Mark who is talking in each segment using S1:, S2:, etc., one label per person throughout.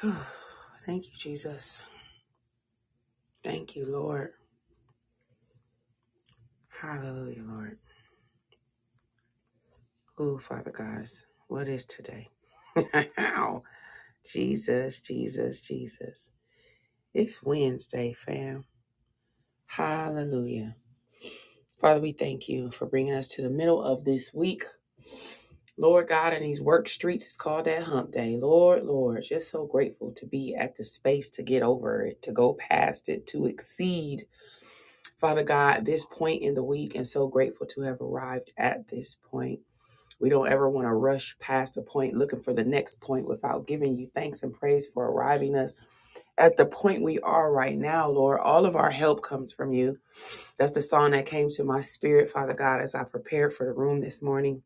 S1: Thank you, Jesus. Thank you, Lord. Hallelujah, Lord. Oh, Father God, what is today? Wow. Jesus, Jesus, Jesus. It's Wednesday, fam. Hallelujah. Father, we thank you for bringing us to the middle of this week. Lord God, in these work streets, it's called that hump day. Lord, Lord, just so grateful to be at the space to get over it, to go past it, to exceed, Father God, this point in the week, and so grateful to have arrived at this point. We don't ever want to rush past the point looking for the next point without giving you thanks and praise for arriving us at the point we are right now, Lord. All of our help comes from you. That's the song that came to my spirit, Father God, as I prepared for the room this morning.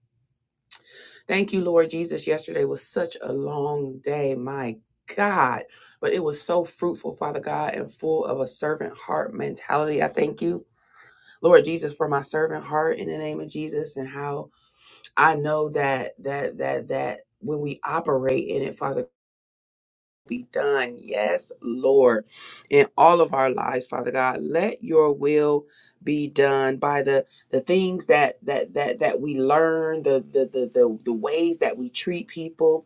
S1: Thank you, Lord Jesus. Yesterday was such a long day, my God, but it was so fruitful, Father God, and full of a servant heart mentality. I thank you. Lord Jesus, for my servant heart in the name of Jesus and how I know that that that that when we operate in it, Father, be done. Yes, Lord, in all of our lives, Father God, let Your will be done by the the things that that that that we learn, the the the the, the ways that we treat people,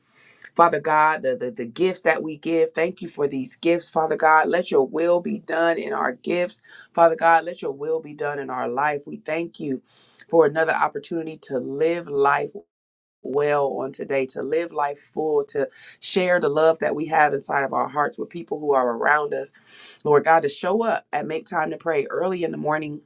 S1: Father God, the, the the gifts that we give. Thank you for these gifts, Father God. Let Your will be done in our gifts, Father God. Let Your will be done in our life. We thank you for another opportunity to live life well on today to live life full to share the love that we have inside of our hearts with people who are around us lord god to show up and make time to pray early in the morning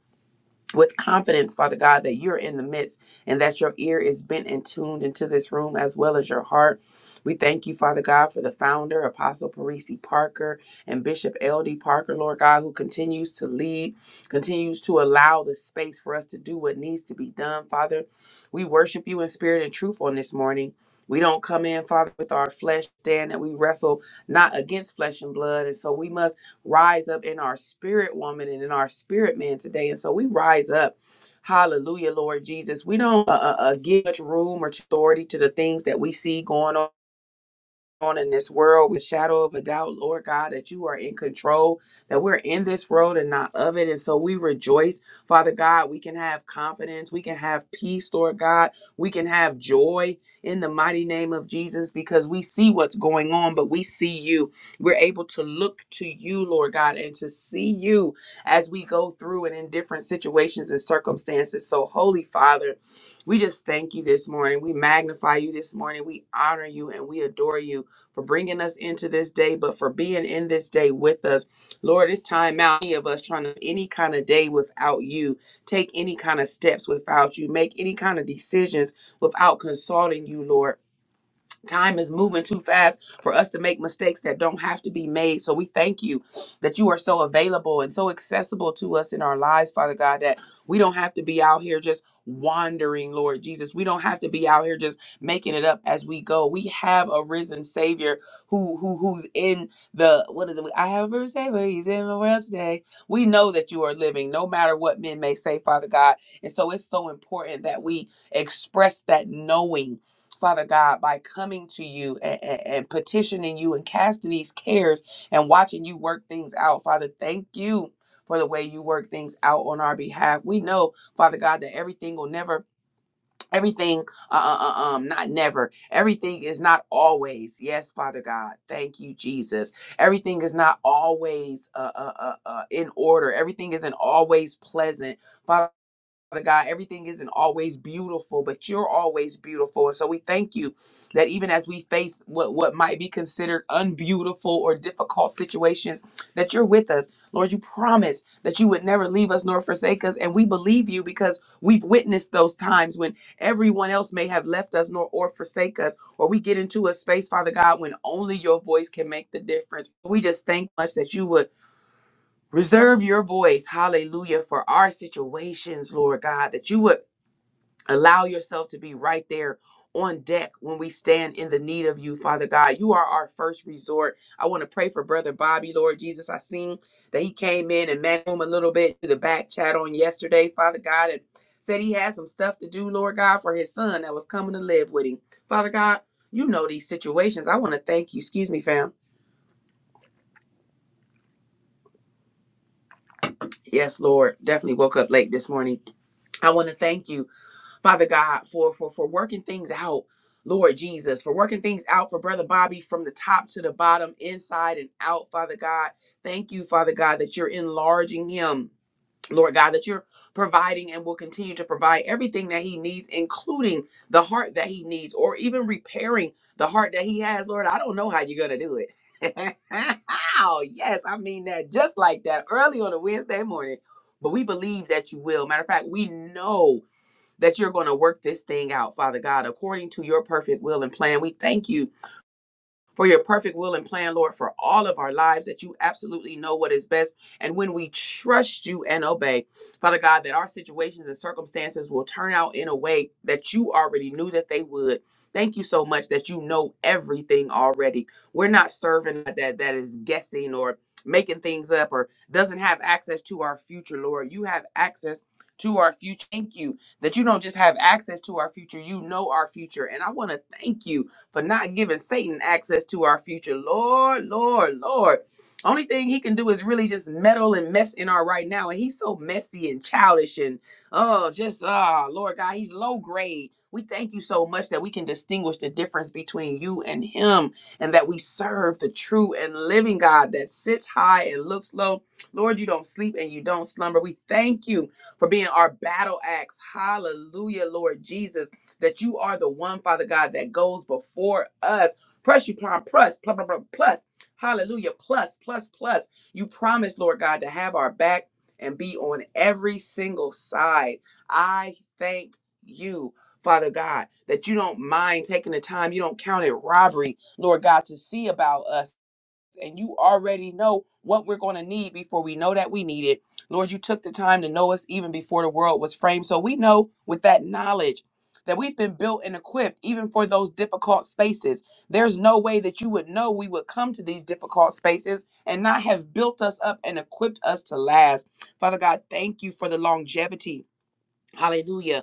S1: with confidence, Father God, that you're in the midst and that your ear is bent and tuned into this room as well as your heart. We thank you, Father God, for the founder, Apostle Parisi Parker, and Bishop L.D. Parker, Lord God, who continues to lead, continues to allow the space for us to do what needs to be done, Father. We worship you in spirit and truth on this morning. We don't come in, Father, with our flesh, stand that we wrestle not against flesh and blood. And so we must rise up in our spirit woman and in our spirit man today. And so we rise up. Hallelujah, Lord Jesus. We don't uh, uh, uh, give much room or authority to the things that we see going on on in this world with shadow of a doubt, Lord God, that you are in control, that we're in this world and not of it. And so we rejoice, Father God, we can have confidence, we can have peace, Lord God, we can have joy in the mighty name of Jesus because we see what's going on, but we see you. We're able to look to you, Lord God, and to see you as we go through and in different situations and circumstances. So, Holy Father, we just thank you this morning. We magnify you this morning. We honor you and we adore you for bringing us into this day, but for being in this day with us. Lord, it's time out. Any of us trying to any kind of day without you, take any kind of steps without you, make any kind of decisions without consulting you, Lord. Time is moving too fast for us to make mistakes that don't have to be made. So we thank you that you are so available and so accessible to us in our lives, Father God, that we don't have to be out here just wandering, Lord Jesus. We don't have to be out here just making it up as we go. We have a risen Savior who who who's in the what is it? I have a risen Savior. He's in the world today. We know that you are living, no matter what men may say, Father God. And so it's so important that we express that knowing Father God, by coming to you and, and, and petitioning you and casting these cares and watching you work things out. Father, thank you for the way you work things out on our behalf. We know, Father God, that everything will never, everything, uh, uh, uh, um, not never, everything is not always. Yes, Father God, thank you, Jesus. Everything is not always uh, uh, uh, uh, in order. Everything isn't always pleasant. Father. Father God, everything isn't always beautiful, but you're always beautiful. And so we thank you that even as we face what, what might be considered unbeautiful or difficult situations, that you're with us. Lord, you promised that you would never leave us nor forsake us. And we believe you because we've witnessed those times when everyone else may have left us nor or forsake us, or we get into a space, Father God, when only your voice can make the difference. We just thank much that you would Reserve your voice, hallelujah, for our situations, Lord God, that you would allow yourself to be right there on deck when we stand in the need of you, Father God. You are our first resort. I want to pray for Brother Bobby, Lord Jesus. I seen that he came in and met him a little bit through the back chat on yesterday, Father God, and said he had some stuff to do, Lord God, for his son that was coming to live with him. Father God, you know these situations. I want to thank you. Excuse me, fam. Yes, Lord. Definitely woke up late this morning. I want to thank you Father God, for for for working things out, Lord Jesus, for working things out for Brother Bobby from the top to the bottom, inside and out, Father God. Thank you, Father God, that you're enlarging him. Lord God, that you're providing and will continue to provide everything that he needs, including the heart that he needs, or even repairing the heart that he has. Lord, I don't know how you're going to do it. Oh yes, I mean that just like that early on a Wednesday morning. But we believe that you will. Matter of fact, we know that you're going to work this thing out, Father God, according to your perfect will and plan. We thank you for your perfect will and plan, Lord, for all of our lives, that you absolutely know what is best. And when we trust you and obey, Father God, that our situations and circumstances will turn out in a way that you already knew that they would. Thank you so much that you know everything already. We're not serving that that is guessing or making things up or doesn't have access to our future, Lord. You have access to our future. Thank you that you don't just have access to our future, you know our future. And I want to thank you for not giving Satan access to our future. Lord, Lord, Lord. Only thing he can do is really just meddle and mess in our right now. And he's so messy and childish and oh, just ah, Lord God, he's low grade. We thank you so much that we can distinguish the difference between you and him and that we serve the true and living God that sits high and looks low. Lord, you don't sleep and you don't slumber. We thank you for being our battle axe. Hallelujah, Lord Jesus that you are the one, Father God, that goes before us. Press you plan, plus, plus, plus, plus, plus. Hallelujah. Plus, plus, plus. You promised, Lord God, to have our back and be on every single side. I thank you. Father God, that you don't mind taking the time, you don't count it robbery, Lord God, to see about us and you already know what we're going to need before we know that we need it. Lord, you took the time to know us even before the world was framed. So we know with that knowledge that we've been built and equipped even for those difficult spaces. There's no way that you would know we would come to these difficult spaces and not have built us up and equipped us to last. Father God, thank you for the longevity. Hallelujah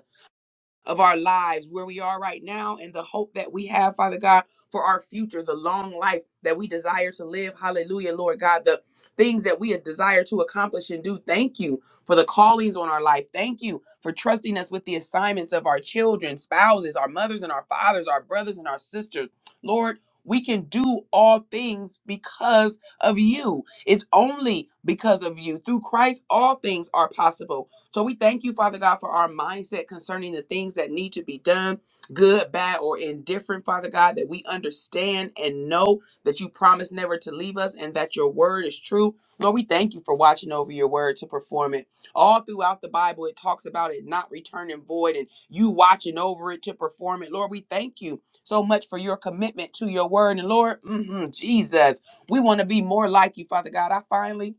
S1: of our lives, where we are right now, and the hope that we have, Father God, for our future, the long life that we desire to live. Hallelujah, Lord God, the things that we desire to accomplish and do. Thank you for the callings on our life. Thank you for trusting us with the assignments of our children, spouses, our mothers and our fathers, our brothers and our sisters. Lord, we can do all things because of you. It's only because of you. Through Christ, all things are possible. So we thank you, Father God, for our mindset concerning the things that need to be done, good, bad, or indifferent, Father God, that we understand and know that you promise never to leave us and that your word is true. Lord, we thank you for watching over your word to perform it. All throughout the Bible, it talks about it not returning void and you watching over it to perform it. Lord, we thank you so much for your commitment to your word. And Lord, mhm, Jesus, we want to be more like you, Father God. I finally,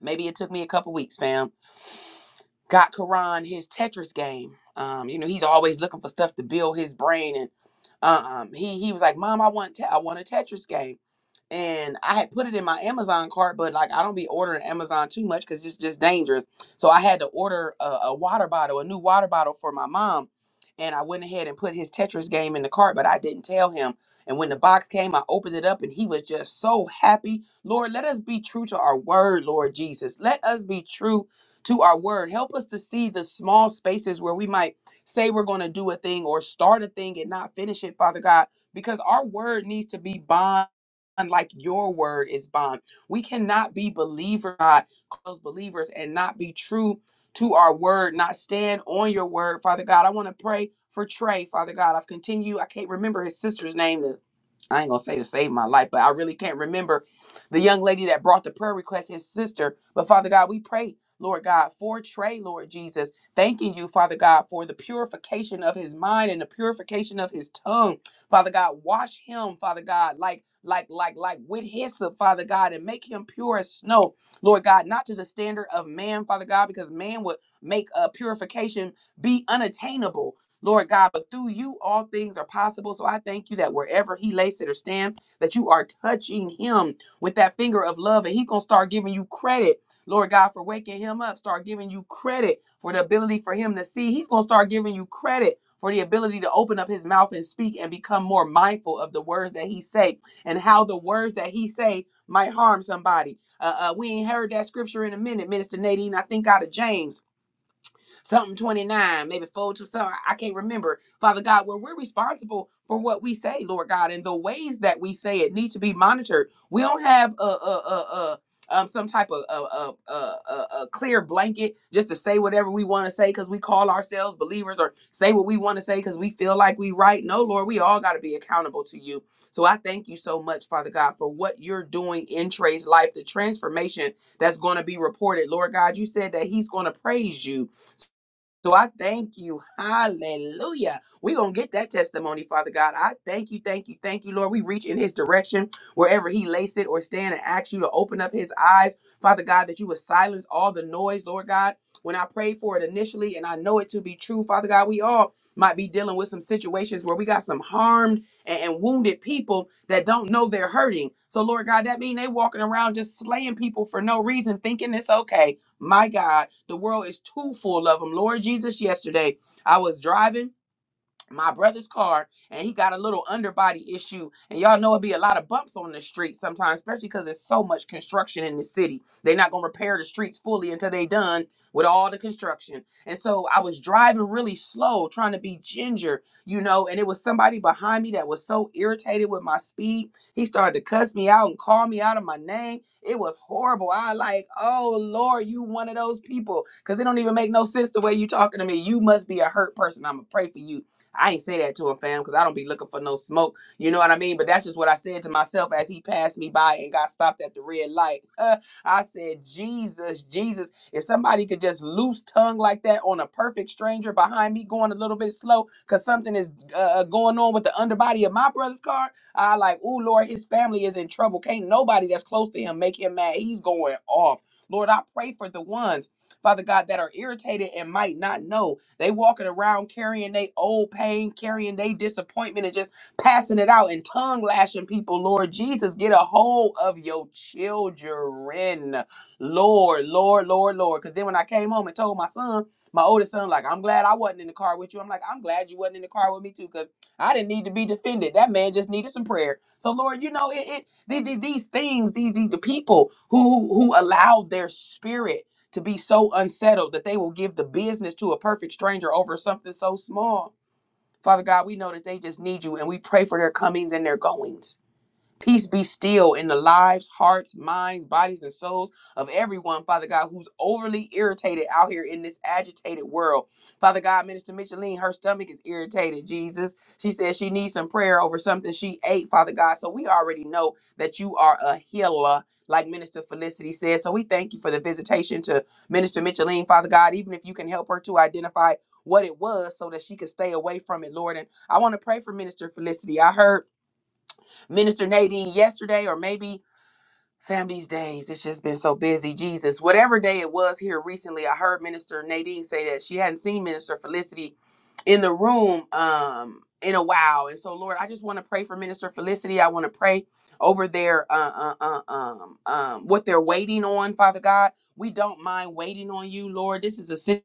S1: maybe it took me a couple weeks, fam got Karan his Tetris game. Um, you know, he's always looking for stuff to build his brain, and uh, um, he he was like, "Mom, I want te- I want a Tetris game." and I had put it in my Amazon cart, but like I don't be ordering Amazon too much because it's just dangerous. So I had to order a, a water bottle, a new water bottle for my mom, and I went ahead and put his Tetris game in the cart, but I didn't tell him. And when the box came, I opened it up, and he was just so happy. Lord, let us be true to our word, Lord Jesus. Let us be true to our word. Help us to see the small spaces where we might say we're going to do a thing or start a thing and not finish it, Father God, because our word needs to be bond like your word is bond. We cannot be believer God, those believers and not be true to our word, not stand on your word, Father God. I want to pray for Trey, Father God. I've continued, I can't remember his sister's name. To, I ain't gonna say to save my life, but I really can't remember the young lady that brought the prayer request, his sister. But Father God, we pray. Lord God, for Trey, Lord Jesus, thanking you, Father God, for the purification of his mind and the purification of his tongue. Father God, wash him, Father God, like, like, like, like with hyssop, Father God, and make him pure as snow, Lord God, not to the standard of man, Father God, because man would make uh, purification be unattainable. Lord God, but through you all things are possible. So I thank you that wherever he lays it or stand, that you are touching him with that finger of love, and he gonna start giving you credit, Lord God, for waking him up. Start giving you credit for the ability for him to see. He's gonna start giving you credit for the ability to open up his mouth and speak and become more mindful of the words that he say and how the words that he say might harm somebody. Uh, uh, we ain't heard that scripture in a minute, Minister Nadine. I think out of James something 29, maybe 4 to something. I can't remember. Father God, where we're responsible for what we say, Lord God, and the ways that we say it need to be monitored. We don't have a, a, a, a um, some type of a, a, a, a, a clear blanket just to say whatever we want to say because we call ourselves believers or say what we want to say because we feel like we right. No, Lord, we all got to be accountable to you. So I thank you so much, Father God, for what you're doing in Trey's life, the transformation that's going to be reported. Lord God, you said that he's going to praise you so I thank you. Hallelujah. We're going to get that testimony, Father God. I thank you, thank you, thank you, Lord. We reach in his direction wherever he lays it or stand and ask you to open up his eyes, Father God, that you would silence all the noise, Lord God. When I prayed for it initially, and I know it to be true, Father God, we all might be dealing with some situations where we got some harmed and, and wounded people that don't know they're hurting. So, Lord God, that mean they walking around just slaying people for no reason, thinking it's okay. My God, the world is too full of them. Lord Jesus, yesterday I was driving my brother's car and he got a little underbody issue and y'all know it be a lot of bumps on the street sometimes especially because there's so much construction in the city they're not going to repair the streets fully until they done with all the construction and so i was driving really slow trying to be ginger you know and it was somebody behind me that was so irritated with my speed he started to cuss me out and call me out of my name it was horrible i like oh lord you one of those people because it don't even make no sense the way you talking to me you must be a hurt person i'm gonna pray for you I ain't say that to him, fam, because I don't be looking for no smoke. You know what I mean? But that's just what I said to myself as he passed me by and got stopped at the red light. I said, Jesus, Jesus, if somebody could just loose tongue like that on a perfect stranger behind me going a little bit slow because something is uh, uh, going on with the underbody of my brother's car, I like, oh, Lord, his family is in trouble. Can't nobody that's close to him make him mad. He's going off. Lord, I pray for the ones. Father God, that are irritated and might not know. They walking around carrying their old pain, carrying their disappointment, and just passing it out and tongue lashing people. Lord Jesus, get a hold of your children. Lord, Lord, Lord, Lord. Because then when I came home and told my son, my oldest son, like, I'm glad I wasn't in the car with you. I'm like, I'm glad you wasn't in the car with me too, because I didn't need to be defended. That man just needed some prayer. So Lord, you know, it, it the- the- these things, these, these the people who who allow their spirit to be so unsettled that they will give the business to a perfect stranger over something so small. Father God, we know that they just need you and we pray for their comings and their goings. Peace be still in the lives, hearts, minds, bodies, and souls of everyone, Father God, who's overly irritated out here in this agitated world. Father God, Minister Micheline, her stomach is irritated, Jesus. She says she needs some prayer over something she ate, Father God. So we already know that you are a healer, like Minister Felicity says. So we thank you for the visitation to Minister Micheline, Father God, even if you can help her to identify what it was so that she could stay away from it, Lord. And I want to pray for Minister Felicity. I heard Minister Nadine yesterday, or maybe fam these days. It's just been so busy. Jesus, whatever day it was here recently, I heard Minister Nadine say that she hadn't seen Minister Felicity in the room um in a while. And so, Lord, I just want to pray for Minister Felicity. I want to pray over their uh, uh, uh, um um what they're waiting on, Father God. We don't mind waiting on you, Lord. This is a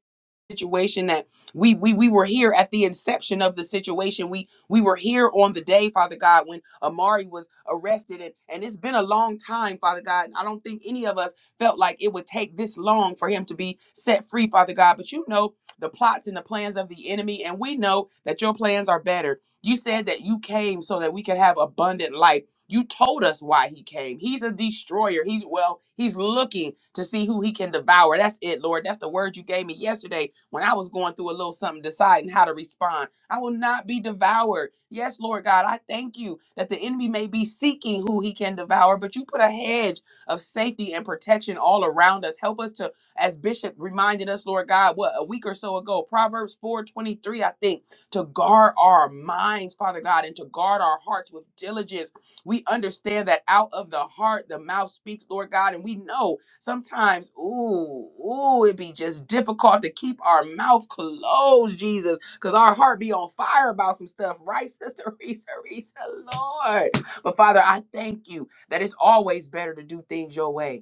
S1: situation that we we we were here at the inception of the situation. We we were here on the day, Father God, when Amari was arrested, and and it's been a long time, Father God. I don't think any of us felt like it would take this long for him to be set free, Father God. But you know the plots and the plans of the enemy, and we know that your plans are better. You said that you came so that we could have abundant life. You told us why he came. He's a destroyer. He's well, he's looking to see who he can devour. That's it, Lord. That's the word you gave me yesterday when I was going through a little something, deciding how to respond. I will not be devoured. Yes, Lord God, I thank you that the enemy may be seeking who he can devour, but you put a hedge of safety and protection all around us. Help us to, as Bishop reminded us, Lord God, what a week or so ago, Proverbs 4:23, I think, to guard our minds, Father God, and to guard our hearts with diligence we understand that out of the heart, the mouth speaks, Lord God. And we know sometimes, ooh, ooh, it be just difficult to keep our mouth closed, Jesus, because our heart be on fire about some stuff, right, Sister Risa, Risa, Lord. But Father, I thank you that it's always better to do things your way.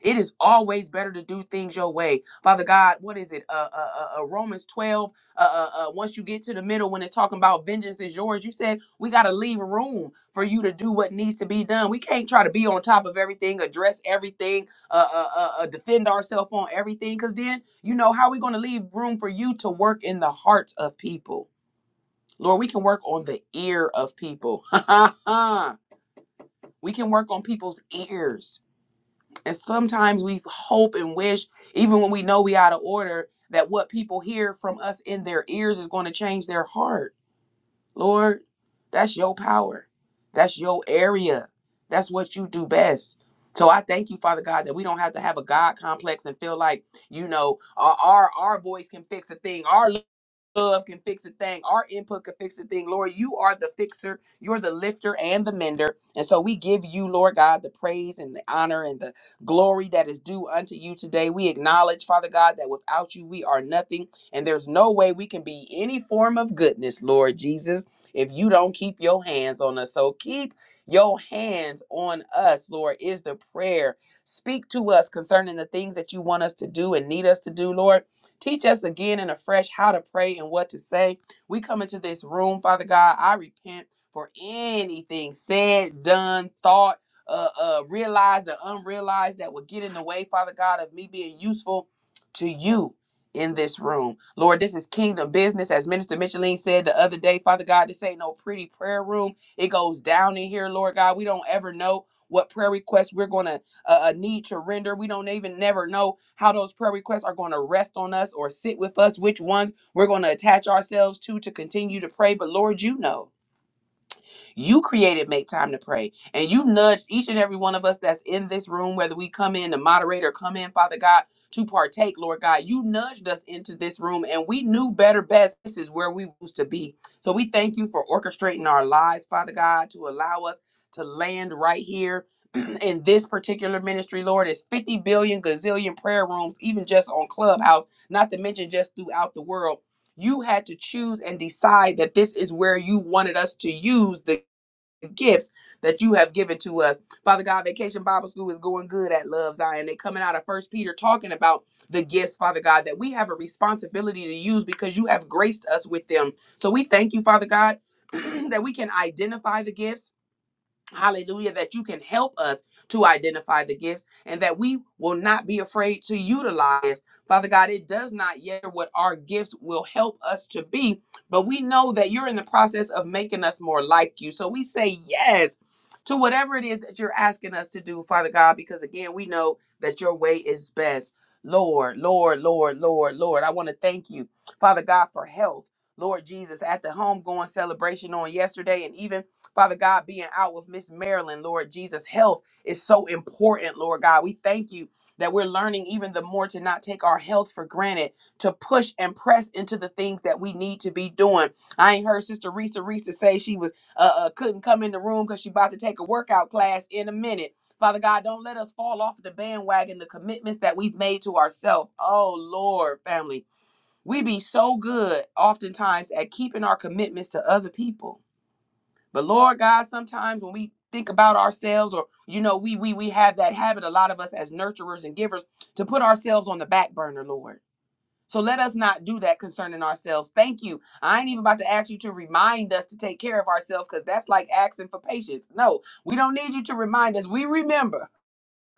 S1: It is always better to do things your way. Father God, what is it? Uh, uh, uh, uh, Romans 12. Uh, uh, uh, once you get to the middle, when it's talking about vengeance is yours, you said we got to leave room for you to do what needs to be done. We can't try to be on top of everything, address everything, uh, uh, uh, uh, defend ourselves on everything, because then, you know, how are we going to leave room for you to work in the hearts of people? Lord, we can work on the ear of people. we can work on people's ears and sometimes we hope and wish, even when we know we out of order, that what people hear from us in their ears is going to change their heart. Lord, that's your power. That's your area. That's what you do best. So I thank you, Father God, that we don't have to have a God complex and feel like, you know, our our, our voice can fix a thing. Our love can fix a thing. Our input can fix a thing. Lord, you are the fixer. You're the lifter and the mender. And so we give you, Lord God, the praise and the honor and the glory that is due unto you today. We acknowledge, Father God, that without you, we are nothing. And there's no way we can be any form of goodness, Lord Jesus, if you don't keep your hands on us. So keep your hands on us, Lord, is the prayer. Speak to us concerning the things that you want us to do and need us to do, Lord. Teach us again and afresh how to pray and what to say. We come into this room, Father God. I repent for anything said, done, thought, uh, uh, realized or unrealized that would get in the way, Father God, of me being useful to you in this room. Lord, this is kingdom business. As Minister Micheline said the other day, Father God, this ain't no pretty prayer room. It goes down in here, Lord God. We don't ever know what prayer requests we're going to a, a need to render. We don't even never know how those prayer requests are going to rest on us or sit with us, which ones we're going to attach ourselves to to continue to pray. But Lord, you know. You created Make Time to Pray, and you nudged each and every one of us that's in this room, whether we come in to moderate or come in, Father God, to partake, Lord God. You nudged us into this room, and we knew better best. This is where we was to be. So we thank you for orchestrating our lives, Father God, to allow us to land right here. In this particular ministry, Lord, it's 50 billion gazillion prayer rooms, even just on Clubhouse, not to mention just throughout the world you had to choose and decide that this is where you wanted us to use the gifts that you have given to us. Father God, Vacation Bible School is going good at Love Zion. They're coming out of First Peter talking about the gifts, Father God, that we have a responsibility to use because you have graced us with them. So we thank you, Father God, that we can identify the gifts Hallelujah, that you can help us to identify the gifts and that we will not be afraid to utilize. Father God, it does not yet what our gifts will help us to be, but we know that you're in the process of making us more like you. So we say yes to whatever it is that you're asking us to do, Father God, because again, we know that your way is best. Lord, Lord, Lord, Lord, Lord, I want to thank you, Father God, for health. Lord Jesus, at the homegoing celebration on yesterday and even Father God, being out with Miss Marilyn, Lord Jesus, health is so important, Lord God. We thank you that we're learning even the more to not take our health for granted, to push and press into the things that we need to be doing. I ain't heard Sister Risa Risa say she was uh, uh couldn't come in the room because she about to take a workout class in a minute. Father God, don't let us fall off the bandwagon, the commitments that we've made to ourselves. Oh Lord, family, we be so good oftentimes at keeping our commitments to other people but Lord God, sometimes when we think about ourselves or you know, we we we have that habit, a lot of us as nurturers and givers, to put ourselves on the back burner, Lord. So let us not do that concerning ourselves. Thank you. I ain't even about to ask you to remind us to take care of ourselves because that's like asking for patience. No, we don't need you to remind us. We remember.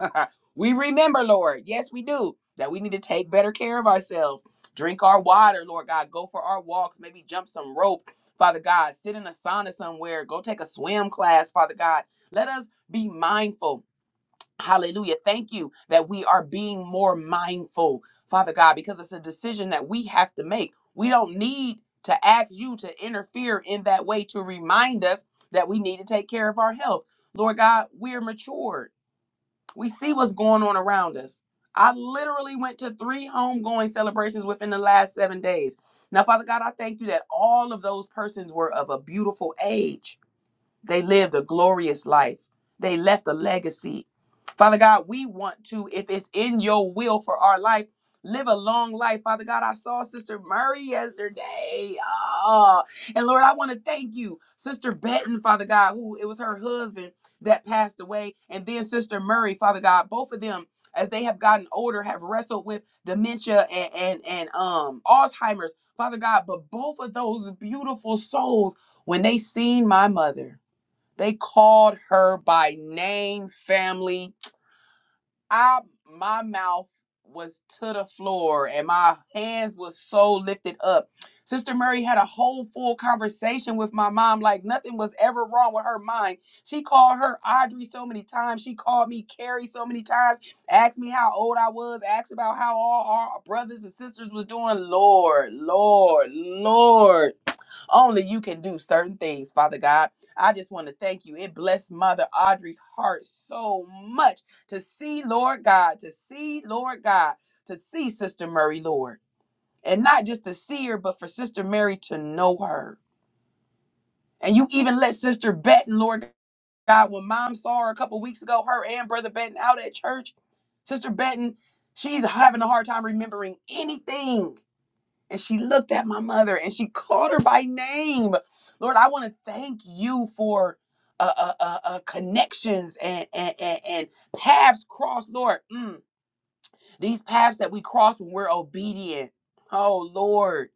S1: we remember, Lord, yes, we do, that we need to take better care of ourselves, drink our water, Lord God, go for our walks, maybe jump some rope, Father God, sit in a sauna somewhere, go take a swim class, Father God. Let us be mindful. Hallelujah. Thank you that we are being more mindful, Father God, because it's a decision that we have to make. We don't need to ask you to interfere in that way to remind us that we need to take care of our health. Lord God, we're matured. We see what's going on around us. I literally went to three homegoing celebrations within the last seven days. Now, Father God, I thank you that all of those persons were of a beautiful age they lived a glorious life. They left a legacy. Father God, we want to, if it's in your will for our life, live a long life. Father God, I saw Sister Murray yesterday. Ah, and Lord, I want to thank you. Sister Benton, Father God, who it was her husband that passed away, and then Sister Murray, Father God, both of them. As they have gotten older, have wrestled with dementia and, and and um Alzheimer's, Father God. But both of those beautiful souls, when they seen my mother, they called her by name, family. I my mouth was to the floor and my hands was so lifted up. Sister Murray had a whole full conversation with my mom, like nothing was ever wrong with her mind. She called her Audrey so many times. She called me Carrie so many times. Asked me how old I was. Asked about how all our brothers and sisters was doing. Lord, Lord, Lord. Only you can do certain things, Father God. I just want to thank you. It blessed Mother Audrey's heart so much to see, Lord God, to see, Lord God, to see Sister Murray, Lord. And not just to see her, but for Sister Mary to know her. And you even let Sister Benton, Lord God, when mom saw her a couple weeks ago, her and Brother Benton out at church, Sister Benton, she's having a hard time remembering anything and she looked at my mother and she called her by name. Lord, I want to thank you for uh, uh, uh, uh, connections and, and, and, and paths crossed, Lord. Mm. These paths that we cross when we're obedient. Oh, Lord.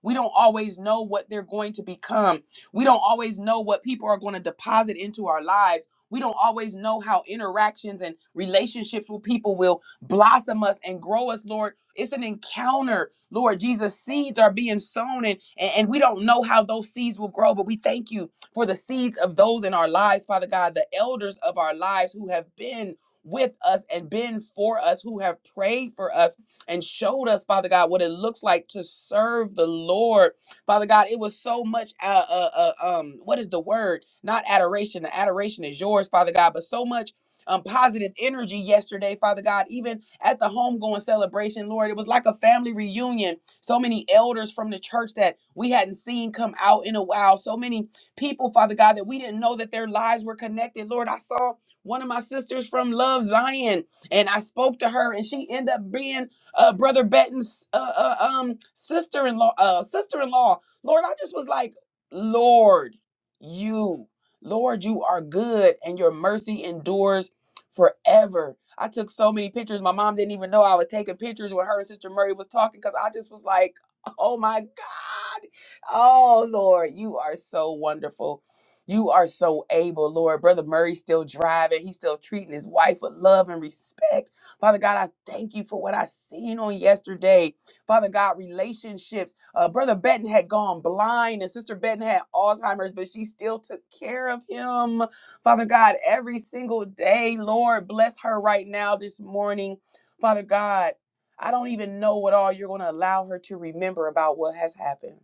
S1: We don't always know what they're going to become. We don't always know what people are going to deposit into our lives. We don't always know how interactions and relationships with people will blossom us and grow us, Lord. It's an encounter, Lord. Jesus, seeds are being sown, and, and and we don't know how those seeds will grow, but we thank you for the seeds of those in our lives, Father God, the elders of our lives who have been with us and been for us, who have prayed for us and showed us, Father God, what it looks like to serve the Lord. Father God, it was so much, uh, uh, uh, um, what is the word? Not adoration. The adoration is yours, Father God, but so much um, positive energy yesterday, Father God. Even at the homegoing celebration, Lord, it was like a family reunion. So many elders from the church that we hadn't seen come out in a while. So many people, Father God, that we didn't know that their lives were connected. Lord, I saw one of my sisters from Love Zion, and I spoke to her, and she ended up being uh, Brother Benton's uh, uh, um, sister-in-law. Uh, sister-in-law. Lord, I just was like, Lord, you, Lord, you are good, and your mercy endures forever. I took so many pictures. My mom didn't even know I was taking pictures when her and Sister Murray was talking, because I just was like, oh my God, oh Lord, you are so wonderful. You are so able, Lord. Brother Murray's still driving. He's still treating his wife with love and respect. Father God, I thank you for what I seen on yesterday. Father God, relationships. Uh, Brother Benton had gone blind and Sister Benton had Alzheimer's, but she still took care of him. Father God, every single day, Lord, bless her right now this morning. Father God, I don't even know what all you're going to allow her to remember about what has happened.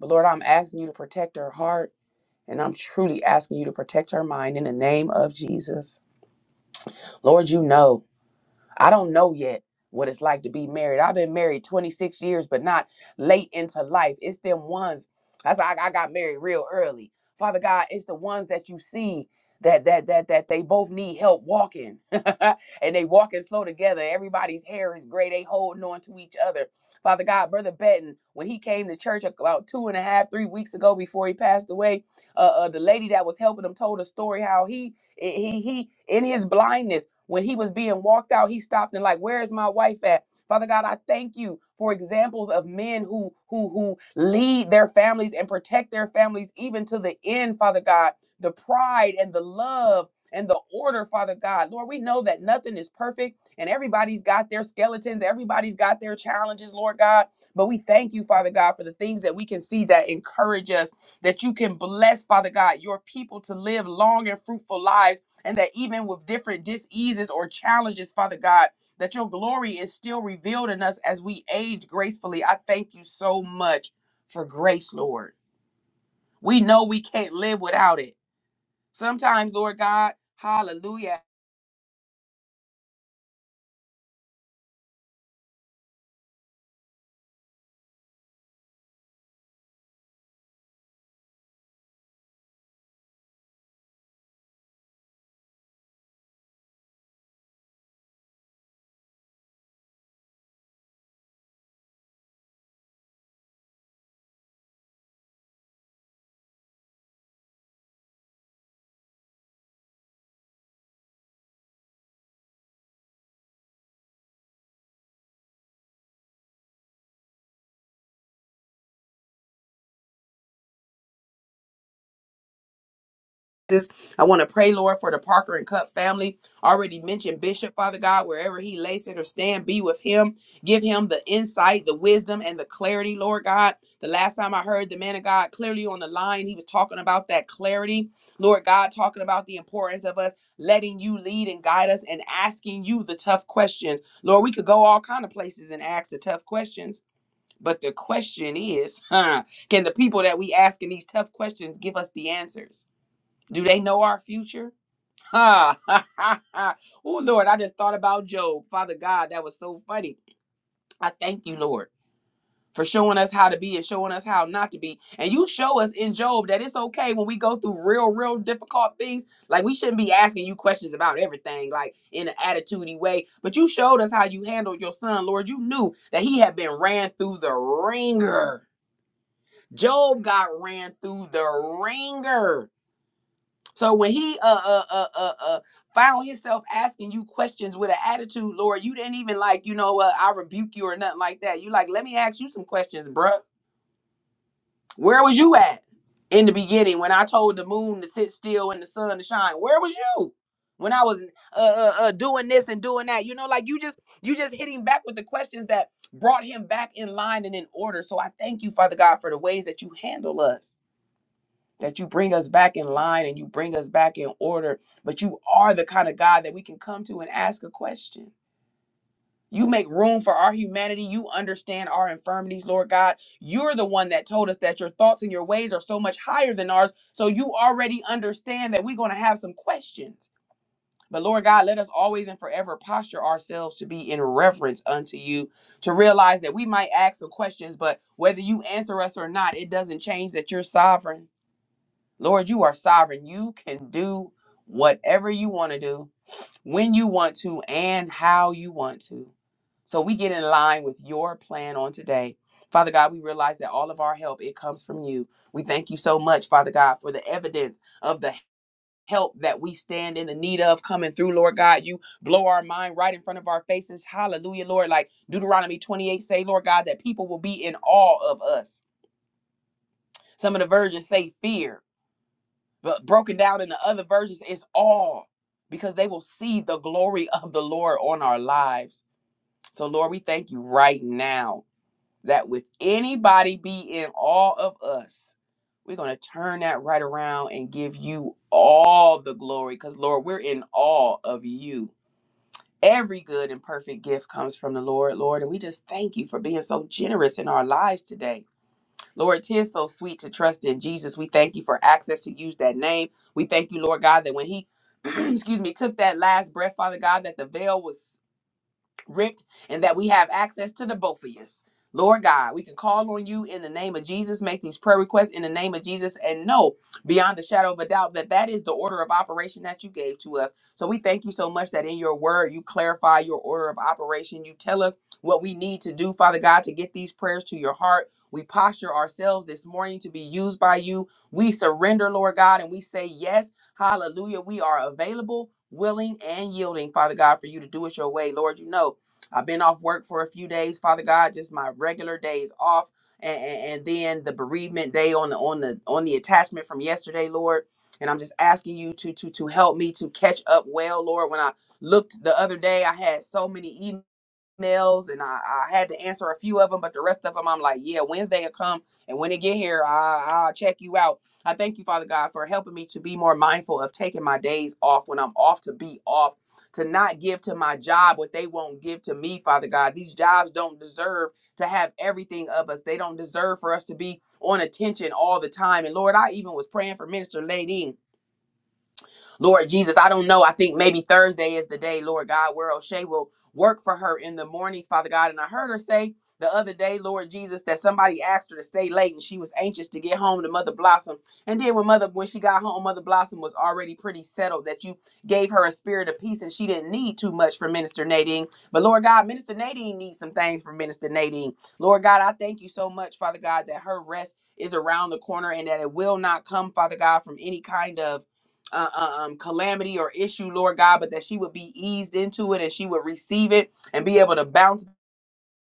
S1: But Lord, I'm asking you to protect her heart and I'm truly asking you to protect her mind in the name of Jesus. Lord, you know I don't know yet what it's like to be married. I've been married 26 years, but not late into life. It's them ones. That's why I I got married real early. Father God, it's the ones that you see that that that that they both need help walking, and they walking slow together. Everybody's hair is gray. They holding on to each other. Father God, Brother Benton, when he came to church about two and a half, three weeks ago before he passed away, uh, uh, the lady that was helping him told a story how he he he in his blindness. When he was being walked out, he stopped and like, "Where is my wife at?" Father God, I thank you for examples of men who who who lead their families and protect their families even to the end, Father God. The pride and the love and the order, Father God. Lord, we know that nothing is perfect and everybody's got their skeletons, everybody's got their challenges, Lord God. But we thank you, Father God, for the things that we can see that encourage us, that you can bless, Father God, your people to live long and fruitful lives and that even with different diseases or challenges, Father God, that your glory is still revealed in us as we age gracefully. I thank you so much for grace, Lord. We know we can't live without it. Sometimes, Lord God, hallelujah Jesus. I want to pray, Lord, for the Parker and Cup family. Already mentioned Bishop, Father God, wherever he lay, sit, or stand, be with him. Give him the insight, the wisdom, and the clarity, Lord God. The last time I heard the man of God clearly on the line, he was talking about that clarity. Lord God, talking about the importance of us letting you lead and guide us and asking you the tough questions. Lord, we could go all kind of places and ask the tough questions. But the question is, huh, can the people that we asking these tough questions give us the answers? Do they know our future? Ha Oh Lord, I just thought about Job. Father God, that was so funny. I thank you, Lord, for showing us how to be and showing us how not to be. And you show us in Job that it's okay when we go through real, real difficult things. Like we shouldn't be asking you questions about everything, like in an attitudey way. But you showed us how you handled your son, Lord. You knew that he had been ran through the ringer. Job got ran through the ringer So when he uh uh uh uh, uh found himself asking you questions with an attitude, Lord, you didn't even like, you know what, I rebuke you or nothing like that. You like, let me ask you some questions, bruh. Where was you at in the beginning when I told the moon to sit still and the sun to shine? Where was you? When I was uh, uh, uh doing this and doing that, you know, like you just you just hit him back with the questions that brought him back in line and in order. So I thank you, Father God, for the ways that you handle us that you bring us back in line and you bring us back in order. But you are the kind of God that we can come to and ask a question. You make room for our humanity. You understand our infirmities, Lord God. You're the one that told us that your thoughts and your ways are so much higher than ours. So you already understand that we're going to have some questions. But Lord God, let us always and forever posture ourselves to be in reverence unto you, to realize that we might ask some questions, but whether you answer us or not, it doesn't change that you're sovereign Lord, you are sovereign. You can do whatever you want to do, when you want to, and how you want to. So we get in line with your plan on today. Father God, we realize that all of our help it comes from you. We thank you so much, Father God, for the evidence of the help that we stand in the need of coming through, Lord God. You blow our mind right in front of our faces. Hallelujah, Lord. Like Deuteronomy 28 say, Lord God, that people will be in awe of us. Some of the versions say fear but broken down in the other versions it's all because they will see the glory of the lord on our lives so lord we thank you right now that with anybody be in awe of us we're going to turn that right around and give you all the glory because lord we're in awe of you every good and perfect gift comes from the lord lord and we just thank you for being so generous in our lives today Lord, it is so sweet to trust in Jesus. We thank you for access to use that name. We thank you, Lord God, that when He excuse me, took that last breath, Father God, that the veil was ripped and that we have access to the both of us. Lord God, we can call on you in the name of Jesus, make these prayer requests in the name of Jesus, and know beyond a shadow of a doubt that that is the order of operation that you gave to us. So we thank you so much that in your word, you clarify your order of operation. You tell us what we need to do, Father God, to get these prayers to your heart. We posture ourselves this morning to be used by you. We surrender, Lord God, and we say, Yes, hallelujah. We are available, willing, and yielding, Father God, for you to do it your way. Lord, you know I've been off work for a few days, Father God, just my regular days off, and, and, and then the bereavement day on the on the on the attachment from yesterday, Lord. And I'm just asking you to to to help me to catch up well, Lord. When I looked the other day, I had so many emails emails and I, I had to answer a few of them, but the rest of them I'm like, yeah, Wednesday will come. And when it get here, I, I'll check you out. I thank you, Father God, for helping me to be more mindful of taking my days off when I'm off to be off, to not give to my job what they won't give to me, Father God. These jobs don't deserve to have everything of us. They don't deserve for us to be on attention all the time. And Lord, I even was praying for Minister Lady Lord Jesus, I don't know. I think maybe Thursday is the day, Lord God, where O'Shea will work for her in the mornings, Father God. And I heard her say the other day, Lord Jesus, that somebody asked her to stay late and she was anxious to get home to Mother Blossom. And then when Mother when she got home, Mother Blossom was already pretty settled that you gave her a spirit of peace and she didn't need too much from Minister Nadine. But Lord God, Minister Nadine needs some things from Minister Nadine. Lord God, I thank you so much, Father God, that her rest is around the corner and that it will not come, Father God, from any kind of uh, uh, um, calamity or issue, Lord God, but that she would be eased into it and she would receive it and be able to bounce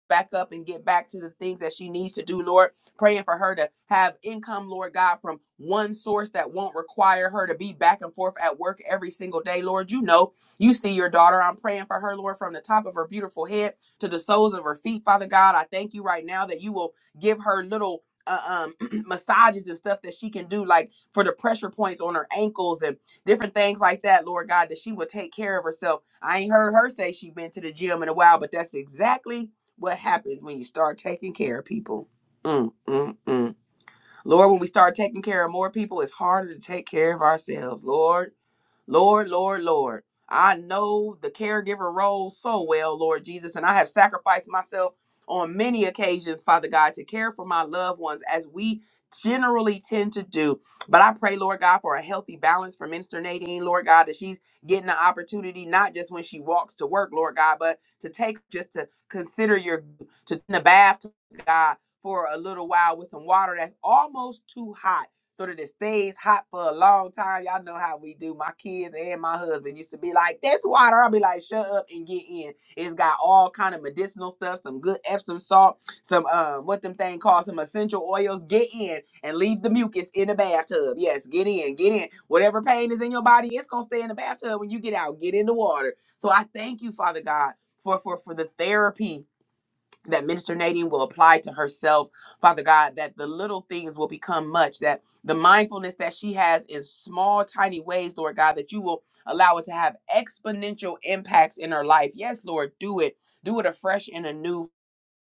S1: back up and get back to the things that she needs to do, Lord. Praying for her to have income, Lord God, from one source that won't require her to be back and forth at work every single day, Lord. You know, you see your daughter. I'm praying for her, Lord, from the top of her beautiful head to the soles of her feet, Father God. I thank you right now that you will give her little. Uh, um massages and stuff that she can do like for the pressure points on her ankles and different things like that lord god that she will take care of herself i ain't heard her say she been to the gym in a while but that's exactly what happens when you start taking care of people. Mm, mm, mm. Lord, when we start taking care of more people, it's harder to take care of ourselves, Lord. Lord, Lord, Lord. I know the caregiver role so well, Lord Jesus, and I have sacrificed myself on many occasions, Father God, to care for my loved ones as we generally tend to do. But I pray, Lord God, for a healthy balance for Minister Nadine, Lord God, that she's getting the opportunity, not just when she walks to work, Lord God, but to take just to consider your to in the bath, God, for a little while with some water that's almost too hot so that it stays hot for a long time. Y'all know how we do. My kids and my husband used to be like, "This water." I'll be like, "Shut up and get in." It's got all kind of medicinal stuff, some good Epsom salt, some um, what them thing called some essential oils. Get in and leave the mucus in the bathtub. Yes, get in, get in. Whatever pain is in your body, it's gonna stay in the bathtub when you get out. Get in the water. So I thank you, Father God, for for for the therapy that Minister Nadine will apply to herself, Father God, that the little things will become much, that the mindfulness that she has in small, tiny ways, Lord God, that you will allow it to have exponential impacts in her life. Yes, Lord, do it. Do it afresh and anew,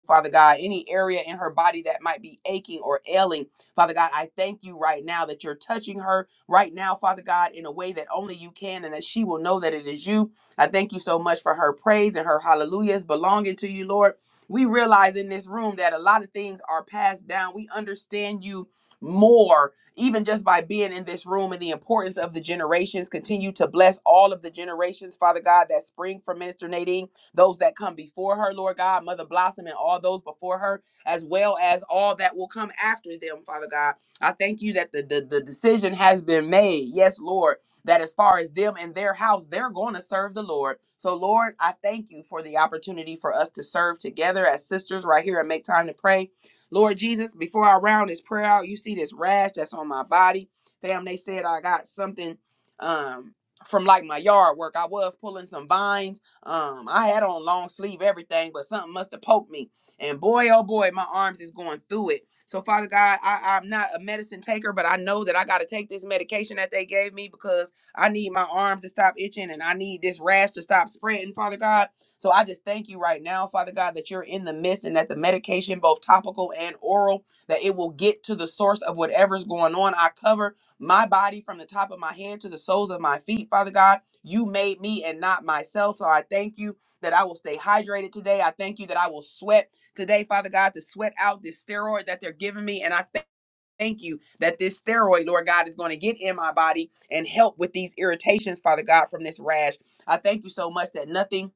S1: Father God, any area in her body that might be aching or ailing, Father God, I thank you right now that you're touching her right now, Father God, in a way that only you can and that she will know that it is you. I thank you so much for her praise and her hallelujahs belonging to you, Lord. We realize in this room that a lot of things are passed down. We understand you more even just by being in this room and the importance of the generations continue to bless all of the generations father god that spring from minister nadine those that come before her, Lord God, Mother Blossom and all those before her, as well as all that will come after them, Father God. I thank you that the, the, the decision has been made. Yes, Lord, that as far as them and their house, they're going to serve the Lord. So, Lord, I thank you for the opportunity for us to serve together as sisters right here and make time to pray. Lord Jesus, before I round this prayer out, you see this rash that's on my body. Fam, they said I got something um, from like my yard work. I was pulling some vines um, I had on long sleeve everything, but something must have poked me. And boy, oh boy, my arms is going through it. So Father God, I, I'm not a medicine taker, but I know that I got to take this medication that they gave me because I need my arms to stop itching and I need this rash to stop spreading, Father God. So I just thank you right now, Father God, that you're in the midst and that the medication, both topical and oral, that it will get to the source of whatever's going on. I cover my body from the top of my head to the soles of my feet, Father God. You made me and not myself. So I thank you that I will stay hydrated today. I thank you that I will sweat today, Father God, to sweat out this steroid that they're giving me. And I thank Thank you that this steroid, Lord God, is going to get in my body and help with these irritations, Father God, from this rash. I thank you so much that nothing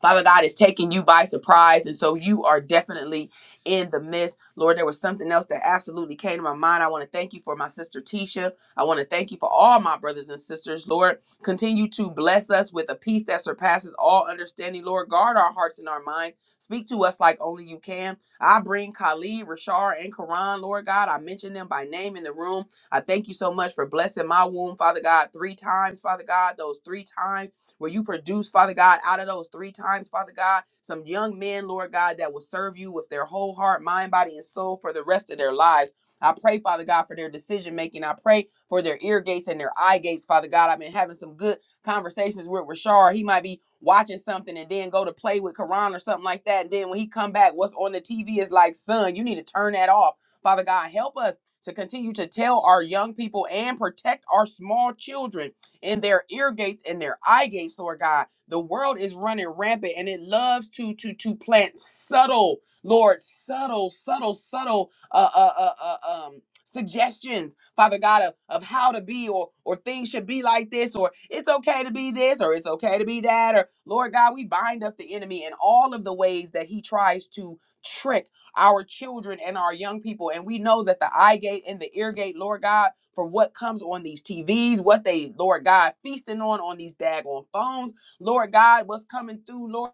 S1: Father God is taking you by surprise. And so you are definitely in the midst. Lord, there was something else that absolutely came to my mind. I want to thank you for my sister Tisha. I want to thank you for all my brothers and sisters. Lord, continue to bless us with a peace that surpasses all understanding. Lord, guard our hearts and our minds. Speak to us like only you can. I bring Khalid, Rashard, and Karan, Lord God. I mention them by name in the room. I thank you so much for blessing my womb, Father God, three times, Father God, those three times where you produce, Father God, out of those three times, Father God, some young men, Lord God, that will serve you with their whole heart, mind, body, and soul for the rest of their lives. I pray, Father God, for their decision making. I pray for their ear gates and their eye gates, Father God. I've been having some good conversations with Rashard. He might be watching something and then go to play with Quran or something like that. And then when he come back, what's on the TV is like, son, you need to turn that off. Father God, help us to continue to tell our young people and protect our small children in their ear gates and their eye gates, Lord God. The world is running rampant and it loves to to to plant subtle, Lord, subtle, subtle, subtle uh uh uh, uh um suggestions, Father God, of, of how to be or or things should be like this, or it's okay to be this, or it's okay to be that, or Lord God, we bind up the enemy in all of the ways that he tries to trick our children and our young people. And we know that the eye gate and the ear gate, Lord God, for what comes on these TVs, what they, Lord God, feasting on on these daggone phones, Lord God, what's coming through, Lord.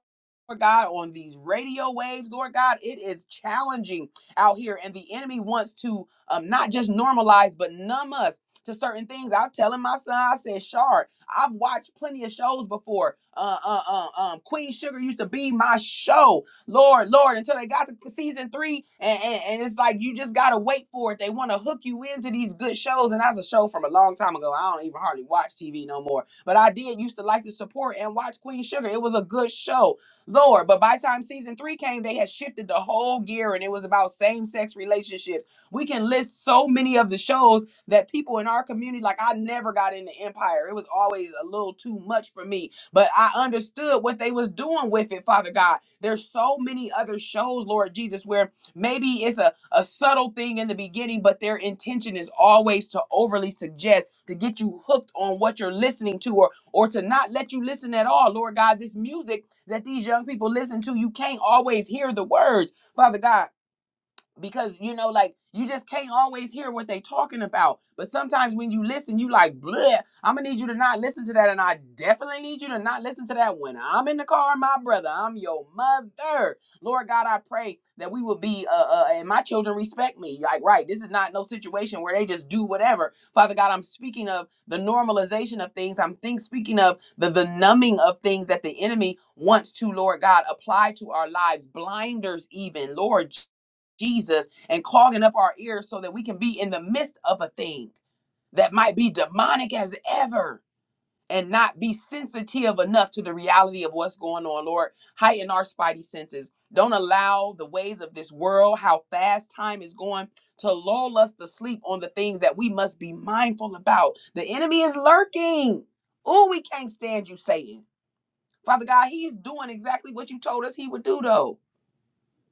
S1: Lord God, on these radio waves, Lord God, it is challenging out here, and the enemy wants to um, not just normalize but numb us to certain things. I'm telling my son, I said, Shard, I've watched plenty of shows before. Uh, uh, uh, um, Queen Sugar used to be my show. Lord, Lord, until they got to season three. And, and, and it's like you just gotta wait for it. They wanna hook you into these good shows. And that's a show from a long time ago. I don't even hardly watch TV no more. But I did used to like to support and watch Queen Sugar. It was a good show. Lord, but by the time season three came, they had shifted the whole gear and it was about same-sex relationships. We can list so many of the shows that people in our community, like I never got into Empire. It was always a little too much for me but I understood what they was doing with it, Father God. There's so many other shows, Lord Jesus, where maybe it's a, a subtle thing in the beginning, but their intention is always to overly suggest, to get you hooked on what you're listening to or or to not let you listen at all. Lord God, this music that these young people listen to, you can't always hear the words, Father God because you know like you just can't always hear what they talking about but sometimes when you listen you like bleh i'm gonna need you to not listen to that and i definitely need you to not listen to that when i'm in the car my brother i'm your mother lord god i pray that we will be uh, uh and my children respect me like right this is not no situation where they just do whatever father god i'm speaking of the normalization of things i'm think speaking of the the numbing of things that the enemy wants to lord god apply to our lives blinders even lord Jesus and clogging up our ears so that we can be in the midst of a thing that might be demonic as ever and not be sensitive enough to the reality of what's going on, Lord. Heighten our spidey senses. Don't allow the ways of this world, how fast time is going, to lull us to sleep on the things that we must be mindful about. The enemy is lurking. Oh, we can't stand you, Satan. Father God, he's doing exactly what you told us he would do, though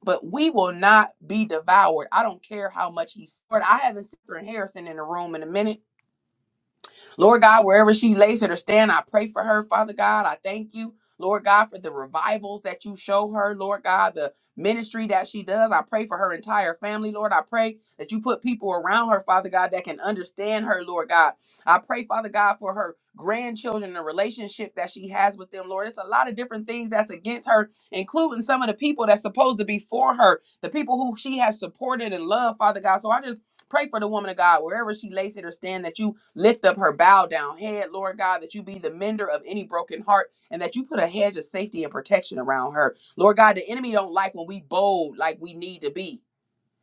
S1: but we will not be devoured. I don't care how much he's. I haven't seen Harrison in the room in a minute Lord God, wherever she lays it or stand, I pray for her, Father God. I thank you. Lord God, for the revivals that you show her, Lord God, the ministry that she does. I pray for her entire family, Lord. I pray that you put people around her, Father God, that can understand her, Lord God. I pray, Father God, for her grandchildren, the relationship that she has with them, Lord. It's a lot of different things that's against her, including some of the people that's supposed to be for her, the people who she has supported and loved, Father God. So I just Pray for the woman of God, wherever she lays it or stand, that you lift up her bowed down head, Lord God, that you be the mender of any broken heart and that you put a hedge of safety and protection around her. Lord God, the enemy don't like when we bold like we need to be.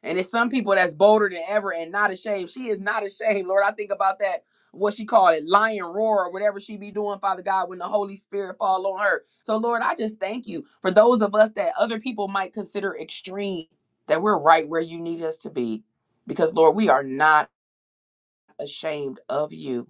S1: And it's some people that's bolder than ever and not ashamed. She is not ashamed, Lord. I think about that, what she called it, lion roar or whatever she be doing, Father God, when the Holy Spirit fall on her. So, Lord, I just thank you for those of us that other people might consider extreme, that we're right where you need us to be. Because, Lord, we are not ashamed of you.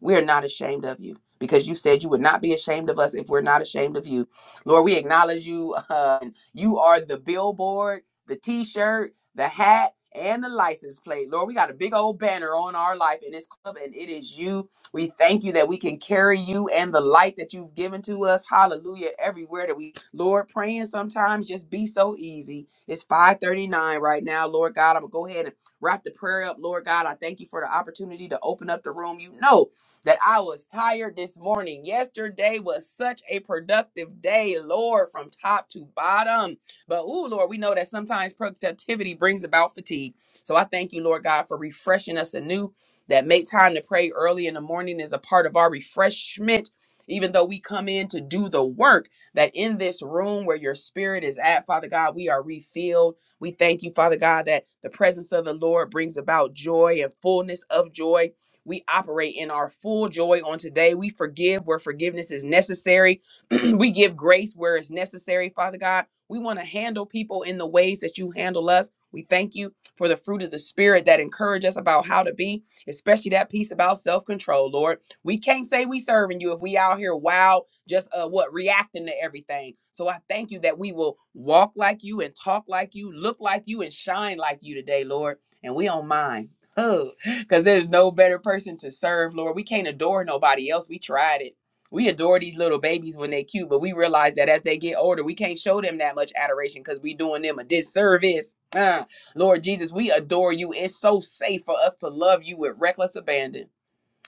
S1: We are not ashamed of you because you said you would not be ashamed of us if we're not ashamed of you. Lord, we acknowledge you. Uh, you are the billboard, the t shirt, the hat, and the license plate. Lord, we got a big old banner on our life in this club, and it is you. We thank you that we can carry you and the light that you've given to us. Hallelujah. Everywhere that we, Lord, praying sometimes just be so easy. It's 539 right now. Lord God, I'm going to go ahead and wrap the prayer up. Lord God, I thank you for the opportunity to open up the room. You know, that I was tired this morning. Yesterday was such a productive day, Lord, from top to bottom. But, ooh, Lord, we know that sometimes productivity brings about fatigue. So I thank you, Lord God, for refreshing us anew. That make time to pray early in the morning is a part of our refreshment. Even though we come in to do the work, that in this room where your spirit is at, Father God, we are refilled. We thank you, Father God, that the presence of the Lord brings about joy and fullness of joy we operate in our full joy on today. We forgive where forgiveness is necessary. we give grace where it's necessary, Father God. We want to handle people in the ways that you handle us. We thank you for the fruit of the Spirit that encourage us about how to be, especially that piece about self control, Lord. We can't say we serving you if we out here wow, just uh, what reacting to everything. So I thank you that we will walk like you and talk like you, look like you and shine like you today, Lord. And we don't mind. Huh. because there's no better person to serve, Lord. We can't adore nobody else. We tried it. We adore these little babies when they cute, but we realize that as they get older, we can't show them that much adoration because we doing them a disservice. Ah, Lord Jesus, we adore you. It's so safe for us to love you with reckless abandon.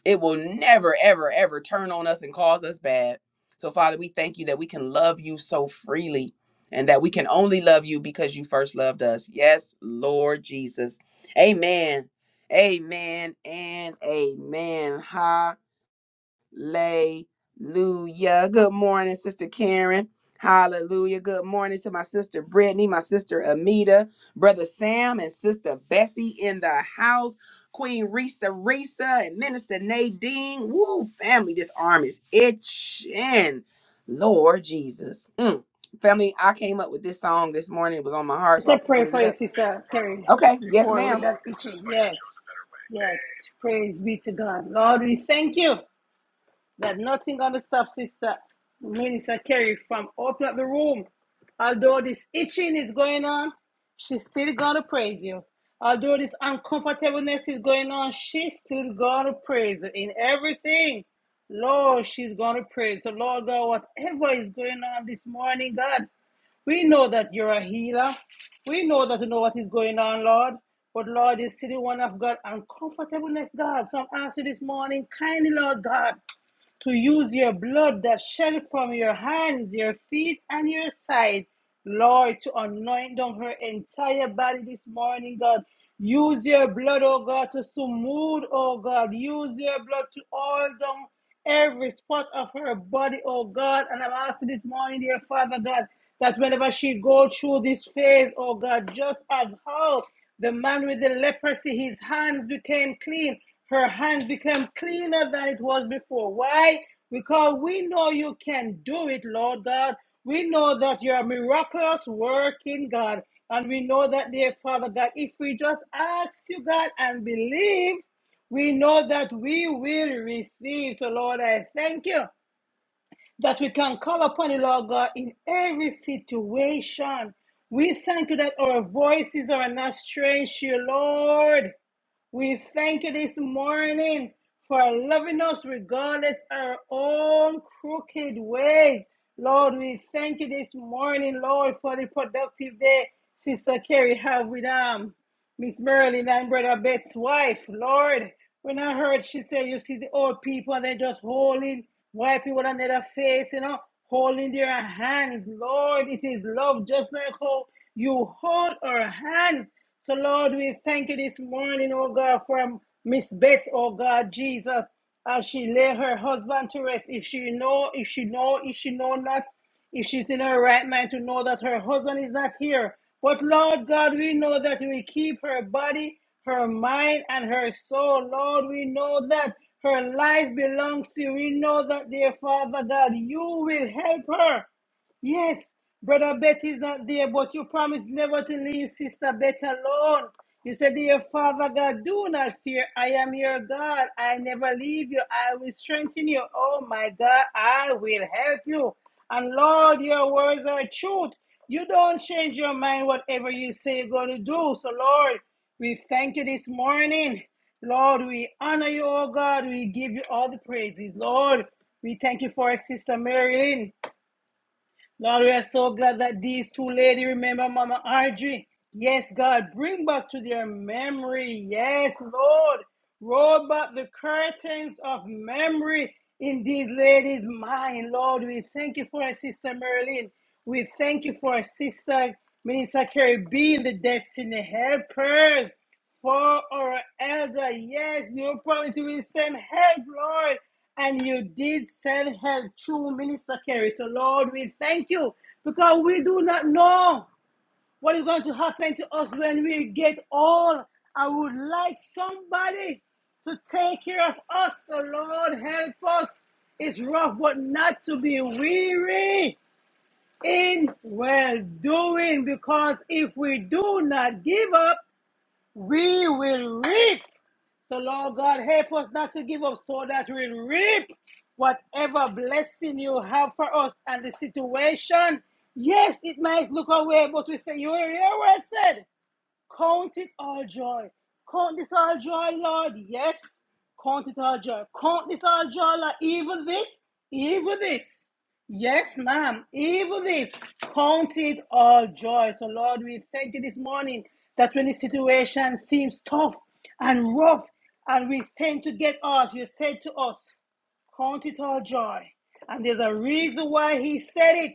S1: It will never, ever, ever turn on us and cause us bad. So, Father, we thank you that we can love you so freely and that we can only love you because you first loved us. Yes, Lord Jesus. Amen. Amen and amen. Ha. Hallelujah. Good morning, Sister Karen. Hallelujah. Good morning to my sister Brittany, my sister Amita, brother Sam, and sister Bessie in the house. Queen Risa Risa and Minister Nadine. Woo, family, this arm is itching. Lord Jesus. Mm. Family, I came up with this song this morning. It was on my heart, so I
S2: Let us pray
S1: pulled
S2: for
S1: it
S2: your
S1: up.
S2: sister Terry
S1: Okay. Yes,
S2: before with
S1: ma'am.
S2: that issue. Yes, yes. Praise be to God. Lord, we thank you that nothing gonna stop Sister Minister Kerry from opening up the room. Although this itching is going on, she's still gonna praise you. Although this uncomfortableness is going on, she's still gonna praise you in everything. Lord, she's gonna praise the Lord God, whatever is going on this morning, God. We know that you're a healer. We know that you know what is going on, Lord. But Lord, this city the one of God uncomfortableness, God. So I'm asking this morning, kindly, Lord God to use your blood that shed from your hands, your feet, and your side, Lord, to anoint down her entire body this morning, God. Use your blood, oh God, to smooth, oh God. Use your blood to all down every spot of her body, oh God. And I'm asking this morning, dear Father God, that whenever she go through this phase, oh God, just as how the man with the leprosy, his hands became clean her hands became cleaner than it was before. Why? Because we know you can do it, Lord God. We know that you're a miraculous working God. And we know that, dear Father God, if we just ask you, God, and believe, we know that we will receive. So, Lord, I thank you that we can call upon you, Lord God, in every situation. We thank you that our voices are not strange to you, Lord. We thank you this morning for loving us regardless of our own crooked ways. Lord, we thank you this morning, Lord, for the productive day Sister Carrie have with them. Miss Merlin and Brother Bet's wife, Lord, when I heard she said, you see the old people and they're just holding, wiping one another face, you know, holding their hands. Lord, it is love just like how you hold our hands. So, Lord, we thank you this morning, oh God, for Miss Bet, oh God, Jesus, as she lay her husband to rest. If she know, if she know, if she know not, if she's in her right mind to know that her husband is not here. But Lord God, we know that you will keep her body, her mind, and her soul. Lord, we know that her life belongs to you. We know that, dear Father God, you will help her. Yes, brother Betty is not there, but you promised never to leave sister Betty alone. You said, Dear Father God, do not fear. I am your God. I never leave you. I will strengthen you. Oh my God, I will help you. And Lord, your words are truth. You don't change your mind, whatever you say you're going to do. So, Lord, we thank you this morning. Lord, we honor you, oh God. We give you all the praises. Lord, we thank you for our sister Marilyn. Lord, we are so glad that these two ladies remember Mama Audrey. Yes, God, bring back to their memory. Yes, Lord, roll back the curtains of memory in these ladies' mind. Lord, we thank you for our sister Merlin. We thank you for our sister Minister Carrie being the destiny helpers for our elder. Yes, you promised you will send help, Lord. And you did send help through Minister Kerry. So, Lord, we thank you because we do not know what is going to happen to us when we get old. I would like somebody to take care of us. So, Lord, help us. It's rough, but not to be weary in well doing, because if we do not give up, we will reap so, Lord God, help us not to give up so that we'll reap whatever blessing you have for us and the situation. Yes, it might look away, but we say, your, your word said. Count it all joy. Count this all joy, Lord. Yes. Count it all joy. Count this all joy, Lord. Even this, even this. Yes, ma'am. Even this. Count it all joy. So, Lord, we thank you this morning that when the situation seems tough and rough, and we tend to get off, you said to us, Count it all joy. And there's a reason why he said it.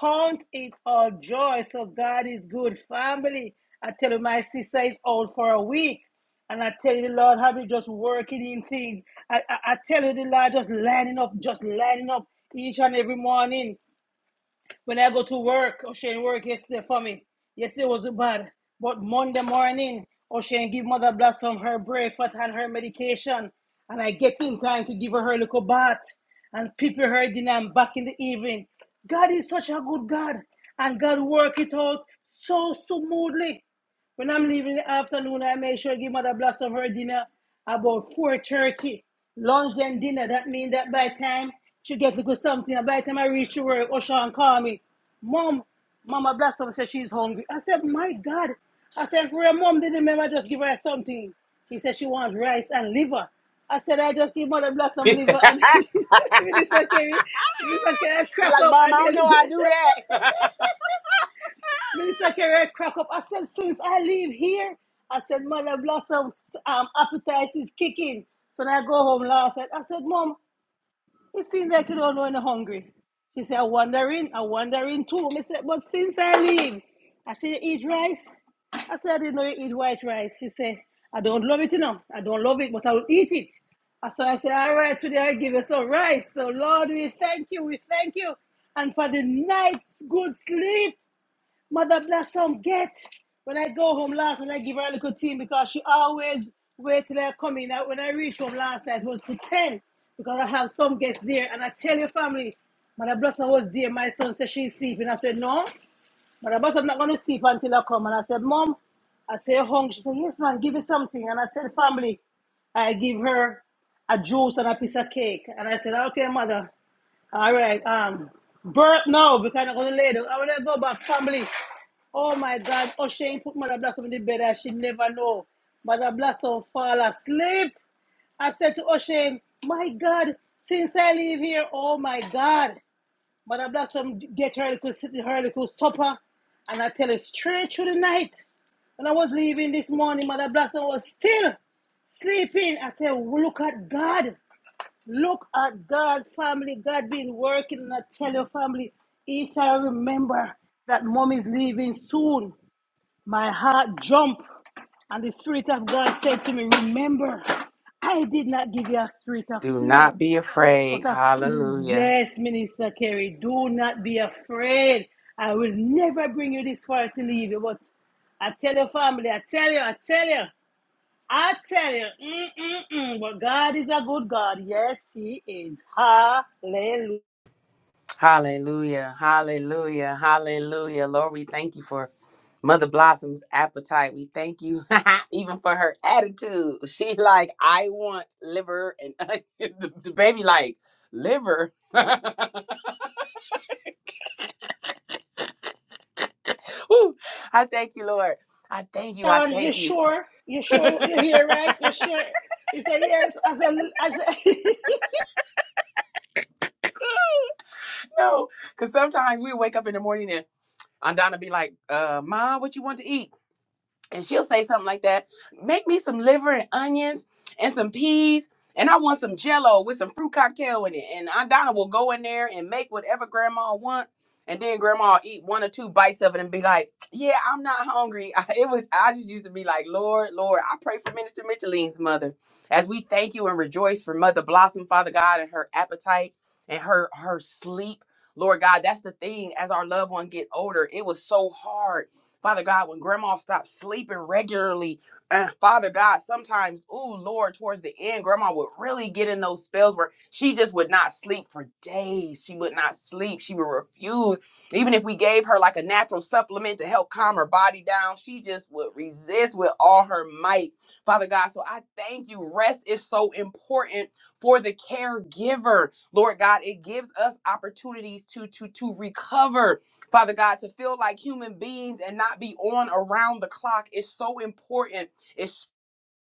S2: Count it all joy. So God is good. Family, I tell you, my sister is out for a week. And I tell you, the Lord, have you just working in things. I, I, I tell you, the Lord, just lining up, just lining up each and every morning. When I go to work, O'Shane work yesterday for me. Yesterday was bad. But Monday morning, O'Shane give Mother Blossom her breakfast and her medication. And I get in time to give her her little bath and prepare her dinner and back in the evening. God is such a good God. And God work it out so smoothly. When I'm leaving in the afternoon, I make sure I give Mother Bless of her dinner about 4.30. Lunch and dinner. That means that by the time she gets to go something, and by the time I reach to work, Oshan call me. Mom, Mama Bless of said she's hungry. I said, my God. I said, for her mom didn't remember, just give her something. He said she wants rice and liver. I said, I just give Mother Bless some liver and this okay, this okay, I
S1: He
S2: crack
S1: like,
S2: up
S1: Mom, I
S2: and
S1: don't
S2: nearly
S1: know I
S2: dead.
S1: do that.
S2: Minister Kerry crack up. I said, since I live here, I said, Mother Blossom um, appetite is kicking. So when I go home last night, I said, Mom, it seems like you don't know when you're hungry. She said, I'm wondering, I'm wondering too. I said, but since I leave, I said, you eat rice? I said, I didn't know you eat white rice. She said, I don't love it, you know. I don't love it, but I will eat it. I said, I said, all right, today I give you some rice. So Lord, we thank you, we thank you. And for the night's good sleep. Mother bless some get. When I go home last night, I give her a little tea because she always wait till I come in. When I reached home last night, it was to 10 because I have some guests there. And I tell your family, Mother Blossom was there. My son said she's sleeping. I said, no, Mother Blossom's not going to sleep until I come. And I said, Mom, I said, "You hungry. She said, yes, man, give me something. And I said, family, I give her a juice and a piece of cake. And I said, okay, mother. All right. Um, birth now because I'm gonna lay down. I wanna go back family. Oh my God! Oh, Shane put Mother Blossom in the bed and she never know. Mother Blossom fall asleep. I said to O'Shane, my God, since I leave here, oh my God. Mother Blossom get her little, her little supper and I tell her straight through the night. When I was leaving this morning, Mother Blossom was still sleeping. I said, look at God. Look at God, family. God been working, and I tell your family, each I remember that mom is leaving soon. My heart jump, and the spirit of God said to me, "Remember, I did not give you a spirit of
S1: Do
S2: fear,
S1: not be
S2: but
S1: afraid.
S2: of
S1: Hallelujah.
S2: yes, Minister Kerry, do not be afraid. I will never bring you this far to leave you, but." I tell your family, I tell you, I tell you. I tell you, mm, mm, mm, but God is a good God. Yes, He is. Hallelujah.
S1: Hallelujah. Hallelujah. Hallelujah. Lord, we thank you for Mother Blossom's appetite. We thank you even for her attitude. She like, I want liver and onions. the the baby like liver. Woo. I thank you, Lord. I thank you. I
S2: John, you
S1: thank you.
S2: sure? You sure you're here, right? You sure? He said, Yes. I said, I said
S1: No, because sometimes we wake up in the morning and Andana be like, uh, Mom, what you want to eat? and she'll say something like that make me some liver and onions and some peas and i want some jello with some fruit cocktail in it and aunt donna will go in there and make whatever grandma want and then grandma will eat one or two bites of it and be like yeah i'm not hungry I, it was i just used to be like lord lord i pray for minister micheline's mother as we thank you and rejoice for mother blossom father god and her appetite and her her sleep lord god that's the thing as our loved one get older it was so hard Father God, when grandma stopped sleeping regularly, and Father God, sometimes, ooh, Lord, towards the end, grandma would really get in those spells where she just would not sleep for days. She would not sleep. She would refuse. Even if we gave her like a natural supplement to help calm her body down, she just would resist with all her might. Father God, so I thank you. Rest is so important for the caregiver. Lord God, it gives us opportunities to to to recover Father God, to feel like human beings and not be on around the clock is so important It's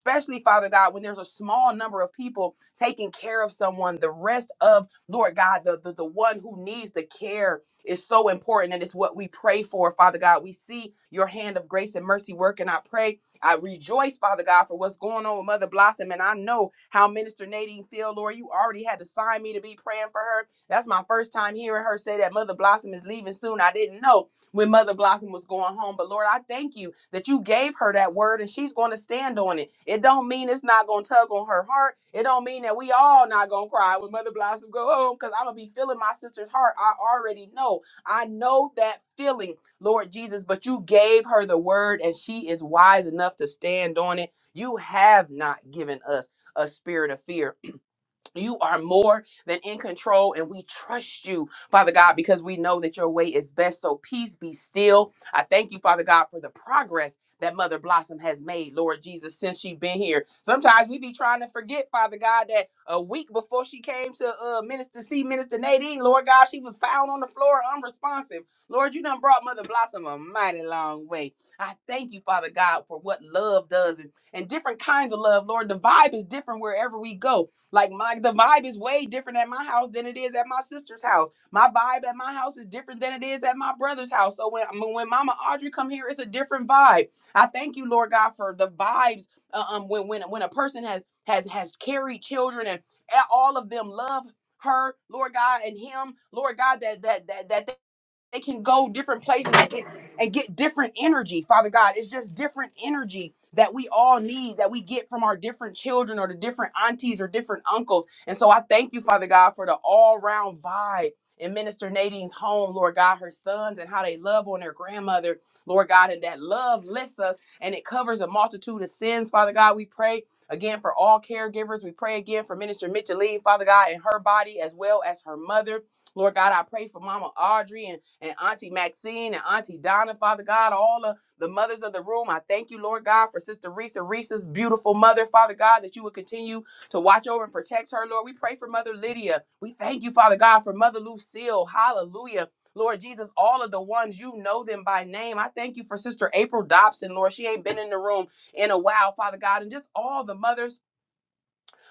S1: especially father god when there's a small number of people taking care of someone the rest of lord god the, the the one who needs the care is so important and it's what we pray for father god we see your hand of grace and mercy work and i pray i rejoice father god for what's going on with mother blossom and i know how minister nadine feel lord you already had to sign me to be praying for her that's my first time hearing her say that mother blossom is leaving soon i didn't know when Mother Blossom was going home. But Lord, I thank you that you gave her that word and she's going to stand on it. It don't mean it's not going to tug on her heart. It don't mean that we all not going to cry when Mother Blossom go home because I'm going to be feeling my sister's heart. I already know. I know that feeling, Lord Jesus, but you gave her the word and she is wise enough to stand on it. You have not given us a spirit of fear you are more than in control, and we trust you, Father God, because we know that your way is best. So peace be still. I thank you, Father God, for the progress that Mother Blossom has made, Lord Jesus, since she's been here. Sometimes we be trying to forget, Father God, that a week before she came to uh, Minister see Minister Nadine, Lord God, she was found on the floor unresponsive. Lord, you done brought Mother Blossom a mighty long way. I thank you, Father God, for what love does and, and different kinds of love, Lord. The vibe is different wherever we go. Like my the vibe is way different at my house than it is at my sister's house. My vibe at my house is different than it is at my brother's house. So when when Mama Audrey come here, it's a different vibe. I thank you, Lord God, for the vibes. uh, um, when when when a person has has has carried children and all of them love her, Lord God, and him, Lord God, that that that that they can go different places and get, and get different energy father god it's just different energy that we all need that we get from our different children or the different aunties or different uncles and so i thank you father god for the all-round vibe in minister nadine's home lord god her sons and how they love on their grandmother lord god and that love lifts us and it covers a multitude of sins father god we pray again for all caregivers we pray again for minister micheline father god and her body as well as her mother Lord God, I pray for Mama Audrey and Auntie Maxine and Auntie Donna, Father God, all of the mothers of the room. I thank you, Lord God, for Sister Risa, Risa's beautiful mother, Father God, that you would continue to watch over and protect her, Lord. We pray for Mother Lydia. We thank you, Father God, for Mother Lucille. Hallelujah. Lord Jesus, all of the ones you know them by name. I thank you for Sister April Dobson, Lord. She ain't been in the room in a while, Father God, and just all the mothers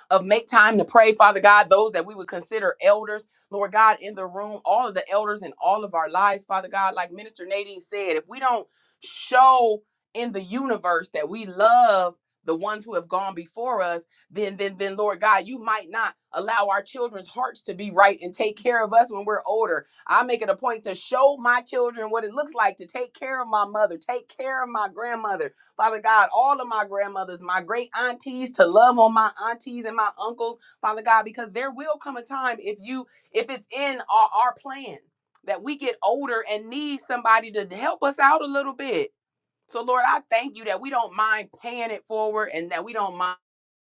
S1: of make time to pray, Father God, those that we would consider elders, Lord God, in the room, all of the elders in all of our lives, Father God, like Minister Nadine said, if we don't show in the universe that we love the ones who have gone before us, then then then Lord God, you might not allow our children's hearts to be right and take care of us when we're older. I make it a point to show my children what it looks like to take care of my mother, take care of my grandmother, Father God, all of my grandmothers, my great aunties, to love on my aunties and my uncles, Father God, because there will come a time if you, if it's in our, our plan that we get older and need somebody to help us out a little bit. So Lord, I thank you that we don't mind paying it forward and that we don't mind.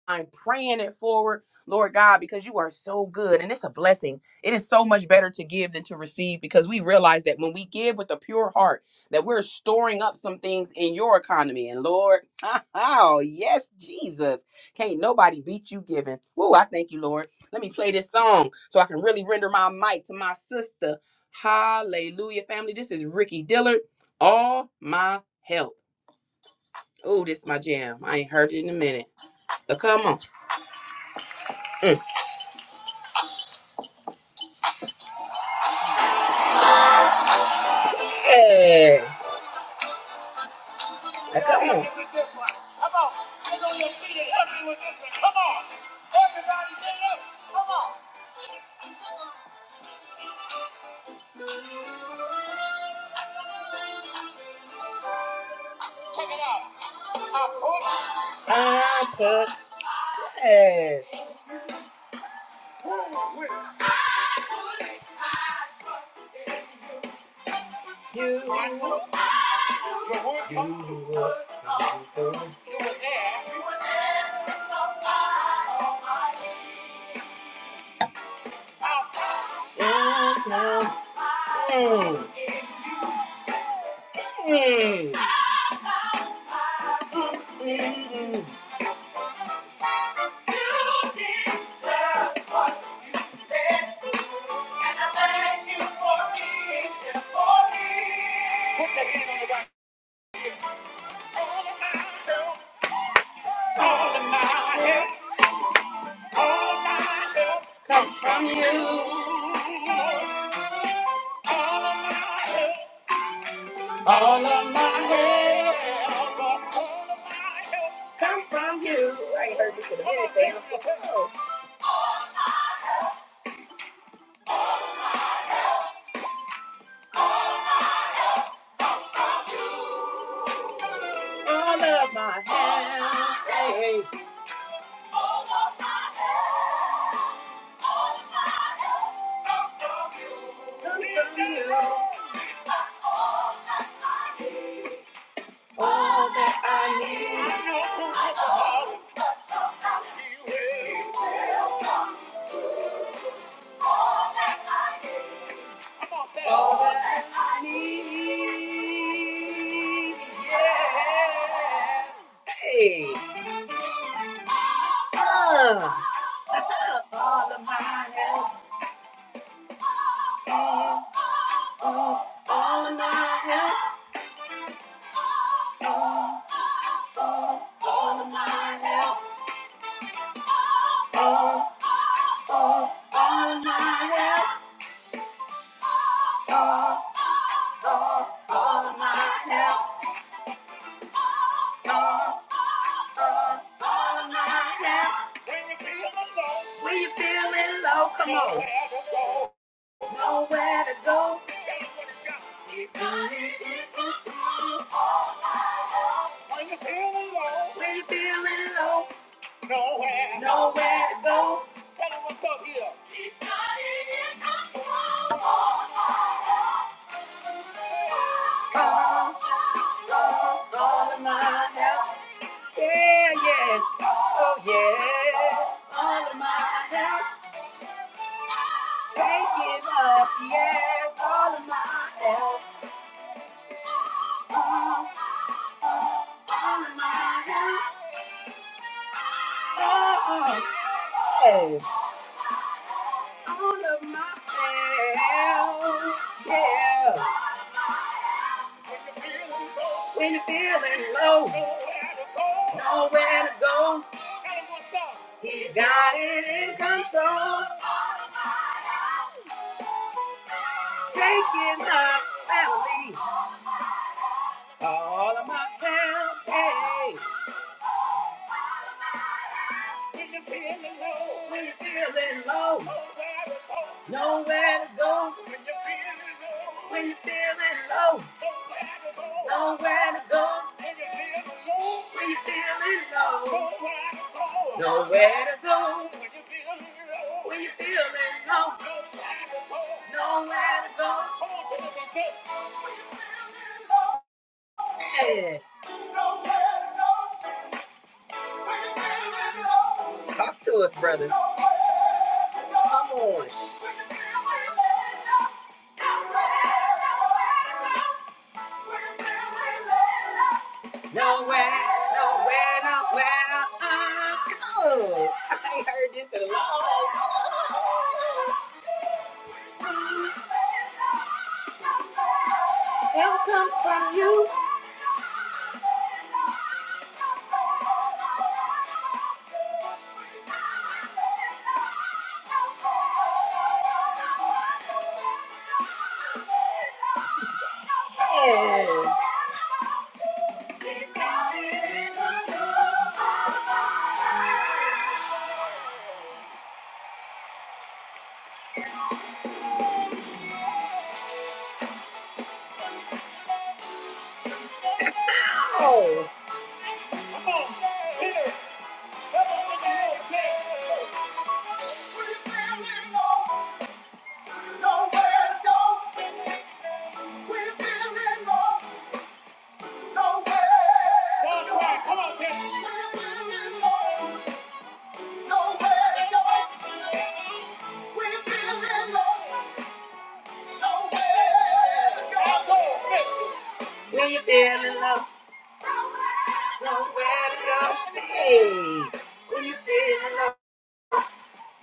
S1: I'm praying it forward, Lord God, because you are so good and it's a blessing. It is so much better to give than to receive because we realize that when we give with a pure heart, that we're storing up some things in your economy. And Lord, oh, yes, Jesus. Can't nobody beat you giving. Woo, I thank you, Lord. Let me play this song so I can really render my mic to my sister. Hallelujah, family. This is Ricky Dillard. All my help. Oh, this is my jam. I ain't heard it in a minute. So come on. Mm. Yes. Now, come on. Come on. Get on your feet and help me with this one. Come on. Everybody get up. Come on. Check it out. I put I put yes. who You you We were there. so Mm, mm, mm, mm. Put your hand on the right. All of my help, all of my help. All my help comes from you. All of my help, all my help, all of my help. Come on, sing this. All of my help. Hey. All of my help, all of my help comes from you. Comes from you. It's my all that I need. All that I need. I know too much about it. He will. He will come. All that I need, yeah. Uh, all of my help, uh, uh, all of my help, uh, uh, all of my help, uh, uh, all of my help, uh, uh, all All night now. When you feeling low. When you feeling low, come on. Nowhere to go. Nowhere to go. It's only in the dark. All night When you feeling low. When you feeling low. Nowhere. Nowhere to go. Tell Tell 'em what's up here. It's not in control. All night long. All, all of my help. All of my help. Take it up, yes, all of my help. Oh, all of my help. Oh, yes. All of my help. Yeah. When you're feeling low, nowhere to go. He got it in control. Take it up, family. All of my help. Hey. When you're feeling low, when you're feeling low, nowhere to go. When you're feeling low, nowhere to go. When you're feeling low, nowhere to go. When you're feeling low, nowhere to go. Yeah. Talk to us, brother. Come Nowhere, nowhere, nowhere I Oh, I ain't heard this in a long time. Help comes from you. Yeah. Oh. come on. Hitters, Come on, on, When you feeling low, nowhere to go. Hey, when you feeling low.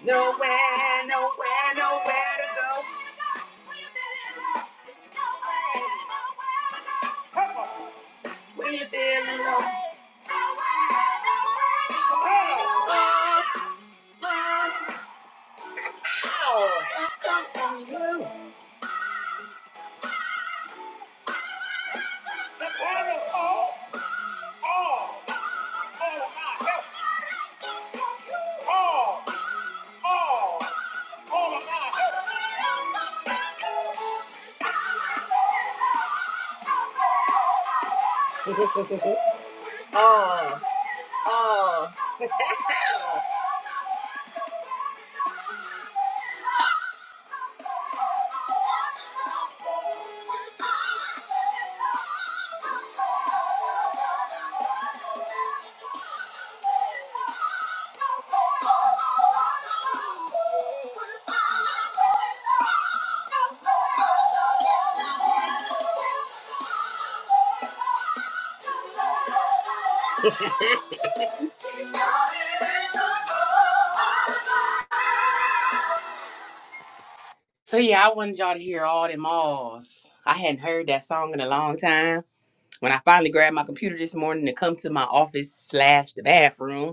S1: Nowhere, nowhere, nowhere to go. Come on. When you feel alone. All, the battle is all, all, all of my help. All, all, all of my help. All, all. all. So yeah, I wanted y'all to hear all them alls. I hadn't heard that song in a long time. When I finally grabbed my computer this morning to come to my office slash the bathroom,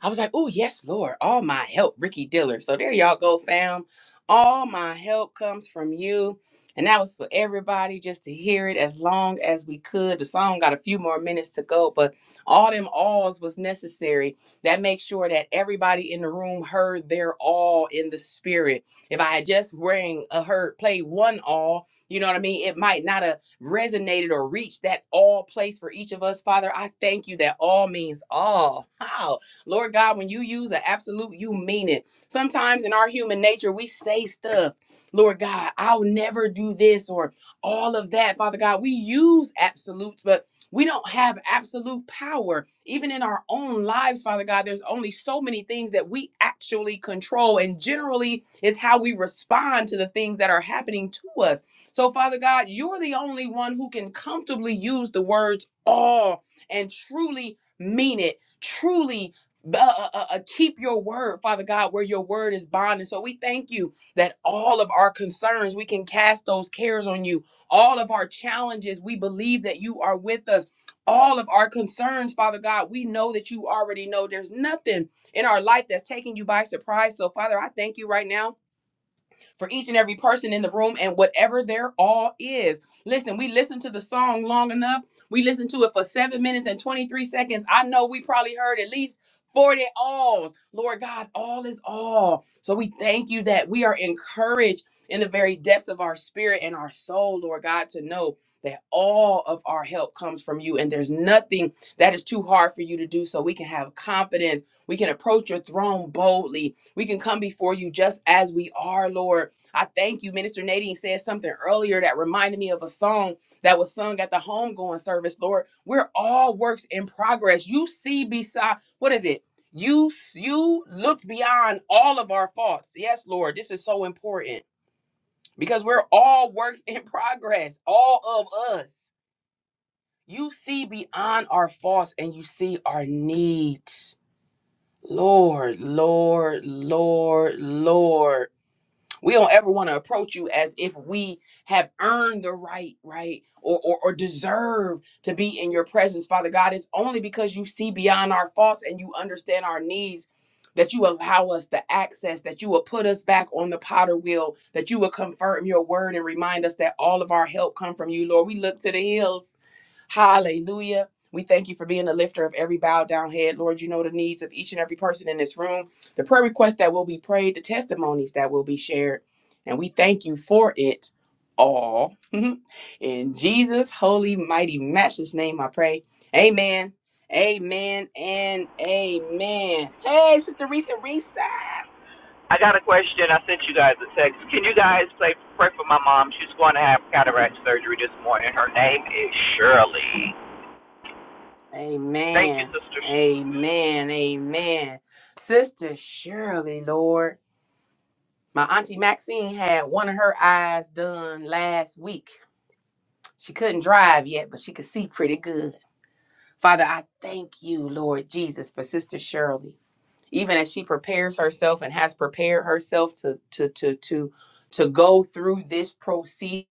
S1: I was like, oh, yes, Lord, all my help, Ricky Diller. So there y'all go, fam. All my help comes from you. And that was for everybody just to hear it as long as we could. The song got a few more minutes to go, but all them alls was necessary. That makes sure that everybody in the room heard their all in the spirit. If I had just rang a heard play one all, you know what I mean? It might not have resonated or reached that all place for each of us. Father, I thank you that all means all. How? Lord God, when you use an absolute, you mean it. Sometimes in our human nature, we say stuff, Lord God, I'll never do this or all of that. Father God, we use absolutes, but we don't have absolute power. Even in our own lives, Father God, there's only so many things that we actually control. And generally, is how we respond to the things that are happening to us. So, Father God, you're the only one who can comfortably use the words all and truly mean it, truly the, uh, uh, uh, keep your word, Father God, where your word is bond. And so we thank you that all of our concerns, we can cast those cares on you. All of our challenges, we believe that you are with us. All of our concerns, Father God, we know that you already know there's nothing in our life that's taking you by surprise. So, Father, I thank you right now for each and every person in the room and whatever their all is. Listen, we listened to the song long enough. We listened to it for seven minutes and 23 seconds. I know we probably heard at least 40 alls. Lord God, all is all. So we thank you that we are encouraged in the very depths of our spirit and our soul, Lord God, to know that all of our help comes from you and there's nothing that is too hard for you to do. So we can have confidence. We can approach your throne boldly. We can come before you just as we are, Lord I thank you. Minister Nadine said something earlier that reminded me of a song that was sung at the homegoing service. Lord, we're all works in progress. You see beside what is it? You you looked beyond all of our faults. Yes, Lord, this is so important because we're all works in progress. All of us. You see beyond our faults and you see our needs. Lord, Lord, Lord, Lord we don't ever want to approach you as if we have earned the right right or, or or deserve to be in your presence father god it's only because you see beyond our faults and you understand our needs that you allow us the access that you will put us back on the potter wheel that you will confirm your word and remind us that all of our help come from you lord we look to the hills Hallelujah. We thank you for being the lifter of every bowed down head. Lord, you know the needs of each and every person in this room, the prayer requests that will be prayed, the testimonies that will be shared. And we thank you for it all. in Jesus' holy, mighty, matchless name, I pray. Amen. Amen and amen. Hey, Sister Risa Risa.
S3: I got a question. I sent you guys a text. Can you guys play, pray for my mom? She's going to have cataract surgery this morning. Her name is Shirley. Thank you,
S1: Amen.
S3: sisters.
S1: Amen. Amen. Sister Shirley, Lord. My auntie Maxine had one of her eyes done last week. She couldn't drive yet, but she could see pretty good. Father, I thank you, Lord Jesus, for Sister Shirley even as she prepares herself and has prepared herself to to to to to go through this procedure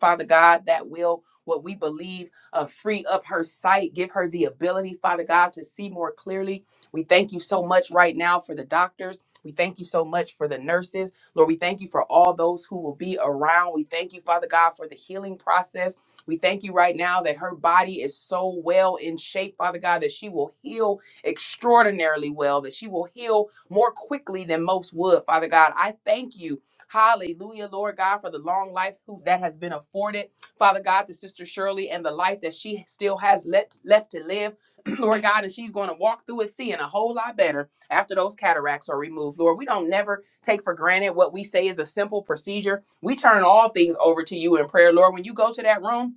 S1: father god that will what we believe uh, free up her sight give her the ability father god to see more clearly we thank you so much right now for the doctors we thank you so much for the nurses lord we thank you for all those who will be around we thank you father god for the healing process we thank you right now that her body is so well in shape father god that she will heal extraordinarily well, that she will heal more quickly than most would. Father God, I thank you. Hallelujah, Lord God, for the long life who, that has been afforded. Father God, to Sister Shirley and the life that she still has let, left to live. Lord God, and she's going to walk through it seeing a whole lot better after those cataracts are removed. Lord, we don't never take for granted what we say is a simple procedure. We turn all things over to you in prayer, Lord. When you go to that room,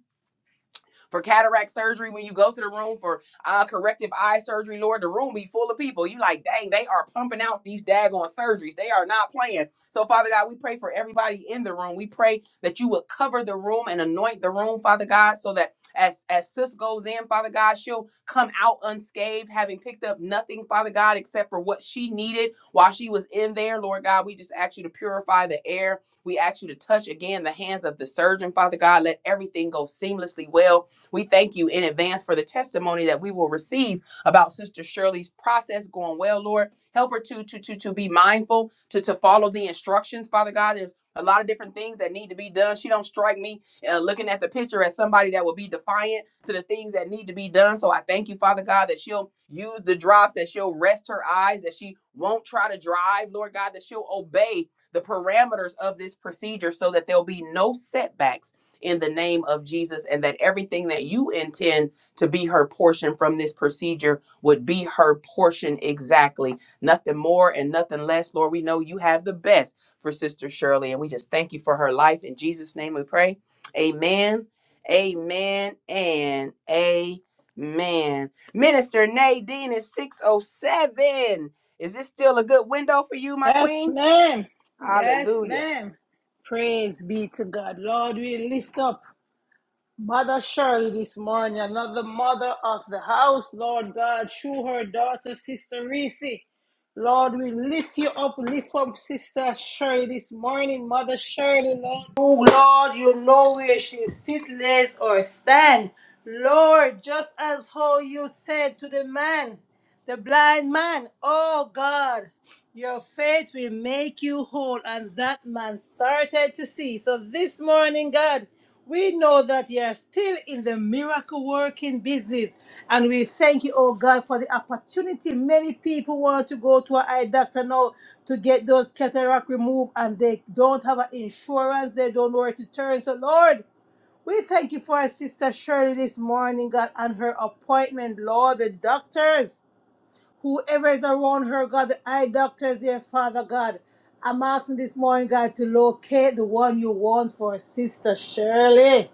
S1: for cataract surgery, when you go to the room for uh, corrective eye surgery, Lord, the room be full of people. You like, dang, they are pumping out these daggone surgeries. They are not playing. So, Father God, we pray for everybody in the room. We pray that you would cover the room and anoint the room, Father God, so that as as sis goes in, Father God, she'll come out unscathed, having picked up nothing, Father God, except for what she needed while she was in there. Lord God, we just ask you to purify the air. We ask you to touch again the hands of the surgeon, Father God. Let everything go seamlessly well we thank you in advance for the testimony that we will receive about Sister Shirley's process going well, Lord. Help her to to to to be mindful to to follow the instructions, Father God. There's a lot of different things that need to be done. She don't strike me uh, looking at the picture as somebody that will be defiant to the things that need to be done. So I thank you, Father God, that she'll use the drops, that she'll rest her eyes, that she won't try to drive, Lord God, that she'll obey the parameters of this procedure so that there'll be no setbacks in the name of Jesus, and that everything that you intend to be her portion from this procedure would be her portion exactly. Nothing more and nothing less. Lord, we know you have the best for Sister Shirley, and we just thank you for her life. In Jesus' name we pray. Amen, amen, and amen. Minister Nadine is 607. Is this still a good window for you, my
S2: Yes,
S1: queen?
S2: ma'am. Yes,
S1: Hallelujah.
S2: ma'am. Praise be to God. Lord, we lift up. Mother Shirley this morning, another mother of the house, Lord God, through her daughter, Sister Reese. Lord, we lift you up, lift up Sister Shirley this morning, Mother Shirley, Lord. Oh, Lord, you know where she sit, lays, or stand. Lord, just as how you said to the man. The blind man, oh God, your faith will make you whole. And that man started to see. So this morning, God, we know that you're still in the miracle working business. And we thank you, oh God, for the opportunity. Many people want to go to an eye doctor now to get those cataract removed, and they don't have an insurance, they don't know where to turn. So, Lord, we thank you for our sister Shirley this morning, God, and her appointment, Lord, the doctors. Whoever is around her, God, the eye doctors, dear Father God. I'm asking this morning, God, to locate the one you want for Sister Shirley.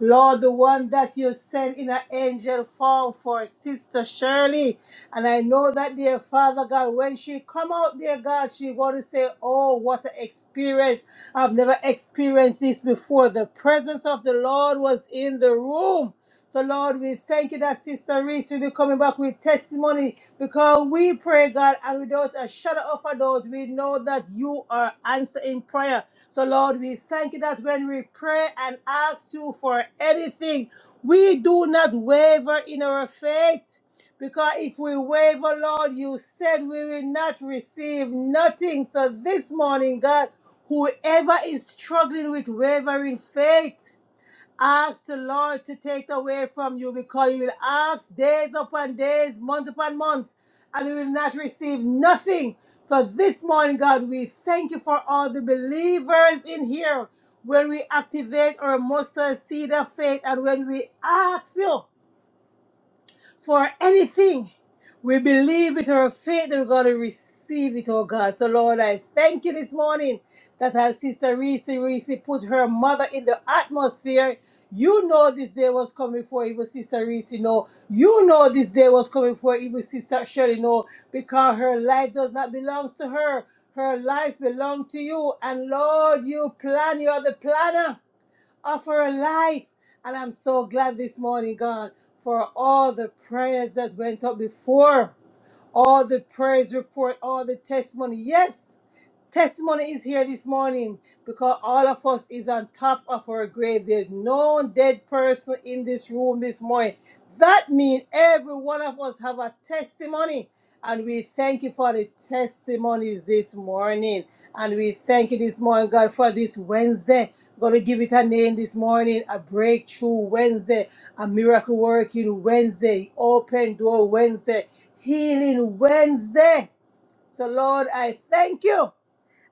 S2: Lord, the one that you sent in an angel form for Sister Shirley. And I know that, dear Father God, when she come out, dear God, she going to say, oh, what an experience. I've never experienced this before. The presence of the Lord was in the room. So, Lord, we thank you that Sister Reese will be coming back with testimony because we pray, God, and without a shadow of a doubt, we know that you are answering prayer. So, Lord, we thank you that when we pray and ask you for anything, we do not waver in our faith. Because if we waver, Lord, you said we will not receive nothing. So, this morning, God, whoever is struggling with wavering faith, Ask the Lord to take away from you because you will ask days upon days, month upon month, and you will not receive nothing. So this morning, God, we thank you for all the believers in here when we activate our mustard seed of faith and when we ask you. For anything we believe it or faith that we're going to receive it, oh God. So, Lord, I thank you this morning that our sister Reese Reese put her mother in the atmosphere. You know this day was coming for evil sister Reese, know. You know this day was coming for evil sister Shirley, know, because her life does not belong to her. Her life belongs to you. And Lord, you plan, you are the planner of her life. And I'm so glad this morning, God, for all the prayers that went up before all the praise report, all the testimony. Yes, testimony is here this morning because all of us is on top of our grave. There's no dead person in this room this morning. That means every one of us have a testimony. And we thank you for the testimonies this morning. And we thank you this morning, God, for this Wednesday. We're going to give it a name this morning, a breakthrough Wednesday, a miracle working Wednesday, open door Wednesday. Healing Wednesday. So, Lord, I thank you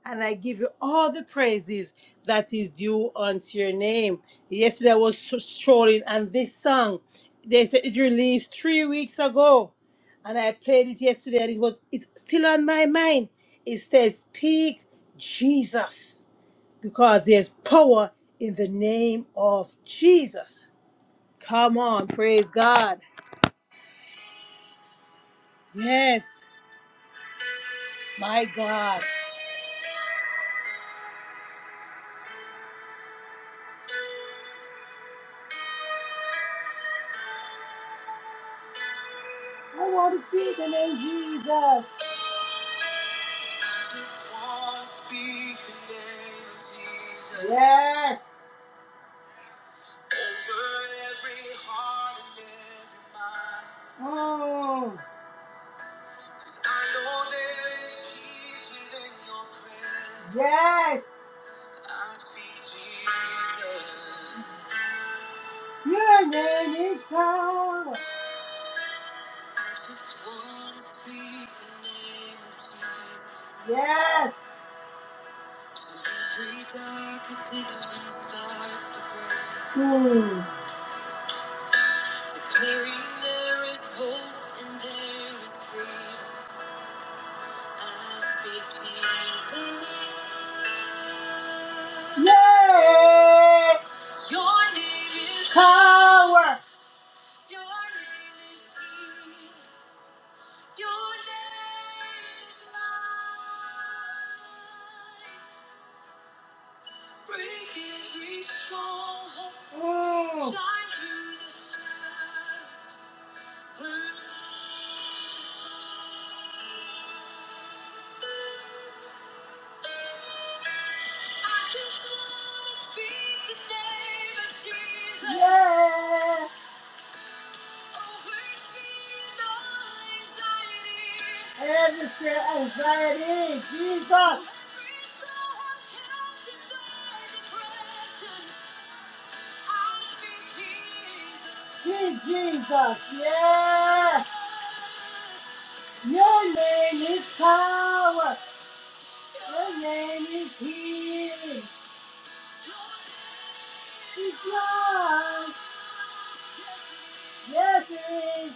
S2: and I give you all the praises that is due unto your name. Yesterday I was strolling and this song, they said it released three weeks ago. And I played it yesterday and it was it's still on my mind. It says, Speak Jesus because there's power in the name of Jesus. Come on, praise God. Yes, my God. I want to speak the name Jesus. I just want to speak the name of Jesus. Yes. Over every heart and every mind. Oh. 'Cause I know there is peace within your presence. Yes. I speak Jesus. Your name is power. I just want to speak the name of Jesus. Yes. Every dark addiction starts to break. Hmm. Declaring there is hope and there is freedom. I speak Jesus. Yay! Your name is power. Your name is healing. Your name is life. Oh. Yeah. Every fear, anxiety, Jesus. Dear Jesus, yes! Your name is power! Your name is healing! It's love! Yes, it is!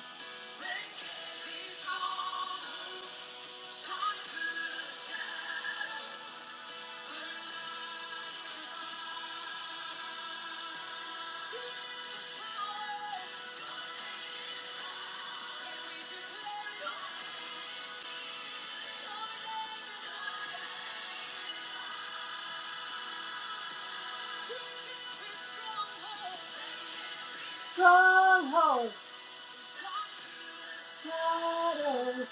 S2: Stronghold, shadows.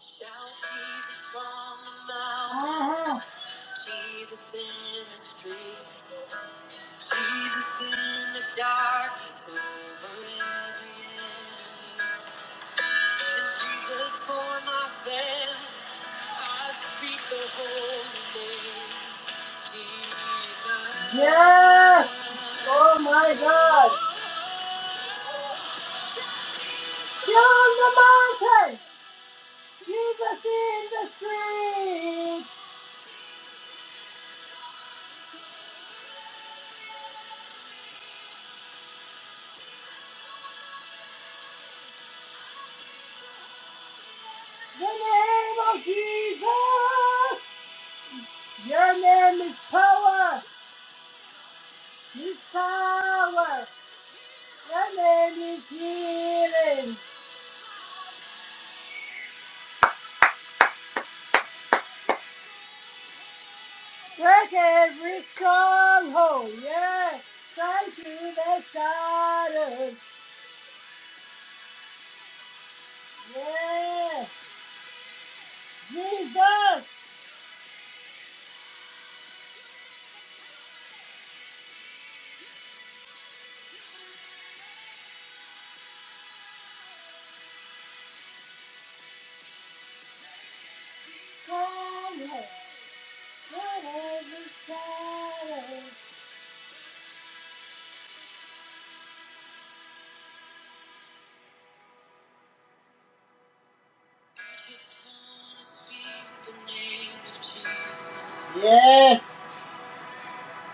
S2: Shout Jesus from the mountains, Uh-huh. Jesus in the streets. Jesus in the darkness over every enemy. And Jesus for my family, I speak the holy name. Jesus. Yes! Oh my God! In the name of Jesus! Your name is power! Is power! Your name is healing! Break every stronghold. Yes. Thank you, the shadows. Yes. Jesus. Come here. Break every shadow. I just wanna speak the name of Jesus. Yes.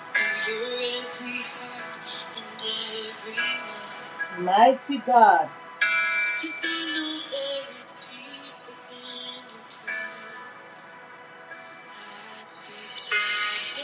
S2: Over every heart and every mind. Mighty God. Cause I know there is peace within your presence. Jesus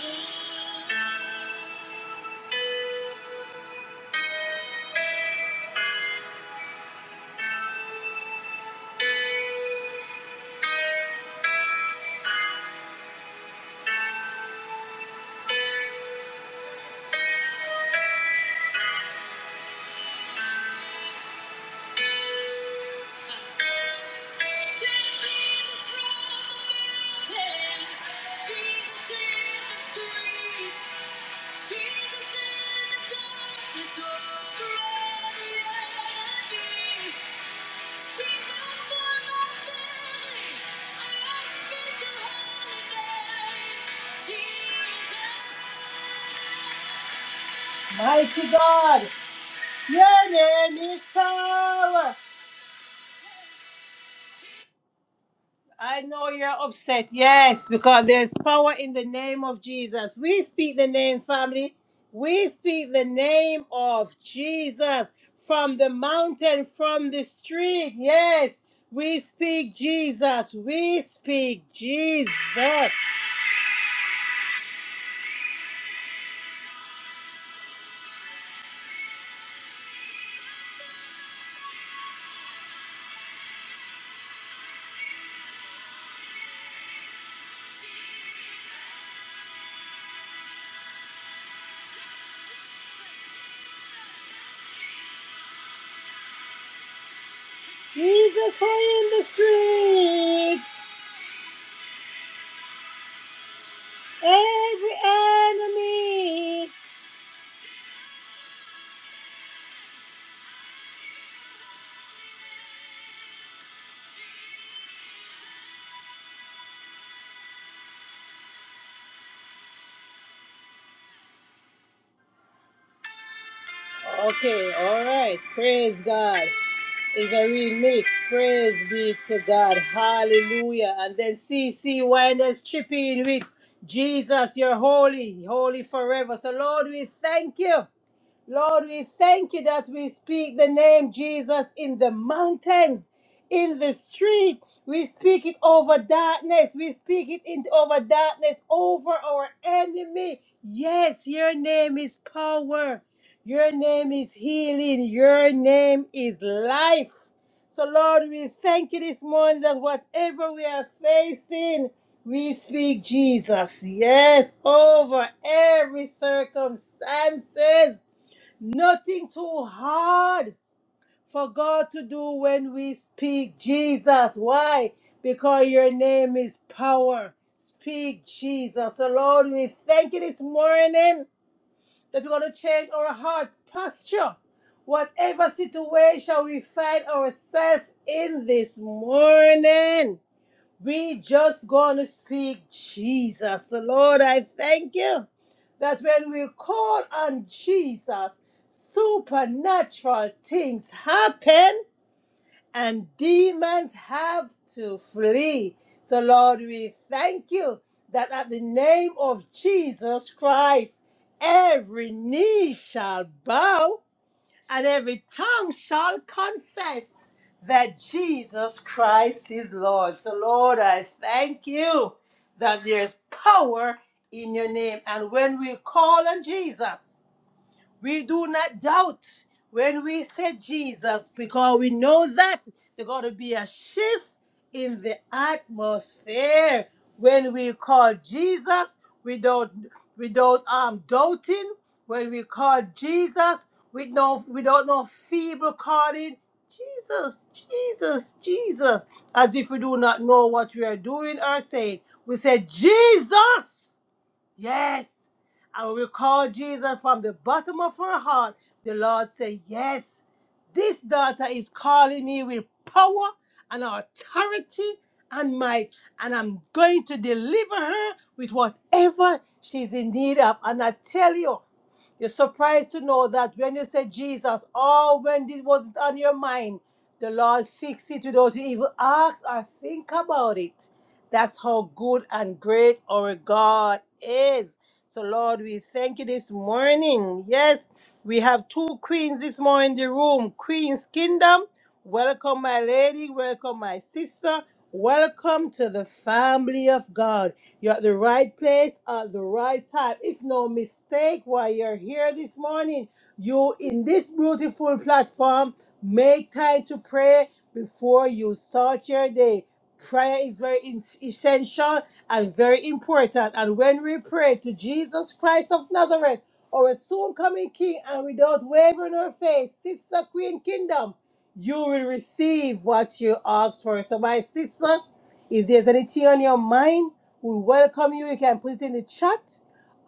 S2: Mighty God. Your name is power. I know you're upset. Yes, because there's power in the name of Jesus. We speak the name, family. We speak the name of Jesus from the mountain, from the street. Yes, we speak Jesus. We speak Jesus. Jesus for in the street. Every enemy. Okay, all right. Praise God. It's a real mix. Praise be to God. Hallelujah. And then C CC Winders chipping with Jesus, you're holy, holy forever. So, Lord, we thank you. Lord, we thank you that we speak the name Jesus in the mountains, in the street. We speak it over darkness. We speak it in, over darkness, over our enemy. Yes, your name is power. Your name is healing. Your name is life. So, Lord, we thank you this morning that whatever we are facing, we speak Jesus. Yes, over every circumstances. Nothing too hard for God to do when we speak Jesus. Why? Because your name is power. Speak Jesus. So, Lord, we thank you this morning that we're going to change our heart posture. Whatever situation we find ourselves in this morning. We just gonna speak Jesus. So Lord, I thank you that when we call on Jesus, supernatural things happen and demons have to flee. So Lord, we thank you that at the name of Jesus Christ, every knee shall bow and every tongue shall confess that Jesus Christ is Lord. So, Lord, I thank you that there's power in your name. And when we call on Jesus, we do not doubt when we say Jesus because we know that there's going to be a shift in the atmosphere when we call Jesus without without um doubting when we call Jesus with no without no feeble calling Jesus Jesus Jesus as if we do not know what we are doing or saying we say Jesus Yes. I will recall Jesus from the bottom of her heart. The Lord said, Yes, this daughter is calling me with power and authority and might, and I'm going to deliver her with whatever she's in need of. And I tell you, you're surprised to know that when you said Jesus, or when this was not on your mind, the Lord fixed it without you even ask or think about it. That's how good and great our God is. So, Lord, we thank you this morning. Yes, we have two queens this morning in the room Queen's Kingdom. Welcome, my lady. Welcome, my sister. Welcome to the family of God. You're at the right place at the right time. It's no mistake why you're here this morning. You in this beautiful platform. Make time to pray before you start your day. Prayer is very es- essential and very important. And when we pray to Jesus Christ of Nazareth, our soon coming King, and without wavering our faith, Sister Queen Kingdom, you will receive what you ask for. So, my sister, if there's anything on your mind, we welcome you. You can put it in the chat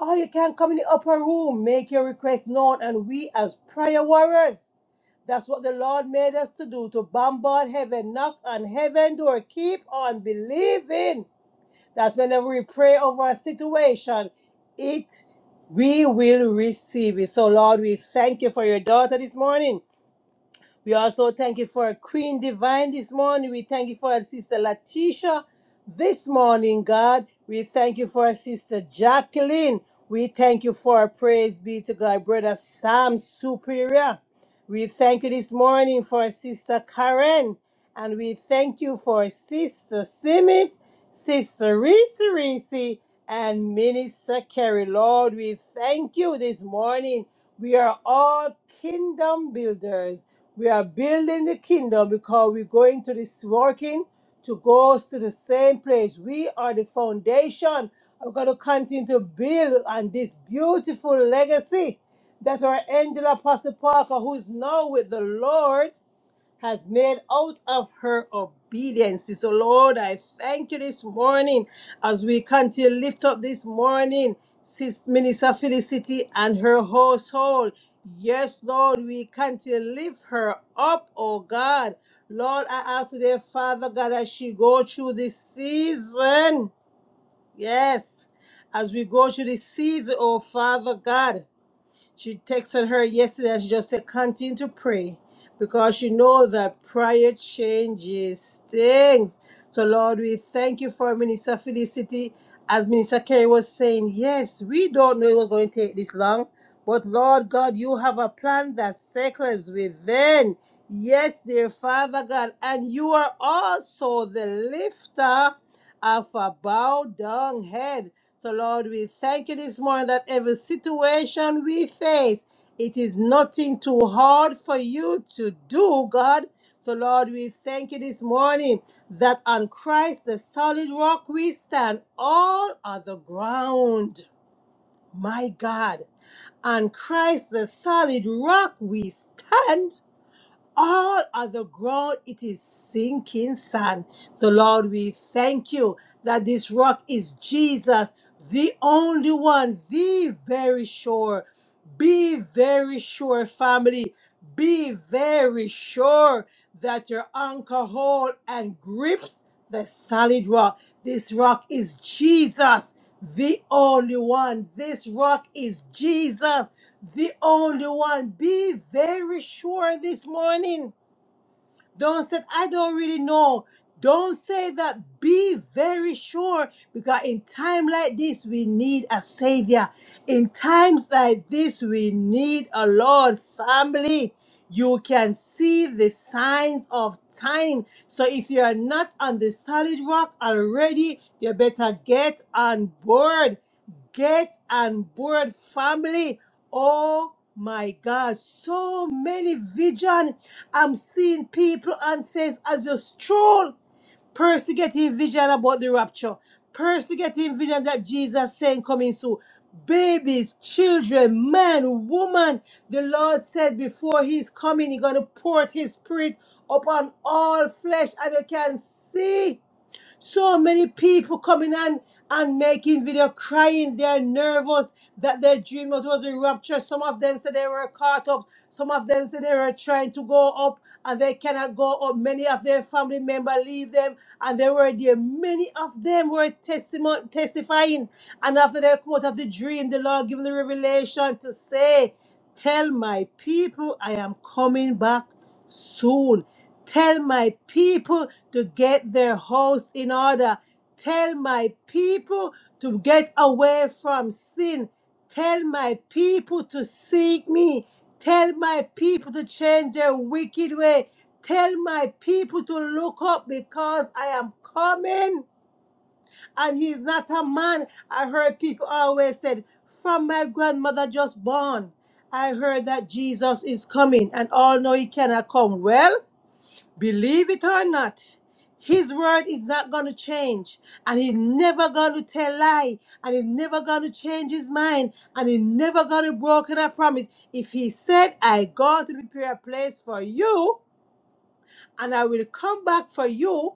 S2: or you can come in the upper room, make your request known, and we, as prayer warriors, that's what the Lord made us to do to bombard heaven, knock on heaven door, keep on believing that whenever we pray over a situation, it we will receive it. So, Lord, we thank you for your daughter this morning. We also thank you for Queen Divine this morning. We thank you for Sister Latisha this morning, God. We thank you for Sister Jacqueline. We thank you for praise be to God, Brother Sam Superior. We thank you this morning for Sister Karen. And we thank you for Sister Simit, Sister Reese Reese, and Minister Kerry. Lord, we thank you this morning. We are all kingdom builders. We are building the kingdom because we're going to this working to go to the same place. We are the foundation. We're going to continue to build on this beautiful legacy that our angel Apostle Parker, who is now with the Lord, has made out of her obedience. So, Lord, I thank you this morning as we continue to lift up this morning, Sis Minister Felicity and her household. Yes, Lord, we continue to lift her up, oh God. Lord, I ask today, Father God, as she go through this season. Yes, as we go through this season, oh Father God. She texted her yesterday and she just said, continue to pray because she knows that prayer changes things. So, Lord, we thank you for Minister Felicity. As Minister Kerry was saying, yes, we don't know it was going to take this long, but Lord God, you have a plan that circles within. Yes, dear Father God, and you are also the lifter of a bowed down head. So, Lord, we thank you this morning that every situation we face, it is nothing too hard for you to do, God. So, Lord, we thank you this morning that on Christ, the solid rock, we stand all other ground. My God, on Christ, the solid rock, we stand all of the ground it is sinking sand. So Lord, we thank you that this rock is Jesus, the only one, the very sure. Be very sure, family. Be very sure that your anchor hold and grips the solid rock. This rock is Jesus, the only one. This rock is Jesus the only one. Be very sure this morning. Don't say, I don't really know. Don't say that. Be very sure. Because in time like this, we need a savior. In times like this, we need a Lord family. You can see the signs of time. So if you are not on the solid rock already, you better get on board Get and board, family. Oh my God, so many vision. I'm seeing people and says as you stroll, Percy getting vision about the rapture. Percy getting vision that Jesus saying coming soon. Babies, children, man, woman. The Lord said before He's coming, He's gonna pour out His Spirit upon all flesh, and you can see. So many people coming and and making video crying. They are nervous that their dream that was a rupture. Some of them said they were caught up. Some of them said they were trying to go up and they cannot go up. Many of their family members leave them and they were there. Many of them were testimony testifying. And after they come out of the dream, the Lord gave them the revelation to say, Tell my people I am coming back soon. Tell my people to get their house in order. Tell my people to get away from sin. Tell my people to seek me. Tell my people to change their wicked way. Tell my people to look up because I am coming. And he's not a man. I heard people always said, from my grandmother just born. I heard that Jesus is coming, and all know he cannot come. Well, Believe it or not, his word is not going to change. And he's never going to tell lie. And he's never going to change his mind. And he's never going to broken a promise. If he said, I go to prepare a place for you, and I will come back for you,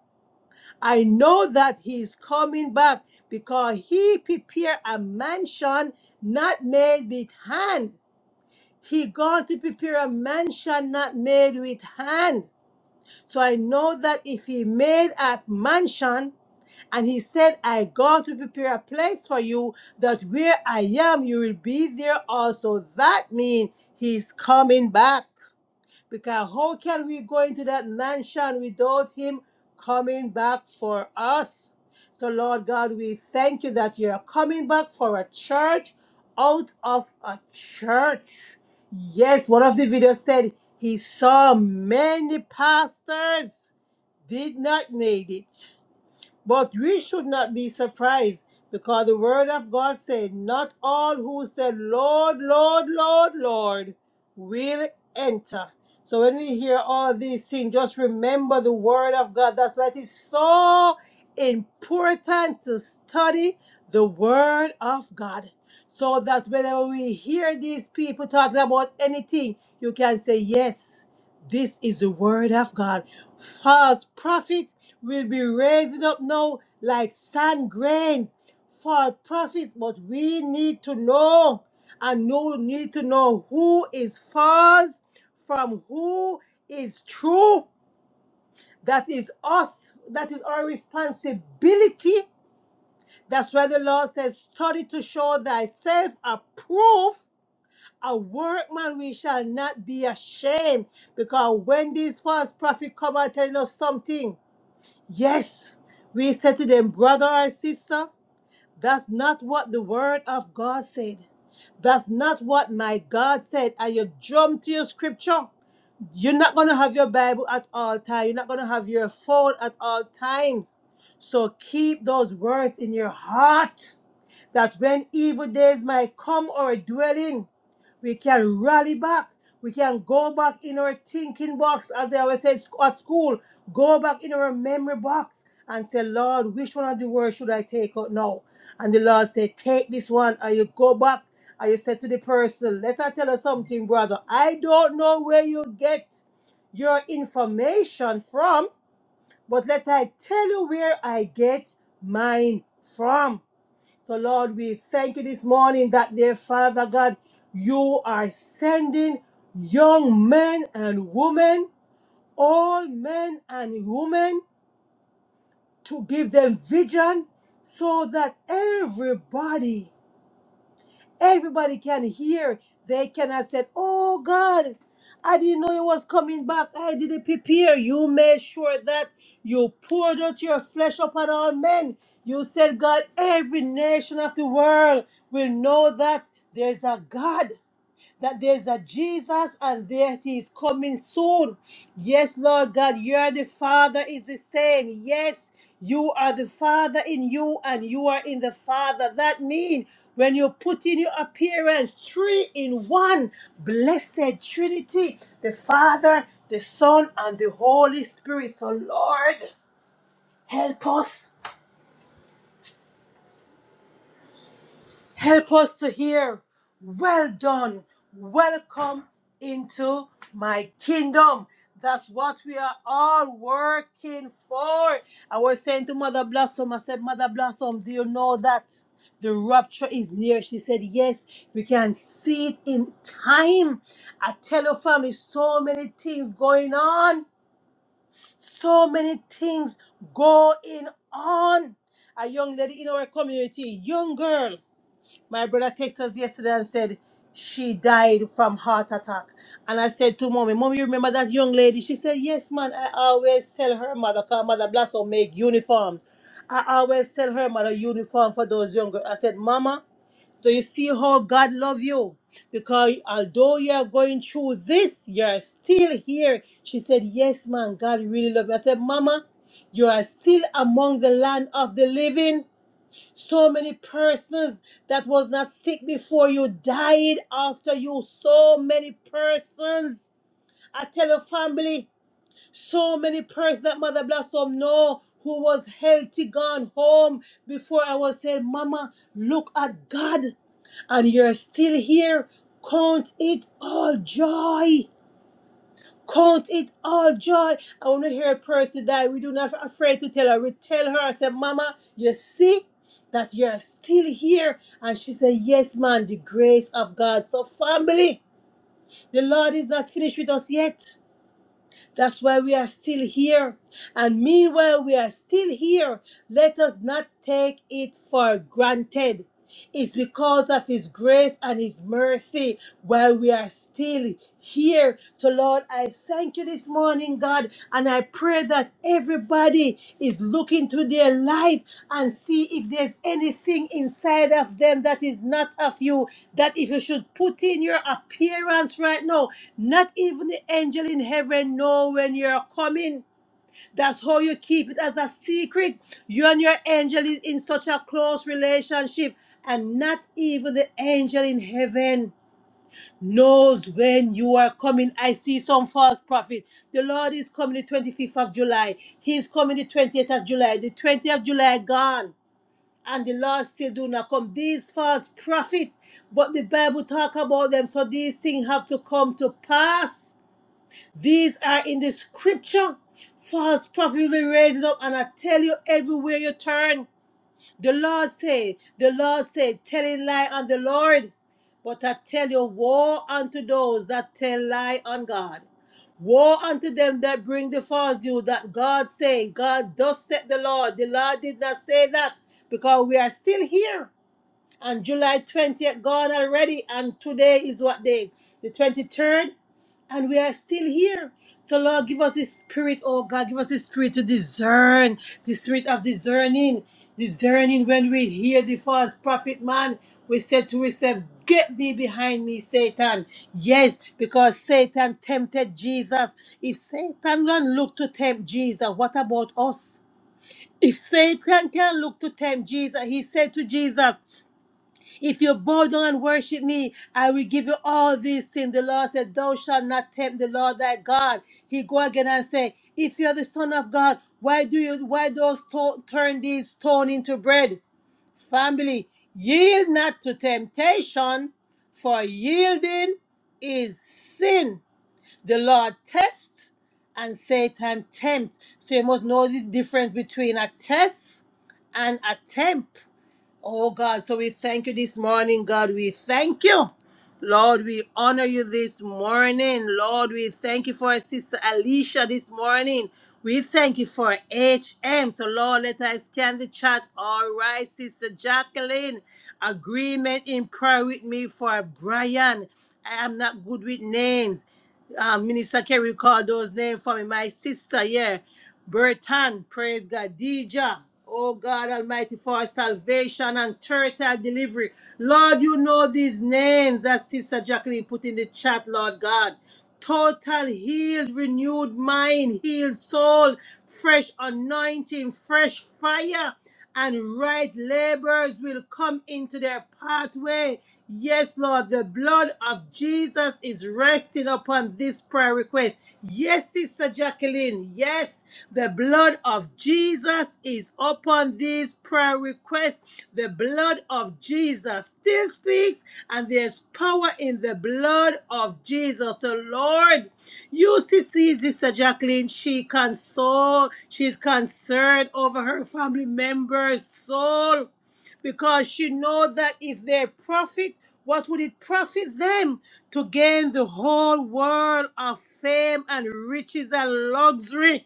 S2: I know that he's coming back because he prepared a mansion not made with hand. He going to prepare a mansion not made with hand. So I know that if he made a mansion and he said, I go to prepare a place for you, that where I am, you will be there also. That means he's coming back. Because how can we go into that mansion without him coming back for us? So, Lord God, we thank you that you're coming back for a church out of a church. Yes, one of the videos said he saw many pastors did not need it. But we should not be surprised because the word of God said, Not all who said, Lord, Lord, Lord, Lord, will enter. So when we hear all these things, just remember the word of God. That's why it is so important to study the word of God. So that whenever we hear these people talking about anything, you can say, Yes, this is the word of God. False prophet will be raising up now like sand grains for profits, but we need to know and no need to know who is false from who is true. That is us. That is our responsibility. That's why the Lord says, study to show thyself approved. A workman we shall not be ashamed. Because when these false prophets come out telling us something, Yes, we said to them, brother or sister, that's not what the word of God said. That's not what my God said. And you jump to your scripture. You're not going to have your Bible at all times. You're not going to have your phone at all times. So keep those words in your heart that when evil days might come or dwell in, we can rally back. We can go back in our thinking box, as they always said at school. Go back in our memory box and say, Lord, which one of the words should I take out now? And the Lord said, Take this one. And you go back and you said to the person, Let her tell her something, brother. I don't know where you get your information from, but let I tell you where I get mine from. So, Lord, we thank you this morning that, dear Father God, you are sending young men and women, all men and women, to give them vision so that everybody Everybody can hear. They can have said, Oh God, I didn't know you was coming back. I didn't prepare. You made sure that you poured out your flesh upon all men. You said, God, every nation of the world will know that there's a God that there's a Jesus and there he is coming soon. Yes, Lord God, you're the Father is the same. Yes, you are the Father in you and you are in the Father. That means when you put in your appearance, three in one, blessed Trinity, the Father, the Son, and the Holy Spirit. So, Lord, help us. Help us to hear, well done, welcome into my kingdom. That's what we are all working for. I was saying to Mother Blossom, I said, Mother Blossom, do you know that the rapture is near? She said, Yes, we can see it in time. I tell you, family, so many things going on, so many things going on. A young lady in our community, young girl, my brother texted us yesterday and said she died from heart attack. And I said to mommy, Mommy, you remember that young lady? She said, Yes, man. I always tell her mother, because mother bless her make uniforms. I always tell her mother uniform for those young girls. I said, Mama, do you see how God love you? Because although you are going through this, you're still here. She said, Yes, man, God really love you. I said, Mama, you are still among the land of the living. So many persons that was not sick before you died after you. So many persons. I tell your family, so many persons that Mother Blossom know who was healthy gone home before I was saying, Mama, look at God. And you're still here. Count it all joy. Count it all joy. I want to hear a person die. We do not afraid to tell her. We tell her, I said, Mama, you see that you're still here. And she said, Yes, man, the grace of God. So, family, the Lord is not finished with us yet. That's why we are still here. And meanwhile, we are still here. Let us not take it for granted. It's because of His grace and His mercy while we are still here. So, Lord, I thank you this morning, God, and I pray that everybody is looking to their life and see if there's anything inside of them that is not of you. That if you should put in your appearance right now, not even the angel in heaven know when you're coming. That's how you keep it as a secret. You and your angel is in such a close relationship, and not even the angel in heaven knows when you are coming. I see some false prophet. The Lord is coming the 25th of July. He's coming the 28th of July. The 20th of July gone. And the Lord still do not come. These false prophet, but the Bible talk about them. So these things have to come to pass. These are in the scripture. False prophet will be raising up. And I tell you everywhere you turn. The Lord said, the Lord said, telling lie on the Lord. But I tell you, woe unto those that tell lie on God. Woe unto them that bring the false due that God say, God does set the Lord. The Lord did not say that because we are still here and July 20th gone already, and today is what day? The 23rd, and we are still here. So, Lord, give us the spirit, oh God, give us the spirit to discern, the spirit of discerning, discerning when we hear the false prophet man. We said to ourselves, Get thee behind me, Satan. Yes, because Satan tempted Jesus. If Satan can look to tempt Jesus, what about us? If Satan can look to tempt Jesus, he said to Jesus, if you bow down and worship me, I will give you all these things. The Lord said, Thou shalt not tempt the Lord thy God. He go again and say, If you are the Son of God, why do you why dost to- turn these stone into bread? Family, yield not to temptation, for yielding is sin. The Lord test and Satan tempt. So you must know the difference between a test and a tempt. Oh God, so we thank you this morning, God. We thank you. Lord, we honor you this morning. Lord, we thank you for Sister Alicia this morning. We thank you for HM. So, Lord, let us scan the chat. All right, Sister Jacqueline. Agreement in prayer with me for Brian. I am not good with names. Uh, Minister Kerry called those names for me. My sister, yeah. Bertan, praise God. Deja, oh God Almighty, for our salvation and total delivery. Lord, you know these names that Sister Jacqueline put in the chat, Lord God. Total healed, renewed mind, healed soul, fresh anointing, fresh fire and right laborers will come into their pathway. Yes, Lord, the blood of Jesus is resting upon this prayer request. Yes, Sister Jacqueline. Yes, the blood of Jesus is upon these prayer prayer request. The blood of Jesus still speaks, and there's power in the blood of Jesus. So, Lord, UCC Sister Jacqueline, she console, she's concerned over her family member's soul because she know that if they profit, what would it profit them to gain the whole world of fame and riches and luxury?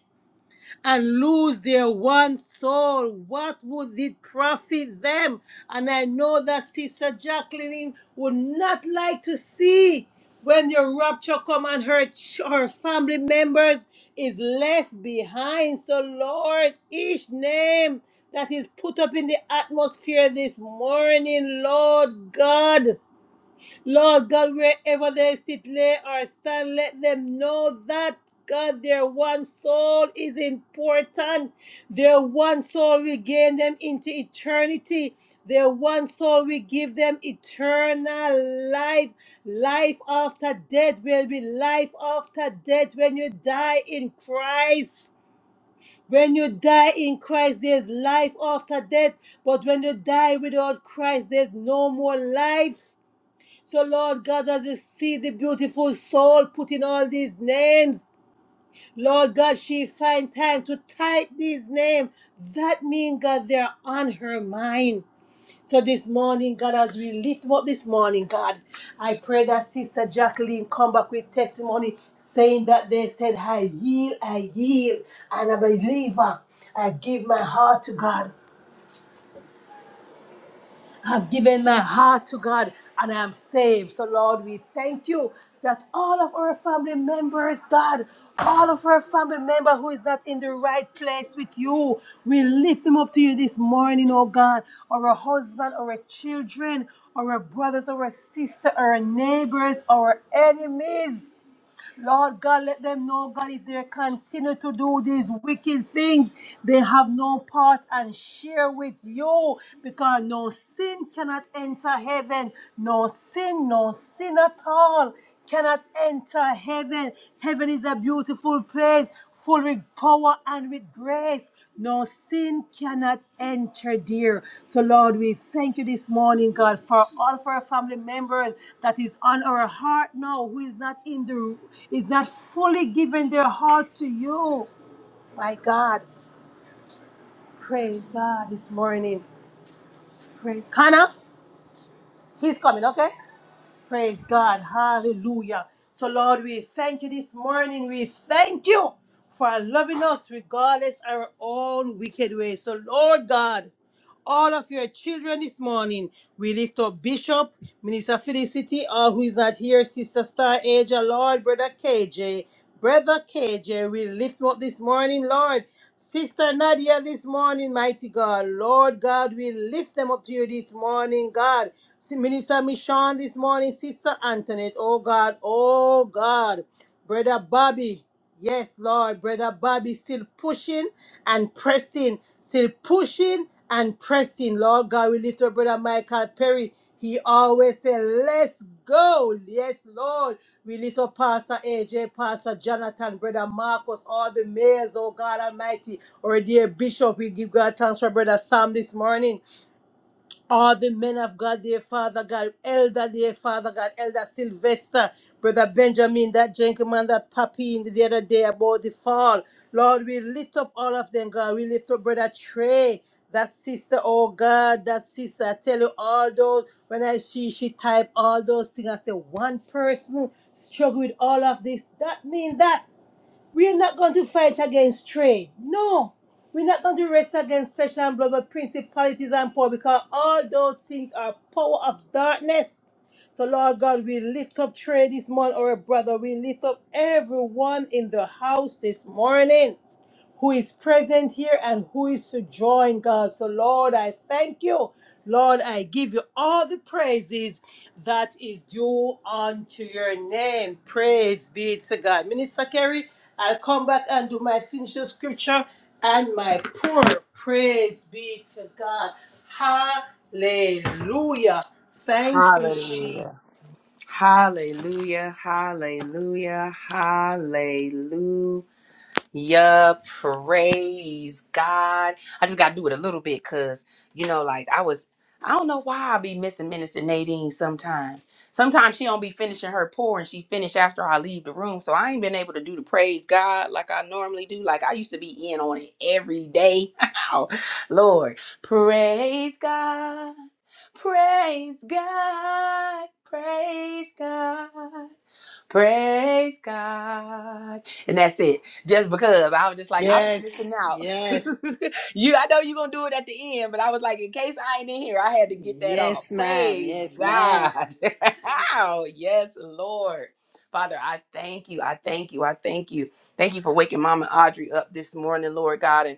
S2: and lose their one soul, what would it profit them? And I know that Sister Jacqueline would not like to see when your rapture come and her, ch- her family members is left behind. So Lord, each name that is put up in the atmosphere this morning, Lord God. Lord God, wherever they sit, lay, or stand, let them know that, God, their one soul is important. Their one soul will gain them into eternity. Their one soul will give them eternal life. Life after death will be life after death when you die in Christ. When you die in Christ, there's life after death. But when you die without Christ, there's no more life. So, Lord God, as you see the beautiful soul put in all these names, Lord God, she find time to type these names. That means, God, they're on her mind. So this morning, God, as we lift them up this morning, God, I pray that Sister Jacqueline come back with testimony saying that they said, I yield, I yield, and I'm a believer. I give my heart to God. I've given my heart to God and I'm saved. So, Lord, we thank you that all of our family members, God, all of our family member who is not in the right place with you, we lift them up to you this morning, oh God. Our husband, our children, our brothers, our sister, our neighbors, our enemies. Lord God, let them know, God, if they continue to do these wicked things, they have no part and share with you because no sin cannot enter heaven. No sin, no sin at all cannot enter heaven. Heaven is a beautiful place full with power and with grace. No sin cannot enter there. So, Lord, we thank you this morning, God, for all of our family members that is on our heart now, who is not in the is not fully giving their heart to you. My God. Praise God this morning. Pray. Connor, he's coming, okay? Praise God. Hallelujah. So, Lord, we thank you this morning. We thank you for loving us regardless our own wicked ways. So, Lord God, all of your children this morning. We lift up Bishop, Minister Felicity, all who is not here, Sister Star Asia, Lord, Brother KJ, Brother KJ, we lift him up this morning, Lord. Sister Nadia, this morning, mighty God, Lord God, we lift them up to you this morning, God. Si-, Minister Michon this morning, Sister Antoinette, oh God, oh God, Brother Bobby. Yes, Lord, brother Bobby still pushing and pressing, still pushing and pressing. Lord God, we lift up brother Michael Perry. He always say, "Let's go." Yes, Lord, we lift up Pastor AJ, Pastor Jonathan, brother Marcus, all the mayors. Oh God Almighty, our dear Bishop, we give God thanks for brother Sam this morning all the men of God, dear Father God, Elder, dear Father God, Elder Sylvester, Brother Benjamin, that gentleman, that puppy in the other day about the fall. Lord, we lift up all of them, God. We lift up Brother Trey, that sister, oh God, that sister. I tell you all those, when I see she type all those things, I say, one person struggle with all of this. That means that. We are not going to fight against trade. No. We're not going to race against flesh and blood, but principalities and power because all those things are power of darkness. So, Lord God, we lift up trade this morning, our brother. We lift up everyone in the house this morning who is present here and who is to join God. So, Lord, I thank you. Lord, I give you all the praises that is due unto your name. Praise be to God. Minister Kerry, I'll come back and do my signature scripture and my poor. Praise be to God. Hallelujah. Thank you,
S1: Hallelujah.
S2: she.
S1: Hallelujah, hallelujah, hallelujah. Yeah, praise God. I just gotta do it a little bit because you know, like I was I don't know why I be missing Minister Nadine sometime. Sometimes she don't be finishing her pour and she finish after I leave the room. So I ain't been able to do the praise God like I normally do. Like I used to be in on it every day. Lord, praise God, praise God, praise God. Praise God. And that's it. Just because I was just like, I'm
S2: Yes,
S1: missing out.
S2: yes,
S1: you I know you're gonna do it at the end, but I was like, in case I ain't in here, I had to get that off.
S2: yes, ma'am.
S1: Praise
S2: Yes, ma'am.
S1: God. oh, yes, Lord. Father, I thank you. I thank you. I thank you. Thank you for waking Mama Audrey up this morning, Lord God. And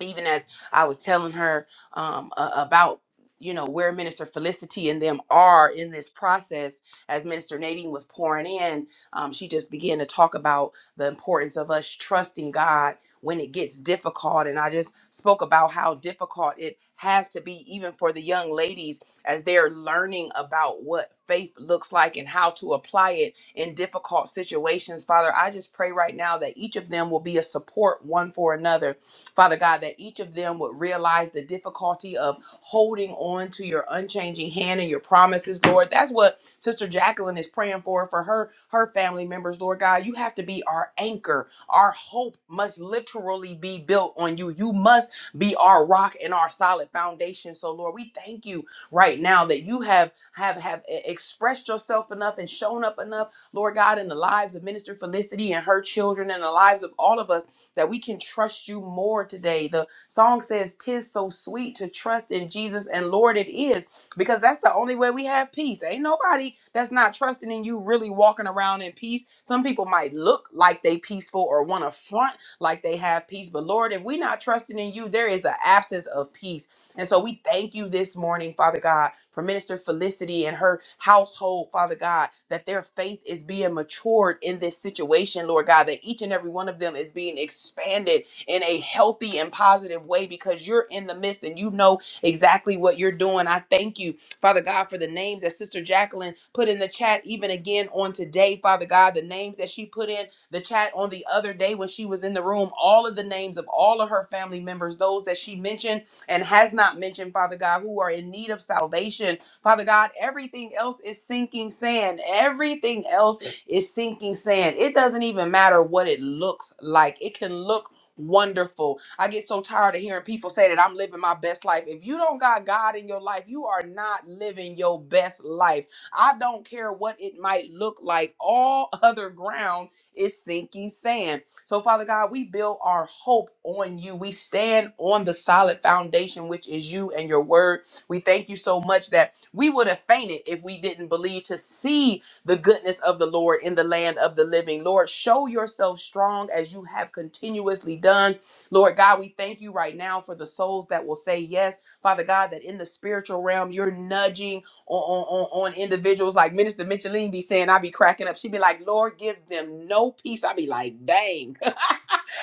S1: even as I was telling her um, a- about you know where minister felicity and them are in this process as minister nadine was pouring in um, she just began to talk about the importance of us trusting god when it gets difficult and i just spoke about how difficult it has to be even for the young ladies as they're learning about what faith looks like and how to apply it in difficult situations. Father, I just pray right now that each of them will be a support one for another. Father God, that each of them would realize the difficulty of holding on to your unchanging hand and your promises, Lord. That's what Sister Jacqueline is praying for for her her family members, Lord God. You have to be our anchor. Our hope must literally be built on you. You must be our rock and our solid foundation. So, Lord, we thank you right now that you have have have e- expressed yourself enough and shown up enough Lord God, in the lives of Minister Felicity and her children and the lives of all of us, that we can trust you more today. The song says, Tis so sweet to trust in Jesus, and Lord, it is, because that's the only way we have peace. Ain't nobody that's not trusting in you really walking around in peace. Some people might look like they peaceful or want to front like they have peace, but Lord, if we not trusting in you, there is an absence of peace and so we thank you this morning, Father God, for Minister Felicity and her household, Father God, that their faith is being matured in this situation, Lord God, that each and every one of them is being expanded in a healthy and positive way because you're in the midst and you know exactly what you're doing. I thank you, Father God, for the names that Sister Jacqueline put in the chat even again on today, Father God, the names that she put in the chat on the other day when she was in the room, all of the names of all of her family members, those that she mentioned and has not mentioned, Father God, who are in need of salvation. Father God, everything else is sinking sand. Everything else is sinking sand. It doesn't even matter what it looks like, it can look wonderful. I get so tired of hearing people say that I'm living my best life. If you don't got God in your life, you are not living your best life. I don't care what it might look like, all other ground is sinking sand. So, Father God, we build our hope on you. We stand on the solid foundation, which is you and your word. We thank you so much that we would have fainted if we didn't believe to see the goodness of the Lord in the land of the living. Lord, show yourself strong as you have continuously done. Lord God, we thank you right now for the souls that will say yes. Father God, that in the spiritual realm, you're nudging on, on, on, on individuals like Minister Micheline be saying, I be cracking up. She be like, Lord, give them no peace. I be like, dang,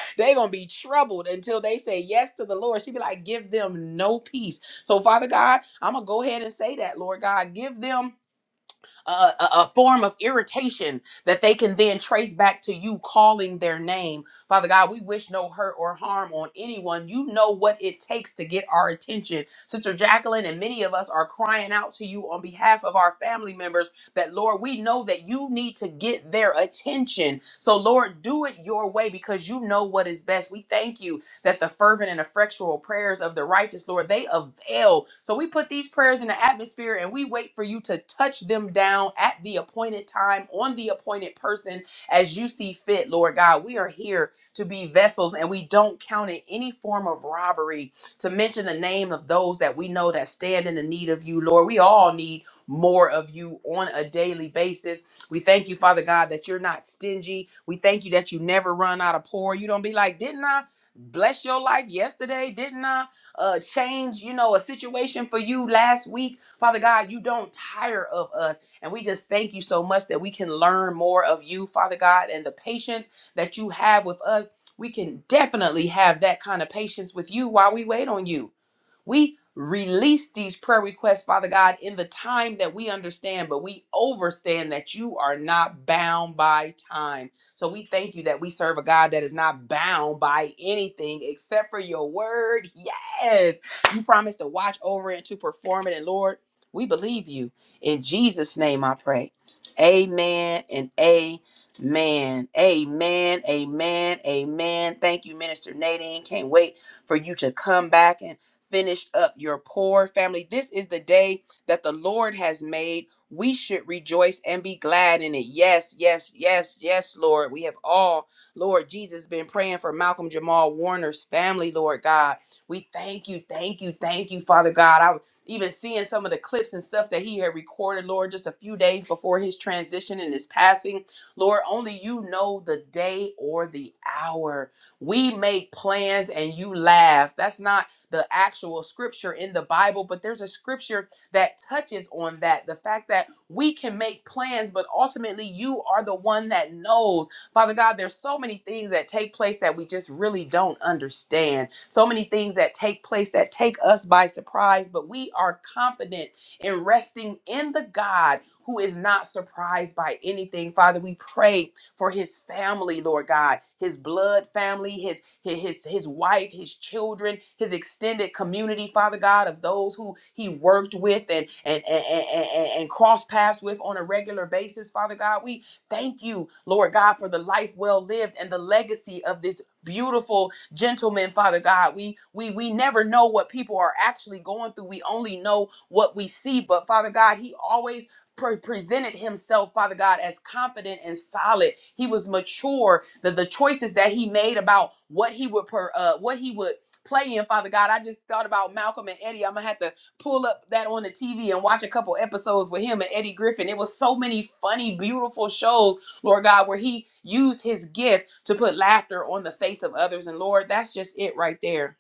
S1: they gonna be troubled until they say yes to the Lord. She be like, give them no peace. So Father God, I'm gonna go ahead and say that, Lord God, give them uh, a, a form of irritation that they can then trace back to you calling their name. Father God, we wish no hurt or harm on anyone. You know what it takes to get our attention. Sister Jacqueline and many of us are crying out to you on behalf of our family members that, Lord, we know that you need to get their attention. So, Lord, do it your way because you know what is best. We thank you that the fervent and effectual prayers of the righteous, Lord, they avail. So we put these prayers in the atmosphere and we wait for you to touch them down at the appointed time on the appointed person as you see fit, Lord God. We are here to be vessels and we don't count it any form of robbery to mention the name of those that we know that stand in the need of you, Lord. We all need more of you on a daily basis. We thank you, Father God, that you're not stingy. We thank you that you never run out of pour. You don't be like, didn't I? bless your life yesterday, didn't I? Uh, change, you know, a situation for you last week. Father God, you don't tire of us. And we just thank you so much that we can learn more of you, Father God, and the patience that you have with us. We can definitely have that kind of patience with you while we wait on you. We release these prayer requests, Father God, in the time that we understand, but we overstand that you are not bound by time. So we thank you that we serve a God that is not bound by anything except for your word. Yes. You promised to watch over it and to perform it. And Lord, we believe you. In Jesus' name I pray. Amen and amen. Man, amen, amen, amen. Thank you, Minister Nadine. Can't wait for you to come back. and finish up your poor family. This is the day that the Lord has made. We should rejoice and be glad in it. Yes, yes, yes, yes, Lord. We have all, Lord Jesus, been praying for Malcolm Jamal Warner's family, Lord God. We thank you, thank you, thank you, Father God. I was even seeing some of the clips and stuff that he had recorded, Lord, just a few days before his transition and his passing. Lord, only you know the day or the hour. We make plans and you laugh. That's not the actual scripture in the Bible, but there's a scripture that touches on that. The fact that we can make plans, but ultimately you are the one that knows. Father God, there's so many things that take place that we just really don't understand. So many things that take place that take us by surprise, but we are confident in resting in the God who is not surprised by anything. Father, we pray for his family, Lord God, his blood family, his his his, his wife, his children, his extended community, Father God, of those who he worked with and and and, and, and and crossed paths with on a regular basis, Father God. We thank you, Lord God, for the life well lived and the legacy of this beautiful gentleman, Father God. We we we never know what people are actually going through. We only know what we see. But Father God, he always pre- presented himself, Father God, as confident and solid. He was mature. The the choices that he made about what he would per, uh, what he would play in, Father God. I just thought about Malcolm and Eddie. I'm gonna have to pull up that on the TV and watch a couple episodes with him and Eddie Griffin. It was so many funny, beautiful shows, Lord God, where he used his gift to put laughter on the face of others. And Lord, that's just it right there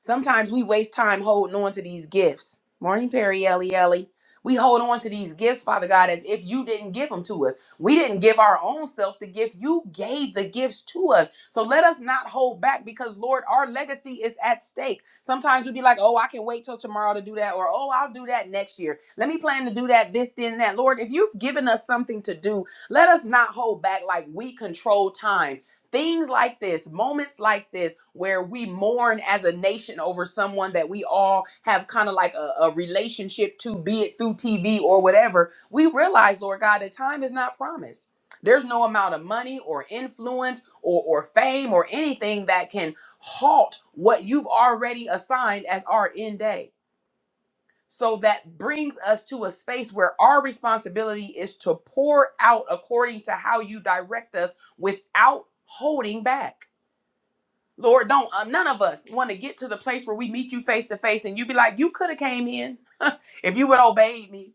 S1: Sometimes we waste time holding on to these gifts. Morning, Perry Ellie Ellie. We hold on to these gifts, Father God, as if you didn't give them to us. We didn't give our own self the gift. You gave the gifts to us. So let us not hold back because, Lord, our legacy is at stake. Sometimes we would be like, oh, I can wait till tomorrow to do that, or oh, I'll do that next year. Let me plan to do that, this, then, that. Lord, if you've given us something to do, let us not hold back like we control time Things like this, moments like this, where we mourn as a nation over someone that we all have kind of like a, a relationship to, be it through TV or whatever, we realize, Lord God, that time is not promised. There's no amount of money or influence or, or fame or anything that can halt what you've already assigned as our end day. So that brings us to a space where our responsibility is to pour out according to how you direct us without holding back. Lord, don't um, none of us want to get to the place where we meet you face to face and you be like, you could have came in if you would obeyed me.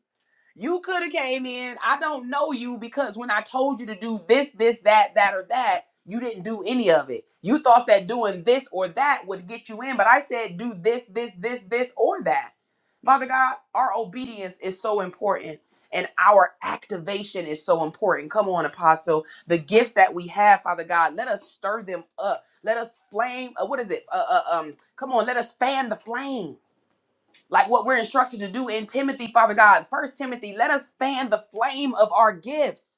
S1: You could have came in. I don't know you because when I told you to do this, this, that, that, or that, you didn't do any of it. You thought that doing this or that would get you in, but I said do this, this, this, this, or that. Father God, our obedience is so important and our activation is so important. Come on, Apostle. The gifts that we have, Father God, let us stir them up. Let us flame. uh, what is it? Uh, uh, um, come on, let us fan the flame like what we're instructed to do in Timothy, Father God. First Timothy, let us fan the flame of our gifts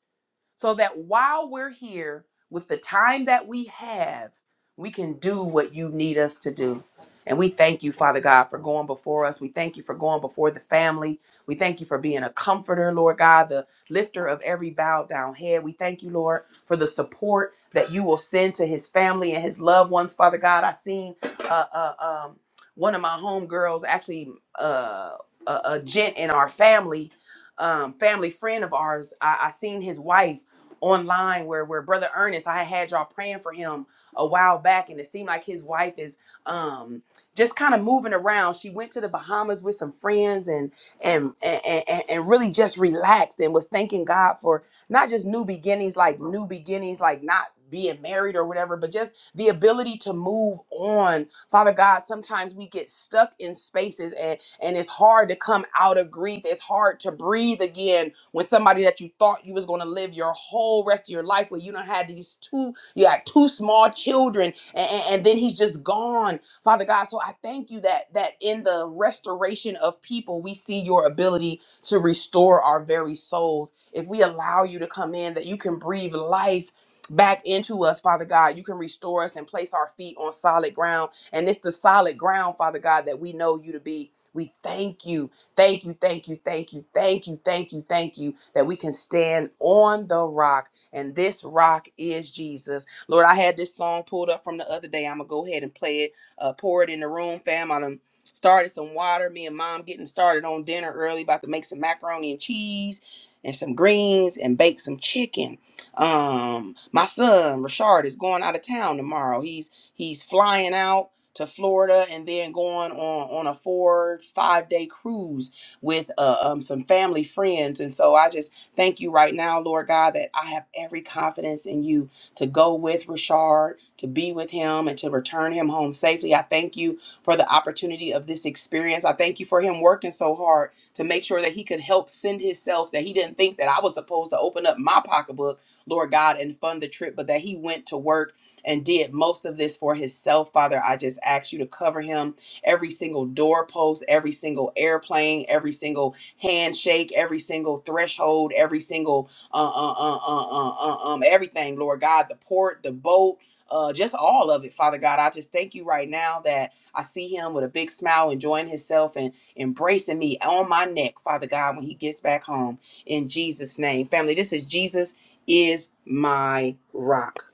S1: so that while we're here with the time that we have, we can do what you need us to do. And we thank you, Father God, for going before us. We thank you for going before the family. We thank you for being a comforter, Lord God, the lifter of every bowed down head. We thank you, Lord, for the support that you will send to his family and his loved ones, Father God. I seen uh, uh, um, one of my homegirls, actually uh, a, a gent in our family, um, family friend of ours. I, I seen his wife online where where brother Ernest I had y'all praying for him a while back and it seemed like his wife is um just kind of moving around she went to the Bahamas with some friends and and and, and and really just relaxed and was thanking God for not just new beginnings like new beginnings like not being married or whatever but just the ability to move on father god sometimes we get stuck in spaces and and it's hard to come out of grief it's hard to breathe again when somebody that you thought you was going to live your whole rest of your life with you don't had these two you had two small children and, and then he's just gone father god so i thank you that that in the restoration of people we see your ability to restore our very souls if we allow you to come in that you can breathe life back into us father god you can restore us and place our feet on solid ground and it's the solid ground father god that we know you to be we thank you, thank you, thank you, thank you, thank you, thank you, thank you that we can stand on the rock, and this rock is Jesus. Lord, I had this song pulled up from the other day. I'm gonna go ahead and play it, uh, pour it in the room, fam. I done started some water. Me and mom getting started on dinner early, about to make some macaroni and cheese and some greens and bake some chicken. Um, my son Rashard is going out of town tomorrow. He's he's flying out to Florida and then going on on a four five day cruise with uh, um, some family friends. And so I just thank you right now, Lord God, that I have every confidence in you to go with Rashard to be with him, and to return him home safely. I thank you for the opportunity of this experience. I thank you for him working so hard to make sure that he could help send himself. That he didn't think that I was supposed to open up my pocketbook, Lord God, and fund the trip, but that he went to work and did most of this for himself. Father, I just ask you to cover him every single doorpost, every single airplane, every single handshake, every single threshold, every single uh, uh, uh, uh, uh, uh, um, um, everything, Lord God, the port, the boat. Uh, just all of it, Father God. I just thank you right now that I see him with a big smile, enjoying himself and embracing me on my neck, Father God, when he gets back home. In Jesus' name. Family, this is Jesus is my rock.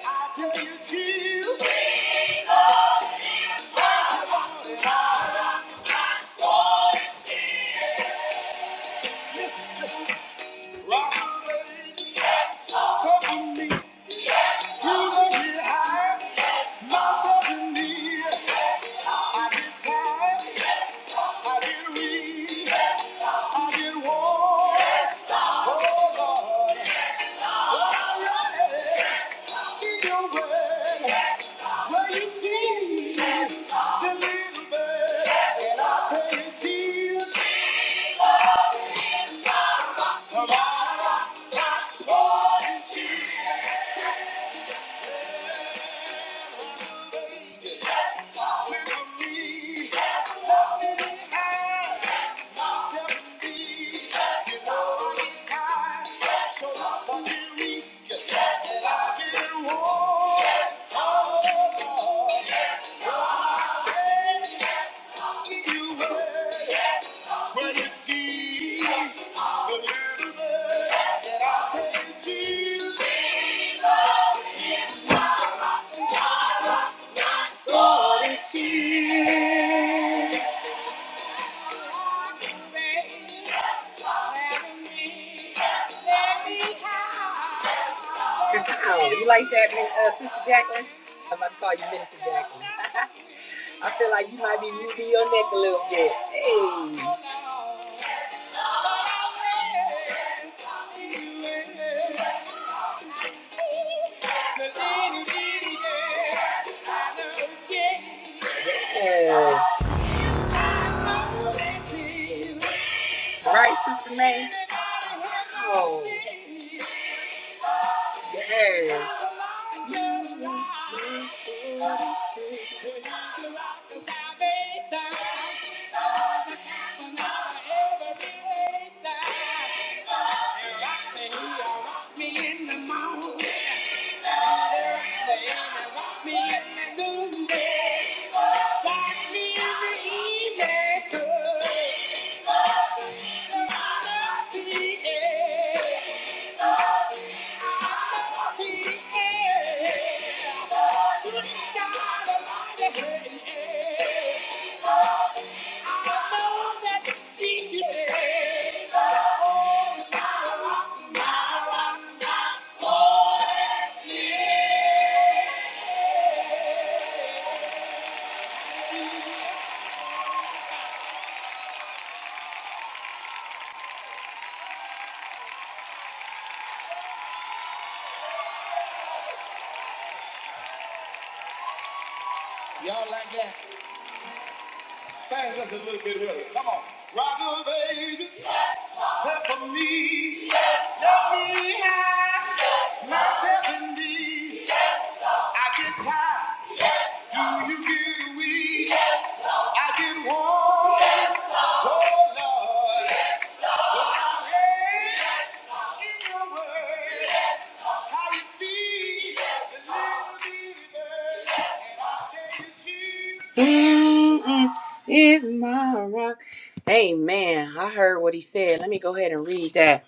S1: I tell you, Jesus, listen, listen, rock the way, cover me, you know me high, myself in me, I get tired, I get weak, I get worn. So if I can read and I can walk, oh Lord, Oh, you like that, Min- uh, Sister Jacqueline? I'm about to call you Minister Jacqueline. I feel like you might be moving your neck a little bit. Hey. Yeah. Right, Sister May? Oh, yes. Yeah. Sang us a little bit here. Come on. Rock a baby, clap for me. Me, I, myself and thee. I get tired. you give me? I can walk, oh Lord. In your word. Mm-mm, is my rock. Amen. I heard what he said. Let me go ahead and read that.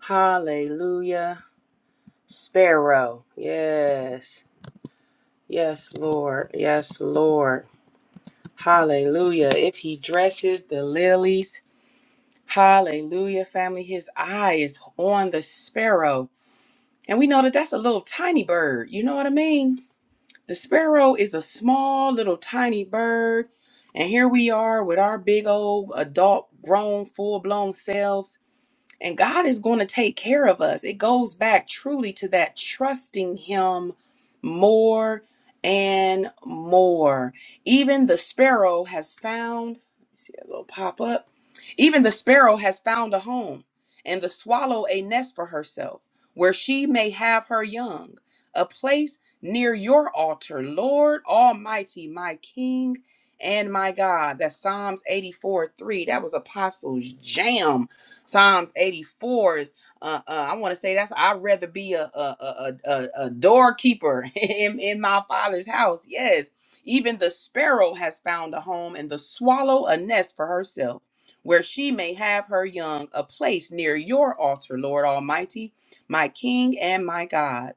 S1: Hallelujah. Sparrow. Yes. Yes, Lord. Yes, Lord. Hallelujah. If he dresses the lilies, hallelujah, family, his eye is on the sparrow And we know that that's a little tiny bird. You know what I mean? The sparrow is a small, little, tiny bird. And here we are with our big old adult, grown, full blown selves and God is going to take care of us. It goes back truly to that trusting Him more and more. Even the sparrow has found, let me see that little pop up. Even the sparrow has found a home, and the swallow a nest for herself, where she may have her young, a place near your altar, Lord Almighty, my King and my God. That's Psalms 84 3. That was Apostles' jam Psalms 84 is uh, uh I want to say that's I'd rather be a a a, a, a a doorkeeper in, in my father's house. Yes. Even the sparrow has found a home and the swallow a nest for herself, where she may have her young, a place near your altar, Lord Almighty, my King and my God.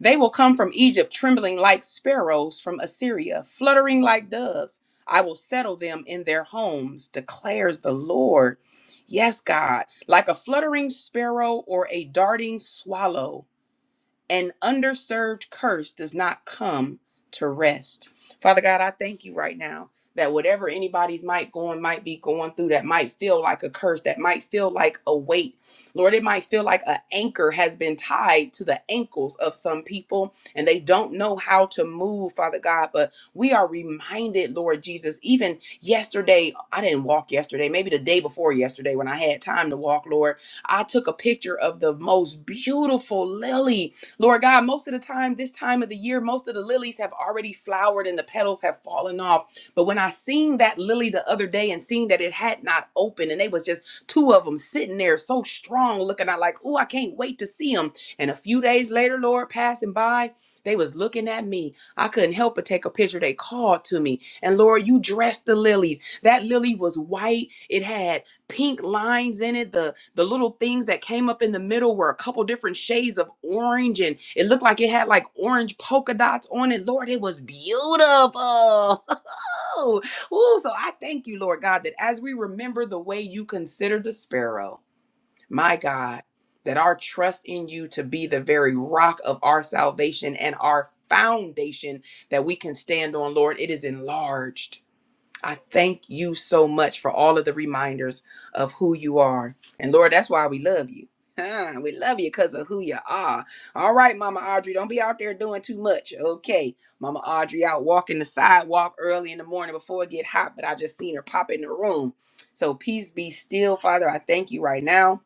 S1: They will come from Egypt, trembling like sparrows from Assyria, fluttering like doves. I will settle them in their homes, declares the Lord. Yes, God, like a fluttering sparrow or a darting swallow an underserved curse does not come to rest. Father God, I thank you right now that whatever anybody's might going might be going through that might feel like a curse, that might feel like a weight. Lord, it might feel like an anchor has been tied to the ankles of some people and they don't know how to move, Father God. But we are reminded, Lord Jesus, even yesterday, I didn't walk yesterday, maybe the day before yesterday when I had time to walk, Lord, I took a picture of the most beautiful lily Lord God, most of the time, this time of the year, most of the lilies have already flowered and the petals have fallen off. But when I seen that lily the other day and seen that it had not opened and they was just two of them sitting there so strong looking, I like, oh, I can't wait to see them. And a few days later, Lord, passing by, they was looking at me. I couldn't help but take a picture. They called to me. And Lord, you dressed the lilies. That lily was white. It had pink lines in it. The the little things that came up in the middle were a couple different shades of orange, and it looked like it had like orange polka dots on it. Lord, it was beautiful. Ooh, so I thank you, Lord God, that as we remember the way you considered the sparrow, my God, that our trust in you to be the very rock of our salvation and our foundation that we can stand on, Lord, it is enlarged I thank you so much for all of the reminders of who you are. And Lord, that's why we love you. Huh, we love you because of who you are. All right, Mama Audrey, don't be out there doing too much. Okay, Mama Audrey out walking the sidewalk early in the morning before it get hot, but I just seen her pop in the room. So peace be still, Father. I thank you right now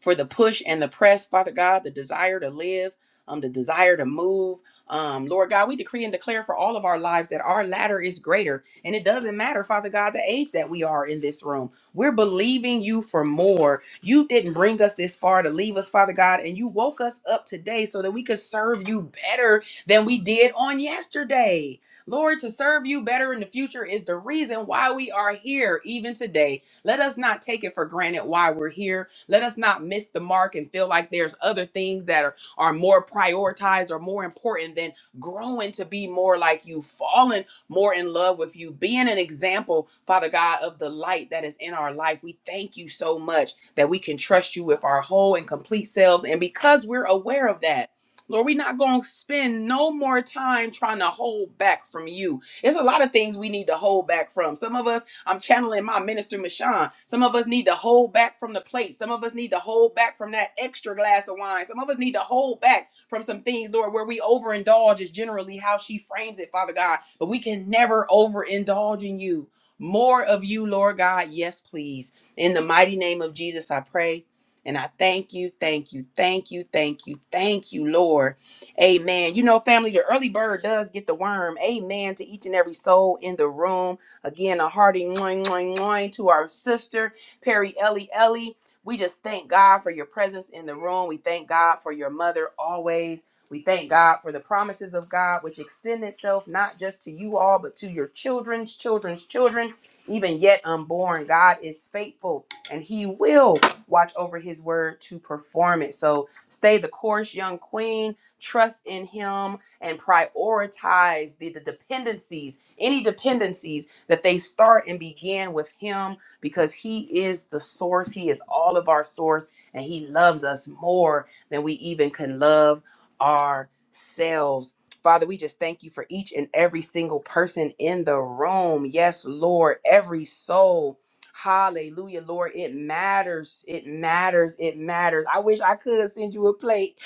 S1: for the push and the press, Father God, the desire to live, um, the desire to move. Um, Lord God, we decree and declare for all of our lives that our ladder is greater. And it doesn't matter, Father God, the age that we are in this room. We're believing you for more. You didn't bring us this far to leave us, Father God, and you woke us up today so that we could serve you better than we did on yesterday. Lord, to serve you better in the future is the reason why we are here even today. Let us not take it for granted why we're here let us not miss the mark and feel like there's other things that are, are more prioritized or more important than growing to be more like you, falling more in love with you, being an example, Father God, of the light that is in our life. We thank you so much that we can trust you with our whole and complete selves. And because we're aware of that, Lord, we're not going to spend no more time trying to hold back from you. There's a lot of things we need to hold back from. Some of us I'm channeling my minister, Michon. Some of us need to hold back from the plate. Some of us need to hold back from that extra glass of wine. Some of us need to hold back from some things, Lord, where we overindulge is generally how she frames it, Father God. But we can never overindulge in you. More of you, Lord God. Yes, please. In the mighty name of Jesus, I pray. And I thank you, thank you, thank you, thank you, thank you, Lord. Amen. You know, family, the early bird does get the worm. Amen to each and every soul in the room. Again, a hearty moing, moing, moing to our sister, Perry Ellie Ellie. We just thank God for your presence in the room. We thank God for your mother always. We thank God for the promises of God, which extend itself not just to you all, but to your children's children's children, even yet unborn. God is faithful and He will watch over His word to perform it. So stay the course, young queen. Trust in Him and prioritize the, the dependencies, any dependencies that they start and begin with Him because He is the source. He is all of our source, and He loves us more than we even can love ourselves. Father, we just thank you for each and every single person in the room. Yes, Lord, every soul. Hallelujah, Lord. It matters. It matters. It matters. I wish I could send you a plate.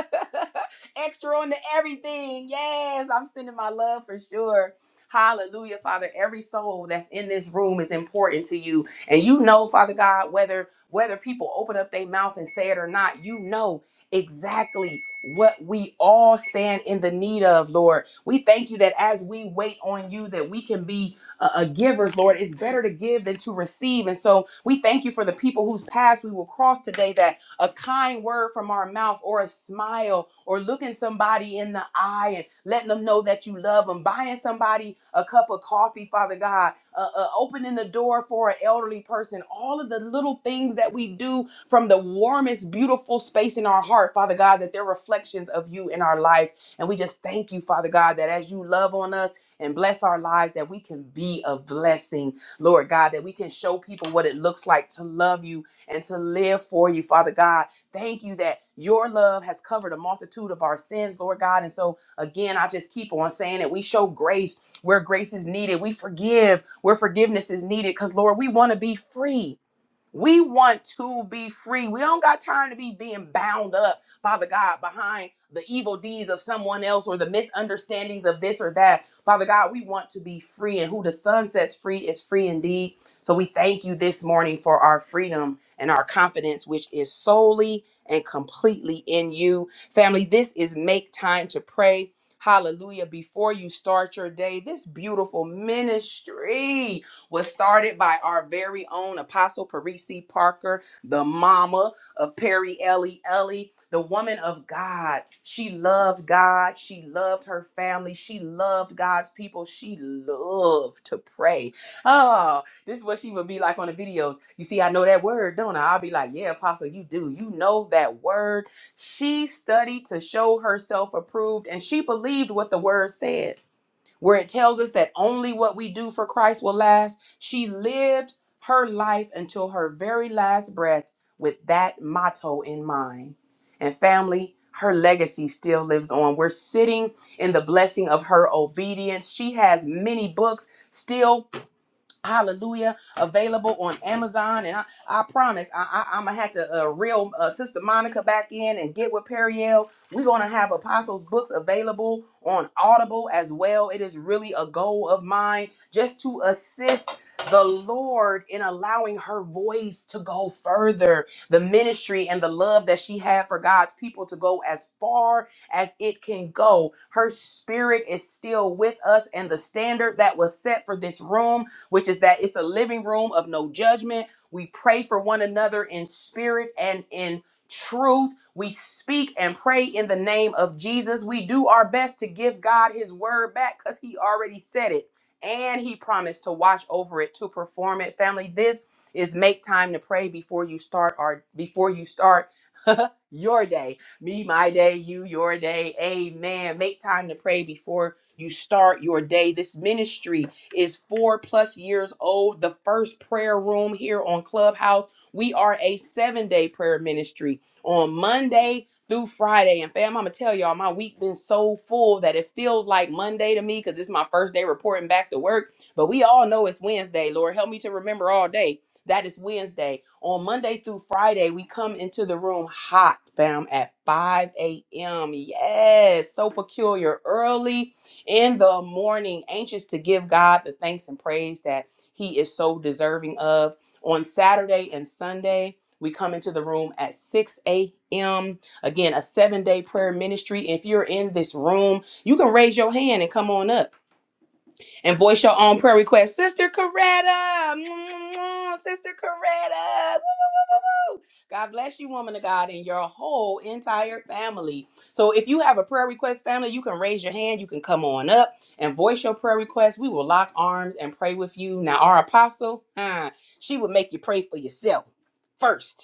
S1: Extra on to everything. Yes, I'm sending my love for sure. Hallelujah, Father. Every soul that's in this room is important to you. And you know, Father God, whether whether people open up their mouth and say it or not, you know exactly what we all stand in the need of, Lord. We thank you that as we wait on you that we can be uh, uh, givers, Lord. It's better to give than to receive. And so we thank you for the people whose paths we will cross today That a kind word from our mouth or a smile or looking somebody in the eye and letting them know that you love them, buying somebody a cup of coffee, Father God, uh, uh, opening the door for an elderly person, all of the little things that we do from the warmest, beautiful space in our heart, Father God, that they're reflections of you in our life. And we just thank you, Father God, that as you love on us and bless our lives, that we can be a blessing, Lord God, that we can show people what it looks like to love you and to live for you, Father God. Thank you that your love has covered a multitude of our sins, Lord God. And so, again, I just keep on saying that we show grace where grace is needed. We forgive where forgiveness is needed because, Lord, we want to be free. We want to be free. We don't got time to be being bound up, Father God, behind the evil deeds of someone else or the misunderstandings of this or that. Father God, we want to be free, and who the Son sets free is free indeed. So we thank you this morning for our freedom and our confidence, which is solely and completely in you. Family, this is Make Time to Pray. Hallelujah. Before you start your day, this beautiful ministry was started by our very own Apostle Parisi Parker, the mama of Perry Ellie Ellie, the woman of God. She loved God. She loved her family. She loved God's people. She loved to pray. Oh, this is what she would be like on the videos. You see, I know that word, don't I? I'll be like, yeah, Apostle, you do. You know that word. She studied to show herself approved and she believed what the word said where it tells us that only what we do for Christ will last, she lived her life until her very last breath with that motto in mind. And family, her legacy still lives on. We're sitting in the blessing of her obedience. She has many books still Hallelujah. Available on Amazon. And I, I promise, I, I, I'm going to have to uh, reel uh, Sister Monica back in and get with Periel. We're going to have Apostles' books available on Audible as well. It is really a goal of mine just to assist the Lord in allowing her voice to go further, the ministry and the love that she had for God's people to go as far as it can go. Her spirit is still with us, and the standard that was set for this room which is that it's a living room of no judgment. We pray for one another in spirit and in truth. We speak and pray in the name of Jesus. We do our best to give God his word back because he already said it and he promised to watch over it to perform it. Family, this is make time to pray before you start our before you start your day. Me, my day, you, your day. Amen. Make time to pray before you start your day. This ministry is four plus years old. The first prayer room here on Clubhouse. We are a seven day prayer ministry on Monday through Friday. And fam, I'm gonna tell y'all, my week been so full that it feels like Monday to me because it's my first day reporting back to work. But we all know it's Wednesday. Lord, help me to remember all day. that it's Wednesday. On Monday through Friday, we come into the room hot, fam, at 5 a.m. Yes, so peculiar. Early in the morning, anxious to give God the thanks and praise that He is so deserving of. On Saturday and Sunday, we come into the room at 6 a.m. Again, a seven day prayer ministry. If you're in this room, you can raise your hand and come on up and voice your own prayer request. Sister Coretta, Sister Coretta. woo, woo, woo, woo, woo. God bless you, woman of God, and your whole entire family. So if you have a prayer request, family, you can raise your hand. You can come on up and voice your prayer request. We will lock arms and pray with you. Now, our apostle, huh, she would make you pray for yourself first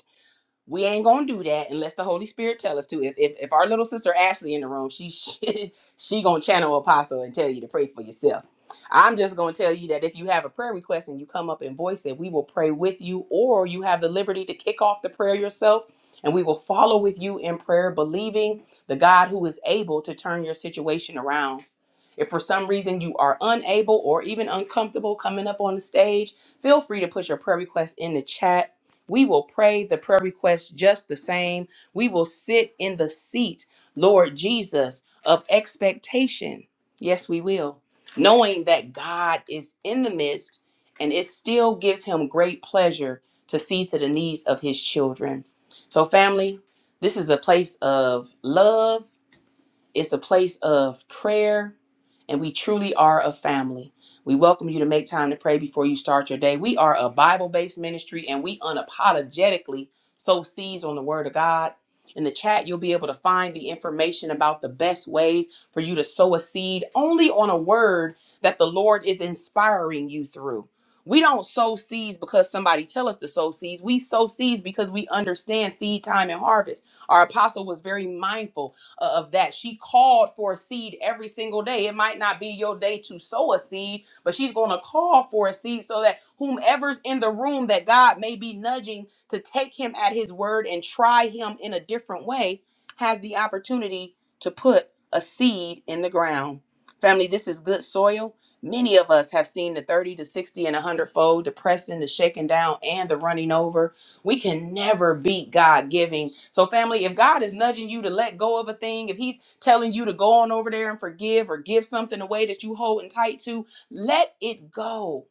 S1: we ain't gonna do that unless the Holy Spirit tell us to. If if, if our little sister Ashley in the room, she, she she gonna channel apostle and tell you to pray for yourself. I'm just gonna tell you that if you have a prayer request and you come up and voice it, we will pray with you, or you have the liberty to kick off the prayer yourself, and we will follow with you in prayer, believing the God who is able to turn your situation around. If for some reason you are unable or even uncomfortable coming up on the stage, feel free to put your prayer request in the chat we will pray the prayer request just the same. We will sit in the seat, Lord Jesus, of expectation. Yes, we will. Knowing that God is in the midst and it still gives him great pleasure to see to the needs of his children. So, family, this is a place of love it's a place of prayer, and we truly are a family. We welcome you to make time to pray before you start your day. We are a Bible based ministry, and we unapologetically sow seeds on the Word of God. In the chat, you'll be able to find the information about the best ways for you to sow a seed only on a word that the Lord is inspiring you through. We don't sow seeds because somebody tell us to sow seeds. We sow seeds because we understand seed time and harvest. Our apostle was very mindful uh, of that. She called for a seed every single day. It might not be your day to sow a seed, but she's going to call for a seed so that whomever's in the room that God may be nudging to take him at his word and try him in a different way has the opportunity to put a seed in the ground. Family, this is good soil. Many of us have seen the 30 to 60 and 100 fold, the pressing, the shaking down, and the running over we can never beat God giving. So, family, if God is nudging you to let go of a thing, if He's telling you to go on over there and forgive or give something away that you holding tight to, let it go.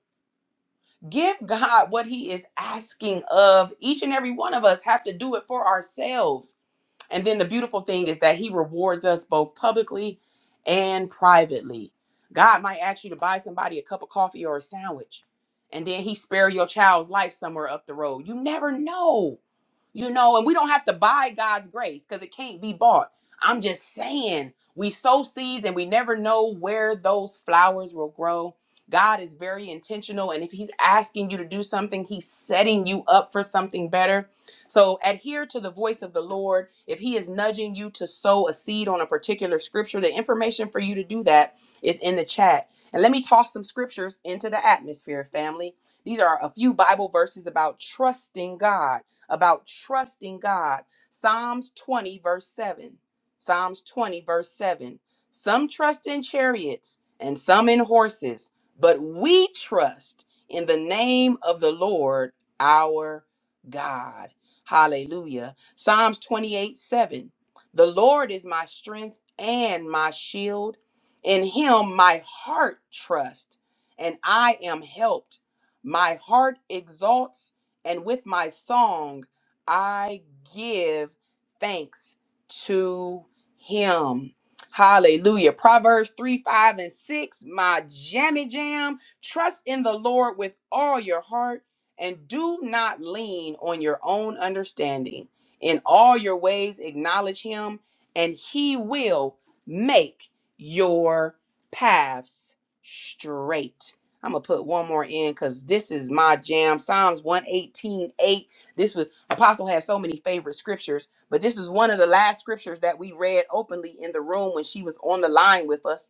S1: Give God what He is asking of. Each and every one of us have to do it for ourselves. And then the beautiful thing is that He rewards us both publicly and privately. God might ask you to buy somebody a cup of coffee or a sandwich, and then He spare your child's life somewhere up the road. You never know you know, and we don't have to buy God's grace because it can't be bought. I'm just saying, we sow seeds and we never know where those flowers will grow. God is very intentional, and if He's asking you to do something, He's setting you up for something better. So adhere to the voice of the Lord. If He is nudging you to sow a seed on a particular scripture, the information for you to do that is in the chat. And let me toss some scriptures into the atmosphere, family. These are a few Bible verses about trusting God about trusting God. Psalms 20, verse 7. Psalms 20, verse 7. Some trust in chariots and some in horses, but we trust in the name of the Lord our God. Hallelujah. Psalms 28, 7. The Lord is my strength and my shield. In him my heart trusts, and I am helped. My heart exalts and with my song, I give thanks to him. Hallelujah. Proverbs 3, 5, and 6, my jammy jam. Trust in the Lord with all your heart and do not lean on your own understanding. In all your ways, acknowledge him, and he will make your paths straight. I'm gonna put one more in because this is my jam. Psalms one eighteen eight. This was Apostle has so many favorite scriptures, but this is one of the last scriptures that we read openly in the room when she was on the line with us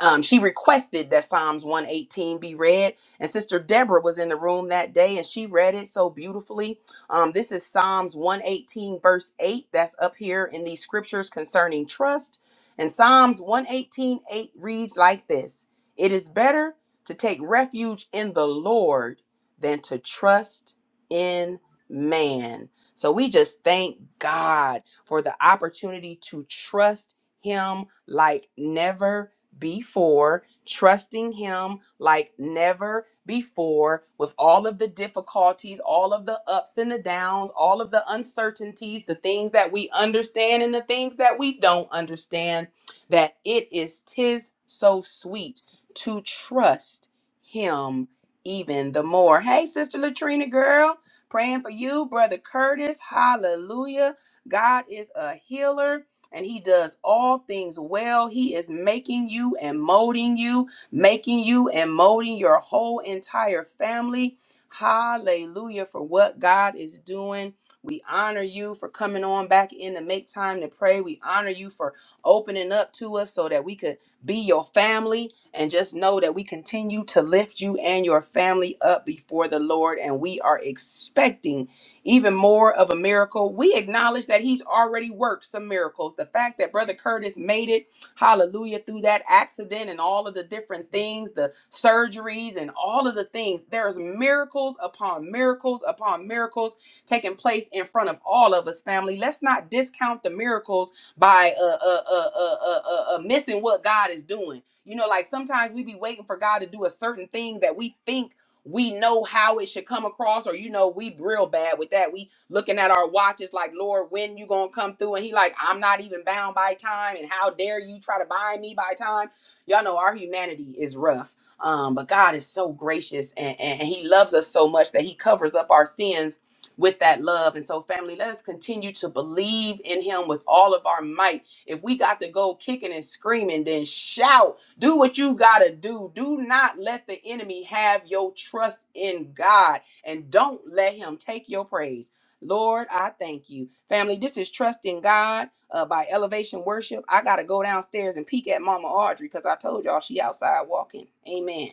S1: um, she requested that Psalms 118 be read, and Sister Deborah was in the room that day and she read it so beautifully. Um, this is Psalms 118, verse 8, that's up here in these scriptures concerning trust. And Psalms 118, 8 reads like this It is better to take refuge in the Lord than to trust in man. So we just thank God for the opportunity to trust him like never before, trusting Him like never before, with all of the difficulties, all of the ups and the downs, all of the uncertainties, the things that we understand and the things that we don't understand, that it is tis so sweet to trust Him even the more. Hey, Sister Latrina, girl, praying for you, Brother Curtis. Hallelujah. God is a healer and he does all things well. He is making you and molding you, making you and molding your whole entire family. Hallelujah for what God is doing. We honor you for coming on back in to make time to pray. We honor you for opening up to us so that we could be your family and just know that we continue to lift you and your family up before the Lord. And we are expecting even more of a miracle. We acknowledge that he's already worked some miracles. The fact that Brother Curtis made it, hallelujah, through that accident and all of the different things, the surgeries and all of the things, there's miracles upon miracles upon miracles taking place in front of all of us, family. Let's not discount the miracles by uh, uh, uh, uh, uh, uh, uh, missing what God is doing. You know, like sometimes we be waiting for God to do a certain thing that we think we know how it should come across or you know we real bad with that we looking at our watches like lord when you gonna come through and he like i'm not even bound by time and how dare you try to bind me by time y'all know our humanity is rough um but god is so gracious and, and and he loves us so much that he covers up our sins with that love and so family let us continue to believe in him with all of our might if we got to go kicking and screaming then shout do what you got to do. Do not let the enemy have your trust in God and don't let him take your praise. Lord, I thank you. Family, this is Trust in God uh, by Elevation Worship. I got to go downstairs and peek at Mama Audrey because I told y'all she outside walking. Amen.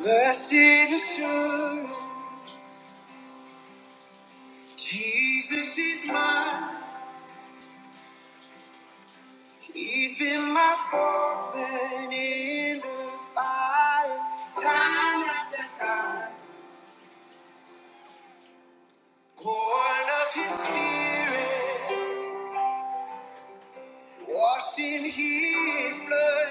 S1: Blessed assurance, Jesus is mine. He's been my fourth in the fire, time after time. Born of his spirit, washed in his blood,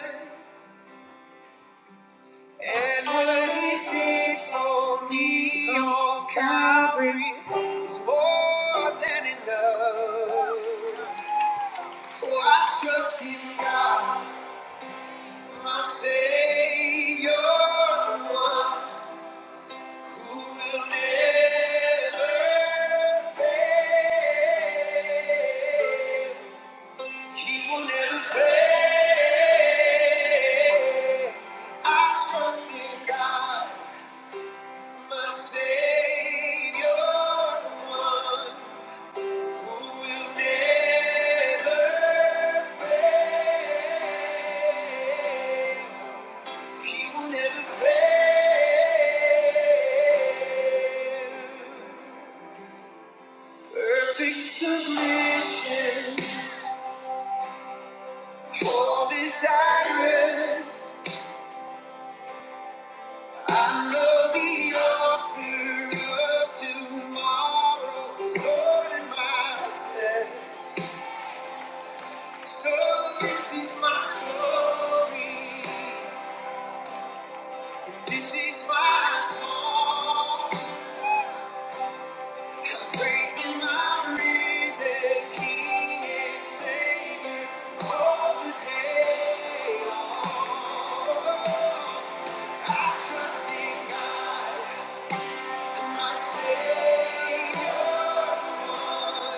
S1: and what he did for me on Calvary is more than enough. Oh, I trust in God, my Savior, the one who will never fail. He will never fail. I trust in God, my Savior, the one who will never fail. He will never fail. Perfect submission, all desirous. I know the author of tomorrow is Lord in my steps. So this is my story. This is my song. I'm praising my risen King and Savior all the day. I trust in God, my Savior, the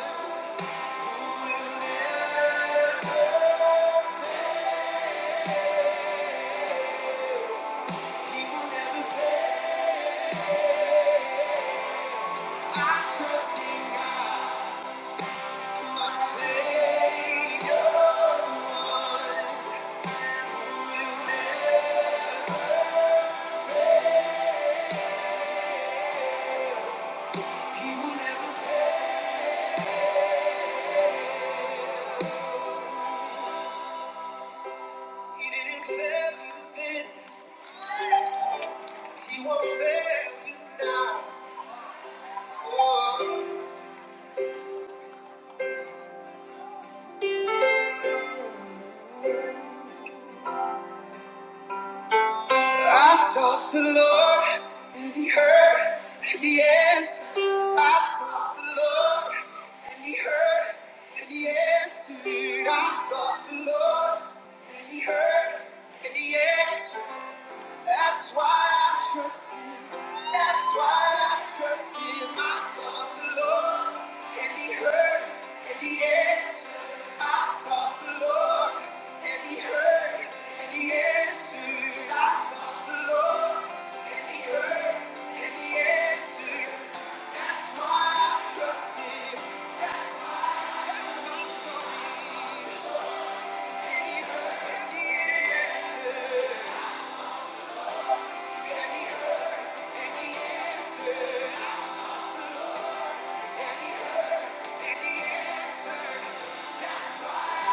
S1: one. Oh. I sought the Lord, and he heard, and he answered. I sought the Lord, and he heard, and he answered. I sought the Lord, and he heard, and he answered. That's why I trust you. That's why I trust in my son, the Lord. And he heard and he answered. I sought the Lord and he heard and he answered. I sought the Lord and he heard and he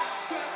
S1: answered.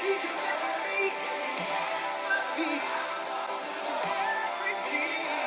S1: Keep you loving me, be everything.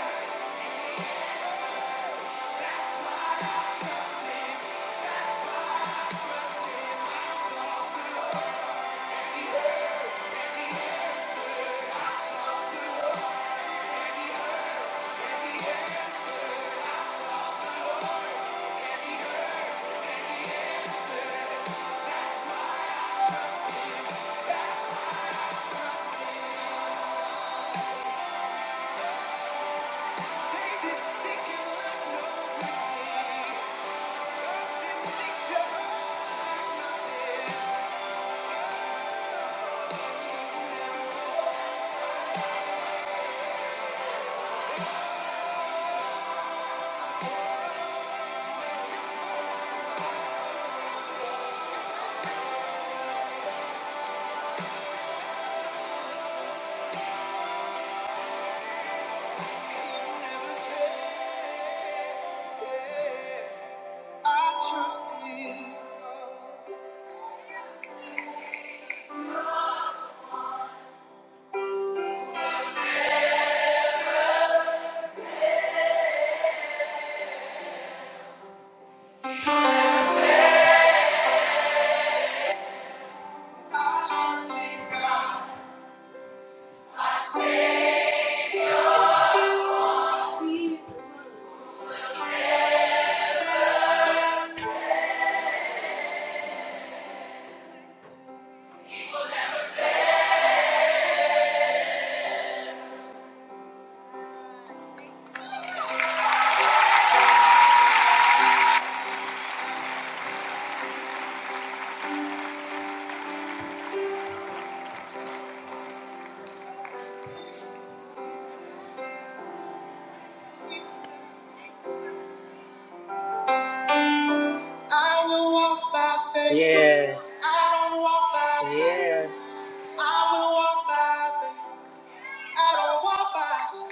S1: Yes. I don't walk by faith. Yeah. I will walk by faith. I don't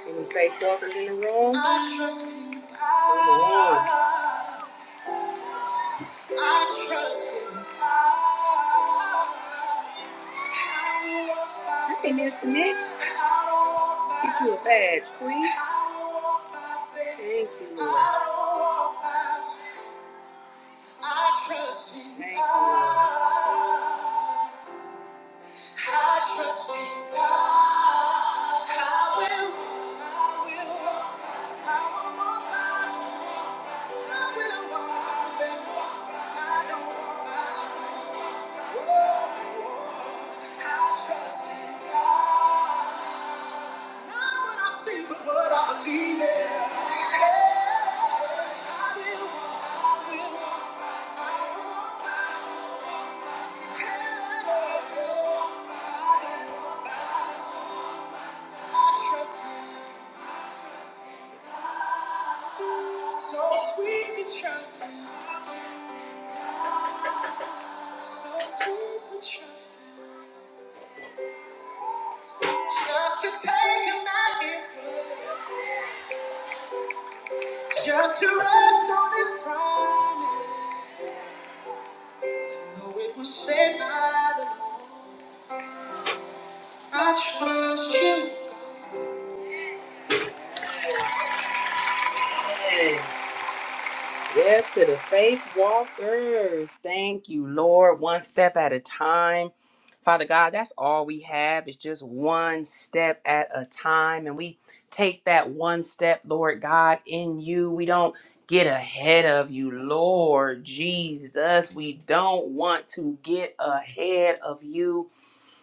S1: Any faith walkers in the room? I trust in God. I trust in God. I do Mr. Mitch. I Get you a badge, please. Thank you, Lord. I trust in Thank you, God. Lord. I trust in God. I will. I will. I will. So sweet to trust. me. So sweet to trust him, just to take him at his word, just to rest on his promise. Though it was said by the Lord, I trust you. Yes, to the faith walkers. Thank you, Lord. One step at a time. Father God, that's all we have is just one step at a time. And we take that one step, Lord God, in you. We don't get ahead of you, Lord Jesus. We don't want to get ahead of you.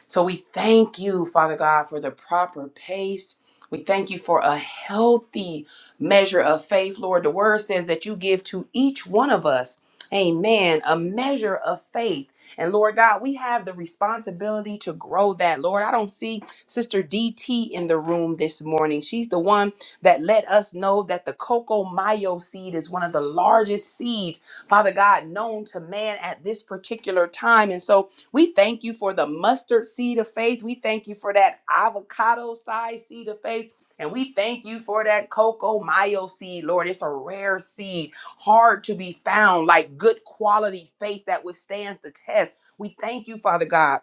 S1: So we thank you, Father God, for the proper pace. We thank you for a healthy measure of faith, Lord. The word says that you give to each one of us, amen, a measure of faith. And Lord God, we have the responsibility to grow that. Lord, I don't see Sister DT in the room this morning. She's the one that let us know that the cocoa mayo seed is one of the largest seeds, Father God, known to man at this particular time. And so we thank you for the mustard seed of faith. We thank you for that avocado sized seed of faith. And we thank you for that cocoa mayo seed, Lord. It's a rare seed, hard to be found, like good quality faith that withstands the test. We thank you, Father God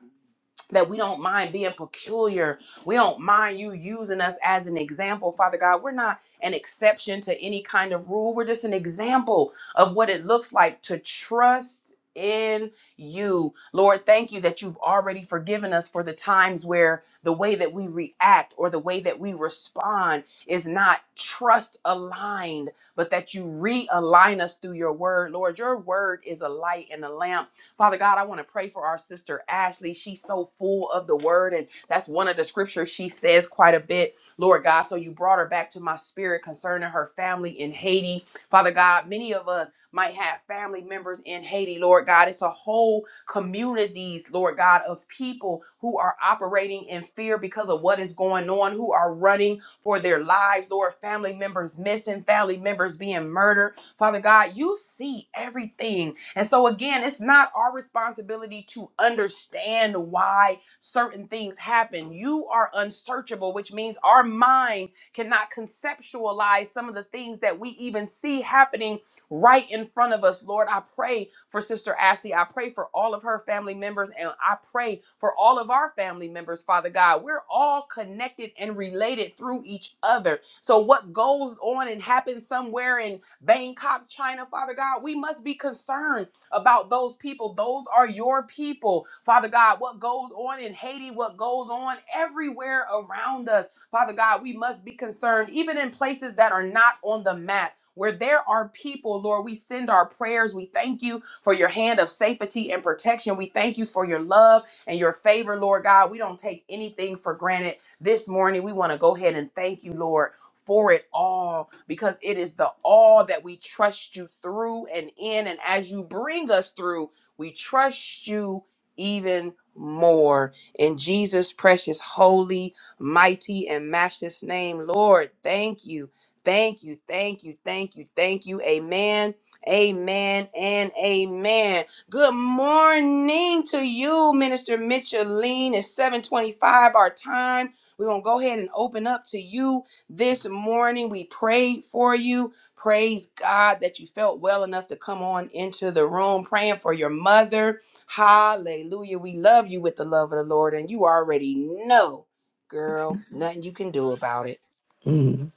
S1: that we don't mind being peculiar. We don't mind you using us as an example, Father God. We're not an exception to any kind of rule. We're just an example of what it looks like to trust in you. Lord, thank you that you've already forgiven us for the times where the way that we react or the way that we respond is not trust aligned, but that you realign us through your word. Lord, your word is a light and a lamp Father God, I want to pray for our sister Ashley. She's so full of the word, and that's one of the scriptures she says quite a bit, Lord God. So you brought her back to my spirit concerning her family in Haiti. Father God, many of us might have family members in Haiti, Lord God. It's a whole communities, Lord God, of people who are operating in fear because of what is going on, who are running for their lives, Lord, family members missing, family members being murdered. Father God, you see everything and so, again, it's not our responsibility to understand why certain things happen. You are unsearchable, which means our mind cannot conceptualize some of the things that we even see happening right in front of us. Lord, I pray for Sister Ashley. I pray for all of her family members, and I pray for all of our family members, Father God. We're all connected and related through each other. So, what goes on and happens somewhere in Bangkok, China, Father God. We must be concerned about those people. Those are your people, Father God. What goes on in Haiti, what goes on everywhere around us, Father God, we must be concerned, even in places that are not on the map. Where there are people, Lord, we send our prayers. We thank you for your hand of safety and protection. We thank you for your love and your favor, Lord God. We don't take anything for granted this morning. We want to go ahead and thank you, Lord for it all because it is the all that we trust you through and in. And as you bring us through, we trust you even more. In Jesus' precious, holy, mighty, and matchless name, Lord, thank you. Thank you. Thank you. Thank you. Thank you. Amen. Amen and amen. Good morning to you, Minister Micheline. It's 725 our time. We're going to go ahead and open up to you this morning. We prayed for you. Praise God that you felt well enough to come on into the room praying for your mother. Hallelujah. We love you with the love of the Lord, and you already know, girl, nothing you can do about it.
S4: Mm.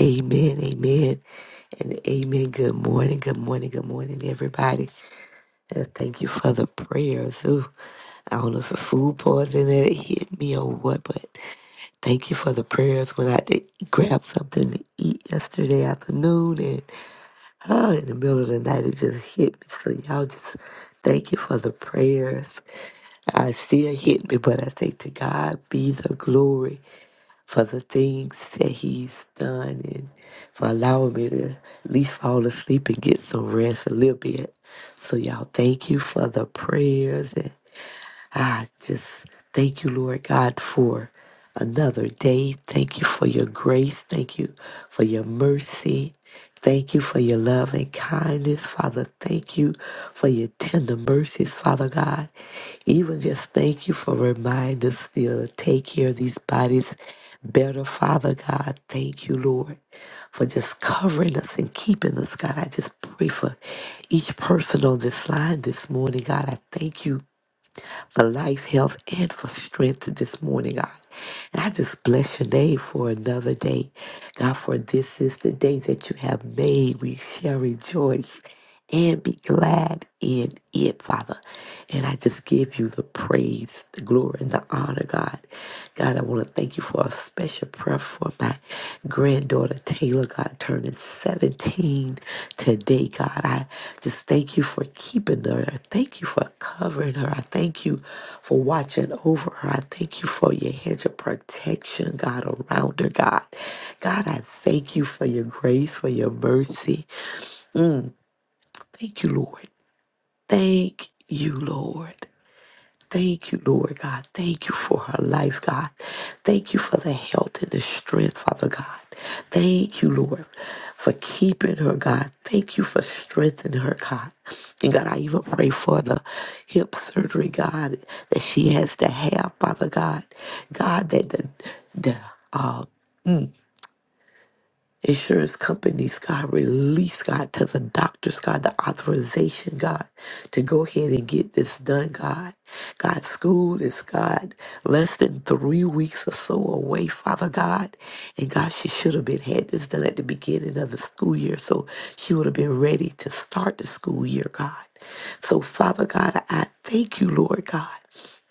S4: Amen, amen, and amen. Good morning, good morning, good morning, everybody. And thank you for the prayers. Ooh, I don't know if the food poisoning that it hit me or what, but thank you for the prayers when I did grab something to eat yesterday afternoon and oh, in the middle of the night it just hit me. So y'all just thank you for the prayers. I still hit me, but I say to God be the glory. for the things that he's done and for allowing me to at least fall asleep and get some rest a little bit. So y'all thank you for the prayers I just thank you, Lord God, for another day. Thank you for your grace. Thank you for your mercy. Thank you for your love and kindness, Father. Thank you for your tender mercies, Father God. Even just thank you for reminding us still to take care of these bodies better, Father God. Thank you, Lord, for just covering us and keeping us, God. I just pray for each person on this line this morning, God. I thank you for life, health, and for strength this morning, God. And I just bless your name for another day. God, for this is the day that you have made. We shall rejoice and be glad in it, Father. And I just give you the praise, the glory, and the honor, God. God, I want to thank you for a special prayer for my granddaughter Taylor, God, turning 17 today, God. I just thank you for keeping her. I thank you for covering her. I thank you for watching over her. I thank you for your hedge of protection, God, around her, God. God, I thank you for your grace, for your mercy. Thank you, Lord. Thank you, Lord. Thank you, Lord God. Thank you for her life, God. Thank you for the health and the strength, Father God. Thank you, Lord, for keeping her, God. Thank you for strengthening her, God. And God, I even pray for the hip surgery, God, that she has to have, Father God. God, that the, the uh, insurance companies, God, release, God, to the doctors, God, the authorization, God, to go ahead and get this done, God. God, school is, God, less than three weeks or so away, Father God. And God, she should have been had this done at the beginning of the school year, so she would have been ready to start the school year, God. So, Father God, I thank you, Lord God.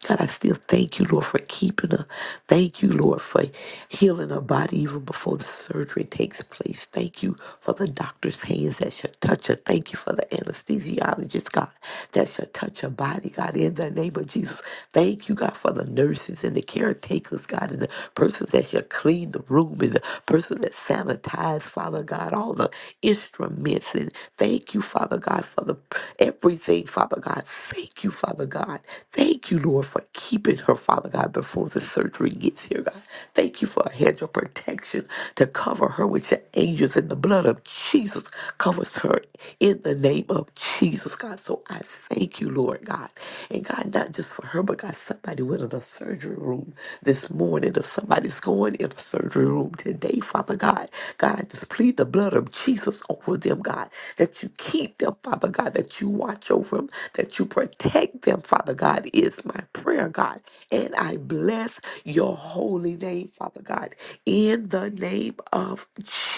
S4: God, I still thank you, Lord, for keeping her. Thank you, Lord, for healing her body even before the surgery takes place. Thank you for the doctor's hands that shall touch her. Thank you for the anesthesiologist, God, that shall touch her body, God, in the name of Jesus. Thank you, God, for the nurses and the caretakers, God, and the persons that shall clean the room and the person that sanitize, Father God, all the instruments. And thank you, Father God, for the everything, Father God. Thank you, Father God. God. Thank you, Lord, for keeping her, Father God, before the surgery gets here, God. Thank you for a hedge of protection to cover her with your angels and the blood of Jesus covers her in the name of Jesus, God. So I thank you, Lord God. And God, not just for her, but God, somebody went in a surgery room this morning or somebody's going in a surgery room today, Father God. God, I just plead the blood of Jesus over them, God, that you keep them, Father God, that you watch over them, that you protect Protect them, Father God, is my prayer, God. And I bless your holy name, Father God, in the name of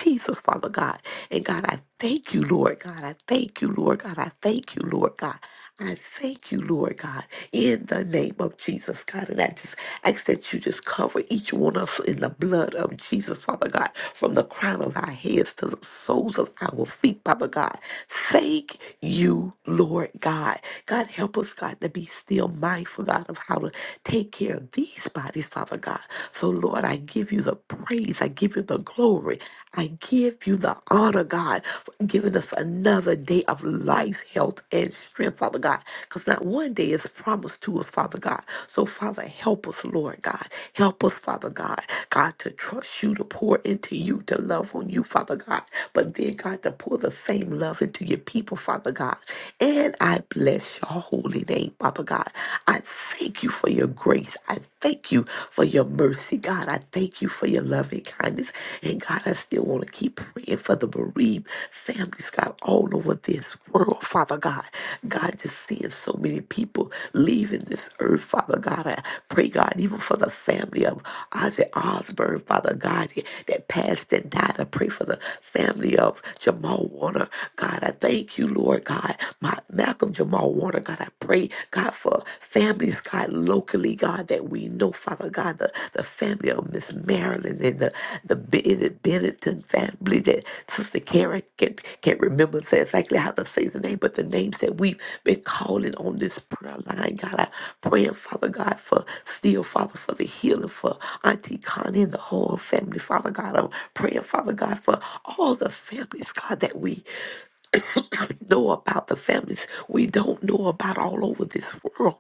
S4: Jesus, Father God. And God, I thank you, Lord God. I thank you, Lord God. I thank you, Lord God. I thank you, Lord God, in the name of Jesus, God. And I just ask that you just cover each one of us in the blood of Jesus, Father God, from the crown of our heads to the soles of our feet, Father God. Thank you, Lord God. God. God, help us, God, to be still mindful, God, of how to take care of these bodies, Father God. So, Lord, I give you the praise. I give you the glory. I give you the honor, God, for giving us another day of life, health, and strength, Father God. Because not one day is promised to us, Father God. So, Father, help us, Lord God. Help us, Father God, God, to trust you, to pour into you, to love on you, Father God. But then, God, to pour the same love into your people, Father God. God. And I bless your holy name, Father God. I thank you for your grace. I thank you for your mercy, God. I thank you for your loving kindness. And God, I still want to keep praying for the bereaved families, God, all over this world, Father God. God, just seeing so many people leaving this earth, Father God. I pray, God, even for the family of Ozzy Osbourne, Father God, that passed and died. I pray for the family of Jamal Warner, God. I thank Thank you, Lord God. My Malcolm Jamal Warner, God, I pray, God, for families, God, locally, God, that we know, Father God, the, the family of Miss Marilyn and the, the Bennett, Bennetton family that Sister Karen can't, can't remember exactly how to say the name, but the names that we've been calling on this prayer line, God, I pray, Father God, for still, Father, for the healing for Auntie Connie and the whole family, Father God. I'm praying, Father God, for all the families, God, that we know about the families we don't know about all over this world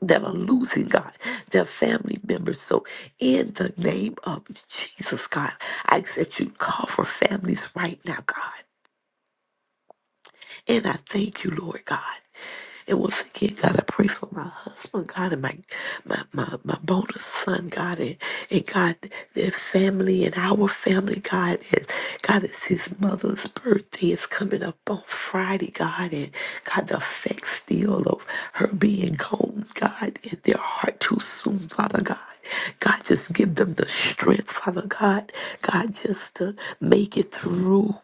S4: that are losing God, their family members. So, in the name of Jesus, God, I ask that you cover families right now, God. And I thank you, Lord God. And once again, God, I pray for my husband, God, and my my my, my bonus son, God, and, and God, their family and our family, God, and God, it's his mother's birthday is coming up on Friday, God, and God, the effect still of her being gone, God, in their heart too soon, Father God. God, just give them the strength, Father God. God, just to make it through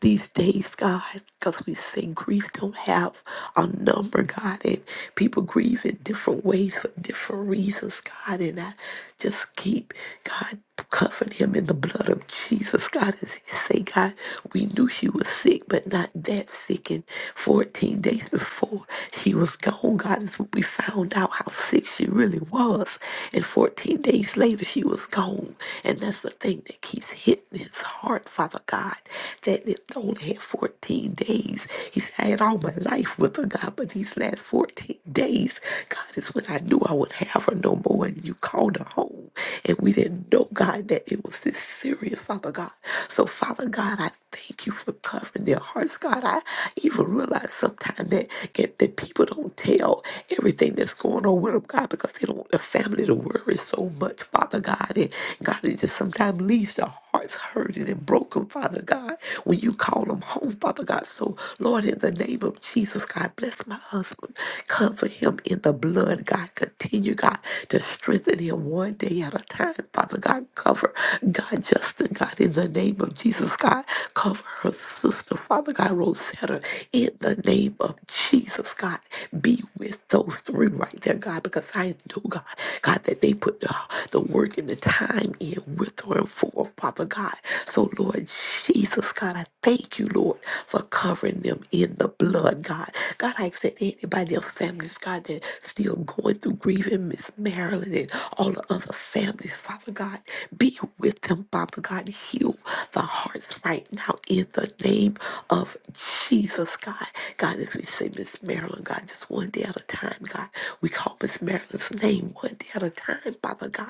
S4: these days, God, because we say grief don't have a number, God, and people grieve in different ways for different reasons, God, and I just keep, God, covering him in the blood of Jesus, God, as he say, God, we knew she was sick, but not that sick, and 14 days before she was gone, God, is when we found out how sick she really was, and 14 days later she was gone, and that's the thing that keeps hitting his heart, Father God, that it only had 14 days. He said, I had all my life with her, God, but these last 14 days, God, is when I knew I would have her no more. And you called her home. And we didn't know, God, that it was this serious, Father God. So, Father God, I Thank you for covering their hearts, God. I even realize sometimes that, that that people don't tell everything that's going on with them, God, because they don't want the family to worry so much, Father God. And God, it just sometimes leaves their hearts hurting and broken, Father God, when you call them home, Father God. So, Lord, in the name of Jesus, God, bless my husband. Cover him in the blood, God. Continue, God, to strengthen him one day at a time, Father God. Cover God, Justin, God, in the name of Jesus, God. Cover her sister, Father God, Rosetta, in the name of Jesus, God. Be with those three right there, God, because I know, God, God, that they put the, the work and the time in with her and for, her, Father God. So, Lord Jesus, God, I thank you, Lord, for covering them in the blood, God. God, I accept anybody else, families, God, that still going through grieving, Miss Marilyn and all the other families, Father God. Be with them, Father God. Heal the hearts right now now in the name of Jesus, God. God, as we say, Miss Marilyn, God, just one day at a time, God. We call Miss Marilyn's name one day at a time, Father God.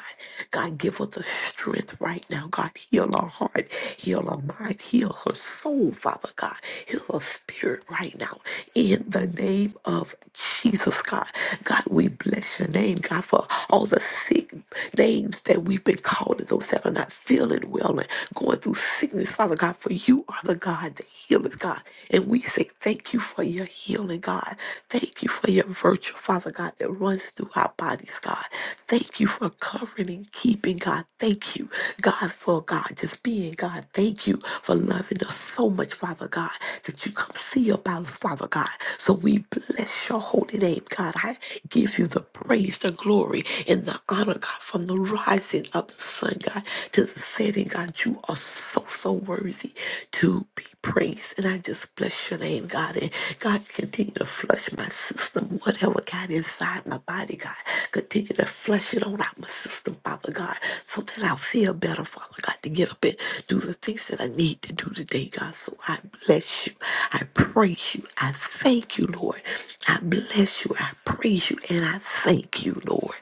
S4: God, give her the strength right now, God. Heal her heart, heal her mind, heal her soul, Father God. Heal her spirit right now, in the name of Jesus, God. God, we bless your name, God, for all the sick names that we've been calling, those that are not feeling well and going through sickness, Father God, for you for you are the God that healeth, God. And we say thank you for your healing, God. Thank you for your virtue, Father God, that runs through our bodies, God. Thank you for covering and keeping, God. Thank you, God, for God, just being God. Thank you for loving us so much, Father God, that you come see about us, Father God. So we bless your holy name, God. I give you the praise, the glory, and the honor, God, from the rising of the sun, God, to the setting, God. You are so, so worthy to be praised. And I just bless your name, God. And God, continue to flush my system, whatever got inside my body, God. Continue to flush it on out my system, Father God, so that I feel better, Father God, to get up and do the things that I need to do today, God. So I bless you. I praise you. I thank you, Lord. I bless you. I praise you. And I thank you, Lord.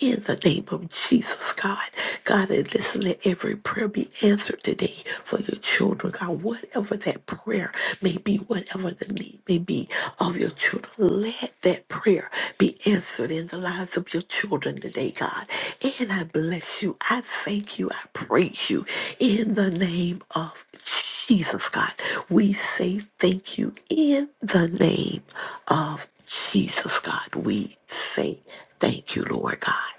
S4: In the name of Jesus, God. God, and listen, let every prayer be answered today for your children children, God, whatever that prayer may be, whatever the need may be of your children, let that prayer be answered in the lives of your children today, God. And I bless you. I thank you. I praise you in the name of Jesus. Jesus, God. We say thank you in the name of Jesus, God. We say thank you, Lord God.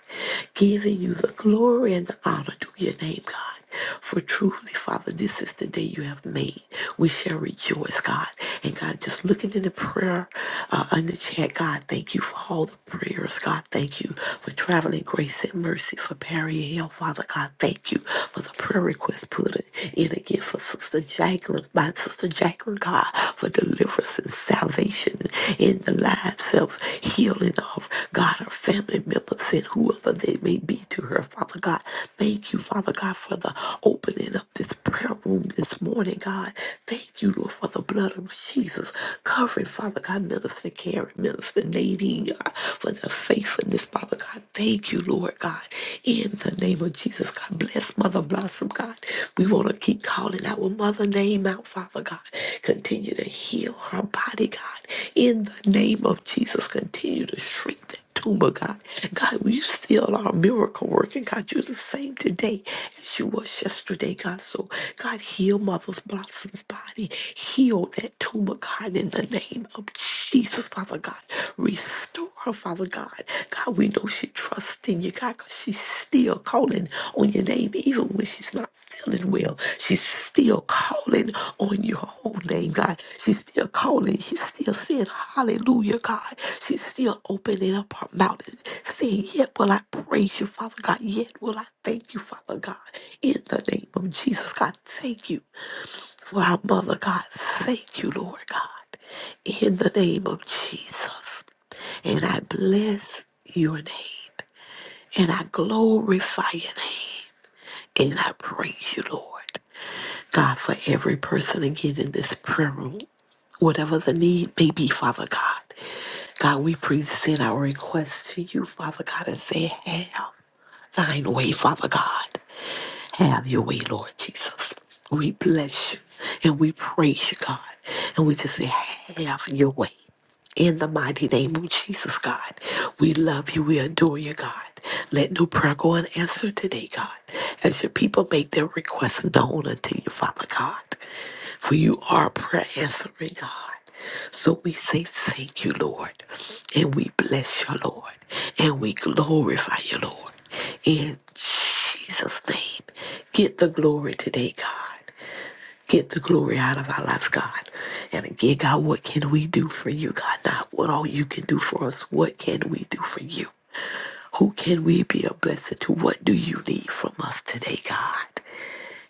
S4: Giving you the glory and the honor to your name, God. For truly, Father, this is the day you have made. We shall rejoice, God. And God, just looking in the prayer uh, in the chat, God, thank you for all the prayers. God, thank you for traveling grace and mercy for Perry Hill, Father Father God, thank you for the prayer request put in again for Sister Jacqueline, my Sister Jacqueline, God, for deliverance and salvation in the lives of healing of God, her family members, and whoever they may be to her, Father God. Thank you, Father God, for the opening up this prayer room this morning, God. Thank you, Lord, for the blood of Jesus covering, Father God, Minister Karen, Minister Nadine, God, for the faithfulness, Father God. Thank you, Lord God. In the name of Jesus, God bless Mother Blossom, God. We want to keep calling our mother name out, Father God. Continue to heal her body, God. In the name of Jesus, continue to shrink that tumor, God. God, you still are a miracle working, God. You're the same today as you was yesterday, God. So, God, heal Mother's Blossom's body. Heal that tumor, God, in the name name of Jesus, Father God. Restore her, Father God. God, we know she trusts in you, God, because she's still calling on your name, even when she's not feeling well. She's still calling on your whole name, God. She's still calling. She's still saying, Hallelujah, God. She's still opening up her mouth and saying, Yet will I praise you, Father God. Yet will I thank you, Father God. In the name of Jesus, God, thank you for our mother, God. Thank you, Lord God, in the name of Jesus. And I bless your name, and I glorify your name, and I praise you, Lord God, for every person again in this prayer room. Whatever the need may be, Father God, God, we present our request to you, Father God, and say, Have thine way, Father God. Have your way, Lord Jesus. We bless you and we praise you, God. And we just say, have your way. In the mighty name of Jesus, God, we love you. We adore you, God. Let no prayer go unanswered today, God, as your people make their requests known unto you, Father God. For you are a prayer answering God. So we say thank you, Lord, and we bless you, Lord, and we glorify you, Lord. In Jesus' name, get the glory today, God. Get the glory out of our lives, God. And again, God, what can we do for you, God? Not what all you can do for us. What can we do for you? Who can we be a blessing to? What do you need from us today, God?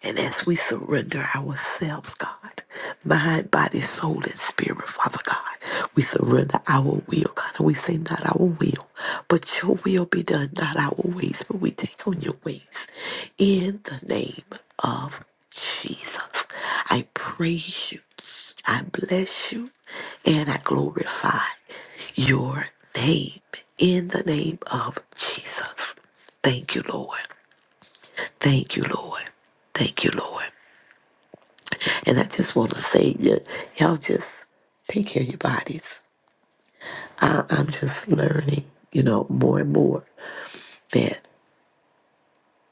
S4: And as we surrender ourselves, God, mind, body, soul, and spirit, Father God, we surrender our will, God, and we say, not our will, but your will be done, not our ways, but we take on your ways. In the name of Jesus, I praise you, I bless you, and I glorify your name. In the name of Jesus. Thank you, Lord. Thank you, Lord. Thank you, Lord. And I just want to say, y- y'all just take care of your bodies. I, I'm just learning, you know, more and more that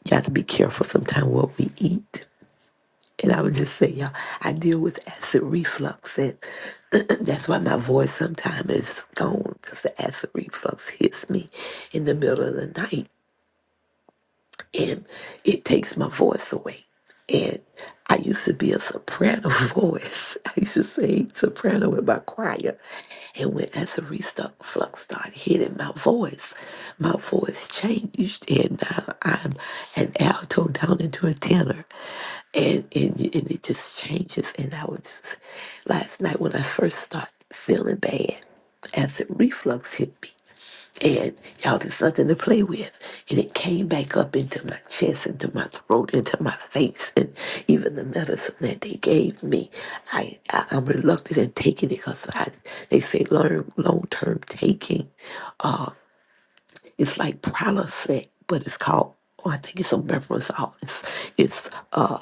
S4: you have to be careful sometimes what we eat. And I would just say, y'all, I deal with acid reflux, and that's why my voice sometimes is gone because the acid reflux hits me in the middle of the night and it takes my voice away. And I used to be a soprano voice. I used to sing soprano with my choir. And when Essery stuck flux started hitting my voice, my voice changed. And now I'm an alto down into a tenor. And, and, and it just changes. And I was, last night when I first started feeling bad, acid reflux hit me. And y'all, there's nothing to play with. And it came back up into my chest, into my throat, into my face. And even the medicine that they gave me, I, I, I'm reluctant in taking it because I, they say long, long-term taking it's like Prilosec, but it's called, oh, I think it's omeprazole. It's, it's uh,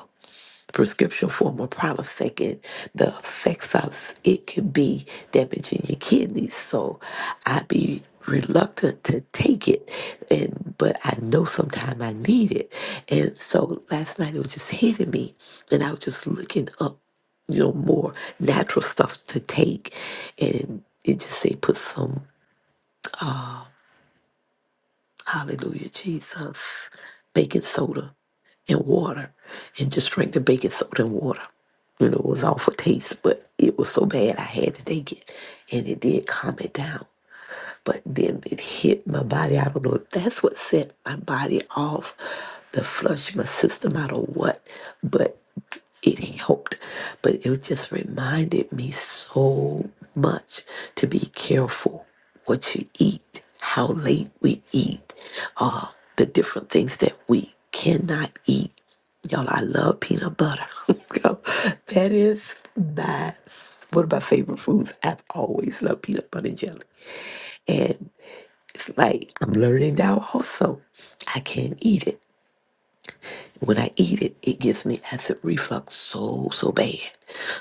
S4: the prescription form of prolisectin, the effects of it can be damaging your kidneys. So I be reluctant to take it and but I know sometime I need it. And so last night it was just hitting me and I was just looking up you know, more natural stuff to take. And it just say put some Hallelujah, Jesus. Baking soda and water, and just drank the baking soda and water. You know, it was all for taste, but it was so bad I had to take it, and it did calm it down. But then it hit my body. I don't know if that's what set my body off, the flush my system out or what, but it helped. But it just reminded me so much to be careful what you eat, how late we eat, uh, the different things that we cannot eat. Y'all, I love peanut butter. So that is my one of my favorite foods. I've always loved peanut butter and jelly. It's like I'm learning now also. I can't eat it. When I eat it, it gives me acid reflux so, so bad.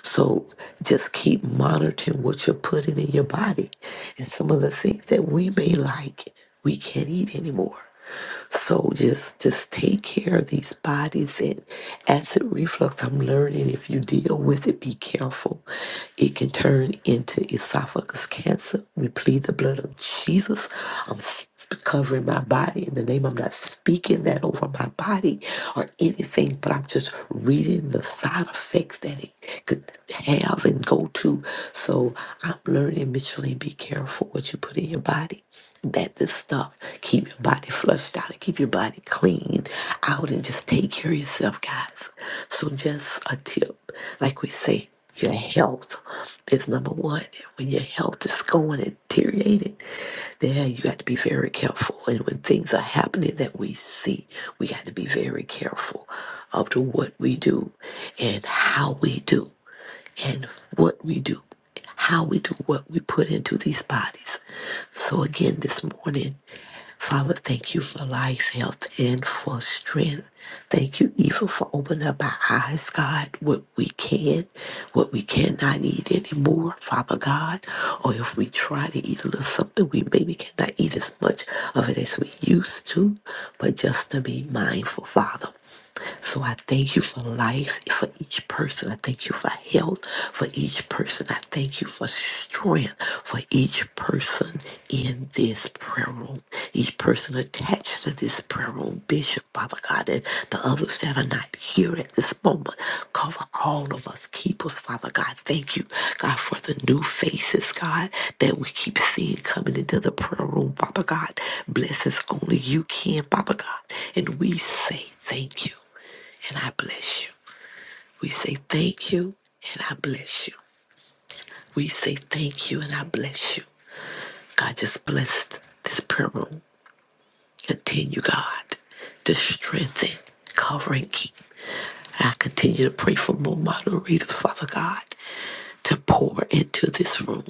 S4: So just keep monitoring what you're putting in your body. And some of the things that we may like, we can't eat anymore. So just just take care of these bodies and acid reflux. I'm learning if you deal with it, be careful. It can turn into esophagus cancer. We plead the blood of Jesus. I'm covering my body in the name. I'm not speaking that over my body or anything, but I'm just reading the side effects that it could have and go to. So I'm learning, Micheline, be careful what you put in your body. That this stuff keep your body flushed out and keep your body clean out and just take care of yourself, guys. So just a tip, like we say. Your health is number one. And when your health is going and deteriorating, then you got to be very careful. And when things are happening that we see, we got to be very careful of to what we do and how we do and what we do, how we do what we put into these bodies. So, again, this morning, Father, thank you for life, health, and for strength. Thank you even for opening up our eyes, God, what we can, what we cannot eat anymore, Father God. Or if we try to eat a little something, we maybe cannot eat as much of it as we used to, but just to be mindful, Father. So I thank you for life, for each person. I thank you for health, for each person. I thank you for strength, for each person in this prayer room, each person attached to this prayer room, Bishop, Father God, and the others that are not here at this moment. Cover all of us. Keep us, Father God. Thank you, God, for the new faces, God, that we keep seeing coming into the prayer room, Father God. Bless us only you can, Father God. And we say Thank you and I bless you. We say thank you and I bless you. We say thank you and I bless you. God just blessed this prayer room. Continue, God, to strengthen, cover, and keep. I continue to pray for more moderators, Father God, to pour into this room.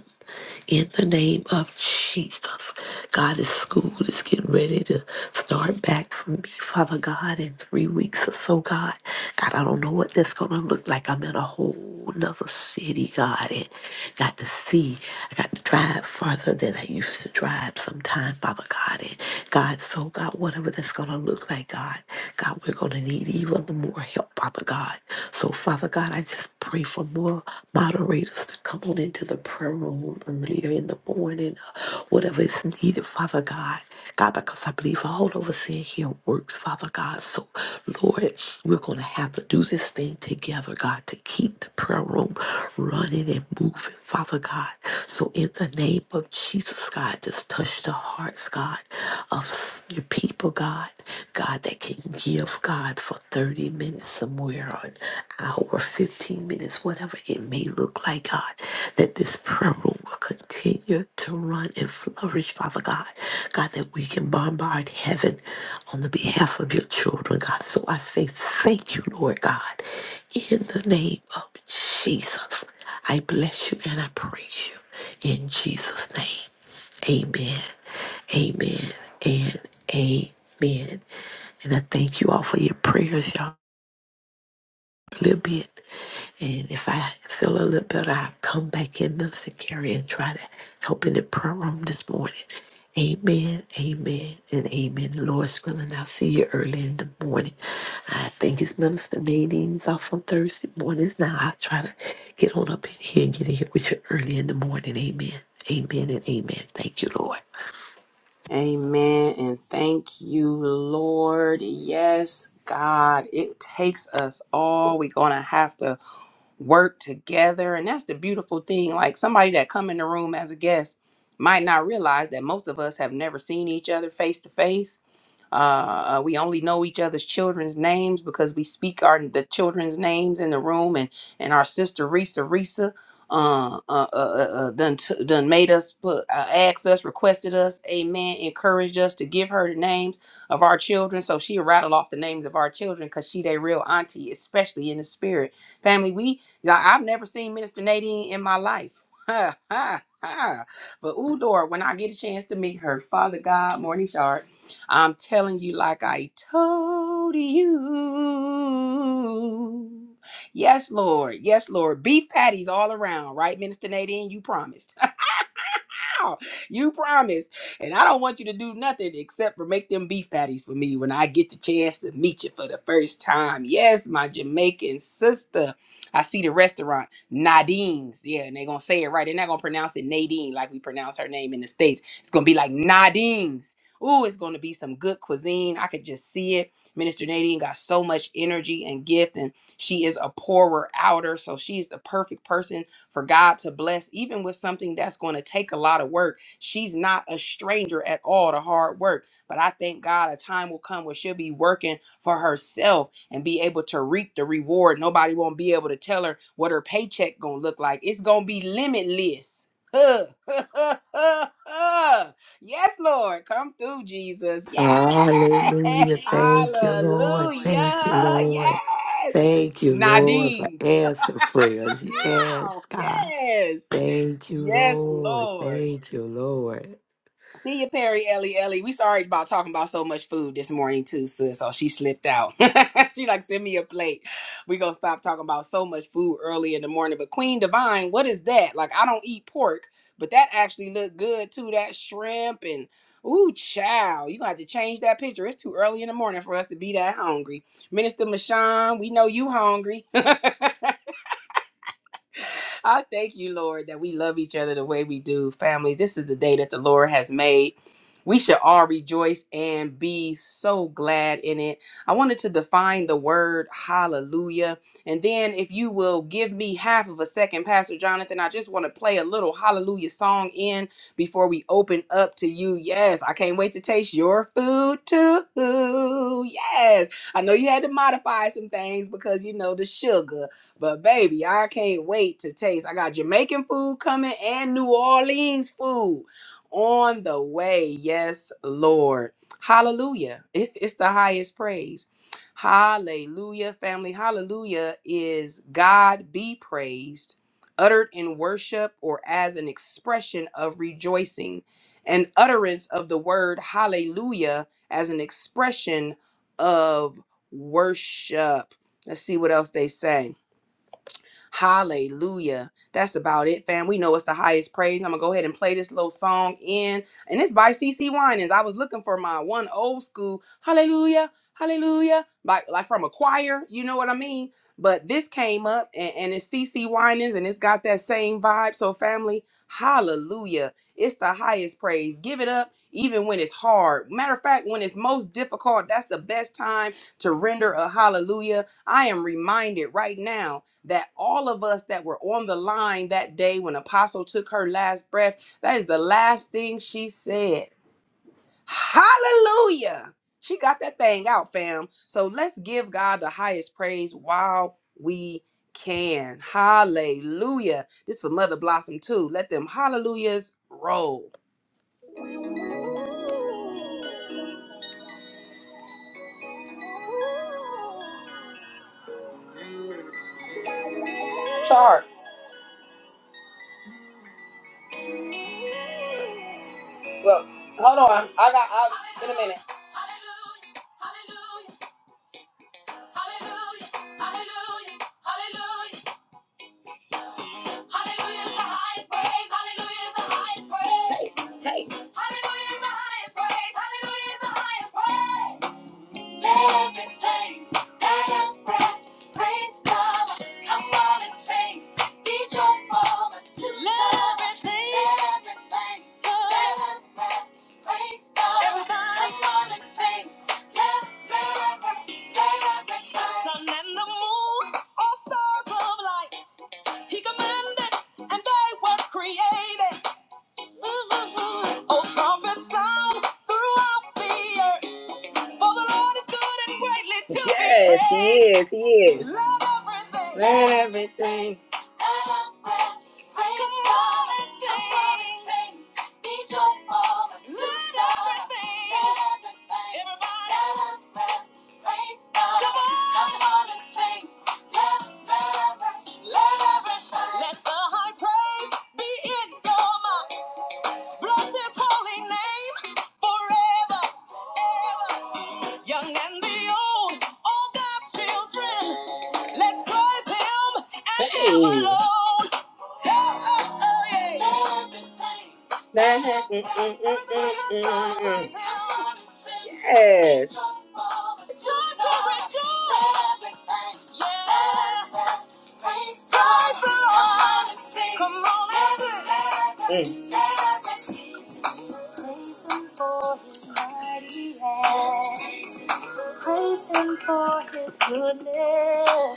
S4: in the name of Jesus. God, this school is getting ready to start back for me, Father God, in three weeks or so, God. God, I don't know what that's going to look like. I'm in a whole nother city, God, and got to see. I got to drive farther than I used to drive sometime, Father God. And God, so God, whatever that's going to look like, God, God, we're going to need even more help, Father God. So, Father God, Father God, I just pray for more moderators to come on into the prayer room earlier in the morning, whatever is needed, Father God. God, because I believe all of us in here works, Father God. So, Lord, we're going to have to do this thing together, God, to keep the prayer room running and moving, Father God. So, in the name of Jesus, God, just touch the hearts, God, of your people, God. God, that can give God for 30 minutes somewhere, or an hour, 15 minutes, whatever it may look like, God, that this prayer room will continue to run and flourish, Father God. God, that we can bombard heaven on the behalf of your children, God. So I say thank you, Lord God, in the name of Jesus. I bless you and I praise you in Jesus' name. Amen. Amen. And amen. And I thank you all for your prayers, y'all. A little bit. And if I feel a little better, I'll come back in Minister Carrie and try to help in the prayer room this morning. Amen, amen, and amen. The Lord's willing, I'll see you early in the morning. I think it's Minister Nadine's off on Thursday mornings now. I'll try to get on up in here and get in here with you early in the morning. Amen, amen, and amen. Thank you, Lord.
S1: Amen. And thank you, Lord. Yes, God, it takes us all. We're going to have to work together and that's the beautiful thing like somebody that come in the room as a guest might not realize that most of us have never seen each other face to face uh, uh, we only know each other's children's names because we speak our the children's names in the room, and and our sister Risa Risa uh, uh, uh, uh, uh, done t- done made us put uh, asked us, requested us, amen, encouraged us to give her the names of our children. So she rattled off the names of our children because she they real auntie, especially in the spirit family. We I- I've never seen Minister Nadine in my life. Ha ha ha. But Udor, when I get a chance to meet her, Father God, Morning Shard. I'm telling you, like I told you. Yes, Lord. Yes, Lord. Beef patties all around, right, Minister Nadine? You promised wow, you promised. And I don't want you to do nothing except for make them beef patties for me when I get the chance to meet you for the first time. Yes, my Jamaican sister. I see the restaurant, Nadine's. Yeah, and they're going to say it right. They're not going to pronounce it Nadine like we pronounce her name in the States. It's going to be like Nadine's. Ooh, it's going to be some good cuisine. I could just see it. Minister Nadine got so much energy and gift, and she is a poorer outer, so she's the perfect person for God to bless, even with something that's going to take a lot of work. She's not a stranger at all to hard work. But I thank God a time will come where she'll be working for herself and be able to reap the reward. Nobody won't be able to tell her what her paycheck gonna look like. It's gonna be limitless. Huh. yes, Lord, come through, Jesus. Yes,
S4: Hallelujah. Thank you, Lord.
S1: hallelujah.
S4: Thank you, Lord.
S1: Yes,
S4: Thank you, Lord, for
S1: Nadine's.
S4: answer prayers.
S1: Wow.
S4: Yes, God.
S1: Yes.
S4: Thank you,
S1: Yes,
S4: Lord.
S1: Lord.
S4: Thank you, Lord.
S1: See you, Perry Ellie Ellie. We sorry about talking about so much food this morning too, sis. So she slipped out. she like send me a plate. We gonna stop talking about so much food early in the morning. But Queen Divine, what is that? Like I don't eat pork, but that actually looked good too. That shrimp and ooh, child, you gonna have to change that picture. It's too early in the morning for us to be that hungry. Minister Mashawn, we know you hungry. I thank you, Lord, that we love each other the way we do. Family, this is the day that the Lord has made. We should all rejoice and be so glad in it. I wanted to define the word hallelujah. And then, if you will give me half of a second, Pastor Jonathan, I just want to play a little hallelujah song in before we open up to you. Yes, I can't wait to taste your food too. Yes, I know you had to modify some things because, you know, the sugar. But baby, I can't wait to taste. I got Jamaican food coming and New Orleans food on the way. Yes, Lord. Hallelujah. It- it's the highest praise. Hallelujah, family. Hallelujah is God be praised, uttered in worship or as an expression of rejoicing. An utterance of the word hallelujah as an expression of worship. Let's see what else they say. Hallelujah. That's about it, fam. We know it's the highest praise. I'm gonna go ahead and play this little song in. And it's by CC Winans. I was looking for my one old school hallelujah, hallelujah, like like from a choir, you know what I mean? But this came up and, and it's CC Winans and it's got that same vibe. So family, hallelujah. It's the highest praise. Give it up even when it's hard. Matter of fact, when it's most difficult, that's the best time to render a hallelujah. I am reminded right now that all of us that were on the line that day when Apostle took her last breath, that is the last thing she said. Hallelujah. She got that thing out, fam. So let's give God the highest praise while we can. Hallelujah. This for Mother Blossom too. Let them hallelujahs roll. Hallelujah. Hallelujah. Hallelujah. Hallelujah is the highest praise. Hallelujah is the highest praise. Hallelujah is the highest praise. Hallelujah is the highest praise. Everything that has breath, praise God. Come on and sing. Beat your mama to love. Everything. Everything that has breath, praise God. Everybody. Come on and sing. Let, let, every- let everything. Something to Yes, he is. He is. Let everything. Hey. Mm-mm-mm-mm-mm-mm-mm. Yes. Mm. Praise him for his goodness.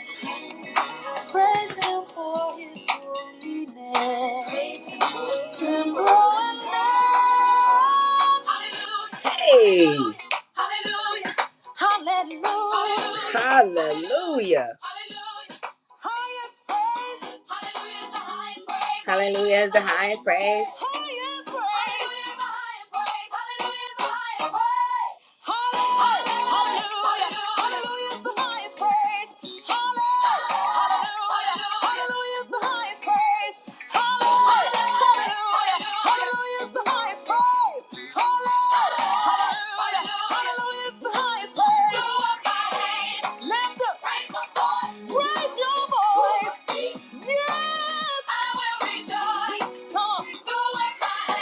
S1: Praise him for his holiness. Praise him for his temperament. Hey! Hallelujah! Hallelujah! Hallelujah! Hallelujah!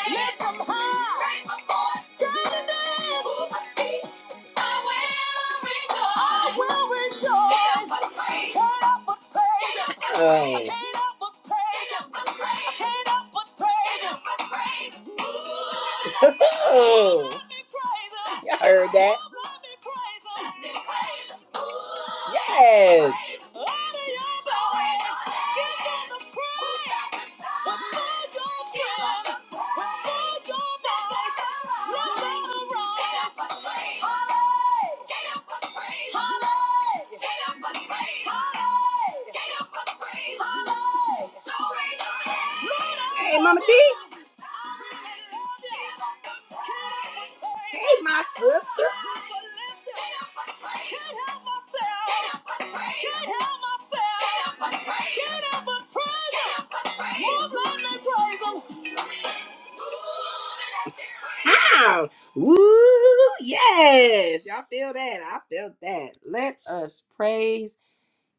S1: Yes! Oh. Y'all heard that? Yes. Hey, Mama T. Hey, my sister. How? Woo! Yes, y'all feel that? I feel that. Let us praise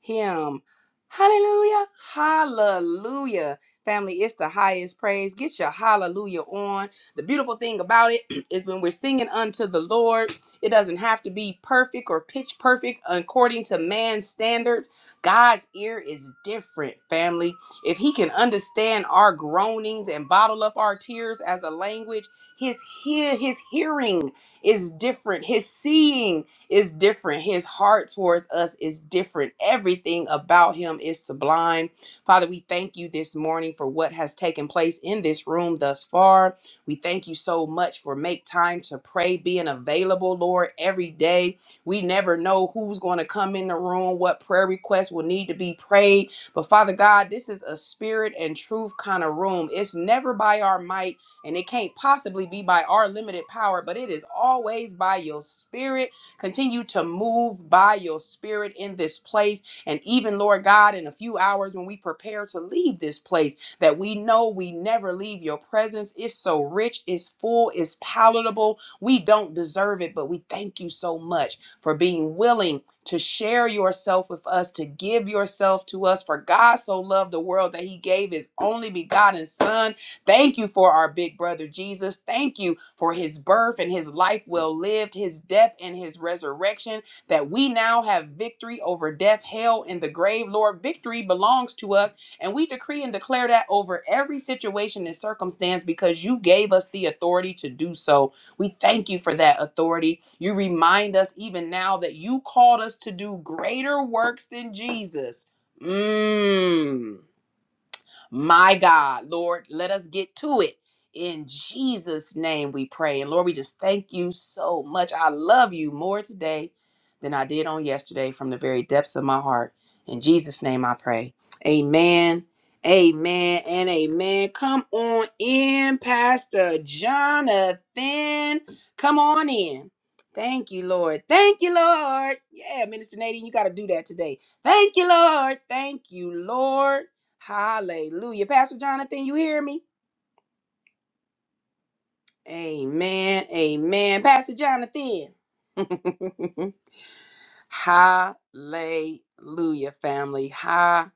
S1: him. Hallelujah. Hallelujah. Family, it's the highest praise. Get your hallelujah on. The beautiful thing about it is when we're singing unto the Lord, it doesn't have to be perfect or pitch perfect according to man's standards. God's ear is different, family. If he can understand our groanings and bottle up our tears as a language, his hear his hearing is different. His seeing is different. His heart towards us is different. Everything about him is sublime. Father, we thank you this morning for what has taken place in this room thus far. We thank you so much for make time to pray, being available, Lord, every day. We never know who's going to come in the room, what prayer requests will need to be prayed. But Father God, this is a spirit and truth kind of room. It's never by our might and it can't possibly be by our limited power, but it is always by your spirit Continue to move by your spirit in this place. And even, Lord God, in a few hours when we prepare to leave this place, that we know we never leave your presence. It's so rich, it's full, it's palatable. We don't deserve it, but we thank you so much for being willing to share yourself with us, to give yourself to us. For God so loved the world that he gave his only begotten Son Thank you for our big brother Jesus. Thank you for his birth and his life well lived, his death and his resurrection, that we now have victory over death, hell, and the grave. Lord, victory belongs to us, and we decree and declare that over every situation and circumstance because you gave us the authority to do so. We thank you for that authority. You remind us even now that you called us to do greater works than Jesus. Mmm my God, Lord, let us get to it. In Jesus' name we pray. And Lord, we just thank you so much. I love you more today than I did on yesterday from the very depths of my heart. In Jesus' name I pray. Amen. Amen and amen. Come on in, Pastor Jonathan. Come on in. Thank you, Lord. Thank you, Lord. Yeah, Minister Nadine, you got to do that today. Thank you, Lord. Thank you, Lord. Hallelujah. Pastor Jonathan, you hear me? Amen. Amen. Pastor Jonathan. Hallelujah, family. Hallelujah.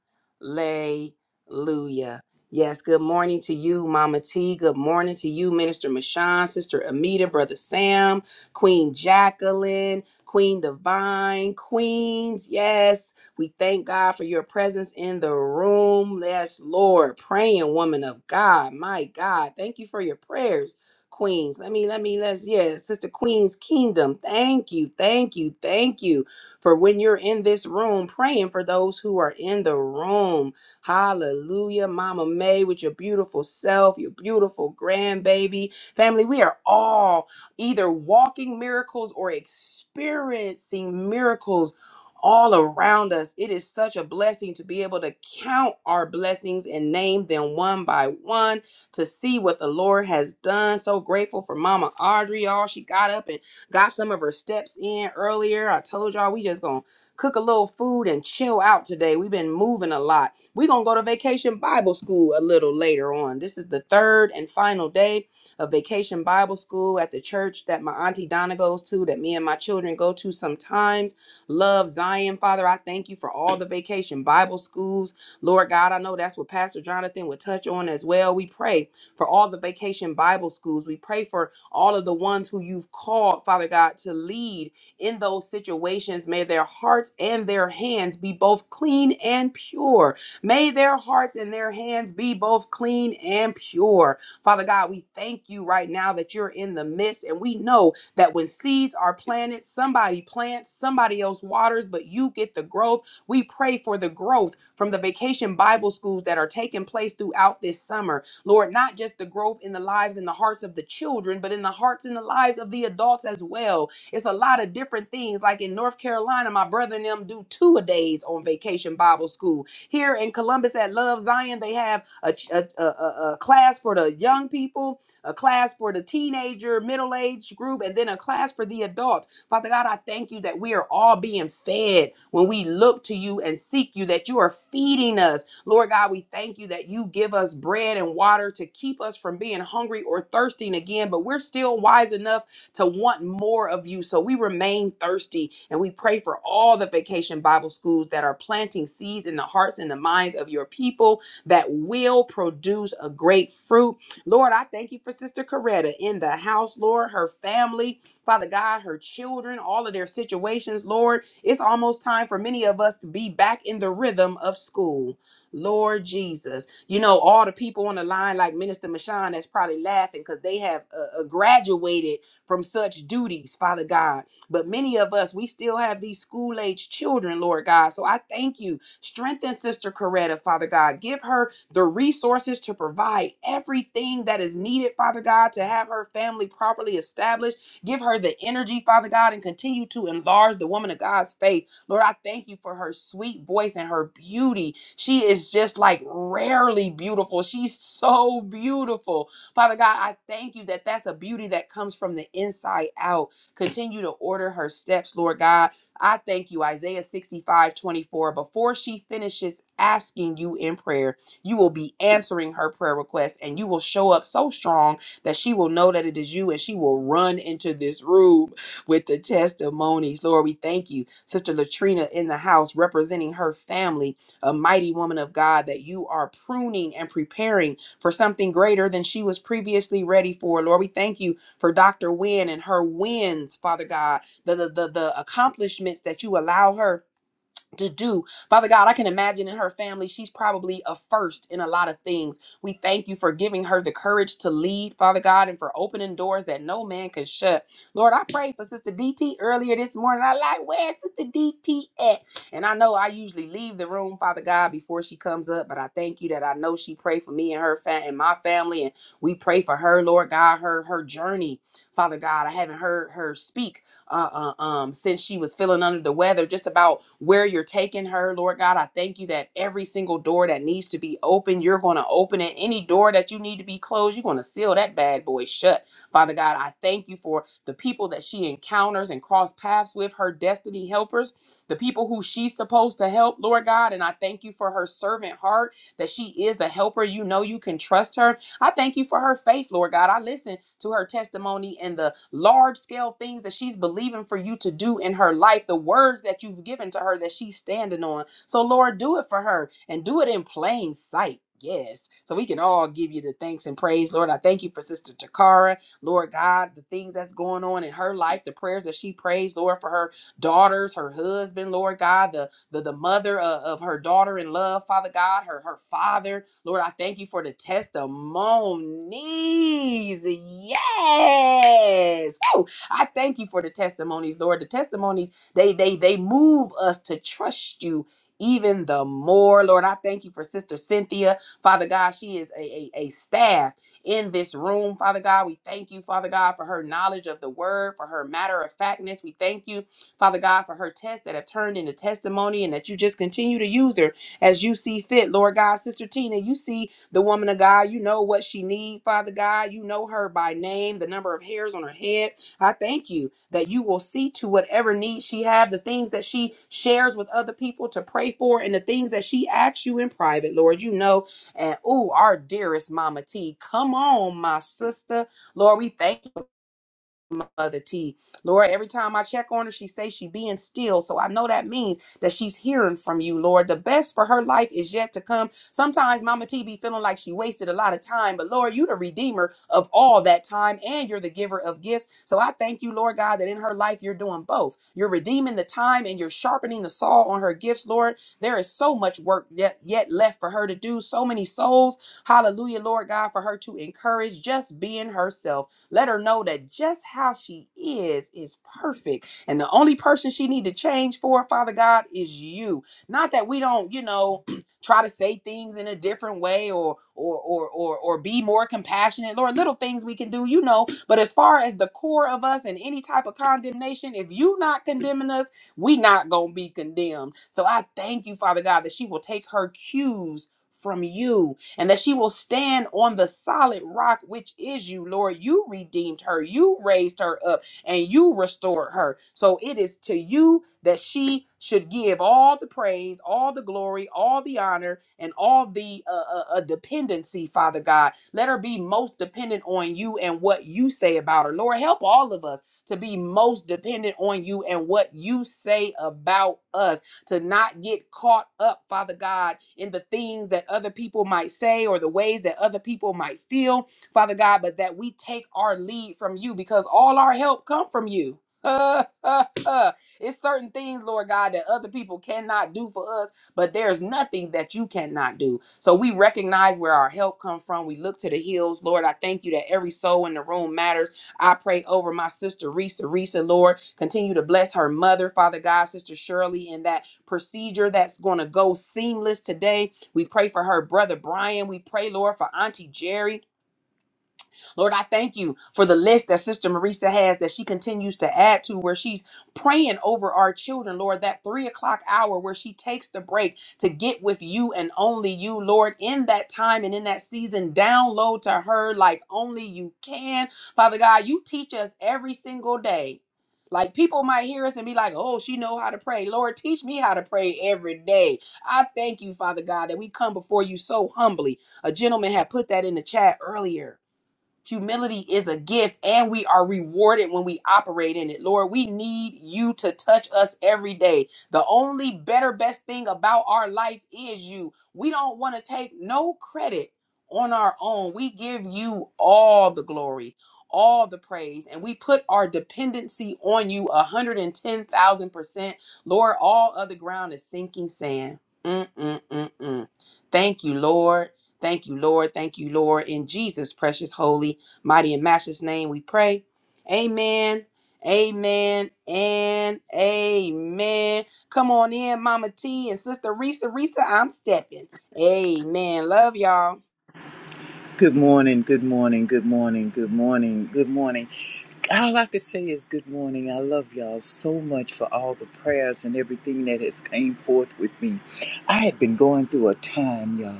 S1: Yes, good morning to you, Mama T. Good morning to you, Minister Mashawn, Sister Amita, Brother Sam, Queen Jacqueline, Queen Divine, Queens. Yes, we thank God for your presence in the room. Yes, Lord, praying woman of God. My God, thank you for your prayers. Queens, let me, let me, let's, yes, Sister Queen's Kingdom. Thank you, thank you, thank you. For when you're in this room praying for those who are in the room, hallelujah. Mama May, with your beautiful self, your beautiful grandbaby family, we are all either walking miracles or experiencing miracles. All around us. It is such a blessing to be able to count our blessings and name them one by one to see what the Lord has done. So grateful for Mama Audrey, y'all. She got up and Got some of her steps in earlier. I told y'all we just gonna cook a little food and chill out today. We've been moving a lot. we gonna go to vacation Bible school a little later on. This is the third and final day of vacation Bible school at the church that my auntie Donna goes to, that me and my children go to sometimes. Love Zion, Father. I thank you for all the vacation Bible schools. Lord God, I know that's what Pastor Jonathan would touch on as well. We pray for all the vacation Bible schools. We pray for all of the ones who you've called, Father God, to lead in those situations. May their hearts and their hands be both clean and pure. May their hearts and their hands be both clean and pure. Father God, we thank you right now that you're in the midst, and we know that when seeds are planted, somebody plants, somebody else waters, but you get the growth. We pray for the growth from the vacation Bible schools that are taking place throughout this summer. Lord, not just the growth in the lives and the hearts of the children, but in the hearts and the lives of the adults as well. It's a lot of different things. Like in North Carolina, my brother and them do two a days on vacation Bible school. Here in Columbus at Love Zion, they have a, ch- a, a, a a class for the young people, a class for the teenager, middle age group, and then a class for the adults. Father God, I thank you that we are all being fed when we look to you and seek you, that you are feeding us Lord God, we thank you that you give us bread and water to keep us from being hungry or thirsting again, but we're still wise enough to want more of you. So we remain thirsty and we pray for all the vacation Bible schools that are planting seeds in the hearts and the minds of your people that will produce a great fruit. Lord, I thank you for Sister Coretta in the house, Lord, her family, Father God, her children, all of their situations, Lord. It's almost time for many of us to be back in the rhythm of school. Lord Jesus. You know, all the people on the line, like Minister Mashawn, that's probably laughing because they have uh, uh, graduated from such duties, Father God. But many of us, we still have these school age children, Lord God. So I thank you. Strengthen Sister Coretta, Father God. Give her the resources to provide everything that is needed, Father God, to have her family properly established. Give her the energy, Father God, and continue to enlarge the woman of God's faith. Lord, I thank you for her sweet voice and her beauty. She is just like rarely beautiful. She's so beautiful. Father God, I thank you that that's a beauty that comes from the inside out. Continue to order her steps, Lord God. I thank you, Isaiah 65 24. Before she finishes asking you in prayer, you will be answering her prayer request and you will show up so strong that she will know that it is you and she will run into this room with the testimonies. Lord, we thank you. Sister Latrina in the house representing her family, a mighty woman of God that you are pruning and preparing for something greater than she was previously ready for. Lord, we thank you for Dr. Wynn and her wins, Father God, the, the, the, the accomplishments that you allow her to do. Father God, I can imagine in her family, she's probably a first in a lot of things. We thank you for giving her the courage to lead, Father God, and for opening doors that no man could shut. Lord, I prayed for Sister DT earlier this morning. I like, where's Sister DT at? And I know I usually leave the room, Father God, before she comes up, but I thank you that I know she prayed for me and her fa- and my family. And we pray for her, Lord God, her her journey, Father God. I haven't heard her speak uh, uh, um, since she was feeling under the weather, just about where you're taking her, Lord God. I thank you that every single door that needs to be open, you're going to open it. Any door that you need to be closed, you're going to seal that bad boy shut. Father God, I thank you for the people that she encounters and cross paths with, her destiny helpers, the people who she's supposed to help, Lord God. And I thank you for her servant heart that she is a helper. You know you can trust her I thank you for her faith, Lord God. I listen to her testimony and the large scale things that she's believing for you to do in her life, the words that you've given to her that she's standing on. So, Lord, do it for her and do it in plain sight. Yes. So we can all give you the thanks and praise. Lord, I thank you for Sister Takara. Lord God, the things that's going on in her life, the prayers that she prays, Lord, for her daughters, her husband, Lord God, the the, the mother of, of her daughter in love, Father God, her, her father. Lord, I thank you for the testimonies. Yes. Woo! I thank you for the testimonies, Lord. The testimonies, they they they move us to trust you even the more. Lord, I thank you for Sister Cynthia. Father God, she is a, a, a staff in this room. Father God, we thank you, Father God, for her knowledge of the word, for her matter of factness. We thank you Father God, for her tests that have turned into testimony and that you just continue to use her as you see fit. Lord God, Sister Tina, you see the woman of God. You know what she needs, Father God. You know her by name, the number of hairs on her head. I thank you that you will see to whatever needs she have, the things that she shares with other people to pray for, and the things that she asks you in private, Lord. You know, and oh, our dearest Mama T, come on, my sister. Lord, we thank you. Mother T. Lord, every time I check on her, she says she being still. So I know that means that she's hearing from you, Lord. The best for her life is yet to come. Sometimes Mama T be feeling like she wasted a lot of time, but Lord, you the redeemer of all that time and you're the giver of gifts. So I thank you, Lord God, that in her life you're doing both. You're redeeming the time and you're sharpening the saw on her gifts, Lord. There is so much work yet, yet left for her to do, so many souls. Hallelujah, Lord God, for her to encourage just being herself. Let her know that just how she is is perfect. And the only person she need to change for, Father God, is you. Not that we don't, you know, try to say things in a different way or or or or or be more compassionate. Lord, little things we can do, you know. But as far as the core of us and any type of condemnation, if you not condemning us, we not gonna be condemned. So I thank you, Father God, that she will take her cues from you and that she will stand on the solid rock, which is you, Lord. You redeemed her, you raised her up, and you restored her. So it is to you that she should give all the praise, all the glory, all the honor, and all the uh, uh, uh, dependency, Father God. Let her be most dependent on you and what you say about her. Lord, help all of us to be most dependent on you and what you say about us to not get caught up, Father God, in the things that other people might say or the ways that other people might feel, Father God, but that we take our lead from you because all our help come from you. Uh, uh, uh. It's certain things, Lord God, that other people cannot do for us, but there's nothing that you cannot do. So we recognize where our help comes from. We look to the hills, Lord. I thank you that every soul in the room matters. I pray over my sister Risa, Risa, Lord. Continue to bless her mother, Father God, Sister Shirley, in that procedure that's going to go seamless today. We pray for her brother Brian. We pray, Lord, for Auntie Jerry. Lord, I thank you for the list that Sister Marisa has that she continues to add to where she's praying over our children, Lord, that three o'clock hour where she takes the break to get with you and only you, Lord, in that time and in that season. Download to her like only you can. Father God, you teach us every single day. Like people might hear us and be like, "Oh, she know how to pray." Lord, teach me how to pray every day. I thank you, Father God, that we come before you so humbly. A gentleman had put that in the chat earlier Humility is a gift and we are rewarded when we operate in it. Lord, we need you to touch us every day. The only better, best thing about our life is you. We don't want to take no credit on our own. We give you all the glory, all the praise, and we put our dependency on you 110,000%. Lord, all other ground is sinking sand. Mm, mm, mm, mm. Thank you, Lord. Thank you, Lord. Thank you, Lord. In Jesus' precious, holy, mighty, and matchless name, we pray. Amen. Amen and amen. Come on in, Mama T and Sister Risa. Risa, I'm stepping. Amen. Love y'all.
S5: Good morning, good morning, good morning, good morning, good morning. All I could say is good morning. I love y'all so much for all the prayers and everything that has came forth with me. I had been going through a time, y'all,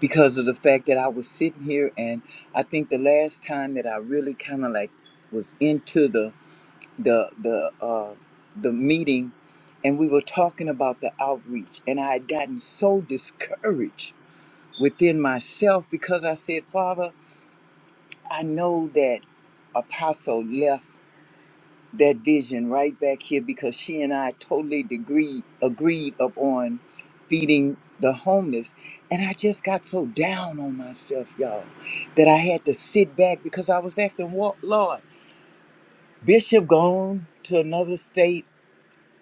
S5: because of the fact that I was sitting here and I think the last time that I really kind of like was into the the the uh the meeting and we were talking about the outreach and I had gotten so discouraged within myself because I said, Father, I know that Apostle left that vision right back here because she and I totally agreed agreed upon feeding the homeless. And I just got so down on myself, y'all, that I had to sit back because I was asking, what Lord, Bishop gone to another state.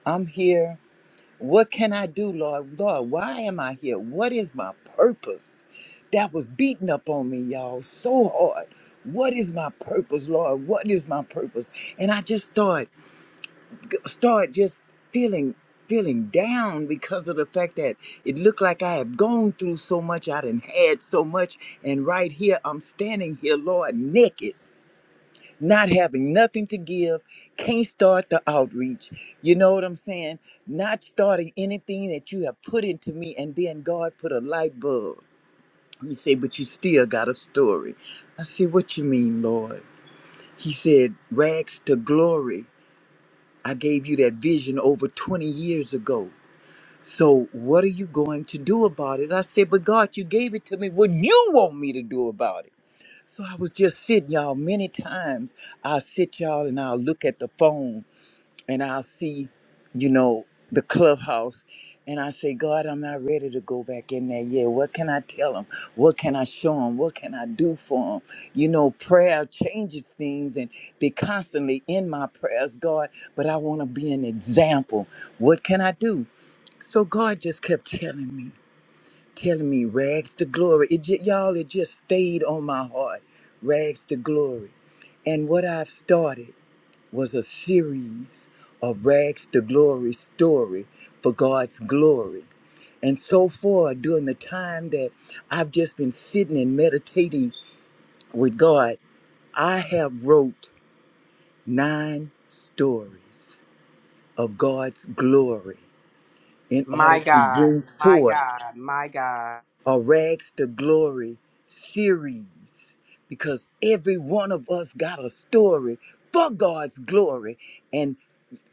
S5: I'm here. What can I do, Lord? Lord, why am I here? What is my purpose? That was beating up on me, y'all, so hard. What is my purpose, Lord? What is my purpose? And I just start start just feeling feeling down because of the fact that it looked like I have gone through so much, I done had so much, and right here I'm standing here, Lord, naked not having nothing to give, can't start the outreach. You know what I'm saying? Not starting anything that you have put into me, and then God put a light bulb. He said, But you still got a story. I said, What you mean, Lord? He said, Rags to glory. I gave you that vision over 20 years ago. So what are you going to do about it? I said, But God, you gave it to me. What you want me to do about it? So I was just sitting, y'all. Many times I'll sit, y'all, and I'll look at the phone and I'll see, you know, the clubhouse. And I say, God, I'm not ready to go back in there yet. What can I tell them? What can I show them? What can I do for them? You know, prayer changes things and they constantly in my prayers, God, but I want to be an example. What can I do? So God just kept telling me telling me rags to glory. It ju- y'all, it just stayed on my heart, rags to glory. And what I've started was a series of rags to glory story for God's glory. And so far, during the time that I've just been sitting and meditating with God, I have wrote nine stories of God's glory in order
S1: My
S5: to
S1: God.
S5: bring
S1: My
S5: forth
S1: God. My God.
S5: or Rags to Glory series because every one of us got a story for God's glory. And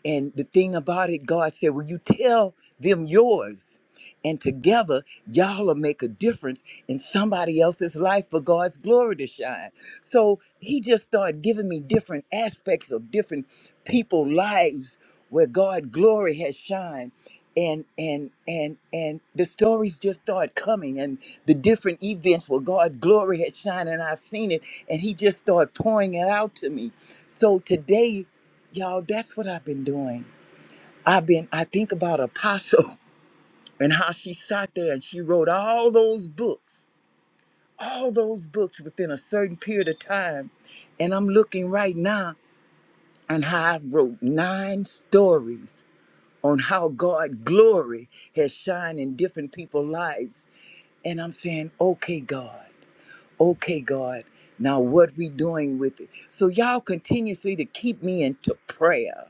S5: and the thing about it, God said, Well, you tell them yours. And together, y'all will make a difference in somebody else's life for God's glory to shine. So he just started giving me different aspects of different people' lives where God glory has shined. And and and and the stories just start coming and the different events where God glory has shined and I've seen it and he just started pouring it out to me. So today Y'all, that's what I've been doing. I've been, I think about Apostle and how she sat there and she wrote all those books, all those books within a certain period of time. And I'm looking right now on how I wrote nine stories on how God glory has shined in different people's lives. And I'm saying, okay, God, okay, God, now what we doing with it? So y'all continuously to keep me into prayer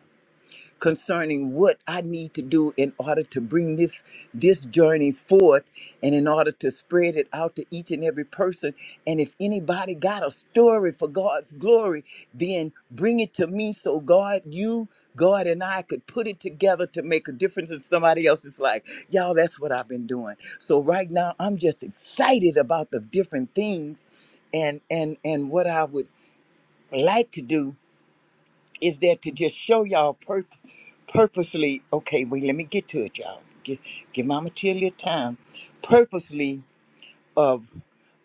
S5: concerning what I need to do in order to bring this this journey forth and in order to spread it out to each and every person and if anybody got a story for God's glory then bring it to me so God you God and I could put it together to make a difference in somebody else's life. Y'all that's what I've been doing. So right now I'm just excited about the different things and and and what I would like to do is there to just show y'all pur- purposely, okay, wait, let me get to it, y'all. Give, give Mama Tilly a time. Purposely of,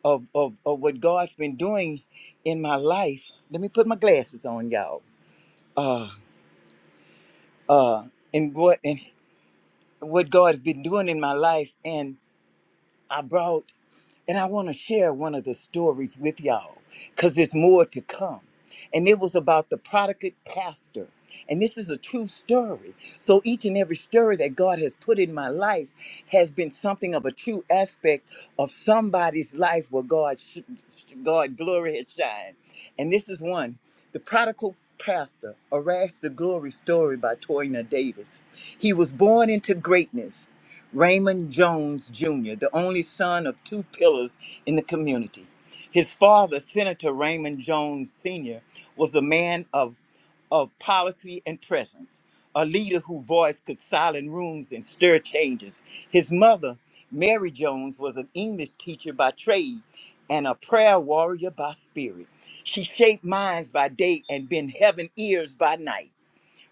S5: of, of, of what God's been doing in my life. Let me put my glasses on, y'all. Uh, uh, and what, and what God's been doing in my life. And I brought And I want to share one of the stories with y'all because there's more to come. And it was about the prodigal pastor. And this is a true story. So each and every story that God has put in my life has been something of a true aspect of somebody's life where God, sh- sh- God glory has shined. And this is one, the prodigal pastor, a rash the glory story by Toyna Davis. He was born into greatness Raymond Jones Jr., the only son of two pillars in the community. His father, Senator Raymond Jones Sr., was a man of, of policy and presence, a leader whose voice could silence rooms and stir changes. His mother, Mary Jones, was an English teacher by trade and a prayer warrior by spirit. She shaped minds by day and bent heaven ears by night.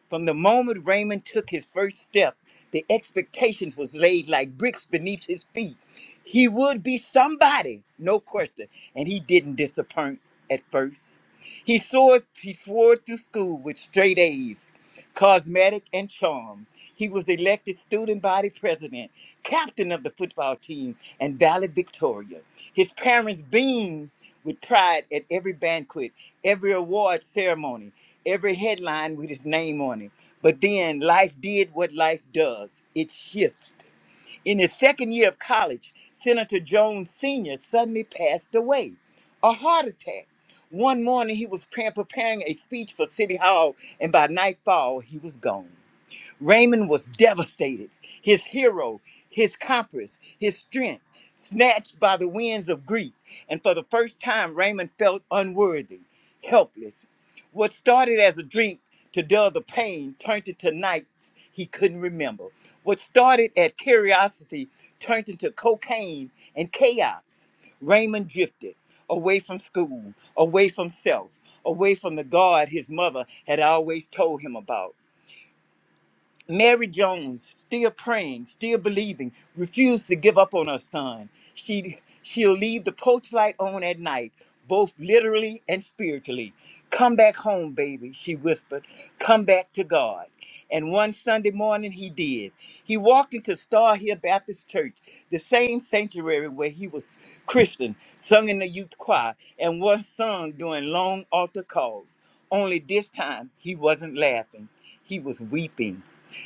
S5: From the moment Raymond took his first step, the expectations was laid like bricks beneath his feet. He would be somebody, no question, and he didn't disappoint at first. He soared, he soared through school with straight A's, cosmetic and charm. He was elected student body president, captain of the football team, and valedictorian. His parents beamed with pride at every banquet, every award ceremony, every headline with his name on it. But then life did what life does it shifts. In his second year of college, Senator Jones Sr. suddenly passed away a heart attack. One morning, he was pre- preparing a speech for City Hall, and by nightfall, he was gone. Raymond was devastated. His hero, his compass, his strength, snatched by the winds of grief. And for the first time, Raymond felt unworthy, helpless. What started as a drink to dull the pain turned into nights he couldn't remember. What started as curiosity turned into cocaine and chaos. Raymond drifted away from school, away from self, away from the God his mother had always told him about. Mary Jones, still praying, still believing, refused to give up on her son. She, she'll leave the porch light on at night, both literally and spiritually. Come back home, baby, she whispered. Come back to God. And one Sunday morning, he did. He walked into Star Hill Baptist Church, the same sanctuary where he was Christian, sung in the youth choir, and was sung during long altar calls. Only this time, he wasn't laughing, he was weeping.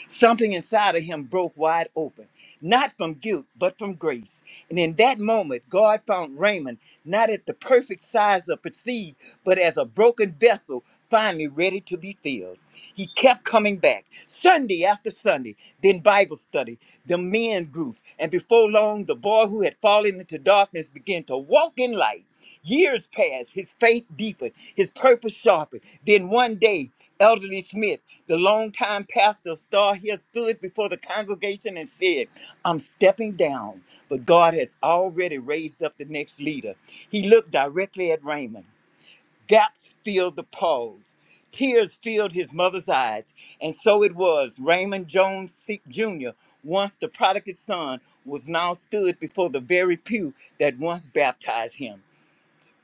S5: Something inside of him broke wide open, not from guilt, but from grace. And in that moment, God found Raymond not at the perfect size of perceived, but as a broken vessel finally ready to be filled. He kept coming back, Sunday after Sunday, then Bible study, the men groups, and before long, the boy who had fallen into darkness began to walk in light. Years passed, his faith deepened, his purpose sharpened. Then one day, Elderly Smith, the longtime pastor of Star Hill, stood before the congregation and said, I'm stepping down, but God has already raised up the next leader. He looked directly at Raymond. Gaps filled the pause. Tears filled his mother's eyes. And so it was. Raymond Jones Se- Jr., once the prodigal son, was now stood before the very pew that once baptized him.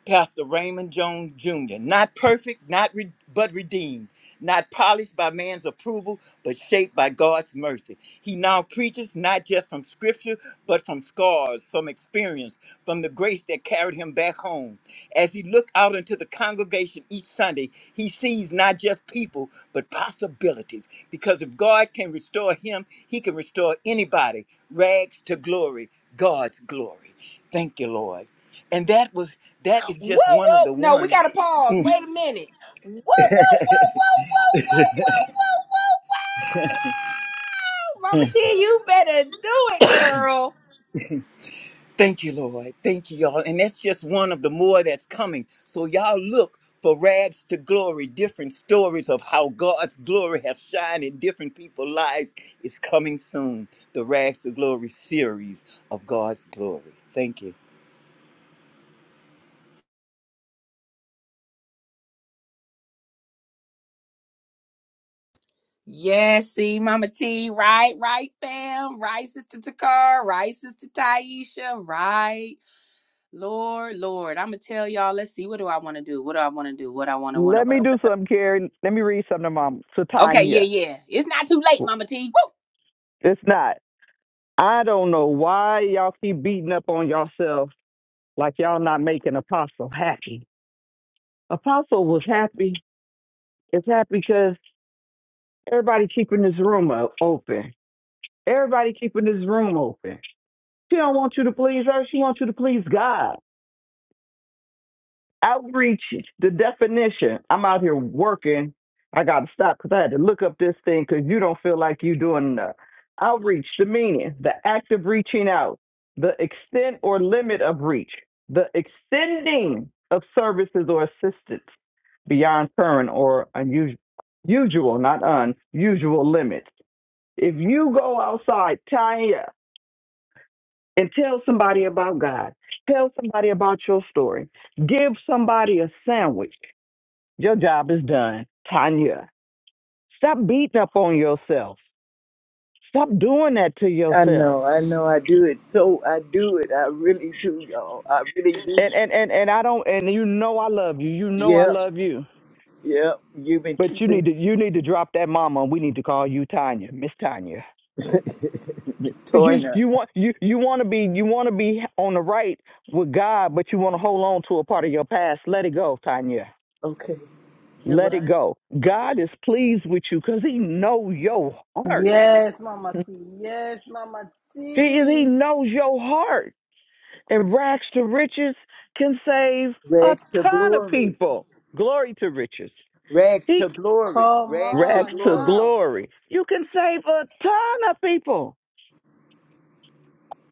S5: Pastor Raymond Jones Jr. Not perfect, not re- but redeemed, not polished by man's approval, but shaped by God's mercy. He now preaches not just from scripture, but from scars, from experience, from the grace that carried him back home. As he looked out into the congregation each Sunday, he sees not just people, but possibilities. Because if God can restore him, he can restore anybody. Rags to glory, God's glory. Thank you, Lord. And that was that is
S1: Whoa,
S5: just one of
S1: whoa.
S5: the
S1: No, we got
S5: ones.
S1: to pause.
S5: Mm,
S1: Wait a minute. Whoa, whoa, whoa, whoa, whoa, whoa, whoa, whoa, whoa, whoa. Mama T, you better do it, girl.
S5: Thank you, Lord. Thank you, y'all. And that's just one of the more that's coming. So y'all look for rags to glory, different stories of how God's glory have shined in different people's lives is coming soon. The Rags to Glory series of God's glory. Thank you.
S1: Yes, see, Mama T, right, right, fam, right, Sister Takar, right, Sister Taisha, right, Lord, Lord, I'm gonna tell y'all. Let's see, what do I want to do? What do I want to do? What I want to, want to,
S3: Let
S1: want
S3: me
S1: to,
S3: do
S1: want
S3: something, Carrie. Let me read something to Mom. To
S1: to. Okay, yeah,
S3: Tanya.
S1: yeah, it's not too late, Mama T.
S3: It's not. I don't know why y'all keep beating up on yourself like y'all not making Apostle happy. Apostle was happy. It's happy because everybody keeping this room o- open. Everybody keeping this room open. She don't want you to please her. She wants you to please God. outreach the definition. I'm out here working. I got to stop because I had to look up this thing because you don't feel like you doing enough. Outreach, the meaning, the act of reaching out, the extent or limit of reach, the extending of services or assistance beyond current or unusual, usual, not unusual limits. If you go outside, Tanya, and tell somebody about God, tell somebody about your story, give somebody a sandwich, your job is done, Tanya. Stop beating up on yourself. Stop doing that to
S5: I
S3: yourself.
S5: know, I know, I do it. So I do it. I really do, y'all. I really do.
S3: And and and and I don't. And you know I love you. You know I
S5: Yep,
S3: love you.
S5: yep. You've been
S3: But you need
S5: keeping
S3: to you need to drop that mama. And We need to call you Tanya, Miss Tanya.
S5: Miss
S3: Cause you
S5: Toyna.
S3: you want you you want to be you want to be on the right with God, but you want to hold on to a part of your past. Let it go, Tanya.
S5: Okay, you're
S3: Let
S5: right.
S3: it go. God is pleased with you because He know your heart.
S2: Yes, Mama T. Yes, Mama
S3: He He
S2: T.
S3: knows your heart. And rags to riches can save a
S5: Rags to
S3: ton of
S5: glory.
S3: people. Glory to riches.
S5: Rags
S3: He
S5: to glory.
S2: Come
S5: Rags to
S3: rags
S2: on
S3: to
S5: glory.
S2: now.
S3: glory. You can save a ton of people.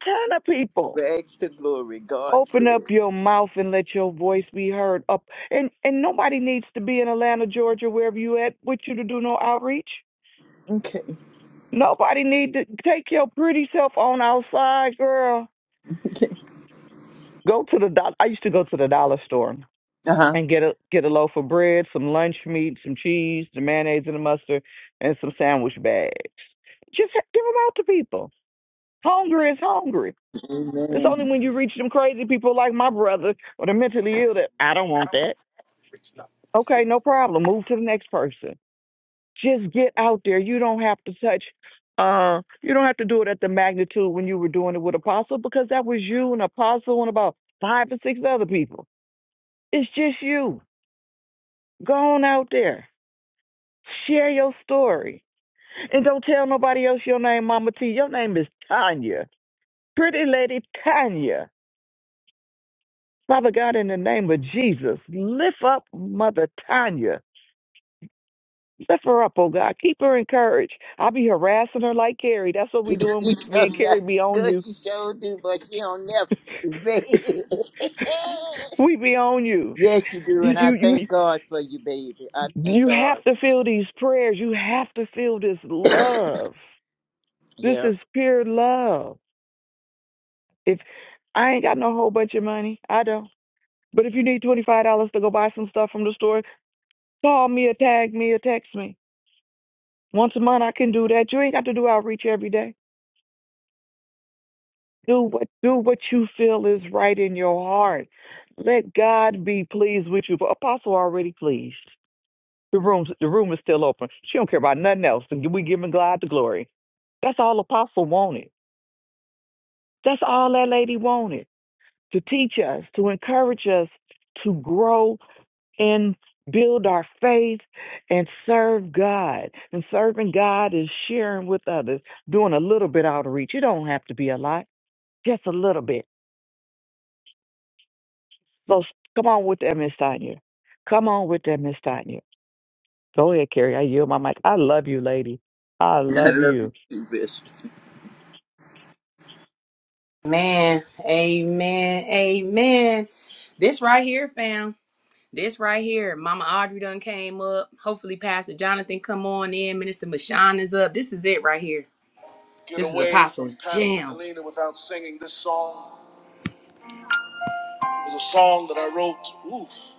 S3: Ton of people.
S5: Rags to glory. God's
S3: Open up
S5: glory.
S3: your mouth and let your voice be heard. Up and and nobody needs to be in Atlanta, Georgia, wherever you at, with you to do no outreach.
S5: Okay.
S3: Nobody need to take your pretty self on outside, girl.
S5: Okay.
S3: Go to the dollar. I used to go to the dollar store.
S5: Uh huh.
S3: and get a get a loaf of bread, some lunch meat, some cheese, the mayonnaise and the mustard, and some sandwich bags. Just ha- give them out to people. Hungry is hungry. It's
S5: Amen.
S3: only when you reach them crazy people like my brother or the mentally ill that I don't want that. Okay, no problem. Move to the next person. Just get out there. You don't have to touch. Uh, you don't have to do it at the magnitude when you were doing it with Apostle because that was you and Apostle and about five or six other people. It's just you. Go on out there Share your story. And don't tell nobody else your name, Mama T. Your name is Tanya. Pretty Lady Tanya. Father God, in the name of Jesus, lift up Mother Tanya. Lift her up, oh God. Keep her encouraged. I'll be harassing her like Carrie. That's what we
S5: You
S3: doing. We,
S5: show-
S3: me and
S5: yeah,
S3: Carrie be on you.
S5: Good, you sure do, but you don't never, baby.
S3: We be on you.
S5: yes, you do,
S3: You,
S5: and I
S3: you,
S5: thank
S3: you,
S5: God for you, baby. I thank
S3: you have
S5: God.
S3: to feel these prayers. You have to feel this love. This
S5: Yep.
S3: is pure love. If I ain't got no whole bunch of money, I don't. But if you need $25 to go buy some stuff from the store, call me or tag me or text me. Once a month I can do that. You ain't got to do outreach every day. Do what do what you feel is right in your heart. Let God be pleased with you. But Apostle already pleased. The room's the room is still open. She don't care about nothing else. And we giving God the glory. That's all Apostle wanted. That's all that lady wanted. To teach us, to encourage us to grow and build our faith and serve God. And serving God is sharing with others, doing a little bit outreach. It don't have to be a lot, just a little bit. So s- come on with that, Miss Tanya. Come on with that, Miss Tanya. Go ahead, Carrie. I yield my mic. I love you, lady. I
S5: I
S3: love
S5: love you
S3: you.
S5: too, Bishop.
S1: Woo! Man, amen, amen. This right here, fam. This right here, Mama Audrey done came up. Hopefully, Pastor Jonathan come on in. Minister Mashawn is up. This is it right here. Get this is away Apostle from Pastor Jam. Kalina without singing this song. It was a song that I wrote. Oof.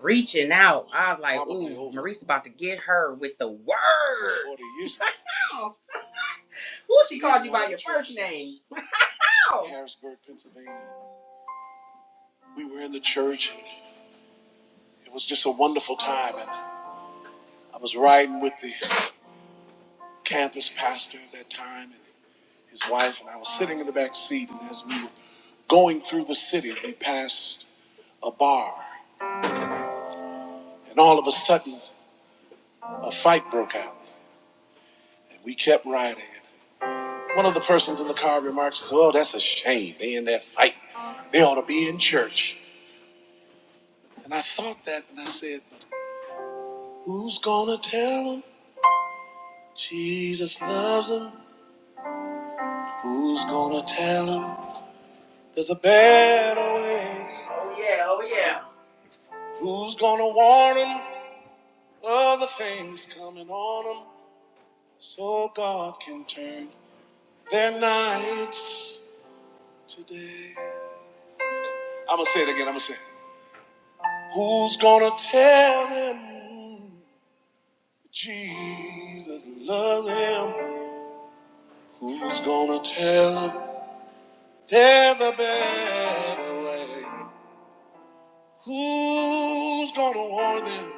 S1: Reaching out. I was like, Probably ooh, Maurice about to get her with the word. 40 years ago. Wow. Who she called you by your first name? Wow. Harrisburg, Pennsylvania. We were in the church. It was just a wonderful time. And I was riding with the campus pastor at that time and his wife, and I was sitting in the back seat. And as we were going through the city, we passed a bar. And all of a sudden, a fight broke out. And we kept riding. One of the persons in the car remarks, "Well, that's a shame. They in that fight. They ought to be in church." And I thought that, and I said, "But who's gonna tell them Jesus loves them? Who's gonna tell them there's a better way? Oh yeah, oh yeah. Who's gonna warn them of the things coming on them so God can turn their nights today?" I'm gonna say it again. I'm gonna say, it. "Who's gonna tell them?" Jesus loves him. Who's gonna tell him there's a better way? Who's gonna warn them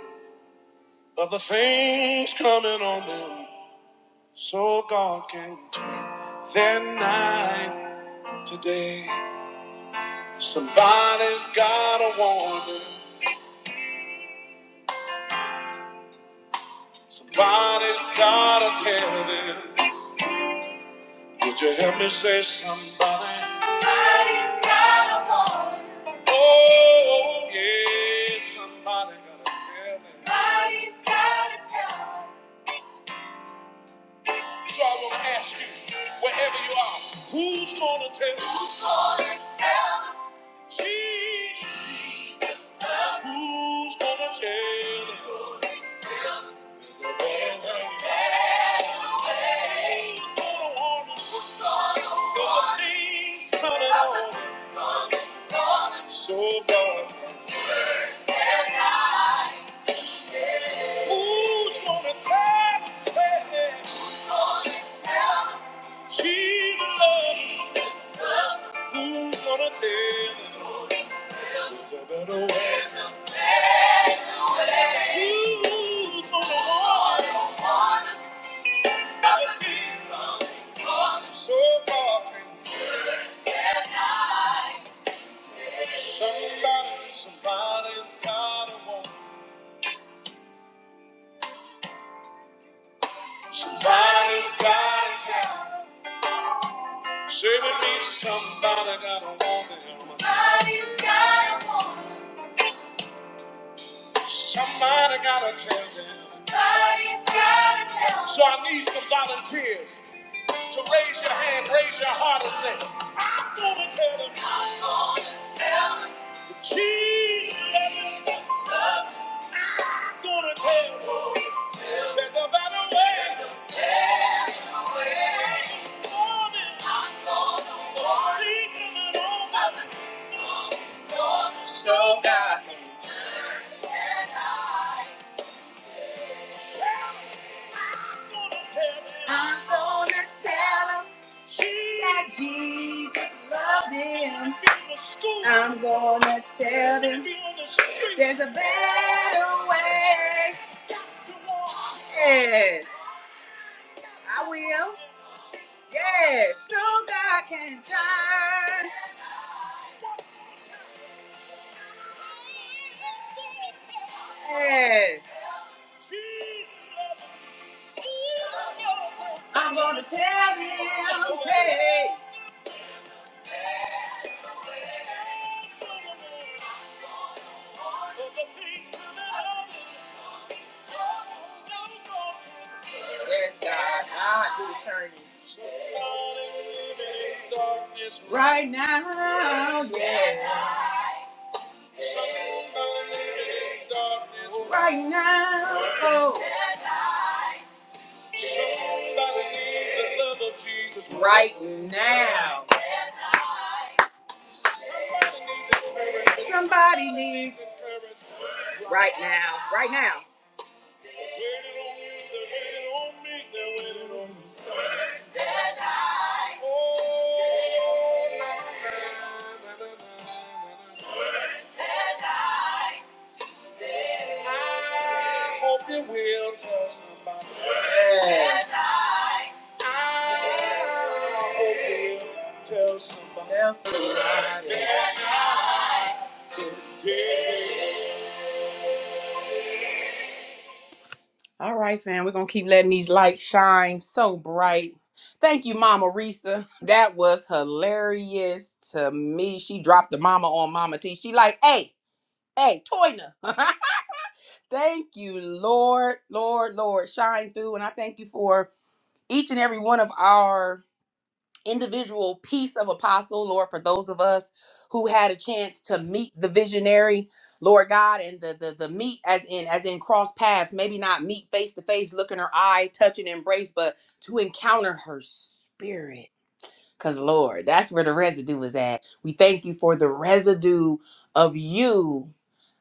S1: of the things coming on them so God can turn their night today? Somebody's gotta warn them. Somebody's gotta tell them. Would you help me say something? Somebody's gotta warn. Oh, yeah, somebody gotta tell them. Somebody's gotta tell 'em. So I want to ask you, wherever you are, who's going to tell you? Who's going to tell them? Jesus. Jesus loves them. Who's going to tell them? Who's going to tell them? There's a better way. Who's going to warn them? Who's going to warn them? Things coming on. Things coming on. So God. Turn their eyes. to Him. Who's going to tell them? He loves who's gonna tell him there's a better way. Who's gonna be so far? Somebody, somebody's got a woman. Somebody's got a tell. Say with me, somebody gotta want it. Somebody gotta tell them. Somebody's gotta tell them. So I need some volunteers to raise your hand, raise your heart, and say, Tell them. I'm gonna tell them Jesus loves them. There's a better way. There's a better way. I'm gonna warn them. I'm gonna tell tell them. that Jesus loved him. I'm gonna tell them there's a better way. Yes, I will. Yes, no God can turn. Yes. I'm gonna tell them, hey. Yes, God. Ah, do eternity. Right now, yeah. Right now. Right now. Right now. Right now. I hope it will tell somebody. Yeah. I hope it will tell somebody. All right, fam. We're gonna keep letting these lights shine so bright. Thank you, Mama Risa. That was hilarious to me. She dropped the mama on Mama T. She like, hey, hey, Toyna. thank you, Lord, Lord, Lord. Shine through. And I thank you for each and every one of our individual piece of apostle, Lord, for those of us who had a chance to meet the visionary, Lord God, and the the the meet as in as in cross paths, maybe not meet face to face, look in her eye, touch and embrace, but to encounter her spirit. Cause Lord, that's where the residue is at. We thank you for the residue of you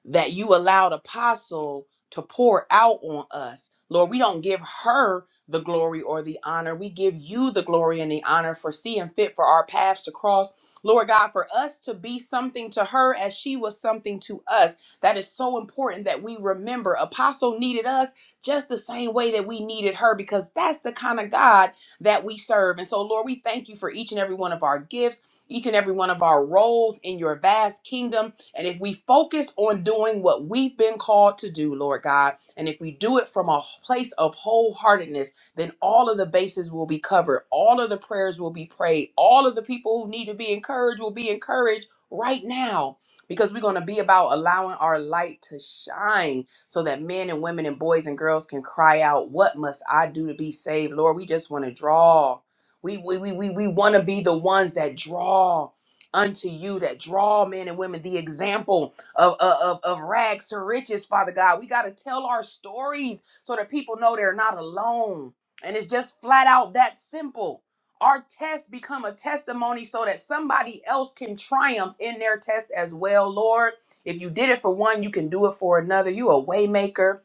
S1: that you allowed apostle to pour out on us lord we don't give her the glory or the honor we give you the glory and the honor for seeing fit for our paths to cross lord god for us to be something to her as she was something to us that is so important that we remember apostle needed us just the same way that we needed her because that's the kind of god that we serve and so lord we thank you for each and every one of our gifts each and every one of our roles in your vast kingdom and if we focus on doing what we've been called to do, Lord God, and if we do it from a place of wholeheartedness, then all of the bases will be covered. All of the prayers will be prayed. All of the people who need to be encouraged will be encouraged right now because we're going to be about allowing our light to shine so that men and women and boys and girls can cry out, What must I do to be saved? Lord, we just want to draw. We, we, we, we, we want to be the ones that draw unto you that draw men and women the example of, of, of rags to riches, Father God. We got to tell our stories so that people know they're not alone. And it's just flat out that simple. Our tests become a testimony so that somebody else can triumph in their test as well, Lord. If you did it for one, you can do it for another. You a waymaker.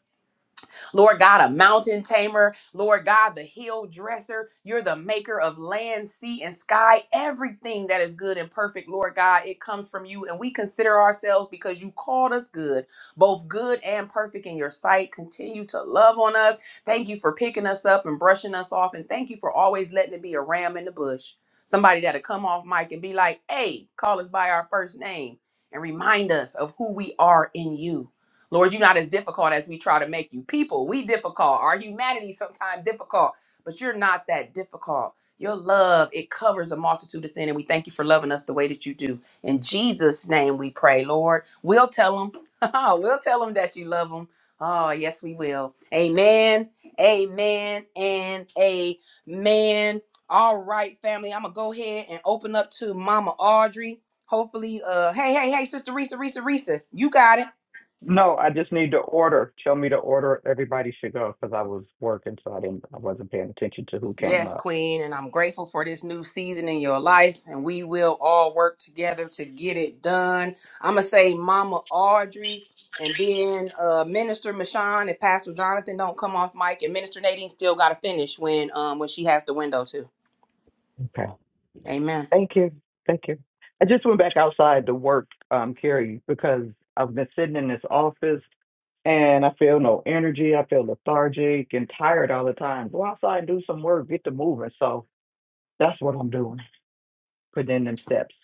S1: Lord God, a mountain tamer, Lord God, the hill dresser. You're the maker of land, sea, and sky. Everything that is good and perfect, Lord God, it comes from you. And we consider ourselves because you called us good, both good and perfect in your sight. Continue to love on us. Thank you for picking us up and brushing us off. And thank you for always letting it be a ram in the bush. Somebody that'll come off mic and be like, hey, call us by our first name and remind us of who we are in you. Lord, you're not as difficult as we try to make you. People, we difficult. Our humanity sometimes difficult, but you're not that difficult. Your love, it covers a multitude of sin, and we thank you for loving us the way that you do. In Jesus' name we pray, Lord. We'll tell them. we'll tell them that you love them. Oh, yes, we will. Amen. Amen. And amen. All right, family. I'm gonna go ahead and open up to Mama Audrey. Hopefully, uh, hey, hey, hey, Sister Risa, Risa, Risa, you got it.
S3: No, I just need to order. Tell me to order. Everybody should go because I was working, so I didn't. I wasn't paying attention to who came
S1: Yes,
S3: up.
S1: Queen, and I'm grateful for this new season in your life, and we will all work together to get it done. I'm gonna say, Mama Audrey, and then uh, Minister Michon. If Pastor Jonathan don't come off mic, and Minister Nadine still gotta finish when um when she has the window too. Amen.
S3: Thank you. Thank you. I just went back outside to work, um, Carrie, because I've been sitting in this office and I feel no energy. I feel lethargic and tired all the time. Go outside and do some work, get to moving. So that's what I'm doing, putting in them steps.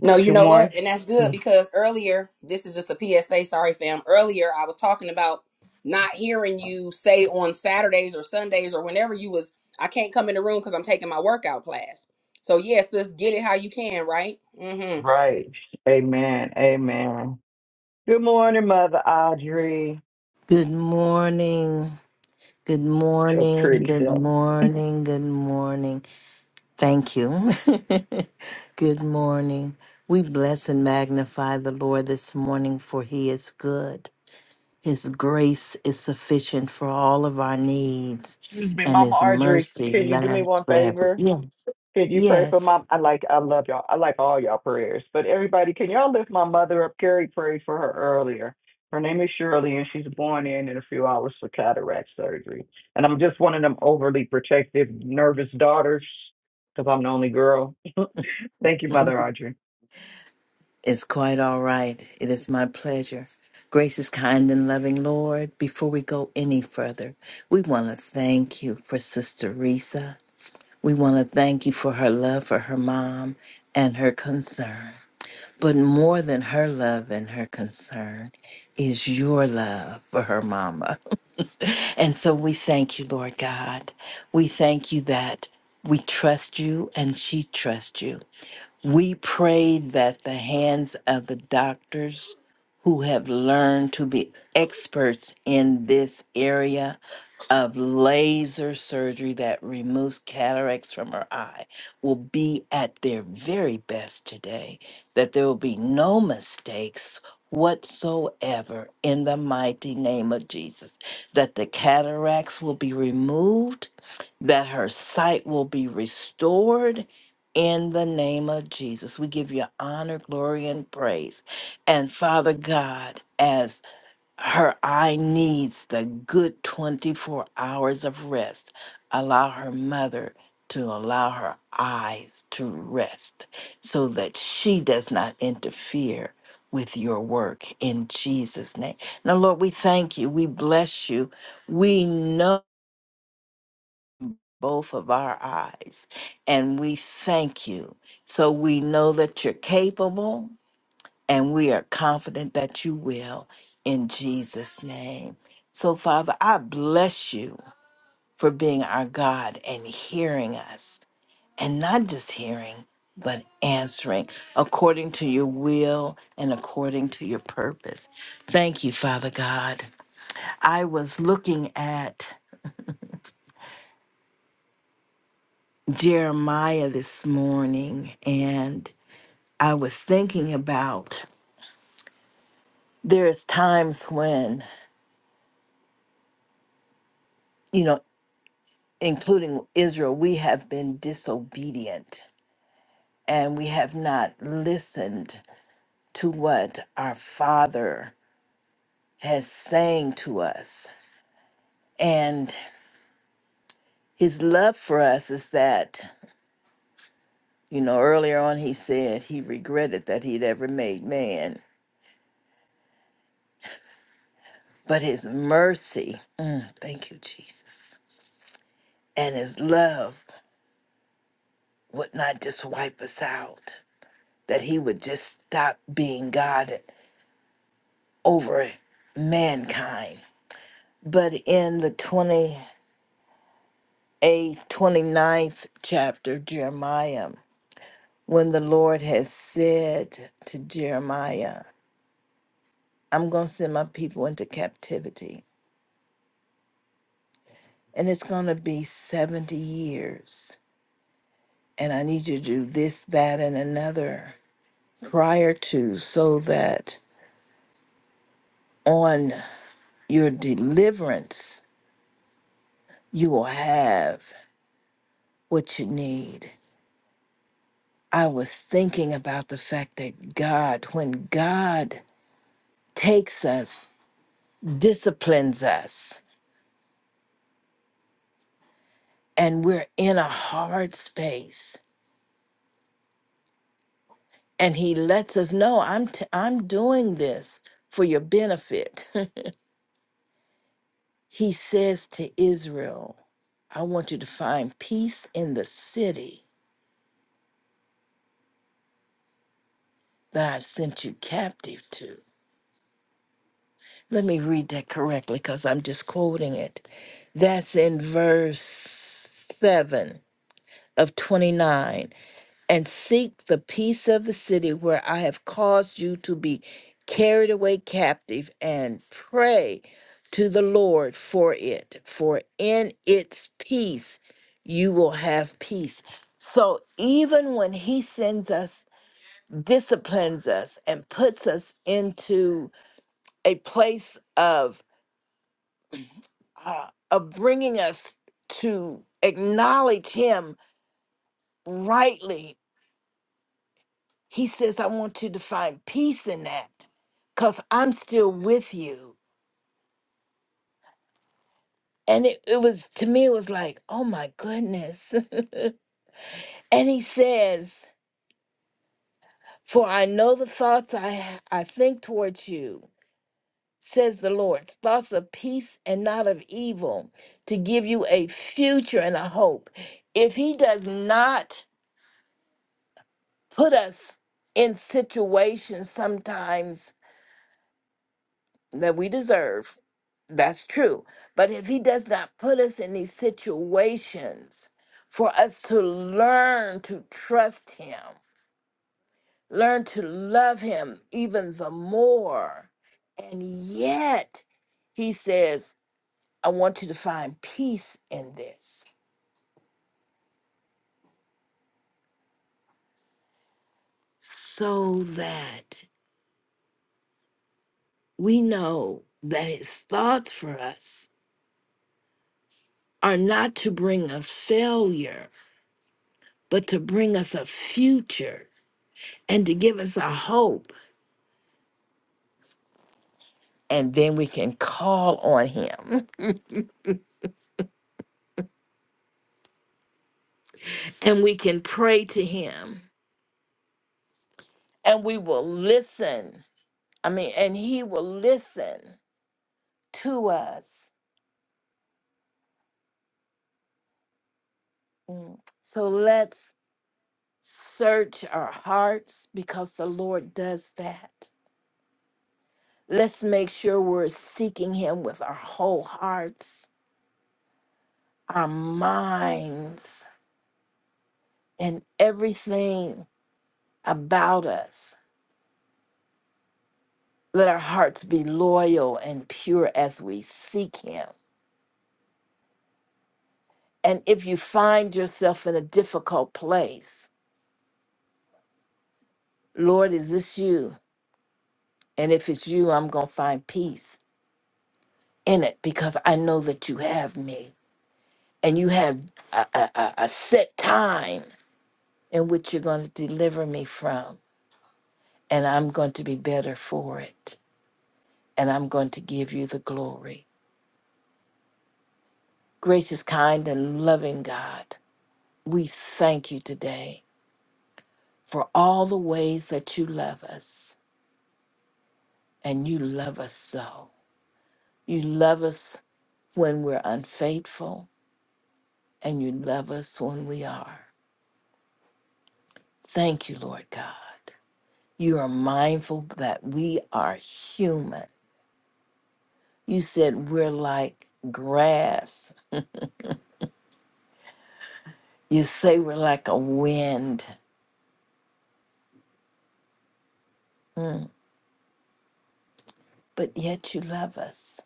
S1: No, you
S3: Good
S1: know what?
S3: morning.
S1: And that's good
S3: Oof.
S1: because earlier, this is just a PSA, sorry fam. Earlier I was talking about not hearing you say on Saturdays or Sundays or whenever you was I can't come in the room cuz I'm taking my workout class. So yes, sis, get it how you can, right? Mhm.
S3: Right. Amen. Amen. Good morning, Mother Audrey.
S6: Good morning. Good
S3: Your
S6: morning.
S3: pretty
S6: Good
S3: self.
S6: morning. Good morning. Thank you. good morning. We bless and magnify the Lord this morning, for he is good. His grace is sufficient for all of our needs,
S3: Excuse me,
S6: and
S3: Mama
S6: his
S3: Audrey.
S6: mercy
S3: Can you do me
S6: lasts
S3: one
S6: forever.
S3: favor?
S6: Yes.
S3: Can you pray for
S6: Yes.
S3: my? I like, I love y'all. I like all y'all prayers. But everybody, can y'all lift my mother up? Carrie prayed for her earlier. Her name is Shirley, and she's born in in a few hours for cataract surgery. And I'm just one of them overly protective, nervous daughters because I'm the only girl. Thank you, Mother Audrey.
S6: It's quite all right. It is my pleasure. Gracious, kind, and loving Lord, before we go any further, we want to thank you for Sister Risa. We want to thank you for her love for her mom and her concern. But more than her love and her concern is your love for her mama. And so we thank you, Lord God. We thank you that we trust you and she trusts you. We pray that the hands of the doctors who have learned to be experts in this area of laser surgery that removes cataracts from her eye will be at their very best today, that there will be no mistakes whatsoever in the mighty name of Jesus, that the cataracts will be removed, that her sight will be restored in the name of Jesus. We give you honor, glory, and praise. And Father God, as her eye needs the good 24 hours of rest, allow her mother to allow her eyes to rest so that she does not interfere with your work in Jesus' name. Now, Lord, we thank you. We bless you. We know both of our eyes. And we thank you. So we know that you're capable and we are confident that you will in Jesus' name. So, Father, I bless you for being our God and hearing us, and not just hearing, but answering according to your will and according to your purpose. Thank you, Father God. I was looking at Jeremiah this morning, and I was thinking about there's times when, you know, including Israel, we have been disobedient and we have not listened to what our Father has saying to us. And his love for us is that, you know, earlier on he said he regretted that he'd ever made man, but his mercy, mm, thank you, Jesus, and his love would not just wipe us out that he would just stop being God over mankind. But in the 28th, eighth, twenty ninth chapter, Jeremiah, when the Lord has said to Jeremiah, I'm going to send my people into captivity, and it's going to be 70 years, and I need you to do this, that, and another prior to so that on your deliverance, you will have what you need. I was thinking about the fact that God, when God takes us, disciplines us, and we're in a hard space, and He lets us know, I'm, t- I'm doing this for your benefit. he says to Israel, I want you to find peace in the city that I've sent you captive to. Let me read that correctly because I'm just quoting it. That's in verse 7. of 29 and seek the peace of the city where I have caused you to be carried away captive and pray to the Lord for it, for in its peace you will have peace. So even when he sends us, disciplines us, and puts us into a place of uh, of bringing us to acknowledge him rightly He says, I want you to find peace in that because I'm still with you. And it, it was, to me, it was like, oh my goodness. and he says, For I know the thoughts I, I think towards you, says the Lord, thoughts of peace and not of evil, to give you a future and a hope. If he does not put us in situations sometimes that we deserve, That's true. But if he does not put us in these situations for us to learn to trust him, learn to love him even the more, and yet he says, I want you to find peace in this so that we know that his thoughts for us are not to bring us failure, but to bring us a future and to give us a hope and then we can call on him and we can pray to him and we will listen. I mean, and he will listen to us. Mm. So let's search our hearts because the Lord does that. Let's make sure we're seeking him with our whole hearts, our minds, and everything about us. Let our hearts be loyal and pure as we seek him And if you find yourself in a difficult place, Lord, is this you? And if it's you, I'm going to find peace in it because I know that you have me and you have a, a, a a set time in which you're going to deliver me from. And I'm going to be better for it. And I'm going to give you the glory. Gracious, kind, and loving God, we thank you today for all the ways that you love us. And you love us so. You love us when we're unfaithful, and you love us when we are. Thank you, Lord God. You are mindful that we are human. You said we're like grass. You say we're like a wind, but yet you love us.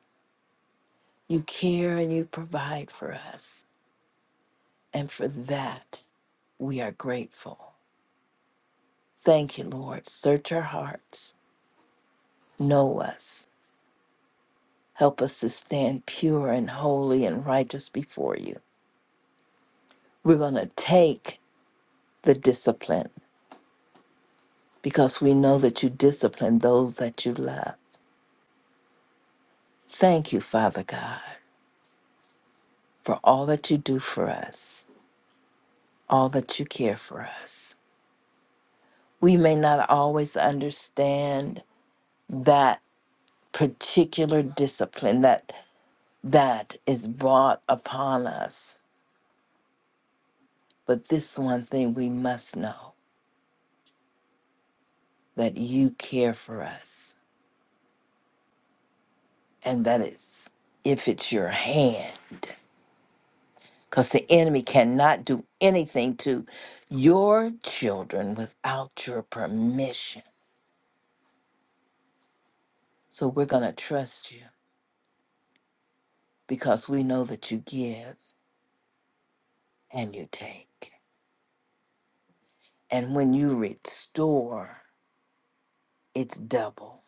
S6: You care and you provide for us. And for that, we are grateful. Thank you, Lord. Search our hearts. Know us. Help us to stand pure and holy and righteous before you. We're going to take the discipline because we know that you discipline those that you love. Thank you, Father God, for all that you do for us, all that you care for us. We may not always understand that particular discipline that that is brought upon us, but this one thing we must know that you care for us and that it's if it's your hand. because the enemy cannot do anything to your children without your permission. So we're going to trust you because we know that you give and you take. And when you restore, it's double.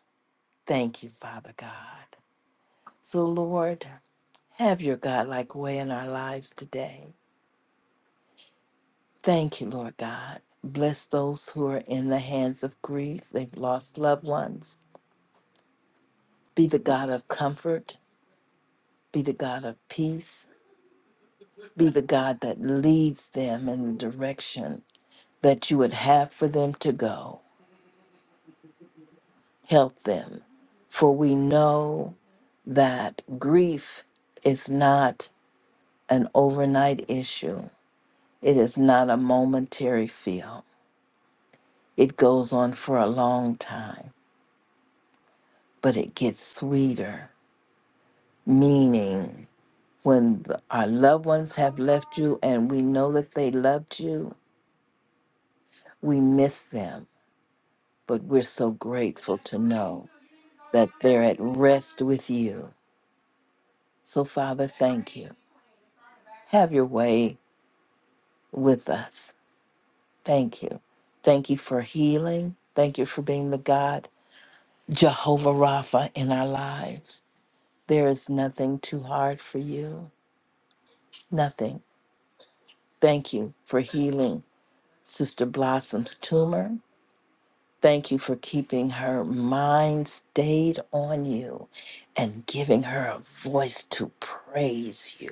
S6: Thank you, Father God. So, Lord, have your Godlike way in our lives today. Thank you, Lord God. Bless those who are in the hands of grief. They've lost loved ones. Be the God of comfort be the God of peace, be the God that leads them in the direction that you would have for them to go. Help them. For we know that grief is not an overnight issue, it is not a momentary feel. It goes on for a long time, but it gets sweeter, meaning when the, our loved ones have left you and we know that they loved you, we miss them but we're so grateful to know that they're at rest with you. So, Father, thank you. Have your way with us. Thank you. Thank you for healing. Thank you for being the God, Jehovah Rapha, in our lives. There is nothing too hard for you. Nothing. Thank you for healing Sister Blossom's tumor. Thank you for keeping her mind stayed on you and giving her a voice to praise you.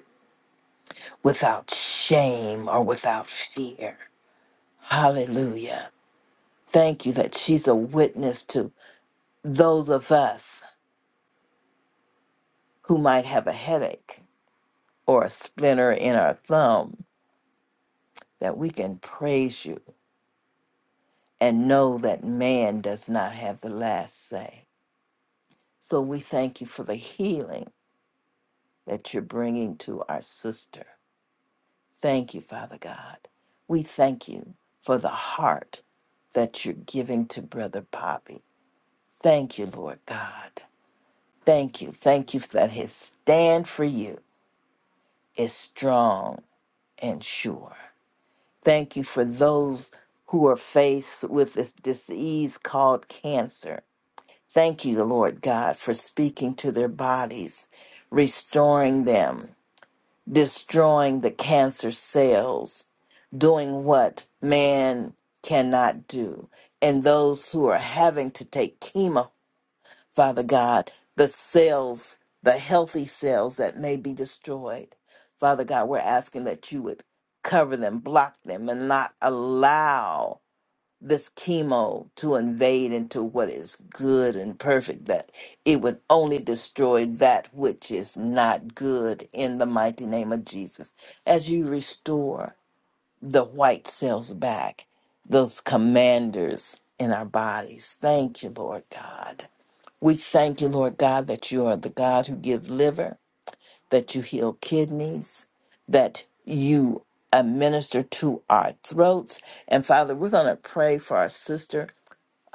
S6: without shame or without fear. Hallelujah. Thank you that she's a witness to those of us who might have a headache or a splinter in our thumb, that we can praise you and know that man does not have the last say. So we thank you for the healing that you're bringing to our sister. Thank you, Father God. We thank you for the heart that you're giving to Brother Bobby Thank you, Lord God. Thank you. Thank you that his stand for you is strong and sure. Thank you for those who are faced with this disease called cancer. Thank you, Lord God, for speaking to their bodies, restoring them, destroying the cancer cells, doing what man cannot do. And those who are having to take chemo Father God, the cells, the healthy cells that may be destroyed. Father God, we're asking that you would cover them, block them, and not allow this chemo to invade into what is good and perfect, that it would only destroy that which is not good in the mighty name of Jesus. As you restore the white cells back, those commanders in our bodies. Thank you, Lord God. We thank you, Lord God, that you are the God who give liver, that you heal kidneys, that you administer to our throats. And Father, we're going to pray for our sister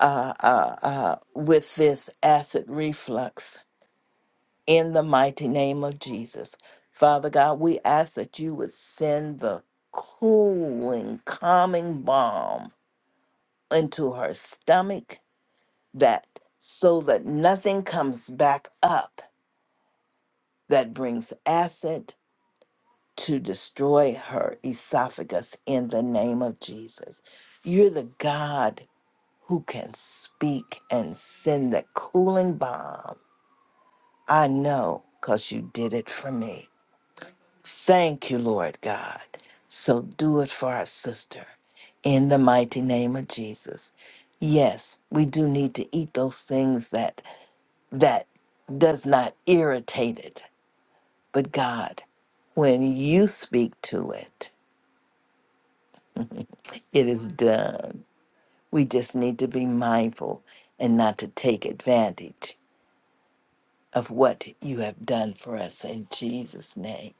S6: uh, uh, uh, with this acid reflux in the mighty name of Jesus. Father God, we ask that you would send the cooling, calming balm into her stomach that so that nothing comes back up that brings acid to destroy her esophagus in the name of Jesus. You're the God who can speak and send the cooling bomb. I know because you did it for me. Thank you, Lord God. So do it for our sister in the mighty name of Jesus. Yes, we do need to eat those things that that does not irritate it But God, when you speak to it, it is done. We just need to be mindful and not to take advantage of what you have done for us in Jesus' name.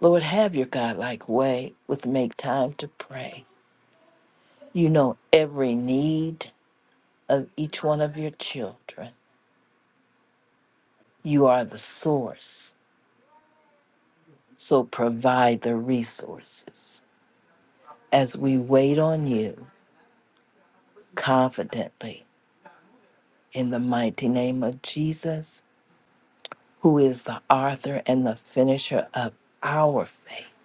S6: Lord, have your Godlike way with make time to pray. You know every need of each one of your children. You are the source, so provide the resources as we wait on you confidently in the mighty name of Jesus, who is the author and the finisher of our faith,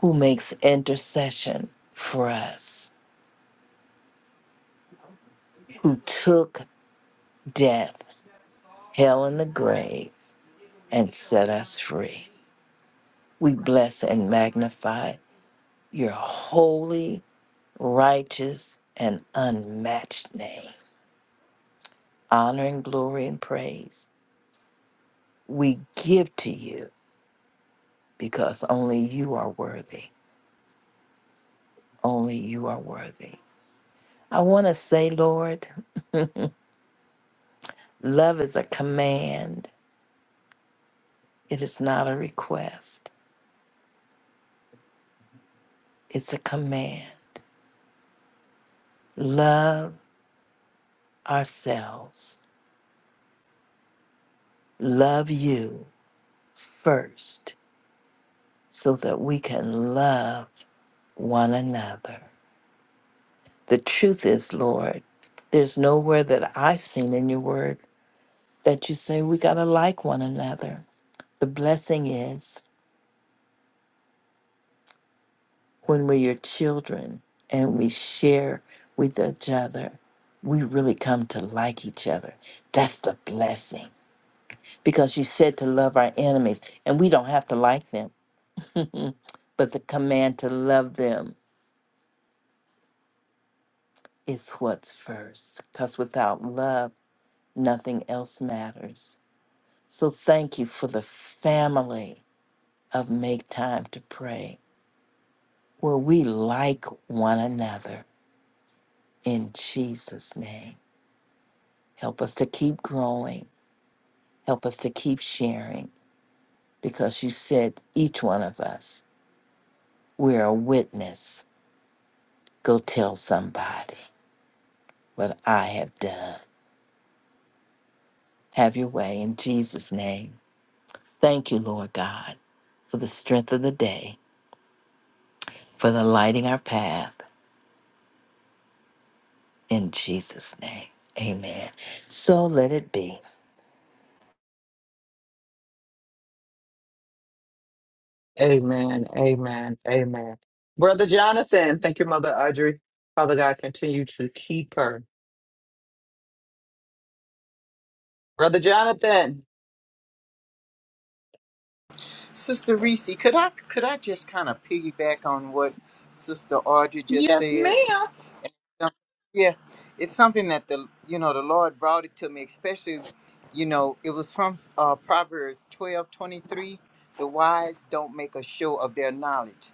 S6: who makes intercession for us, who took death, hell, and the grave, and set us free. We bless and magnify your holy, righteous, and unmatched name. Honor and glory and praise we give to you because only you are worthy. Only you are worthy. I want to say, Lord, love is a command. It is not a request, it's a command. Love ourselves, love you first, so that we can love one another. The truth is, Lord, there's nowhere that I've seen in your word that you say we got to like one another. The blessing is when we're your children and we share with each other, we really come to like each other. That's the blessing because you said to love our enemies, and we don't have to like them, but the command to love them is what's first because without love, nothing else matters. So thank you for the family of Make Time to Pray, where we like one another in Jesus' name. Help us to keep growing Help us to keep sharing because you said each one of us, we're a witness. Go tell somebody what I have done. Have your way in Jesus' name. Thank you, Lord God, for the strength of the day, for the lighting our path in Jesus' name. Amen. So let it be.
S3: Amen. Amen. Amen. Brother Jonathan, thank you, Mother Audrey. Father God, continue to keep her. Brother Jonathan.
S5: Sister Reese, could I could I just kind of piggyback on what Sister Audrey just said? Um, yeah it's something that the you know the lord brought it to me especially you know it was from uh proverbs twelve twenty three. the wise don't make a show of their knowledge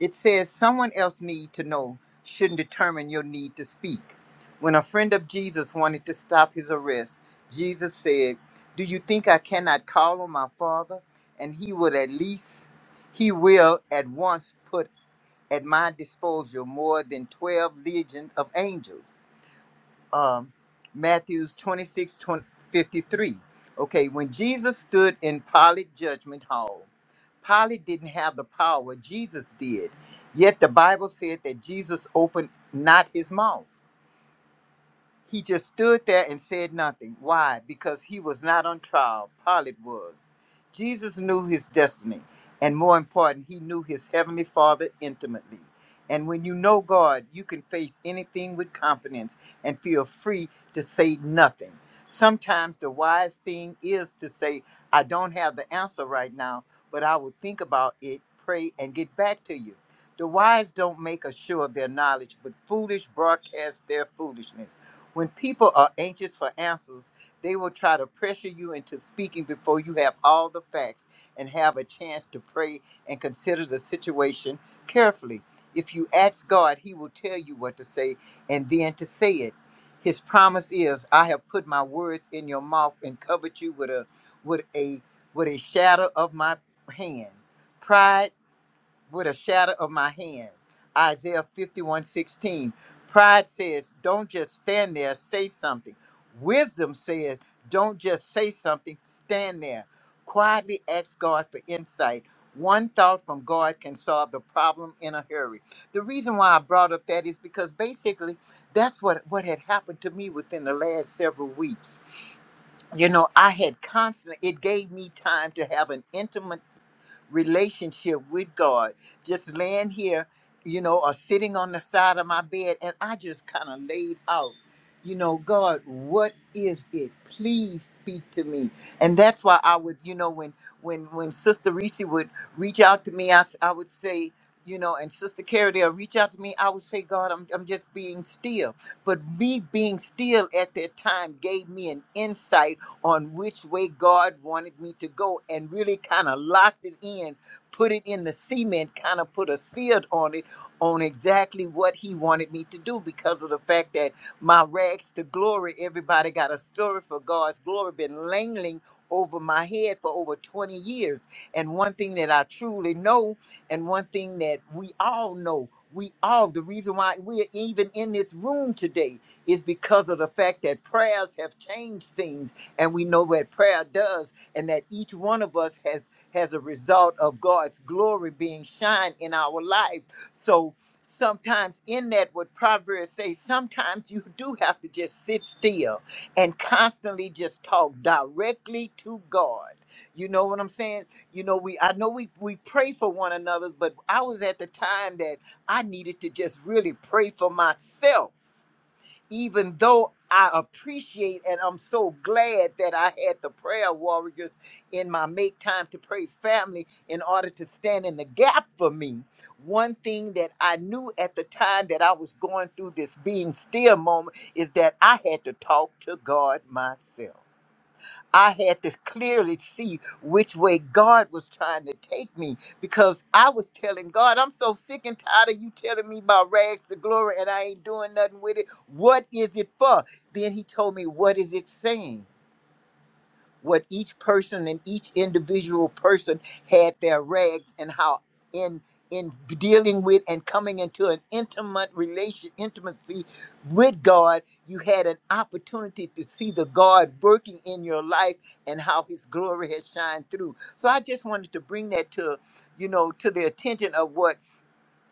S5: it says someone else need to know shouldn't determine your need to speak when a friend of jesus wanted to stop his arrest jesus said do you think i cannot call on my father and he would at least he will at once at my disposal more than 12 legions of angels. Um, Matthews 26, fifty-three. Okay, when Jesus stood in Pilate's judgment hall, Pilate didn't have the power, Jesus did. Yet the Bible said that Jesus opened not his mouth. He just stood there and said nothing. Why? Because he was not on trial. Pilate was. Jesus knew his destiny. And more important, he knew his heavenly father intimately. And when you know God, you can face anything with confidence and feel free to say nothing. Sometimes the wise thing is to say, I don't have the answer right now, but I will think about it, pray, and get back to you. The wise don't make a show of their knowledge, but foolish broadcast their foolishness. When people are anxious for answers, they will try to pressure you into speaking before you have all the facts and have a chance to pray and consider the situation carefully. If you ask God, He will tell you what to say and then to say it. His promise is, I have put my words in your mouth and covered you with a with a with a shadow of my hand. Pride with a shadow of my hand. Isaiah 51 16. Pride says, don't just stand there, say something. Wisdom says, don't just say something, stand there. Quietly ask God for insight. One thought from God can solve the problem in a hurry. The reason why I brought up that is because basically that's what, what had happened to me within the last several weeks. You know, I had constantly, it gave me time to have an intimate relationship with God. Just laying here, you know, or sitting on the side of my bed, and I just kind of laid out, you know, God, what is it? Please speak to me. And that's why I would, you know, when when when Sister Reese would reach out to me, I, s- I would say, you know, and Sister Carrie they'll reach out to me, I would say, God, I'm, I'm just being still. But me being still at that time gave me an insight on which way God wanted me to go and really kind of locked it in, put it in the cement, kind of put a seal on it, on exactly what He wanted me to do because of the fact that my rags to glory, everybody got a story for God's glory, been langling over my head for over 20 years. And one thing that I truly know, and one thing that we all know, we all, the reason why we're even in this room today is because of the fact that prayers have changed things and we know what prayer does and that each one of us has has a result of god's glory being shined in our lives so sometimes in that what proverbs say sometimes you do have to just sit still and constantly just talk directly to god you know what i'm saying you know we i know we we pray for one another but i was at the time that i needed to just really pray for myself even though I appreciate and I'm so glad that I had the prayer warriors in my Make Time to Pray family in order to stand in the gap for me. One thing that I knew at the time that I was going through this being still moment is that I had to talk to God myself. I had to clearly see which way God was trying to take me because I was telling God, I'm so sick and tired of you telling me about rags to glory and I ain't doing nothing with it. What is it for? Then he told me, What is it saying? what each person and each individual person had their rags and how in in dealing with and coming into an intimate relation intimacy with God you had an opportunity to see the God working in your life and how his glory has shined through so i just wanted to bring that to you know to the attention of what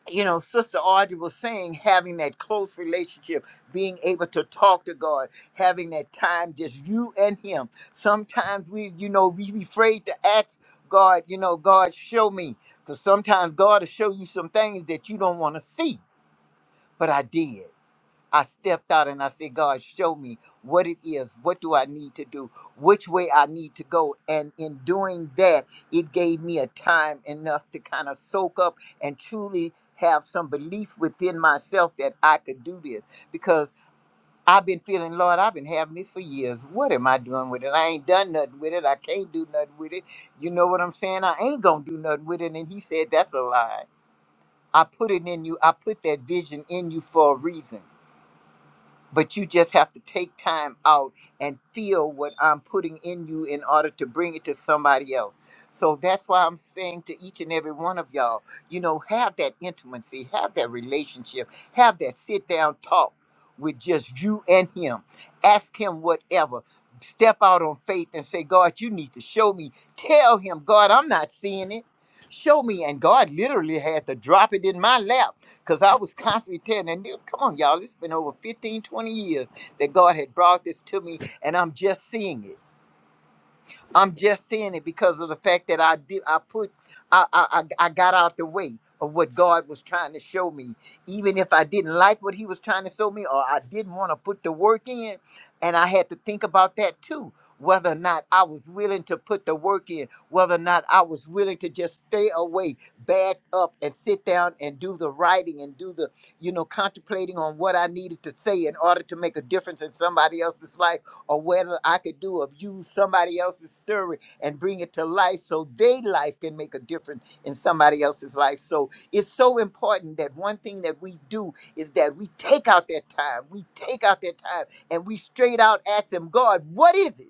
S5: you know, Sister Audrey was saying, having that close relationship, being able to talk to God, having that time just you and Him. Sometimes we, you know, we be afraid to ask God, you know, God, show me. Because sometimes God will show you some things that you don't want to see. But I did. I stepped out and I said, God, show me what it is. What do I need to do? Which way I need to go? And in doing that, it gave me a time enough to kind of soak up and truly have some belief within myself that I could do this because I've been feeling, Lord, I've been having this for years. What am I doing with it? I ain't done nothing with it. I can't do nothing with it. You know what I'm saying? I ain't going to do nothing with it. And he said, That's a lie. I put it in you. I put that vision in you for a reason but you just have to take time out and feel what I'm putting in you in order to bring it to somebody else. So that's why I'm saying to each and every one of y'all, you know, have that intimacy, have that relationship, have that sit down talk with just you and him. Ask him whatever. Step out on faith and say, God, you need to show me. Tell him, God, I'm not seeing it. Show me. And God literally had to drop it in my lap because I was constantly telling them, "Dude, come on, y'all, it's been over 15, 20 years that God had brought this to me, and I'm just seeing it. I'm just saying it because of the fact that I did. I put. I I I I got out the way of what God was trying to show me. Even if I didn't like what He was trying to show me, or I didn't want to put the work in, and I had to think about that too. Whether or not I was willing to put the work in, whether or not I was willing to just stay away, back up, and sit down and do the writing and do the, you know, contemplating on what I needed to say in order to make a difference in somebody else's life or whether I could do of use somebody else's story and bring it to life so their life can make a difference in somebody else's life. So it's so important that one thing that we do is that we take out that time, we take out that time and we straight out ask him, God, what is it?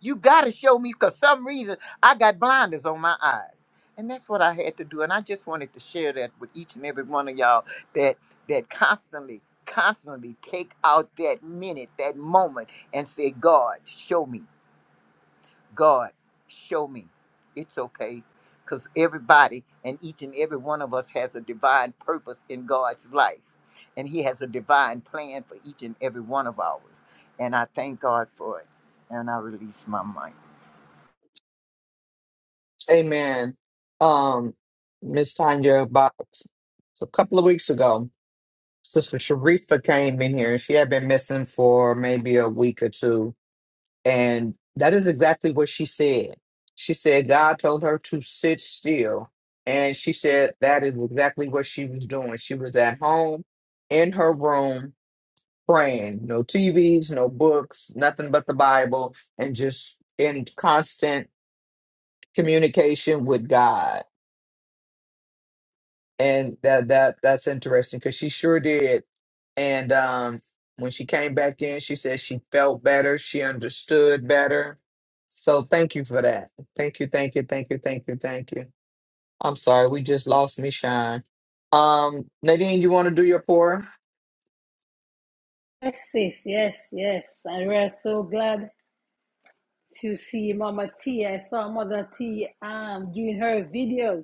S5: You got to show me because some reason I got blinders on my eyes. And that's what I had to do. And I just wanted to share that with each and every one of y'all that that constantly, constantly take out that minute, that moment, and say, God, show me. God, show me. It's okay. Because everybody and each and every one of us has a divine purpose in God's life. And He has a divine plan for each and every one of ours. And I thank God for it. And I release my mind.
S3: Amen. Um, Miss Tanya, about a couple of weeks ago, Sister Sharifa came in here and she had been missing for maybe a week or two. And that is exactly what she said. She said God told her to sit still. And she said that is exactly what she was doing. She was at home in her room praying. No TVs, no books, nothing but the Bible, and just in constant communication with God and that that that's interesting because she sure did. And um, when she came back in, she said she felt better, she understood better. So thank you for that. Thank you, thank you, thank you, thank you, thank you. I'm sorry, we just lost me shine. Um, Nadine, you want to do your pour?
S2: Yes, sis. Yes, yes. And we're so glad to see Mama T. I saw Mother T um doing her videos.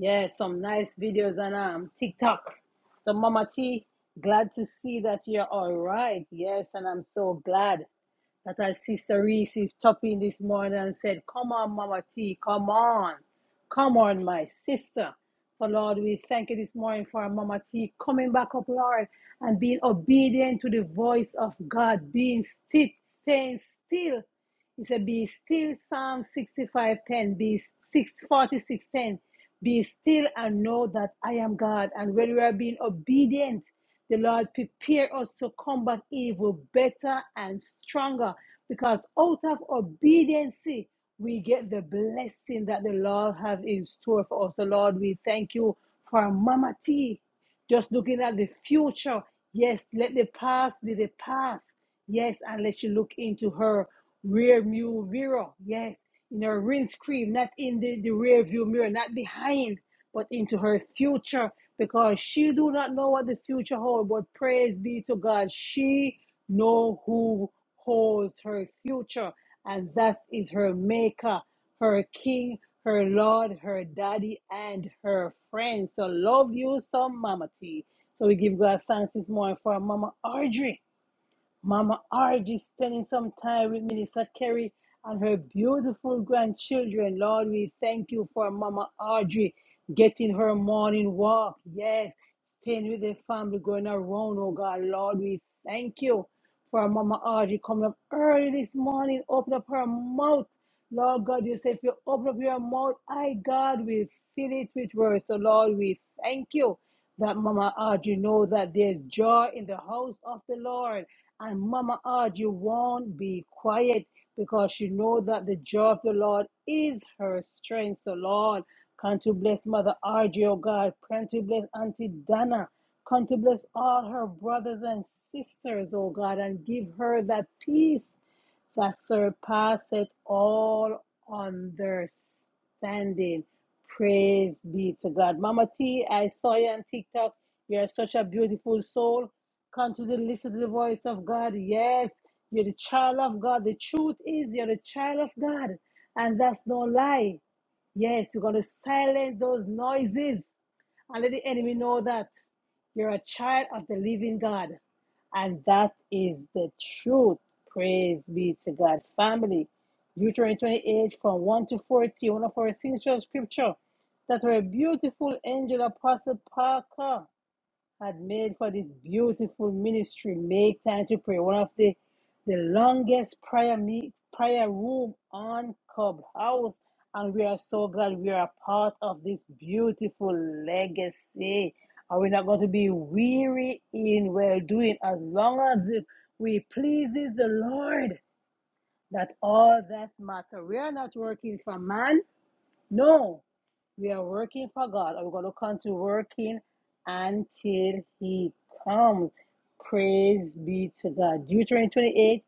S2: Yeah, some nice videos on um TikTok. So Mama T, glad to see that you're all right. Yes, and I'm so glad that our sister Reese is in this morning and said, Come on, Mama T, come on. Come on, my sister. So Lord, we thank you this morning for our Mama T coming back up, Lord, and being obedient to the voice of God, being still, staying still he said, Be still, Psalm 65 10. be 6 46 10. Be still and know that I am God. And when we are being obedient, the Lord prepare us to combat evil better and stronger because out of obedience, we get the blessing that the Lord has in store for us. So, Lord, we thank you for Mama T. Just looking at the future. Yes, let the past be the past. Yes, and let you look into her rear view mirror. Yes, in her windscreen, not in the, the rear view mirror, not behind, but into her future because she do not know what the future holds. But praise be to God, she know who holds her future, and that is her maker her king, her lord, her daddy, and her friend. So love you some, Mama T. So we give God thanks this morning for Mama Audrey. Mama Argy spending some time with Minister Kerry and her beautiful grandchildren. Lord, we thank you for Mama Audrey getting her morning walk. Yes, staying with the family, going around, oh God. Lord, we thank you for Mama Audrey coming up early this morning, open up her mouth. Lord God, you say if you open up your mouth, I, God, will fill it with words. So, Lord, we thank you that Mama Audrey know that there's joy in the house of the Lord. And Mama Odd, you won't be quiet because you know that the joy of the Lord is her strength. So, Lord, come to bless Mother Audrey, oh God. Come to bless Auntie Dana. Come to bless all her brothers and sisters, oh God, and give her that peace that surpasseth all understanding standing. Praise be to God. Mama T, I saw you on TikTok. You are such a beautiful soul. Continue to listen to the voice of God. Yes, you're the child of God. The truth is, you're the child of God. And that's no lie. Yes, you're going to silence those noises and let the enemy know that you're a child of the living God. And that is the truth. Praise be to God. Family, Deuteronomy 28 from 1 to 40, one of our signature scripture that our beautiful angel apostle Parker had made for this beautiful ministry. Make time to pray. One of the the longest prayer meet, prayer room on Clubhouse, and we are so glad we are a part of this beautiful legacy. Are we not going to be weary in well doing as long as it we pleases the Lord? That all that matter. We are not working for man. No, we are working for God and we're going to continue working until He comes. Praise be to God. Deuteronomy 28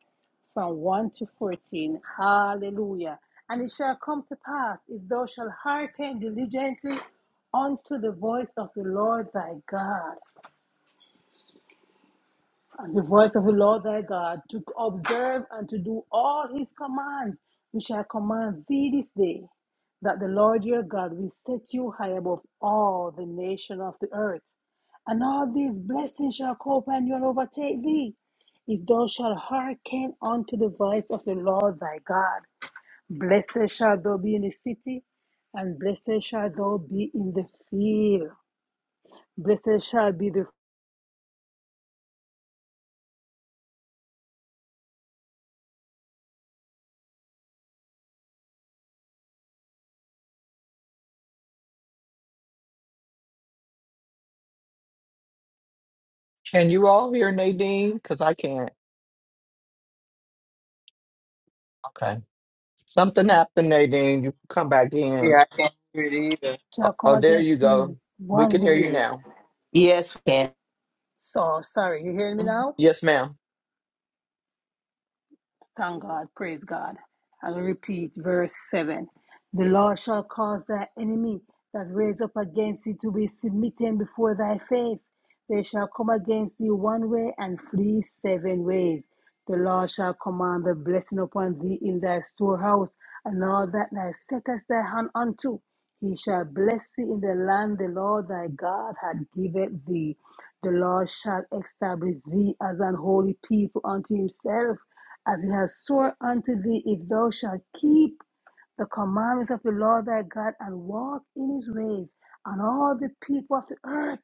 S2: from 1 to 14. Hallelujah. And it shall come to pass if thou shalt hearken diligently unto the voice of the Lord thy God the voice of the Lord thy God, to observe and to do all his commands, which I command thee this day, that the Lord your God will set you high above all the nation of the earth. And all these blessings shall come upon you and overtake thee, if thou shalt hearken unto the voice of the Lord thy God. Blessed shall thou be in the city, and blessed shall thou be in the field. Blessed shall be the
S3: Can you all hear Nadine? Because I can't. Okay. Something happened, Nadine. You come back in.
S5: Yeah, I can't hear it either.
S3: Oh,
S2: shall come
S3: oh, there
S2: against
S3: you
S2: thee
S3: go. We
S2: one
S3: can hear
S2: way,
S3: you now.
S6: Yes,
S2: So sorry, you hear me now?
S3: Yes, ma'am.
S2: Thank God, praise God. I'll repeat verse 7. The Lord shall cause thy enemy that raise up against thee to be submitted before thy face. They shall come against thee one way and flee seven ways. The Lord shall command the blessing upon thee in thy storehouse, and all that thou settest thy hand unto. He shall bless thee in the land the Lord thy God hath given thee. The Lord shall establish thee as an holy people unto himself, as he has sworn unto thee, if thou shalt keep the commandments of the Lord thy God and walk in his ways, and all the people of the earth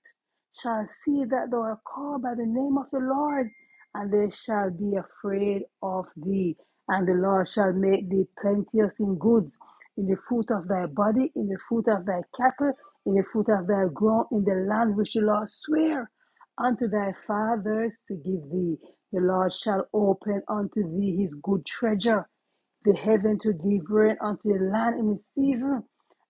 S2: shall see that thou art called by the name of the Lord, and they shall be afraid of thee. And the Lord shall make thee plenteous in goods, in the fruit of thy body, in the fruit of thy cattle, in the fruit of thy ground, in the land which the Lord sware unto thy fathers to give thee. The Lord shall open unto thee his good treasure, the heaven to give rain unto the land in the season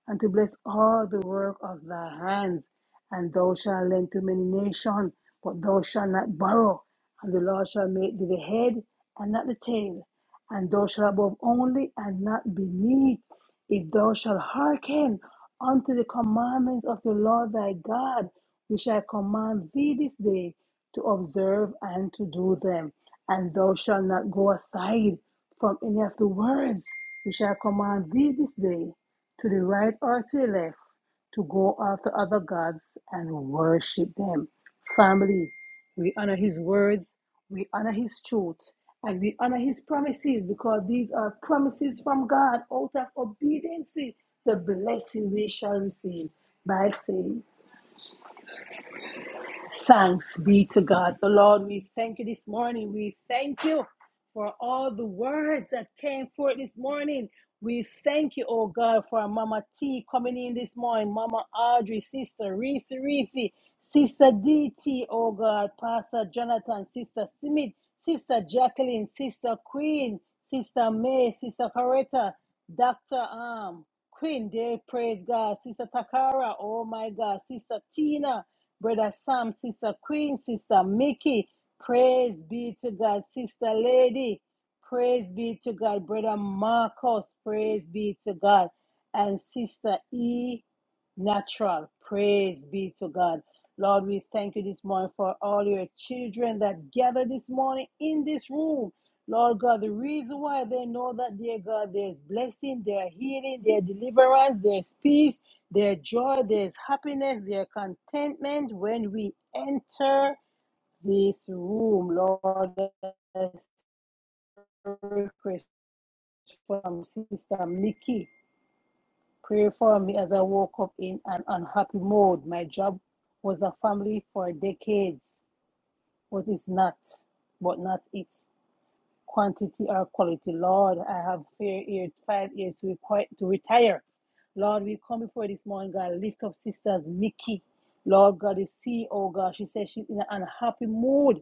S2: and to bless all the work of thy hands. And thou shalt lend to many nations, but thou shalt not borrow. And the Lord shall make thee the head and not the tail. And thou shalt above only and not beneath. If thou shalt hearken unto the commandments of the Lord thy God, which I command thee this day to observe and to do them and thou shalt not go aside from any of the words which shall command thee this day, to the right or to the left, to go after other gods and worship them. Family, we honor his words, we honor his truth, and we honor his promises because these are promises from God out of obedience, the blessing we shall receive by saying. Thanks be to God. The Lord, we thank you this morning. We thank you for all the words that came forth this morning. We thank you, oh God, for Mama T coming in this morning, Mama Audrey, Sister Reese Reese, Sister DT, oh God, Pastor Jonathan, Sister Smith, Sister Jacqueline, Sister Queen, Sister May, Sister Coretta. Dr. Um, Queen. they praise God. Sister Takara, oh my God. Sister Tina, Brother Sam, Sister Queen, Sister Mickey, praise be to God. Sister Lady, praise be to God. Brother Marcos, praise be to God. And Sister E, natural, praise be to God. Lord, we thank you this morning for all your children that gather this morning in this room. Lord God, the reason why they know that, dear God, there's blessing, there's healing, there's deliverance, there's peace, there's joy, there's happiness, there's contentment when we enter this room, Lord. That's a request from Sister Mickey. Pray for me as I woke up in an unhappy mode. My job was a family for decades, but it's not, but not it. quantity or quality. Lord, I have fair ear, five years to, require, to retire. Lord, we come before this morning, God, lift up sisters Nikki. Lord God, you see, oh God, she says she's in an unhappy mood.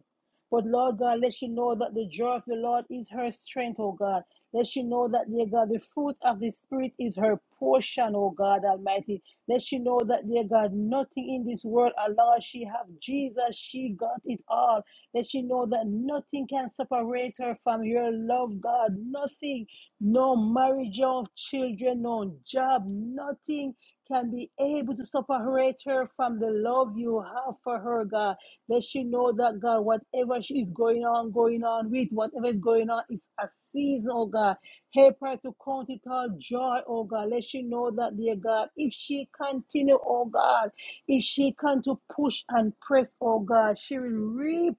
S2: But Lord God, let she know that the joy of the Lord is her strength, oh God. Let she know that, dear God, the fruit of the Spirit is her portion, oh God Almighty. Let she know that, dear God, nothing in this world, Allah, she have Jesus, she got it all. Let she know that nothing can separate her from your love, God. Nothing, no marriage, no children, no job, nothing can be able to separate her from the love you have for her, God. Let she know that God, whatever she is going on, going on with, whatever is going on, it's a season, oh God. Help her to count it all joy, oh God. Let she know that, dear God, if she continue, oh God, if she can to push and press, oh God, she will reap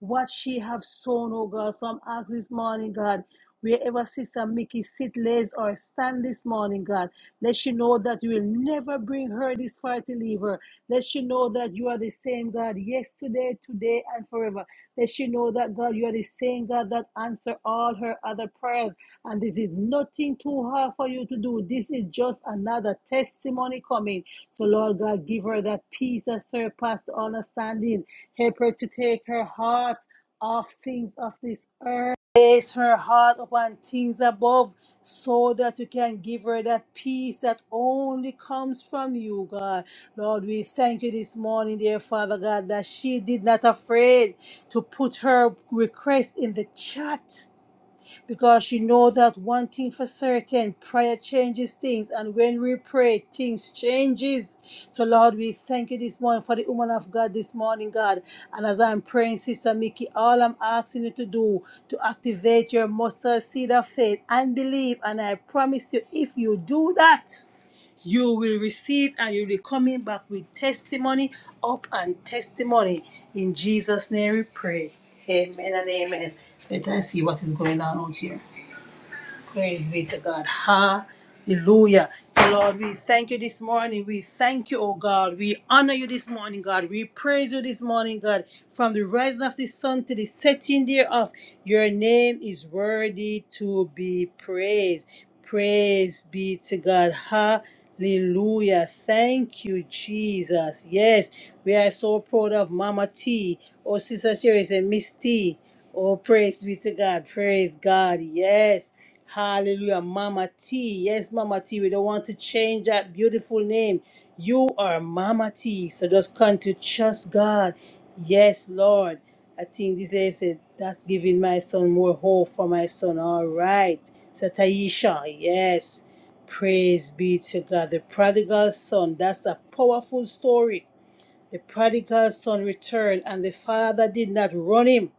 S2: what she have sown, oh God. So I'm asking this morning, God, wherever Sister Mickey sit, lays, or stand this morning, God, let she know that you will never bring her this far to leave her. Let she know that you are the same God yesterday, today, and forever. Let she know that God, you are the same God that answer all her other prayers. And this is nothing too hard for you to do. This is just another testimony coming. So, Lord God, give her that peace that surpasses all understanding. Help her to take her heart off things of this earth Place her heart upon things above so that you can give her that peace that only comes from you, God. Lord, we thank you this morning, dear Father God, that she did not afraid to put her request in the chat because you know that one thing for certain prayer changes things and when we pray things changes so lord we thank you this morning for the woman of god this morning god and as i'm praying sister mickey all i'm asking you to do to activate your mustard seed of faith and believe and i promise you if you do that you will receive and you'll be coming back with testimony up and testimony in jesus name we pray amen and amen let us see what is going on out here Praise be to God. Hallelujah. Lord, we thank you this morning. We thank you, oh God. We honor you this morning, God. We praise you this morning, God. From the rising of the sun to the setting thereof, your name is worthy to be praised. Praise be to God. Hallelujah. Thank you, Jesus. Yes, we are so proud of Mama T. Oh, Sister Sherry, and Miss T. Oh, praise be to God. Praise God. Yes. Hallelujah. Mama T. Yes, Mama T. We don't want to change that beautiful name. You are Mama T. So just come to trust God. Yes, Lord. I think this lady said, that's giving my son more hope for my son. All right. So Taisha, yes. Praise be to God. The prodigal son, that's a powerful story. The prodigal son returned, and the father did not run him.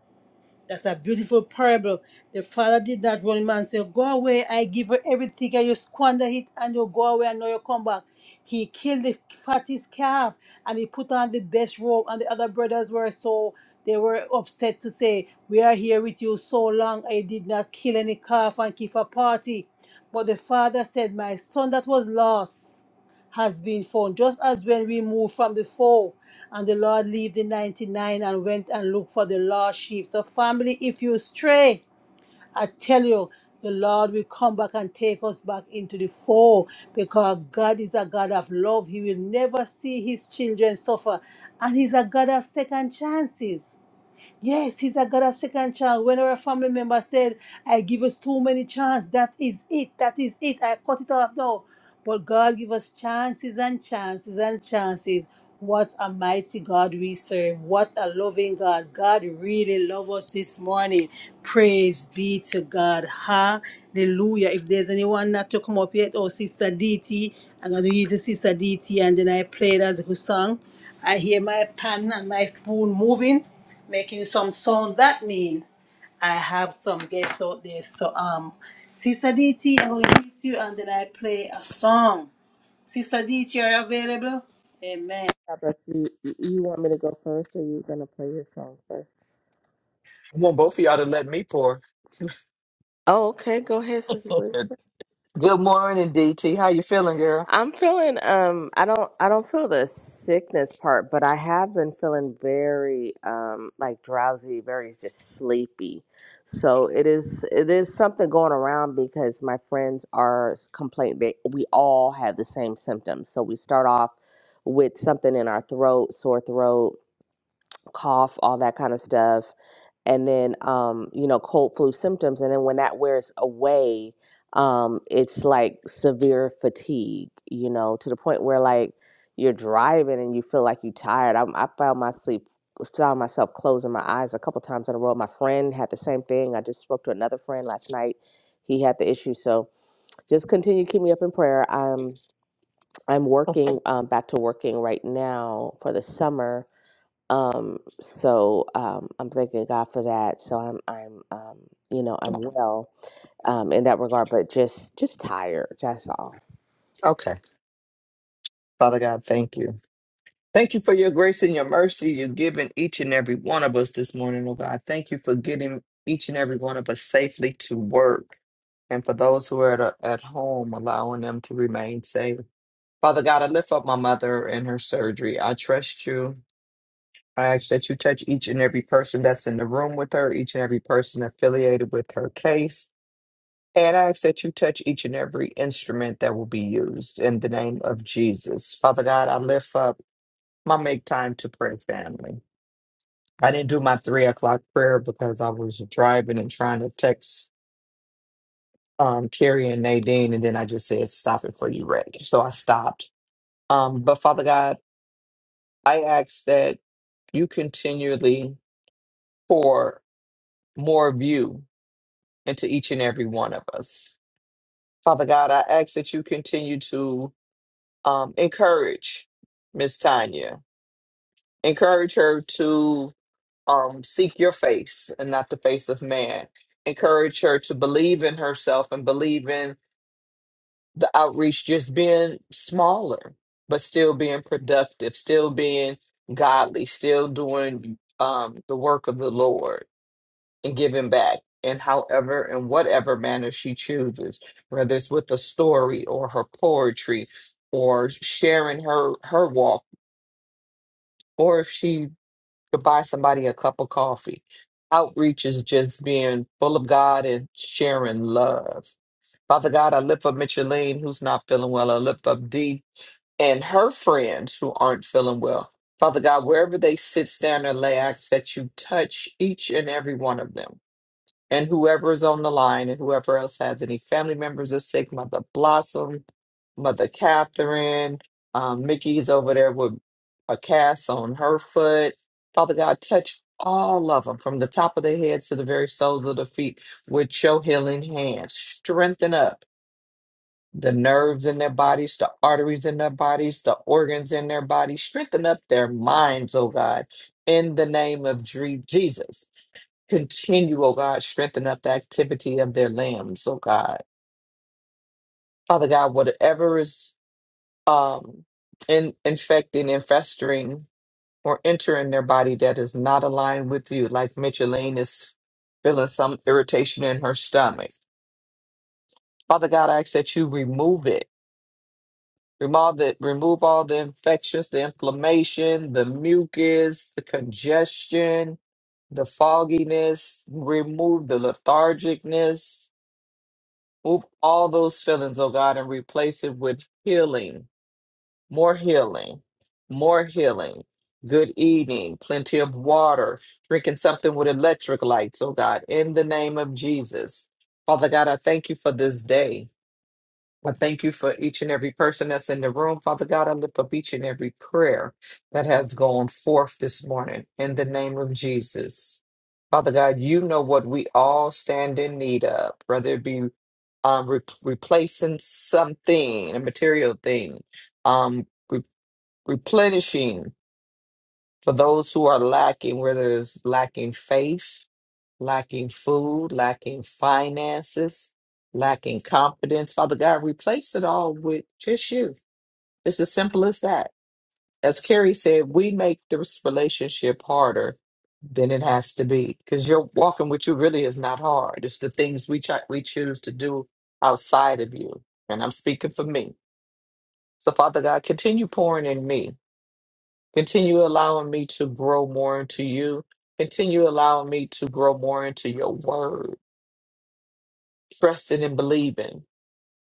S2: That's a beautiful parable. The father did not run him and say, Go away, I give you everything, and you squander it, and you go away, and now you come back. He killed the fattest calf, and he put on the best robe, and the other brothers were so, they were upset to say, We are here with you so long, I did not kill any calf and keep a party. But the father said, My son that was lost has been found. Just as when we moved from the fold and the Lord leave the 99 and went and looked for the lost sheep. So, family, if you stray, I tell you, the Lord will come back and take us back into the fold because God is a God of love. He will never see his children suffer. And he's a God of second chances. Yes, he's a God of second chance. Whenever a family member said, I give us too many chances, that is it. That is it. I cut it off now. But God give us chances and chances and chances. What a mighty God we serve. What a loving God. God really loves us this morning. Praise be to God. Hallelujah. If there's anyone not to come up yet, oh, Sister DT, I'm going to give it to Sister DT and then I play that good song. I hear my pan and my spoon moving, making some sound. That means I have some guests out there. So um, Sister DT, I'm gonna meet you and then I play a song. Sister DT, are you available? Amen.
S7: God bless you. You you want me to go first, or you gonna play your song first?
S3: I want both of y'all to let me pour.
S7: Oh, okay. Go ahead, Sister Brisa.
S3: Good morning, DT. How you feeling, girl?
S7: I'm feeling um I don't I don't feel the sickness part, but I have been feeling very um like drowsy, very just sleepy. So it is it is something going around because my friends are complaining that we all have the same symptoms. So we start off with something in our throat, sore throat, cough, all that kind of stuff, and then um, you know cold flu symptoms, and then when that wears away, um, it's like severe fatigue, you know, to the point where like you're driving and you feel like you're tired. I, I found my sleep found myself closing my eyes a couple times in a row. My friend had the same thing. I just spoke to another friend last night. He had the issue, so just continue to keep me up in prayer. I'm I'm working um, back to working right now for the summer um, so um, I'm thanking God for that. So I'm I'm um, you know I'm well um, in that regard, but just just tired. That's all.
S3: Okay. Father God, thank you. Thank you for your grace and your mercy you've given each and every one of us this morning, oh God. Thank you for getting each and every one of us safely to work. And for those who are at, at home, allowing them to remain safe. Father God, I lift up my mother and her surgery. I trust you. I ask that you touch each and every person that's in the room with her, each and every person affiliated with her case. And I ask that you touch each and every instrument that will be used in the name of Jesus. Father God, I lift up my make time to pray family. I didn't do my three o'clock prayer because I was driving and trying to text um, Carrie and Nadine. And then I just said, stop it for you, Rick. So I stopped. Um, but Father God, I ask that you continually pour more of you into each and every one of us. Father God, I ask that you continue to um, encourage Miss Tanya, encourage her to um, seek your face and not the face of man. Encourage her to believe in herself and believe in the outreach just being smaller, but still being productive, still being godly, still doing um, the work of the Lord and giving back in however and whatever manner she chooses, whether it's with a story or her poetry or sharing her her walk, or if she could buy somebody a cup of coffee. Outreach is just being full of God and sharing love. Father God, I lift up Micheline, who's not feeling well. I lift up Dee and her friends who aren't feeling well. Father God, wherever they sit, stand, or lay, I ask that you touch each and every one of them and whoever is on the line and whoever else has any family members are sick, Mother Blossom, Mother Catherine, um, Mickey's over there with a cast on her foot. Father God, touch all of them from the top of their heads to the very soles of their feet with your healing hands. Strengthen up the nerves in their bodies, the arteries in their bodies, the organs in their bodies. Strengthen up their minds, oh God, in the name of Dre- Jesus. Continue, oh God, strengthen up the activity of their limbs, oh God. Father God, whatever is um, in, infecting, infesting, or entering their body that is not aligned with you, like Micheline is feeling some irritation in her stomach. Father God, I ask that you remove it Remove all the remove all the infections, the inflammation, the mucus, the congestion, the fogginess. Remove the lethargicness. Move all those feelings, oh God, and replace it with healing, more healing, more healing. Good eating, plenty of water, drinking something with electric lights, oh God, in the name of Jesus. Father God, I thank you for this day. I thank you for each and every person that's in the room. Father God, I lift up each and every prayer that has gone forth this morning in the name of Jesus. Father God, you know what we all stand in need of, whether it be um, re- replacing something, a material thing, um, re- replenishing for those who are lacking, whether it's lacking faith, lacking food, lacking finances, lacking confidence. Father God, replace it all with just you. It's as simple as that. As Carrie said, we make this relationship harder than it has to be because you're walking with you really is not hard. It's the things we, ch- we choose to do outside of you. And I'm speaking for me. So, Father God, continue pouring in me. Continue allowing me to grow more into you. Continue allowing me to grow more into your word trusting and believing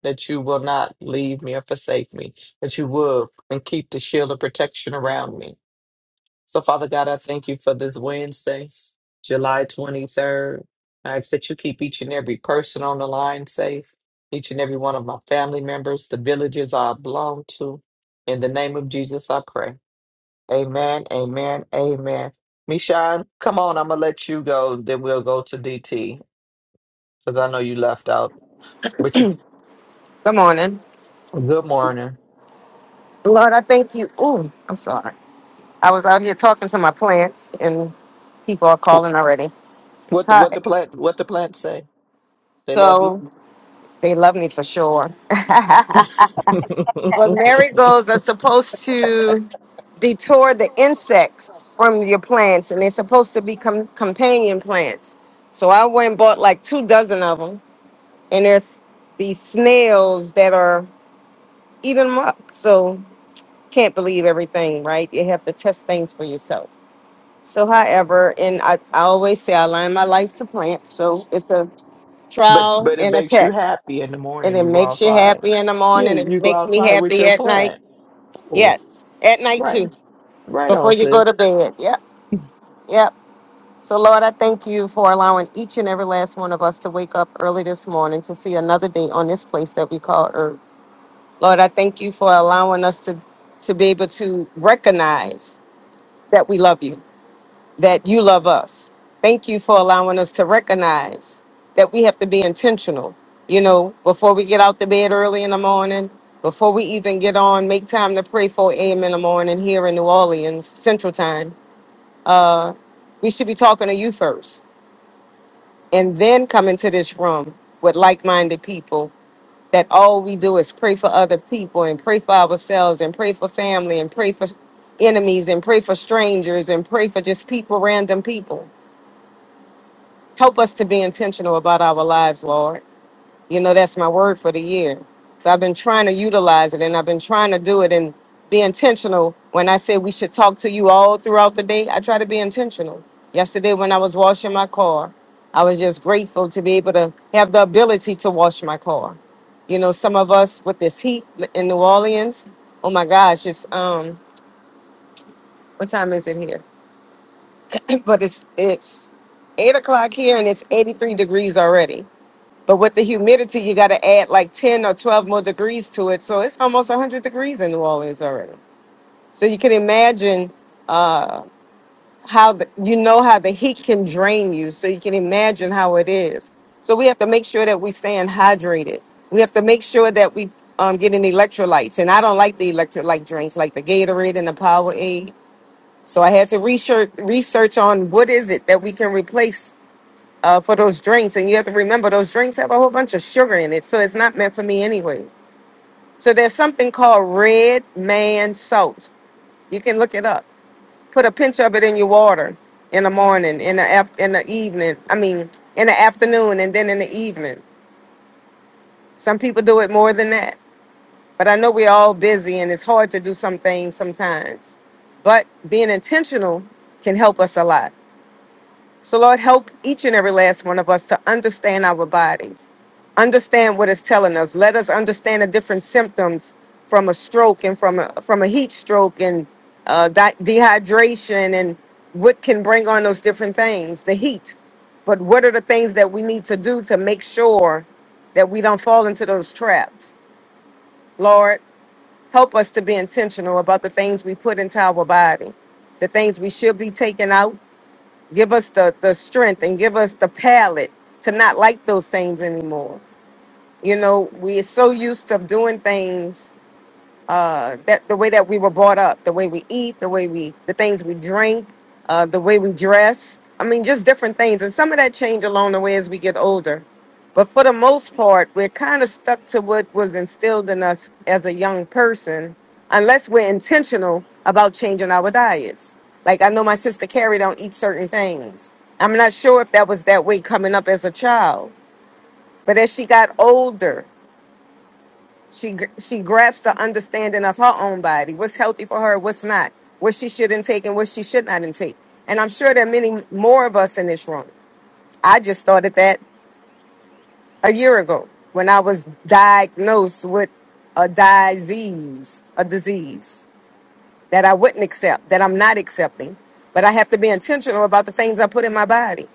S3: that you will not leave me or forsake me, that you will and keep the shield of protection around me. So, Father God, I thank you for this Wednesday, July 23rd. I ask that you keep each and every person on the line safe, each and every one of my family members, the villages I belong to. In the name of Jesus, I pray. Amen, amen, amen. Mishan, come on, I'm going to let you go. Then we'll go to DT because I know you left out. But you
S8: Good morning.
S3: Good morning.
S8: Lord, I thank you. Ooh, I'm sorry. I was out here talking to my plants and people are calling already.
S3: What the
S8: Hi.
S3: what the plant what the plants say? They love you.
S8: So they love me for sure. but marigolds are supposed to detour the insects from your plants and they're supposed to become companion plants. So I went and bought like two dozen of them and there's these snails that are eating them up. So can't believe everything, right? You have to test things for yourself. So, however, and I, I always say I align my life to plant. So it's a
S3: But
S8: trial
S3: but it
S8: and a
S3: makes you
S8: test.
S3: happy in the
S8: And
S3: morning.
S8: it
S3: You go
S8: makes you
S3: outside.
S8: happy in the
S3: Yeah,
S8: morning. It
S3: you go
S8: makes me
S3: outside with
S8: happy
S3: your
S8: at night.
S3: plants. Oh,
S8: Yes, at night
S3: right,
S8: too,
S3: right
S8: before
S3: on,
S8: you go to
S3: sis.
S8: bed. Yep, yep. So, Lord, I thank you for allowing each and every last one of us to wake up early this morning to see another day on this place that we call Earth. Lord, I thank you for allowing us to, to be able to recognize that we love you that you love us. Thank you for allowing us to recognize that we have to be intentional. You know, before we get out the bed early in the morning, before we even get on, make time to pray 4 a.m. in the morning here in New Orleans, Central Time. Uh, we should be talking to you first and then come into this room with like-minded people that all we do is pray for other people and pray for ourselves and pray for family and pray for enemies and pray for strangers and pray for just people random people Help us to be intentional about our lives, Lord. You know, that's my word for the year. So I've been trying to utilize it and I've been trying to do it and be intentional. When I say we should talk to you all throughout the day, I try to be intentional. Yesterday, when I was washing my car, I was just grateful to be able to have the ability to wash my car. You know, some of us with this heat in New Orleans, oh my gosh, it's, um, what time is it here? but it's, it's eight o'clock here and it's 83 degrees already But with the humidity, you got to add like 10 or 12 more degrees to it. So it's almost 100 degrees in New Orleans already. So you can imagine uh, how the, you know how the heat can drain you. So you can imagine how it is. So we have to make sure that we staying hydrated. We have to make sure that we um, getting electrolytes. And I don't like the electrolyte drinks like the Gatorade and the Powerade. So I had to research research on what is it that we can replace uh, for those drinks. And you have to remember those drinks have a whole bunch of sugar in it. So it's not meant for me anyway. So there's something called red man salt. You can look it up. Put a pinch of it in your water in the morning, in the af- in the evening. I mean, in the afternoon and then in the evening. Some people do it more than that. But I know we're all busy and it's hard to do some things sometimes. But being intentional can help us a lot. So, Lord, help each and every last one of us to understand our bodies, understand what it's telling us. Let us understand the different symptoms from a stroke and from a, from a heat stroke and uh, di- dehydration and what can bring on those different things, the heat. But what are the things that we need to do to make sure that we don't fall into those traps? Lord, help us to be intentional about the things we put into our body, the things we should be taking out, give us the the strength and give us the palate to not like those things anymore you know we're so used to doing things uh, that the way that we were brought up, the way we eat, the way we, the things we drink, uh, the way we dress. I mean, just different things. And some of that change along the way as we get older. But for the most part, we're kind of stuck to what was instilled in us as a young person, unless we're intentional about changing our diets. Like I know my sister Carrie don't eat certain things. I'm not sure if that was that way coming up as a child. But as she got older she gr- she grasps the understanding of her own body, what's healthy for her, what's not, what she should intake and what she should not intake. And I'm sure there are many more of us in this room. I just started that a year ago when I was diagnosed with a disease, a disease that I wouldn't accept, that I'm not accepting. But I have to be intentional about the things I put in my body.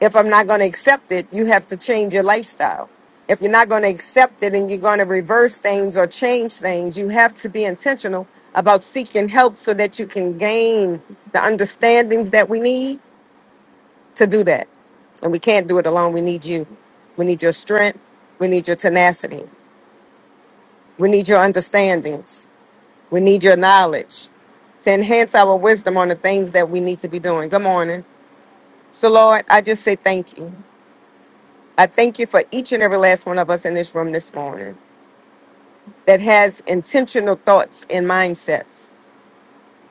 S8: If I'm not going to accept it, you have to change your lifestyle. If you're not going to accept it and you're going to reverse things or change things, you have to be intentional about seeking help so that you can gain the understandings that we need to do that. And we can't do it alone. We need you. We need your strength. We need your tenacity. We need your understandings. We need your knowledge to enhance our wisdom on the things that we need to be doing. Good morning. So, Lord, I just say thank you. I thank you for each and every last one of us in this room this morning that has intentional thoughts and mindsets,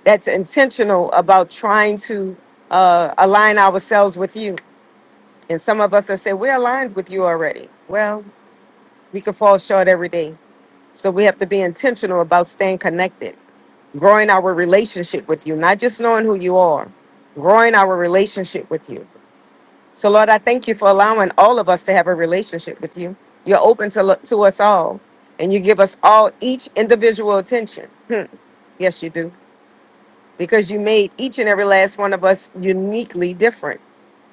S8: that's intentional about trying to uh, align ourselves with you. And some of us have said, We're aligned with you already. Well, we could fall short every day. So we have to be intentional about staying connected, growing our relationship with you, not just knowing who you are, growing our relationship with you. So, Lord, I thank you for allowing all of us to have a relationship with you. You're open to, look to us all, and you give us all each individual attention. Hmm. Yes, you do, because you made each and every last one of us uniquely different.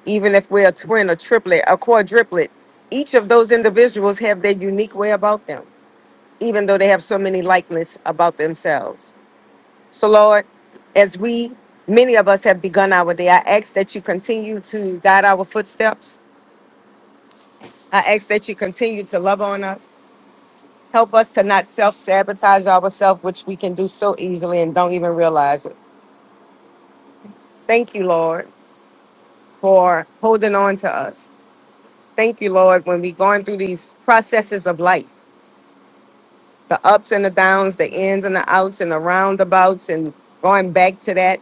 S8: Even if we're a twin, a triplet, a quadruplet, each of those individuals have their unique way about them, even though they have so many likeness about themselves. So, Lord, as we, many of us have begun our day, I ask that you continue to guide our footsteps I ask that you continue to love on us. Help us to not self sabotage ourselves, which we can do so easily and don't even realize it. Thank you, Lord, for holding on to us. Thank you, Lord, when we're going through these processes of life the ups and the downs, the ins and the outs, and the roundabouts, and going back to that.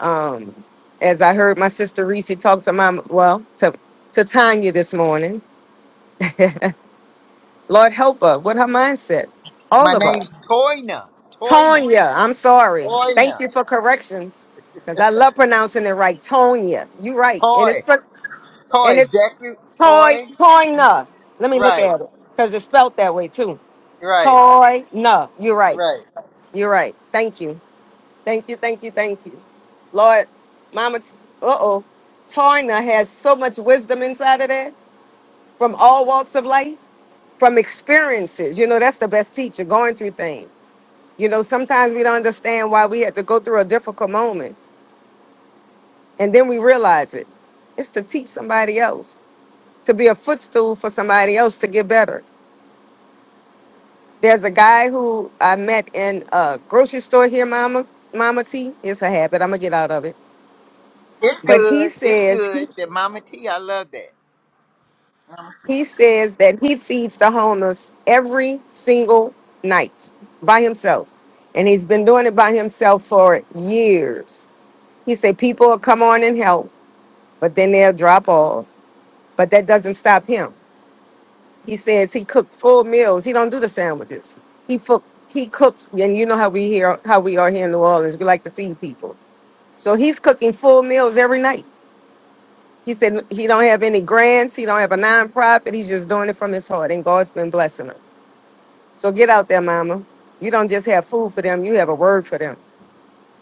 S8: Um, as I heard my sister Reese talk to my, well, to, to Tanya this morning, Lord, help her with her mindset, all
S5: My
S8: of
S5: name's
S8: us.
S5: Toyna. Toyna.
S8: Tonya, I'm sorry. Thank
S5: Toyna.
S8: you for corrections. Because I love pronouncing it right. Tonya. You right. And it's
S5: Toy.
S8: pro-
S5: Toy.
S8: and it's
S5: Exactly.
S8: Toy
S5: Toy.
S8: Toyna. Let me look
S5: Right.
S8: at it. Because it's spelled that way too.
S5: Right.
S8: Toyna. You're right.
S5: Right.
S8: You're right. Thank you. Thank you. Thank you. Thank you. Lord, Mama T- uh-oh. Toyna has so much wisdom inside of there from all walks of life from experiences. You know, that's the best teacher, going through things. You know, sometimes we don't understand why we had to go through a difficult moment and then we realize it. It's to teach somebody else, to be a footstool for somebody else to get better. There's a guy who I met in a grocery store here, Mama, Mama T. It's a habit. I'm going to get out of it.
S5: It's
S8: But he
S5: good. It's
S8: says
S5: good. That Mama T, I love that.
S8: He says that he feeds the homeless every single night by himself. And he's been doing it by himself for years. He said people will come on and help, but then they'll drop off. But that doesn't stop him. He says he cooked full meals. He don't do the sandwiches. He fo- he cooks, and you know how we here how we are here in New Orleans. We like to feed people. So he's cooking full meals every night. He said he don't have any grants. He don't have a nonprofit. He's just doing it from his heart, and God's been blessing him. So get out there, mama. You don't just have food for them, you have a word for them.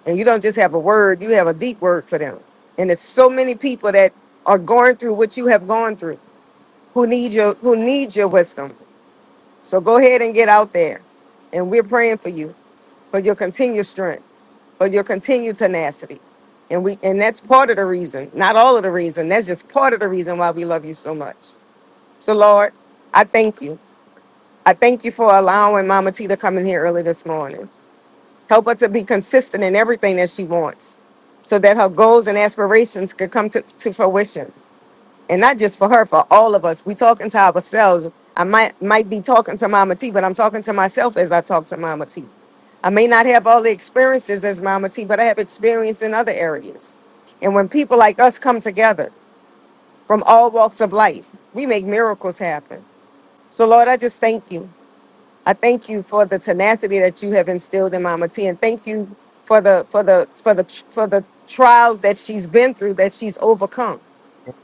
S8: And you don't just have a word, you have a deep word for them. And there's so many people that are going through what you have gone through who need your who need your wisdom. So go ahead and get out there. And we're praying for you, for your continued strength, for your continued tenacity. And we and that's part of the reason, not all of the reason. That's just part of the reason why we love you so much. So Lord, I thank you. I thank you for allowing Mama T to come in here early this morning. Help her to be consistent in everything that she wants so that her goals and aspirations could come to, to fruition. And not just for her, for all of us. We talking to ourselves. I might might be talking to Mama T, but I'm talking to myself as I talk to Mama T. I may not have all the experiences as Mama T, but I have experience in other areas. And when people like us come together from all walks of life, we make miracles happen. So Lord, I just thank you. I thank you for the tenacity that you have instilled in Mama T, and thank you for the for the for the for the trials that she's been through that she's overcome.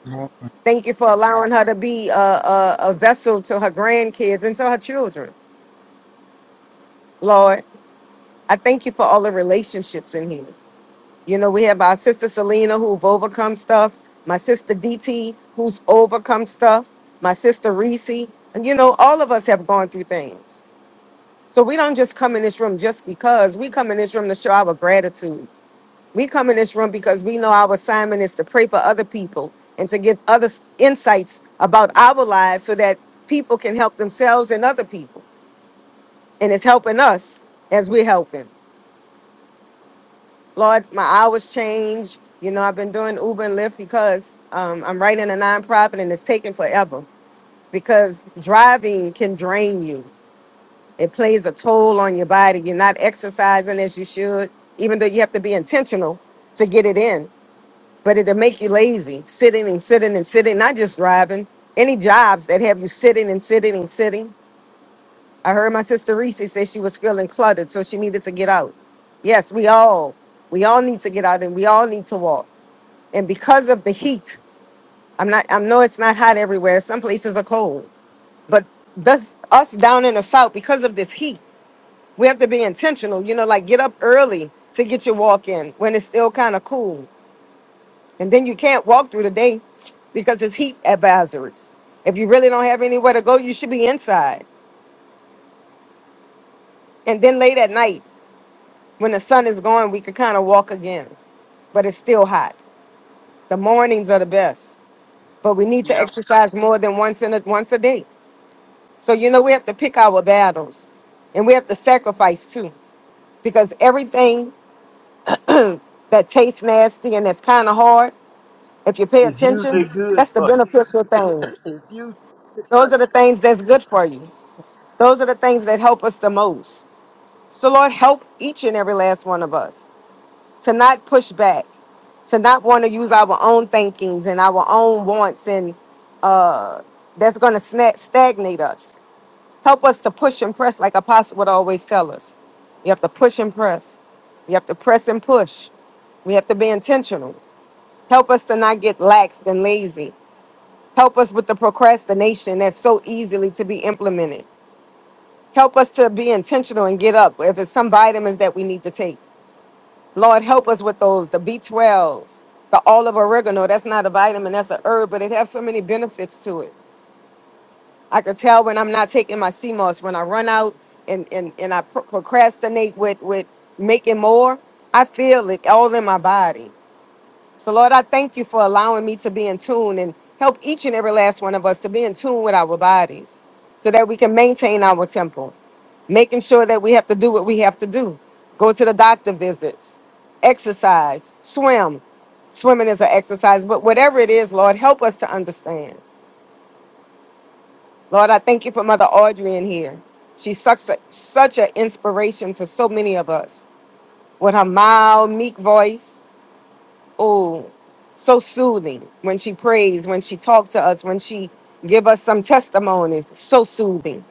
S5: Mhm.
S8: Thank you for allowing her to be a, a, a vessel to her grandkids and to her children. Lord, I thank you for all the relationships in here. You know, we have our sister Selena who've overcome stuff, my sister DT who's overcome stuff, my sister Reese, and you know, all of us have gone through things. So we don't just come in this room just because. We come in this room to show our gratitude. We come in this room because we know our assignment is to pray for other people and to give others insights about our lives so that people can help themselves and other people. And it's helping us as we're helping. Lord, my hours change. You know, I've been doing Uber and Lyft because um, I'm writing a nonprofit and it's taking forever because driving can drain you. It plays a toll on your body. You're not exercising as you should, even though you have to be intentional to get it in. But it'll make you lazy, sitting and sitting and sitting, not just driving. Any jobs that have you sitting and sitting and sitting. I heard my sister Reese say she was feeling cluttered, so she needed to get out. Yes, we all, we all need to get out and we all need to walk. And because of the heat, I'm not, I know it's not hot everywhere. Some places are cold, but thus us down in the south, because of this heat. We have to be intentional, you know, like get up early to get your walk in when it's still kind of cool. And then you can't walk through the day because it's heat advisories. If you really don't have anywhere to go, you should be inside. And then late at night, when the sun is going, we could kind of walk again, but it's still hot. The mornings are the best, but we need
S5: Yeah.
S8: to exercise more than once in a, once a day. So you know we have to pick our battles, and we have to sacrifice too, because everything that tastes nasty and that's kind of hard If you pay
S5: It's
S8: attention,
S5: usually good
S8: that's the
S5: for you.
S8: beneficial things.
S5: it's usually good
S8: Those
S5: for
S8: are the things that's good for you. Those are the things that help us the most. So, Lord, help each and every last one of us to not push back, to not want to use our own thinkings and our own wants, and uh, that's going to sna- stagnate us. Help us to push and press, like Apostle would always tell us. You have to push and press. You have to press and push. We have to be intentional. Help us to not get laxed and lazy. Help us with the procrastination that's so easily to be implemented. Help us to be intentional and get up if it's some vitamins that we need to take. Lord, help us with those, the B12s, the olive oregano. That's not a vitamin, that's a herb, but it has so many benefits to it. I could tell when I'm not taking my CMOS, when I run out and, and, and I pro- procrastinate with, with making more, I feel it all in my body. So, Lord, I thank you for allowing me to be in tune and help each and every last one of us to be in tune with our bodies so that we can maintain our temple, making sure that we have to do what we have to do go to the doctor visits, exercise, swim. Swimming is an exercise, but whatever it is, Lord, help us to understand. Lord, I thank you for Mother Audrey in here. She's such a, such an inspiration to so many of us with her mild, meek voice oh so soothing when she prays when she talks to us when she give us some testimonies so soothing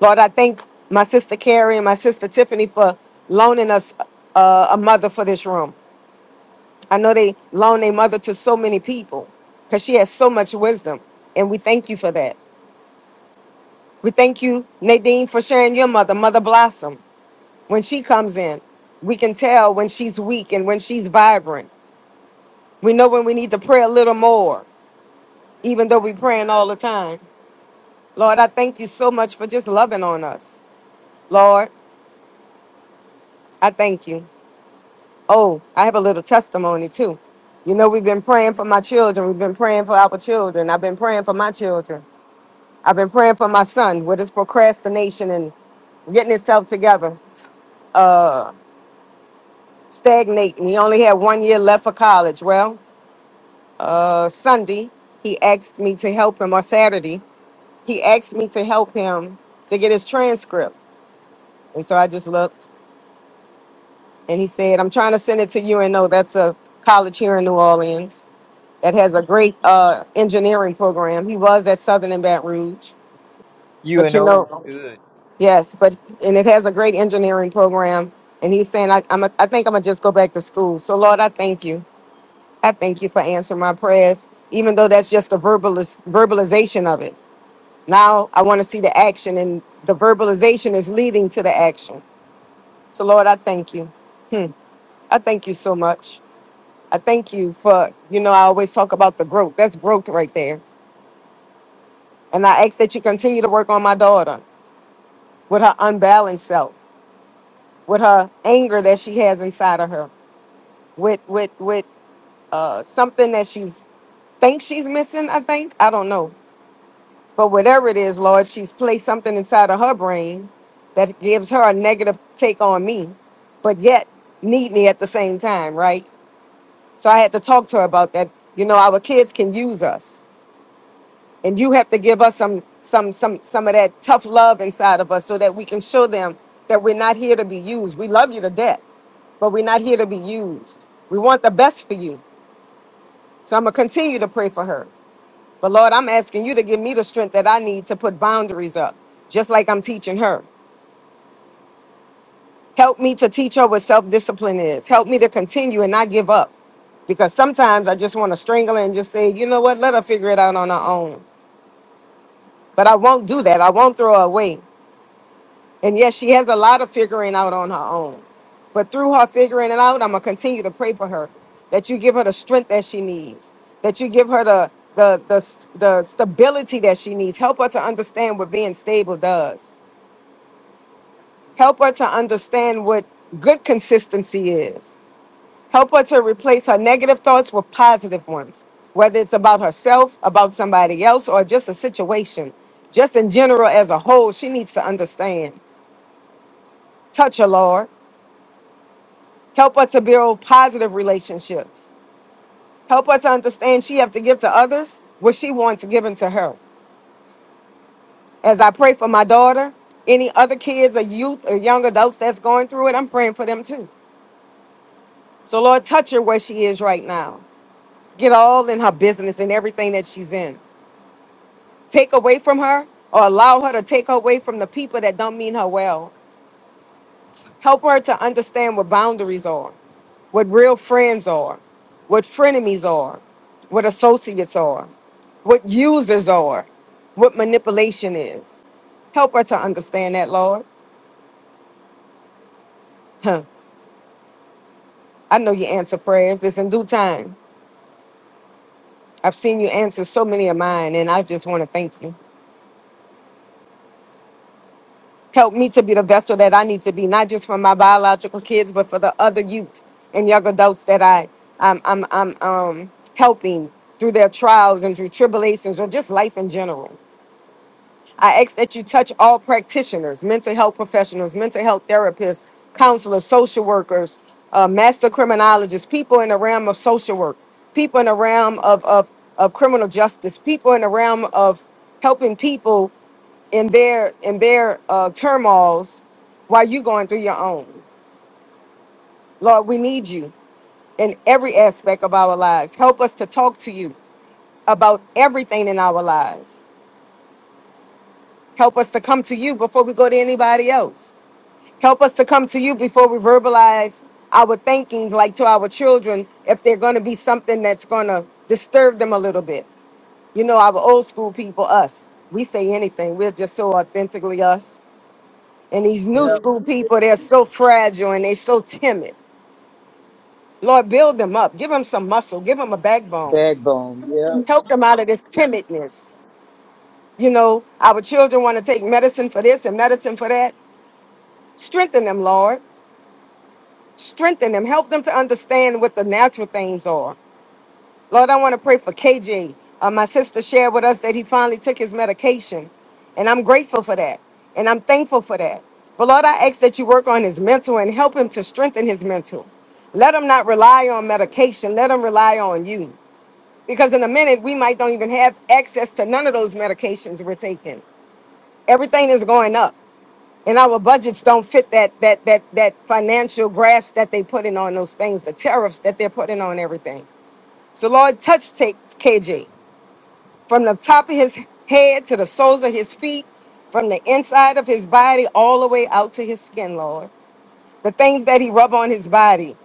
S8: lord i thank my sister carrie and my sister tiffany for loaning us uh, a mother for this room i know they loan a mother to so many people because she has so much wisdom and we thank you for that we thank you nadine for sharing your mother mother blossom when she comes in we can tell when she's weak and when she's vibrant we know when we need to pray a little more even though we praying all the time. Lord, I thank you so much for just loving on us. Lord, I thank you. Oh, I have a little testimony too. You know, we've been praying for my children. We've been praying for our children. I've been praying for my children. I've been praying for my son with his procrastination and getting himself together, uh, stagnating. He only had one year left for college. Well, uh, Sunday, he asked me to help him, or Saturday, he asked me to help him to get his transcript. And so I just looked and he said, I'm trying to send it to you and know that's a college here in New Orleans that has a great uh, engineering program. He was at Southern in Baton Rouge,
S5: you. You
S8: but you
S5: know it's
S8: know,
S5: good.
S8: yes, but and it has a great engineering program. And he's saying, I, I'm a, I think I'm gonna just go back to school. So Lord, I thank you. I thank you for answering my prayers, even though that's just the verbalis- verbalization of it. Now I want to see the action, and the verbalization is leading to the action. So Lord, I thank you. Hmm. I thank you so much. I thank you for, you know, I always talk about the growth. That's growth right there. And I ask that you continue to work on my daughter with her unbalanced self, with her anger that she has inside of her, with with with uh, something that she's thinks she's missing. I think I don't know, but whatever it is, Lord, she's placed something inside of her brain that gives her a negative take on me, but yet need me at the same time, right? So I had to talk to her about that. You know, our kids can use us and you have to give us some some some some of that tough love inside of us so that we can show them that we're not here to be used we love you to death but we're not here to be used we want the best for you so i'm going to continue to pray for her but lord i'm asking you to give me the strength that i need to put boundaries up just like i'm teaching her help me to teach her what self-discipline is help me to continue and not give up because sometimes I just want to strangle her and just say, you know what, let her figure it out on her own. But I won't do that. I won't throw her away. And yes, she has a lot of figuring out on her own. But through her figuring it out, I'm gonna continue to pray for her that you give her the strength that she needs, that you give her the the the, the stability that she needs. Help her to understand what being stable does. Help her to understand what good consistency is. Help her to replace her negative thoughts with positive ones, whether it's about herself, about somebody else, or just a situation. Just in general, as a whole, she needs to understand. Touch her, Lord. Help us to build positive relationships. Help us understand she have to give to others what she wants given to her. As I pray for my daughter, any other kids or youth or young adults that's going through it, I'm praying for them too. So Lord, touch her where she is right now. Get all in her business and everything that she's in. Take away from her or allow her to take away from the people that don't mean her well. Help her to understand what boundaries are, what real friends are, what frenemies are, what associates are, what users are, what manipulation is. Help her to understand that, Lord. Huh. I know you answer prayers. It's in due time. I've seen you answer so many of mine, and I just want to thank you. Help me to be the vessel that I need to be, not just for my biological kids, but for the other youth and young adults that I, I'm, I'm, I'm um, helping through their trials and through tribulations or just life in general. I ask that you touch all practitioners, mental health professionals, mental health therapists, counselors, social workers, uh, master criminologists, people in the realm of social work, people in the realm of, of, of criminal justice, people in the realm of helping people in their in their uh, turmoils while you are going through your own. Lord, we need you in every aspect of our lives. Help us to talk to you about everything in our lives. Help us to come to you before we go to anybody else. Help us to come to you before we verbalize our thinkings, like to our children, if they're going to be something that's going to disturb them a little bit. You know, our old school people, us, we say anything. We're just so authentically us. And these new
S5: Yeah.
S8: school
S5: Yep.
S8: people, they're so fragile and they're so timid. Lord, build them up. Give them some muscle. Give them a backbone.
S5: Backbone. Yeah,
S8: Help them out of this timidness. You know, our children want to take medicine for this and medicine for that. Strengthen them, Lord. strengthen them, help them to understand what the natural things are. Lord, I want to pray for KJ. Uh, my sister shared with us that he finally took his medication, and I'm grateful for that, and I'm thankful for that. But Lord, I ask that you work on his mental and help him to strengthen his mental. Let him not rely on medication. Let him rely on you, because in a minute we might don't even have access to none of those medications we're taking. Everything is going up and our budgets don't fit that that that that financial graphs that they put in on those things, the tariffs that they're putting on everything. So Lord, touch take KJ from the top of his head to the soles of his feet, from the inside of his body all the way out to his skin, Lord. The things that he rub on his body.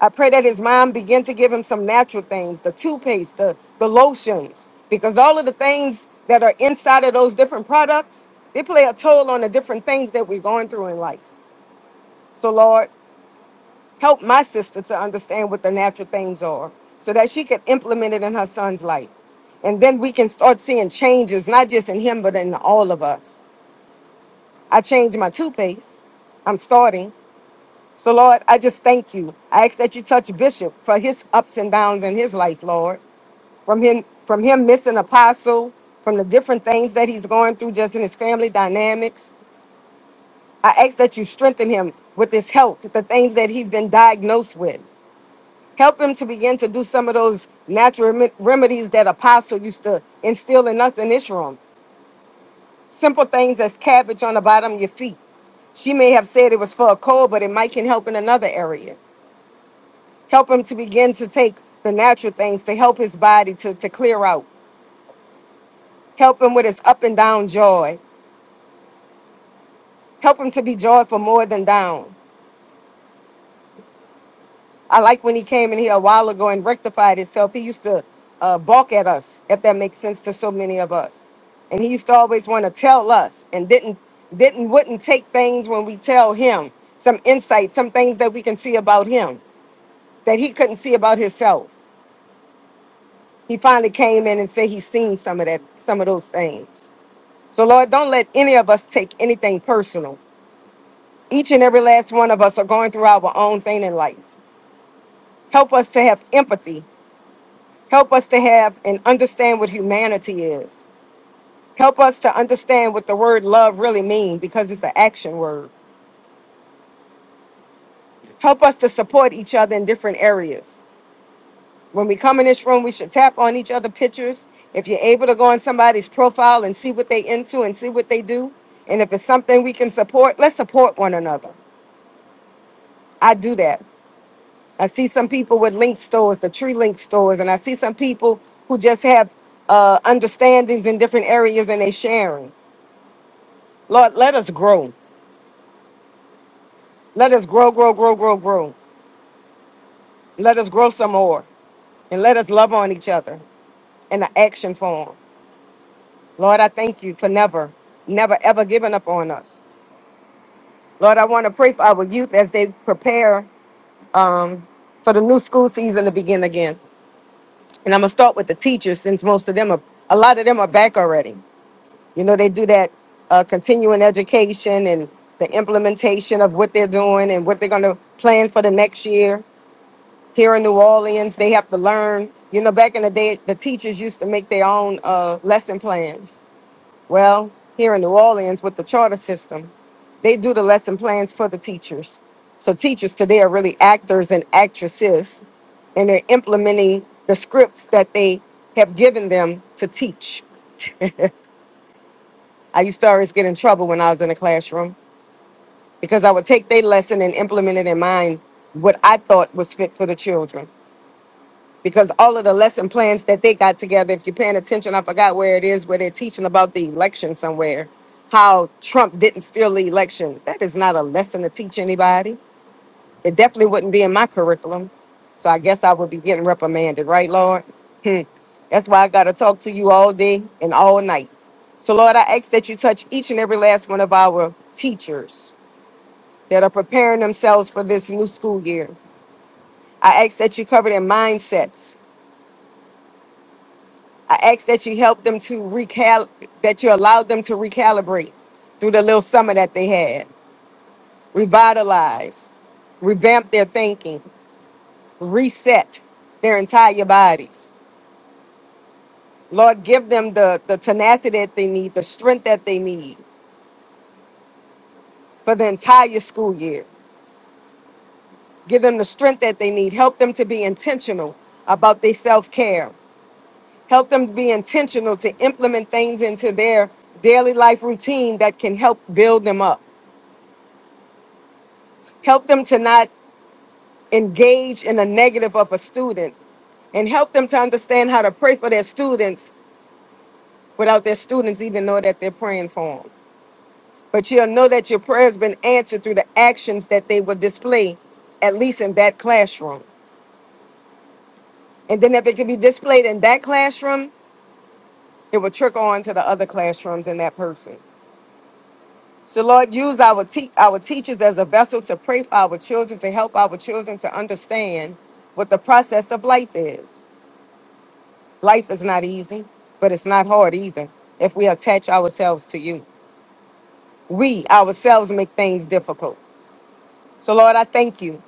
S8: I pray that his mom begin to give him some natural things, the toothpaste, the, the lotions, because all of the things that are inside of those different products, they play a toll on the different things that we're going through in life. So, Lord, help my sister to understand what the natural things are so that she can implement it in her son's life. And then we can start seeing changes, not just in him, but in all of us. I changed my toothpaste. I'm starting. So, Lord, I just thank you. I ask that you touch Bishop for his ups and downs in his life, Lord. From him, from him missing apostle, from the different things that he's going through just in his family dynamics. I ask that you strengthen him with his health, the things that he's been diagnosed with. Help him to begin to do some of those natural rem- remedies that Apostle used to instill in us in this room. Simple things as cabbage on the bottom of your feet. She may have said it was for a cold, but it might can help in another area. Help him to begin to take the natural things to help his body to, to clear out. Help him with his up and down joy. Help him to be joyful more than down. I like when he came in here a while ago and rectified himself. He used to uh, balk at us, if that makes sense to so many of us. And he used to always want to tell us and didn't didn't wouldn't take things when we tell him some insight, some things that we can see about him that he couldn't see about himself. He finally came in and said he's seen some of that, some of those things. So Lord, don't let any of us take anything personal. Each and every last one of us are going through our own thing in life. Help us to have empathy Help us to have and understand what humanity is. Help us to understand what the word love really means because it's an action word. Help us to support each other in different areas. When we come in this room, we should tap on each other pictures. If you're able to go on somebody's profile and see what they into and see what they do, and if it's something we can support, let's support one another. I do that. I see some people with link stores, the tree link stores, and I see some people who just have uh, understandings in different areas and they sharing. Lord, let us grow. Let us grow, grow, grow, grow, grow. Let us grow some more. And let us love on each other in an action form. Lord, I thank you for never, never, ever giving up on us. Lord, I want to pray for our youth as they prepare um, for the new school season to begin again. And I'm going to start with the teachers since most of them are, a lot of them are back already. You know, they do that uh, continuing education and the implementation of what they're doing and what they're going to plan for the next year. here in New Orleans, they have to learn. You know, back in the day, the teachers used to make their own uh, lesson plans. Well, here in New Orleans with the charter system, they do the lesson plans for the teachers. So teachers today are really actors and actresses, and they're implementing the scripts that they have given them to teach. I used to always get in trouble when I was in the classroom because I would take their lesson and implement it in mine, what I thought was fit for the children. because all of the lesson plans that they got together, if you're paying attention, I forgot where it is, where they're teaching about the election somewhere, how Trump didn't steal the election. That is not a lesson to teach anybody. It definitely wouldn't be in my curriculum. So I guess I would be getting reprimanded, right, Lord? Hmm. That's why I got to talk to you all day and all night. So, Lord, I ask that you touch each and every last one of our teachers that are preparing themselves for this new school year. I ask that you cover their mindsets, I ask that you help them to recal that you allow them to recalibrate through the little summer that they had, revitalize, revamp their thinking, reset their entire bodies. Lord, give them the, the tenacity that they need, the strength that they need for the entire school year. Give them the strength that they need. Help them to be intentional about their self care. Help them to be intentional to implement things into their daily life routine that can help build them up Help them to not engage in the negative of a student and help them to understand how to pray for their students without their students even know that they're praying for them. But you'll know that your prayer has been answered through the actions that they will display, at least in that classroom. And then if it can be displayed in that classroom, it will trickle on to the other classrooms in that person. So Lord, use our te- our teachers as a vessel to pray for our children, to help our children to understand what the process of life is Life is not easy, but it's not hard either if we attach ourselves to you. We ourselves make things difficult. So, Lord, I thank you.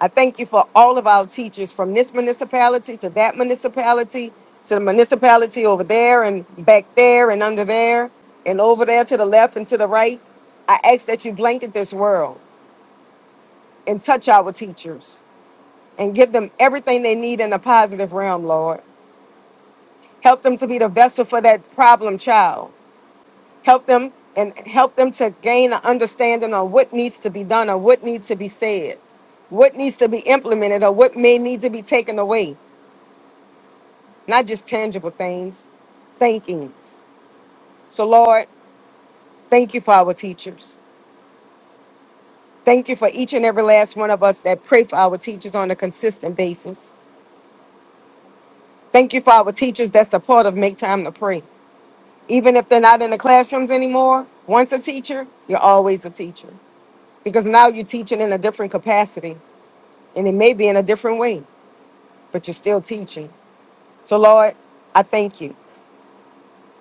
S8: I thank you for all of our teachers from this municipality to that municipality to the municipality over there and back there and under there and over there to the left and to the right. I ask that you blanket this world and touch our teachers and give them everything they need in a positive realm, Lord. Help them to be the vessel for that problem child. help them and help them to gain an understanding on what needs to be done or what needs to be said what needs to be implemented or what may need to be taken away not just tangible things thankings so lord thank you for our teachers thank you for each and every last one of us that pray for our teachers on a consistent basis thank you for our teachers that's a part of make time to pray even if they're not in the classrooms anymore once a teacher you're always a teacher because now you're teaching in a different capacity and it may be in a different way, but you're still teaching. So, Lord, I thank you.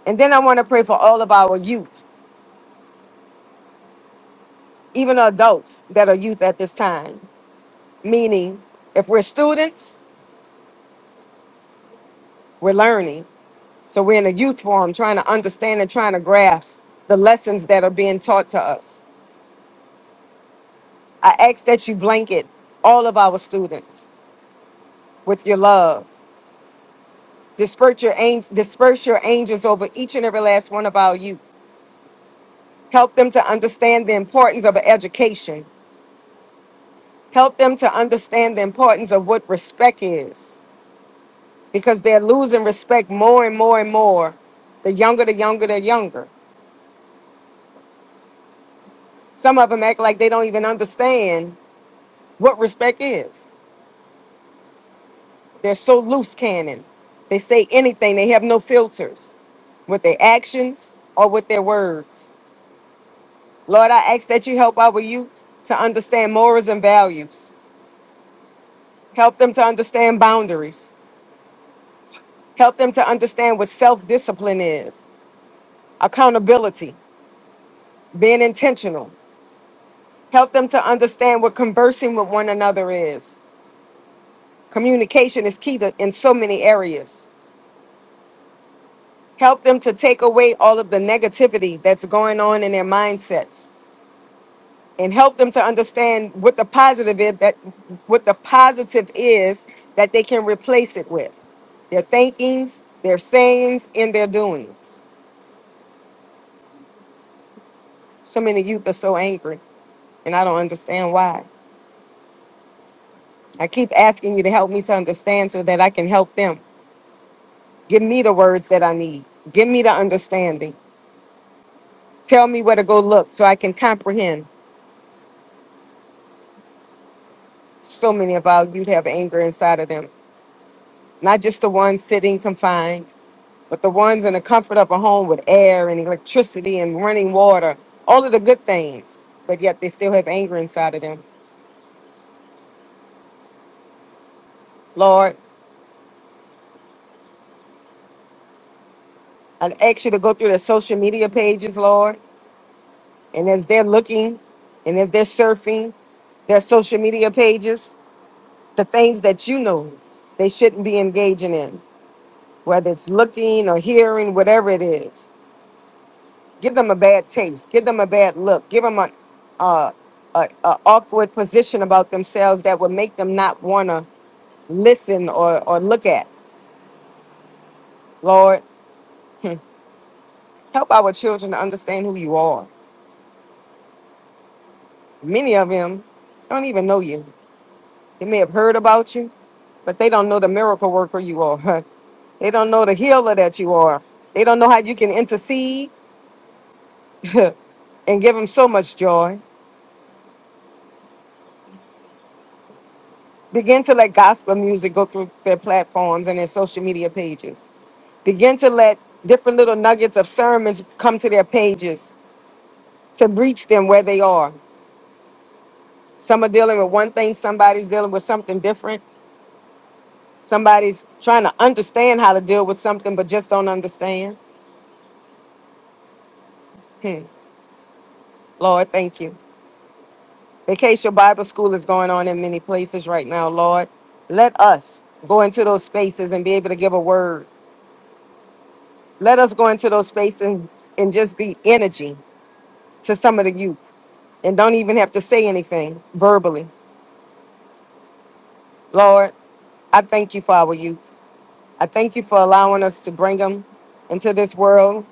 S8: And then I want to pray for all of our youth, even adults that are youth at this time. Meaning, if we're students, we're learning. So, we're in a youth forum trying to understand and trying to grasp the lessons that are being taught to us. I ask that you blanket all of our students with your love. Disperse your, angels, disperse your angels over each and every last one of our youth. Help them to understand the importance of education Help them to understand the importance of what respect is because they're losing respect more and more and more. The younger, the younger, the younger. Some of them act like they don't even understand what respect is. They're so loose cannon. They say anything, they have no filters with their actions or with their words. Lord, I ask that you help our youth to understand morals and values. Help them to understand boundaries. Help them to understand what self discipline is, accountability, being intentional. Help them to understand what conversing with one another is. Communication is key to, in so many areas. Help them to take away all of the negativity that's going on in their mindsets and help them to understand what the positive is that what the positive is that they can replace it with. Their thinkings, their sayings, and their doings. So many youth are so angry and I don't understand why. I keep asking you to help me to understand so that I can help them. Give me the words that I need. Give me the understanding. Tell me where to go look so I can comprehend. So many of our youth have anger inside of them, not just the ones sitting confined, but the ones in the comfort of a home with air and electricity and running water, all of the good things, but yet they still have anger inside of them. Lord, I ask you to go through their social media pages, Lord, and as they're looking and as they're surfing their social media pages, the things that you know they shouldn't be engaging in. whether it's looking or hearing, whatever it is. Give them a bad taste. Give them a bad look. Give them a, uh, a, a awkward position about themselves that would make them not want to listen or, or look at. Lord, help our children to understand who you are. Many of them don't even know you. They may have heard about you, but they don't know the miracle worker you are. they don't know the healer that you are. They don't know how you can intercede and give them so much joy. Begin to let gospel music go through their platforms and their social media pages. Begin to let different little nuggets of sermons come to their pages to reach them where they are. Some are dealing with one thing, somebody's dealing with something different. Somebody's trying to understand how to deal with something but just don't understand. Hmm. Lord, thank you. Vacation Bible School is going on in many places right now, Lord. Let us go into those spaces and be able to give a word. Let us go into those spaces and and just be energy to some of the youth and don't even have to say anything verbally. Lord, I thank you for our youth. I thank you for allowing us to bring them into this world.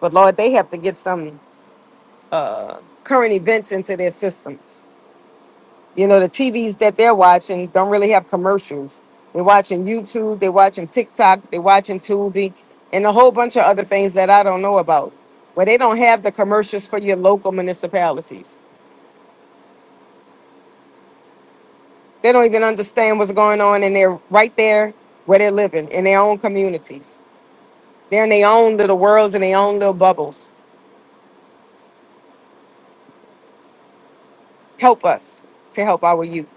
S8: But Lord, they have to get some uh, current events into their systems. You know, the TVs that they're watching don't really have commercials. They're watching YouTube, they're watching TikTok, they're watching Tubi, and a whole bunch of other things that I don't know about, where they don't have the commercials for your local municipalities. They don't even understand what's going on, and they're right there where they're living in their own communities. They're in their own little worlds and their own little bubbles. Help us to help our youth.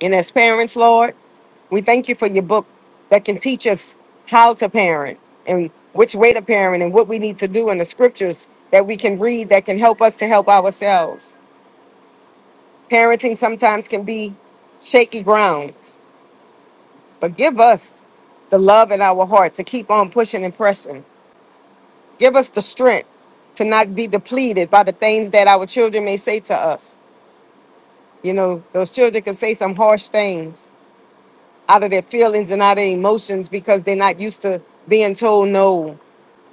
S8: And as parents, Lord, we thank you for your book that can teach us how to parent and which way to parent and what we need to do in the scriptures that we can read that can help us to help ourselves. Parenting sometimes can be shaky grounds, but give us the love in our heart to keep on pushing and pressing Give us the strength to not be depleted by the things that our children may say to us. You know, those children can say some harsh things out of their feelings and out of their emotions because they're not used to being told no,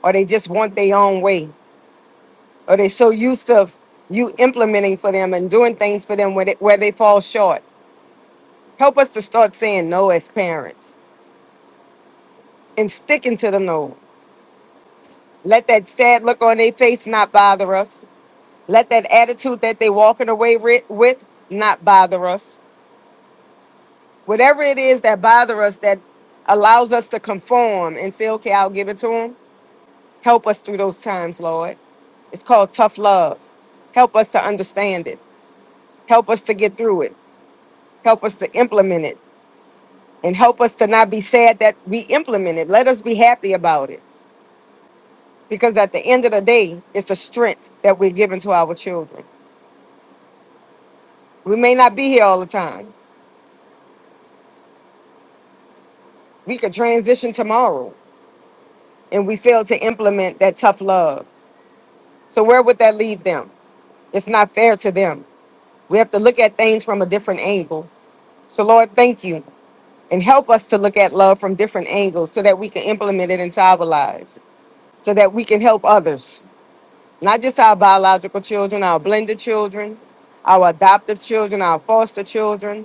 S8: or they just want their own way, or they're so used to you implementing for them and doing things for them where they, where they fall short. Help us to start saying no as parents and sticking to the no. Let that sad look on their face not bother us. Let that attitude that they walking away ri- with not bother us. Whatever it is that bother us that allows us to conform and say, okay, I'll give it to them. Help us through those times, Lord. It's called tough love. Help us to understand it. Help us to get through it. Help us to implement it. And help us to not be sad that we implement it. Let us be happy about it. Because at the end of the day, it's a strength that we're giving to our children. We may not be here all the time. We could transition tomorrow. and we fail to implement that tough love. So where would that leave them? It's not fair to them. We have to look at things from a different angle. So Lord, thank you and help us to look at love from different angles so that we can implement it into our lives, so that we can help others, not just our biological children, our blended children, our adoptive children, our foster children.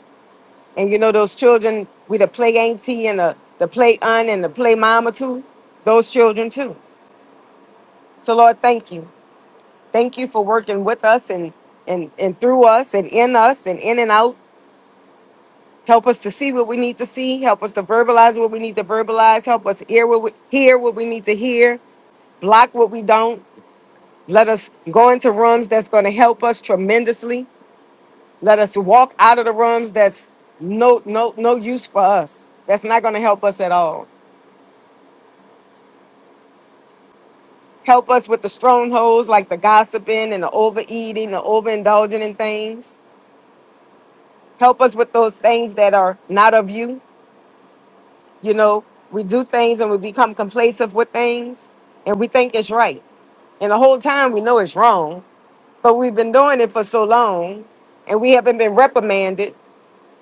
S8: And you know those children we the play auntie and the, the play aunt and the play mama too, those children too. So Lord, thank you. Thank you for working with us and and and through us and in us and in and out. Help us to see what we need to see. Help us to verbalize what we need to verbalize. Help us hear what we hear what we need to hear. Block what we don't. Let us go into rooms that's going to help us tremendously. Let us walk out of the rooms that's no no no use for us. That's not going to help us at all. Help us with the strongholds like the gossiping and the overeating, the overindulging in things. Help us with those things that are not of you. You know, we do things and we become complacent with things and we think it's right. And the whole time we know it's wrong, but we've been doing it for so long and we haven't been reprimanded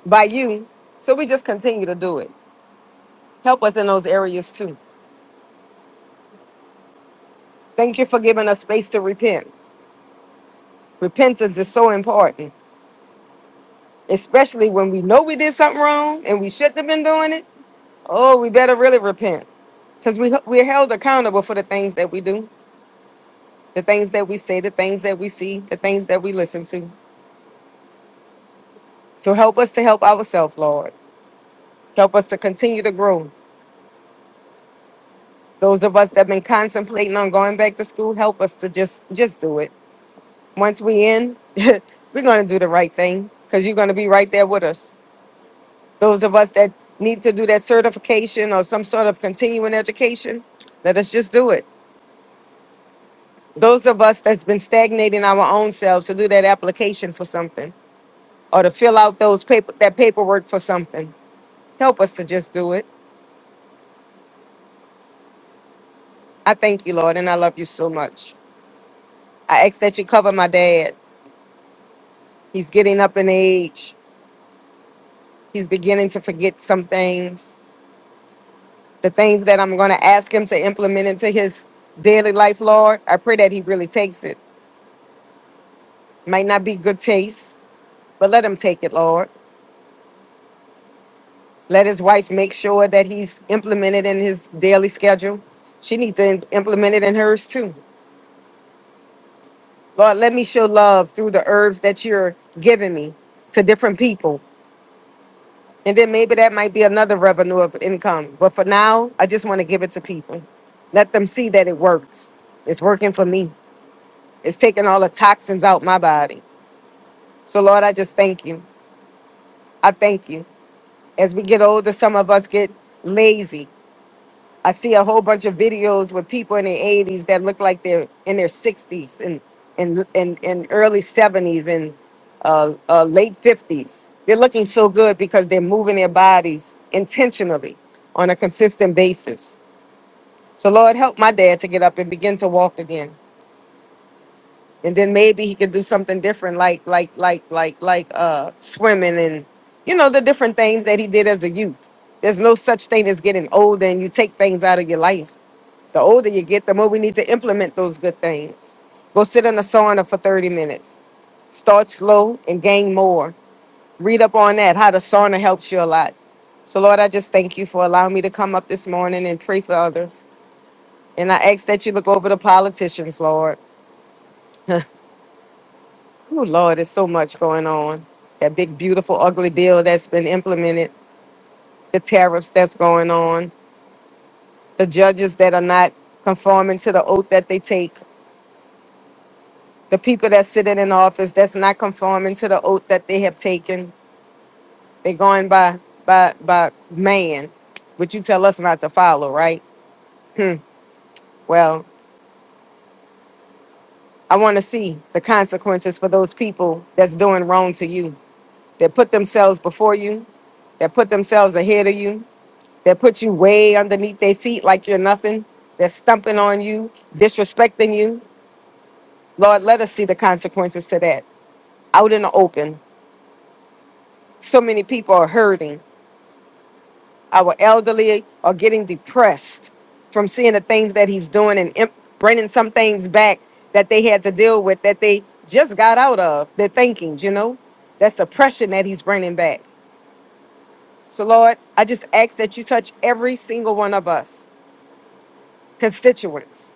S8: by you. So we just continue to do it. Help us in those areas too. Thank you for giving us space to repent. Repentance is so important, especially when we know we did something wrong and we shouldn't have been doing it. Oh, we better really repent because we, we're held accountable for the things that we do. the things that we say, the things that we see, the things that we listen to. So help us to help ourselves, Lord. Help us to continue to grow. Those of us that have been contemplating on going back to school, help us to just just do it. Once we in, we're gonna do the right thing because you're gonna be right there with us. Those of us that need to do that certification or some sort of continuing education, let us just do it. Those of us that's been stagnating our own selves to do that application for something or to fill out those paper that paperwork for something Help us to just do it. I thank you, Lord, and I love you so much. I ask that you cover my dad. He's getting up in age. He's beginning to forget some things. The things that I'm going to ask him to implement into his daily life, Lord, I pray that he really takes it. Might not be good taste, but let him take it, Lord. Let his wife make sure that he's implemented in his daily schedule. She needs to im- implement it in hers too. Lord, let me show love through the herbs that you're giving me to different people. And then maybe that might be another revenue of income. But for now, I just want to give it to people. Let them see that it works. It's working for me. It's taking all the toxins out my body. So Lord, I just thank you. I thank you. As we get older, some of us get lazy. I see a whole bunch of videos with people in their 80s that look like they're in their 60s and and and, and early 70s and uh, uh, late 50s. They're looking so good because they're moving their bodies intentionally on a consistent basis. So Lord, help my dad to get up and begin to walk again, and then maybe he could do something different, like like like like like uh, swimming and you know the different things that he did as a youth. There's no such thing as getting older and you take things out of your life the older you get, the more we need to implement those good things. Go sit in a sauna for 30 minutes. Start slow and gain more. Read up on that, how the sauna helps you a lot. So, Lord, I just thank you for allowing me to come up this morning and pray for others. And I ask that you look over the politicians, Lord. Oh, Lord, there's so much going on. That big, beautiful, ugly bill that's been implemented, the tariffs that's going on, the judges that are not conforming to the oath that they take The people that's sitting in office that's not conforming to the oath that they have taken, they're going by by by man, which you tell us not to follow, right? Hmm. Well, I want to see the consequences for those people that's doing wrong to you, that put themselves before you, that put themselves ahead of you, that put you way underneath their feet like you're nothing, that's stumping on you, disrespecting you. Lord, let us see the consequences to that out in the open. So many people are hurting our elderly are getting depressed from seeing the things that he's doing and imp- bringing some things back that they had to deal with that they just got out of their thinkings, you know? That's oppression that he's bringing back. So, Lord, I just ask that you touch every single one of us, constituents.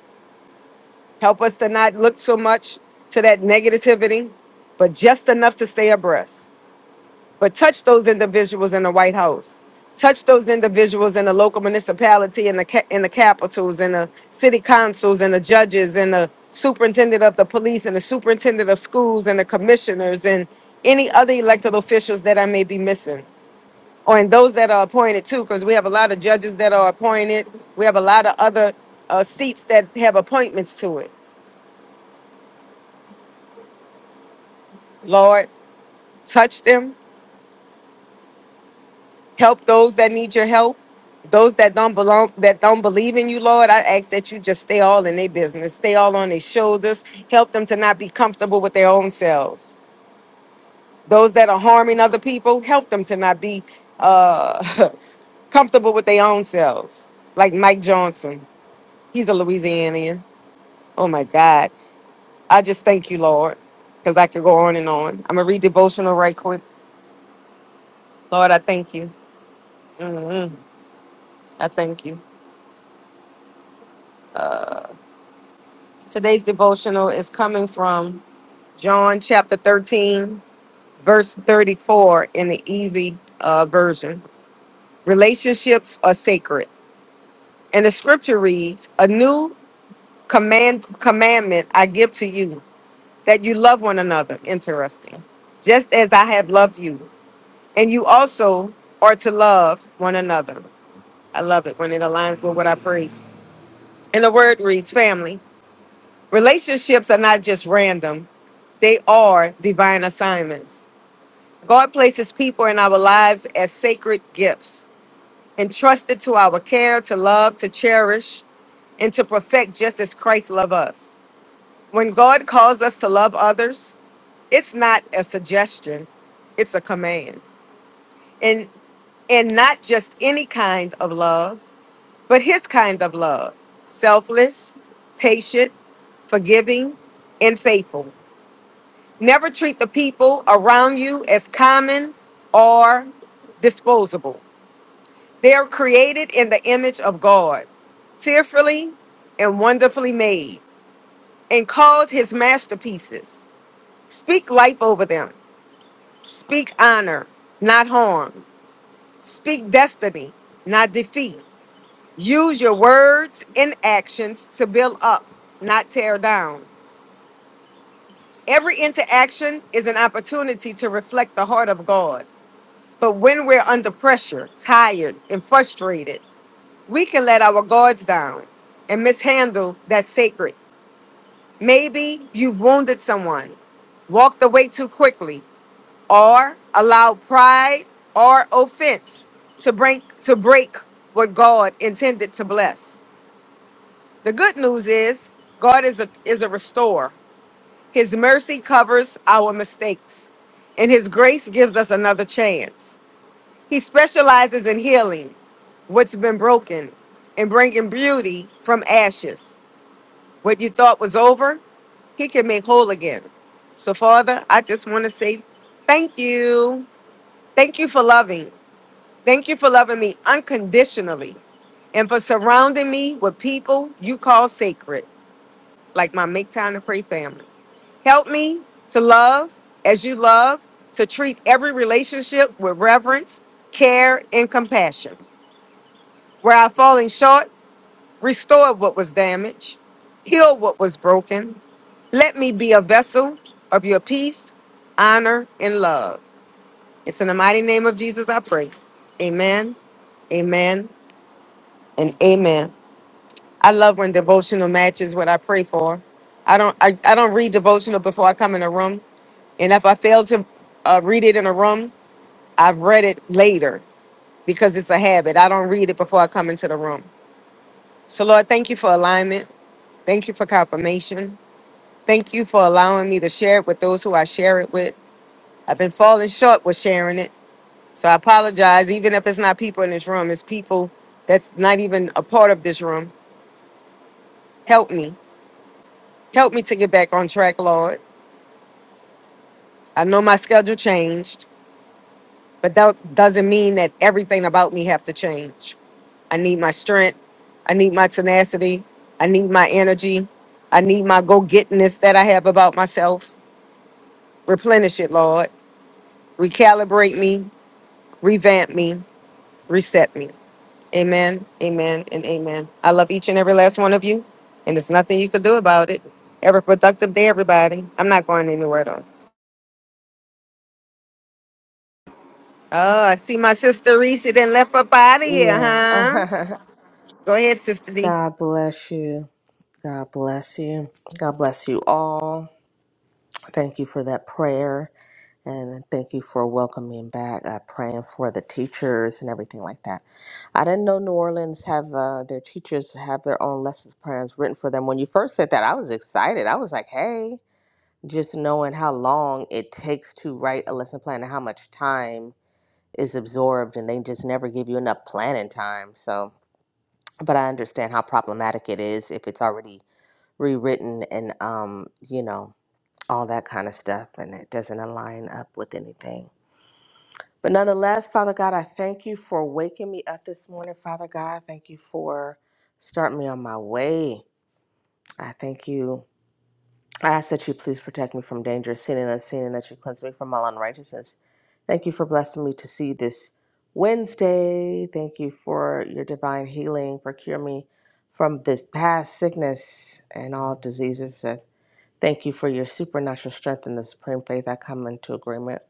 S8: Help us to not look so much to that negativity, but just enough to stay abreast. But touch those individuals in the White House. Touch those individuals in the local municipality, in the ca- in the capitals, in the city councils, and the judges, and the superintendent of the police, and the superintendent of schools, and the commissioners, and any other elected officials that I may be missing, or in those that are appointed too, because we have a lot of judges that are appointed. We have a lot of other uh, seats that have appointments to it. Lord, touch them help those that need your help those that don't belong that don't believe in you lord i ask that you just stay all in their business stay all on their shoulders help them to not be comfortable with their own selves those that are harming other people help them to not be uh, comfortable with their own selves like mike johnson he's a louisianian oh my god i just thank you lord because i could go on and on i'm gonna read devotional right quick lord i thank you Mhm. i thank you Uh, Today's devotional is coming from John chapter 13, verse 34 in the easy uh, version. Relationships are sacred. And the scripture reads, A new command commandment I give to you, that you love one another. Interesting. Just as I have loved you. And you also are to love one another. I love it when it aligns with what I pray. And the word reads, family. Relationships are not just random, they are divine assignments. God places people in our lives as sacred gifts, entrusted to our care, to love, to cherish, and to perfect just as Christ loved us. When God calls us to love others, it's not a suggestion, it's a command. And and not just any kind of love, but his kind of love. Selfless, patient, forgiving, and faithful. Never treat the people around you as common or disposable. They are created in the image of God, fearfully and wonderfully made, and called his masterpieces. Speak life over them. Speak honor, not harm. Speak destiny, not defeat. Use your words and actions to build up, not tear down. Every interaction is an opportunity to reflect the heart of God. But when we're under pressure, tired, and frustrated, we can let our guards down and mishandle that sacred. Maybe you've wounded someone, walked away too quickly, or allowed pride or offense to break to break what God intended to bless. The good news is God is a is a restorer. His mercy covers our mistakes, and his grace gives us another chance. He specializes in healing what's been broken and bringing beauty from ashes. What you thought was over, He can make whole again. So, Father, I just want to say thank you. Thank you for loving. Thank you for loving me unconditionally and for surrounding me with people you call sacred, like my Make Time to Pray family. Help me to love as you love, to treat every relationship with reverence, care, and compassion. Where I falling short, restore what was damaged, heal what was broken. Let me be a vessel of your peace, honor, and love. It's in the mighty name of Jesus I pray. Amen, amen, and amen. I love when devotional matches what I pray for. I don't I, I don't read devotional before I come in a room. And if I fail to uh, read it in a room, I've read it later because it's a habit. I don't read it before I come into the room. So Lord, thank you for alignment. Thank you for confirmation. Thank you for allowing me to share it with those who I share it with. I've been falling short with sharing it. So I apologize, even if it's not people in this room, it's people that's not even a part of this room. Help me. Help me to get back on track, Lord. I know my schedule changed, but that doesn't mean that everything about me have to change. I need my strength. I need my tenacity. I need my energy. I need my go-gettingness that I have about myself. Replenish it, Lord recalibrate me, revamp me, reset me. Amen, amen, and amen. I love each and every last one of you, and there's nothing you can do about it. Have a productive day, everybody. I'm not going anywhere though. Oh, I see my sister Reese then left up out of here,
S7: Yeah.
S8: huh? Go ahead, Sister D.
S7: God bless you. God bless you. God bless you all. Thank you for that prayer and thank you for welcoming back, uh, praying for the teachers and everything like that. I didn't know New Orleans have uh, their teachers have their own lessons plans written for them. When you first said that, I was excited. I was like, hey. just knowing how long it takes to write a lesson plan and how much time is absorbed and they just never give you enough planning time so but i understand how problematic it is if it's already rewritten and um you know all that kind of stuff and it doesn't align up with anything but nonetheless father god i thank you for waking me up this morning father god thank you for starting me on my way i thank you I ask that you please protect me from danger, seen and unseen, and that you cleanse me from all unrighteousness. Thank you for blessing me to see this Wednesday. Thank you for your divine healing, for cure me from this past sickness and all diseases. And thank you for your supernatural strength and the supreme faith. I come into agreement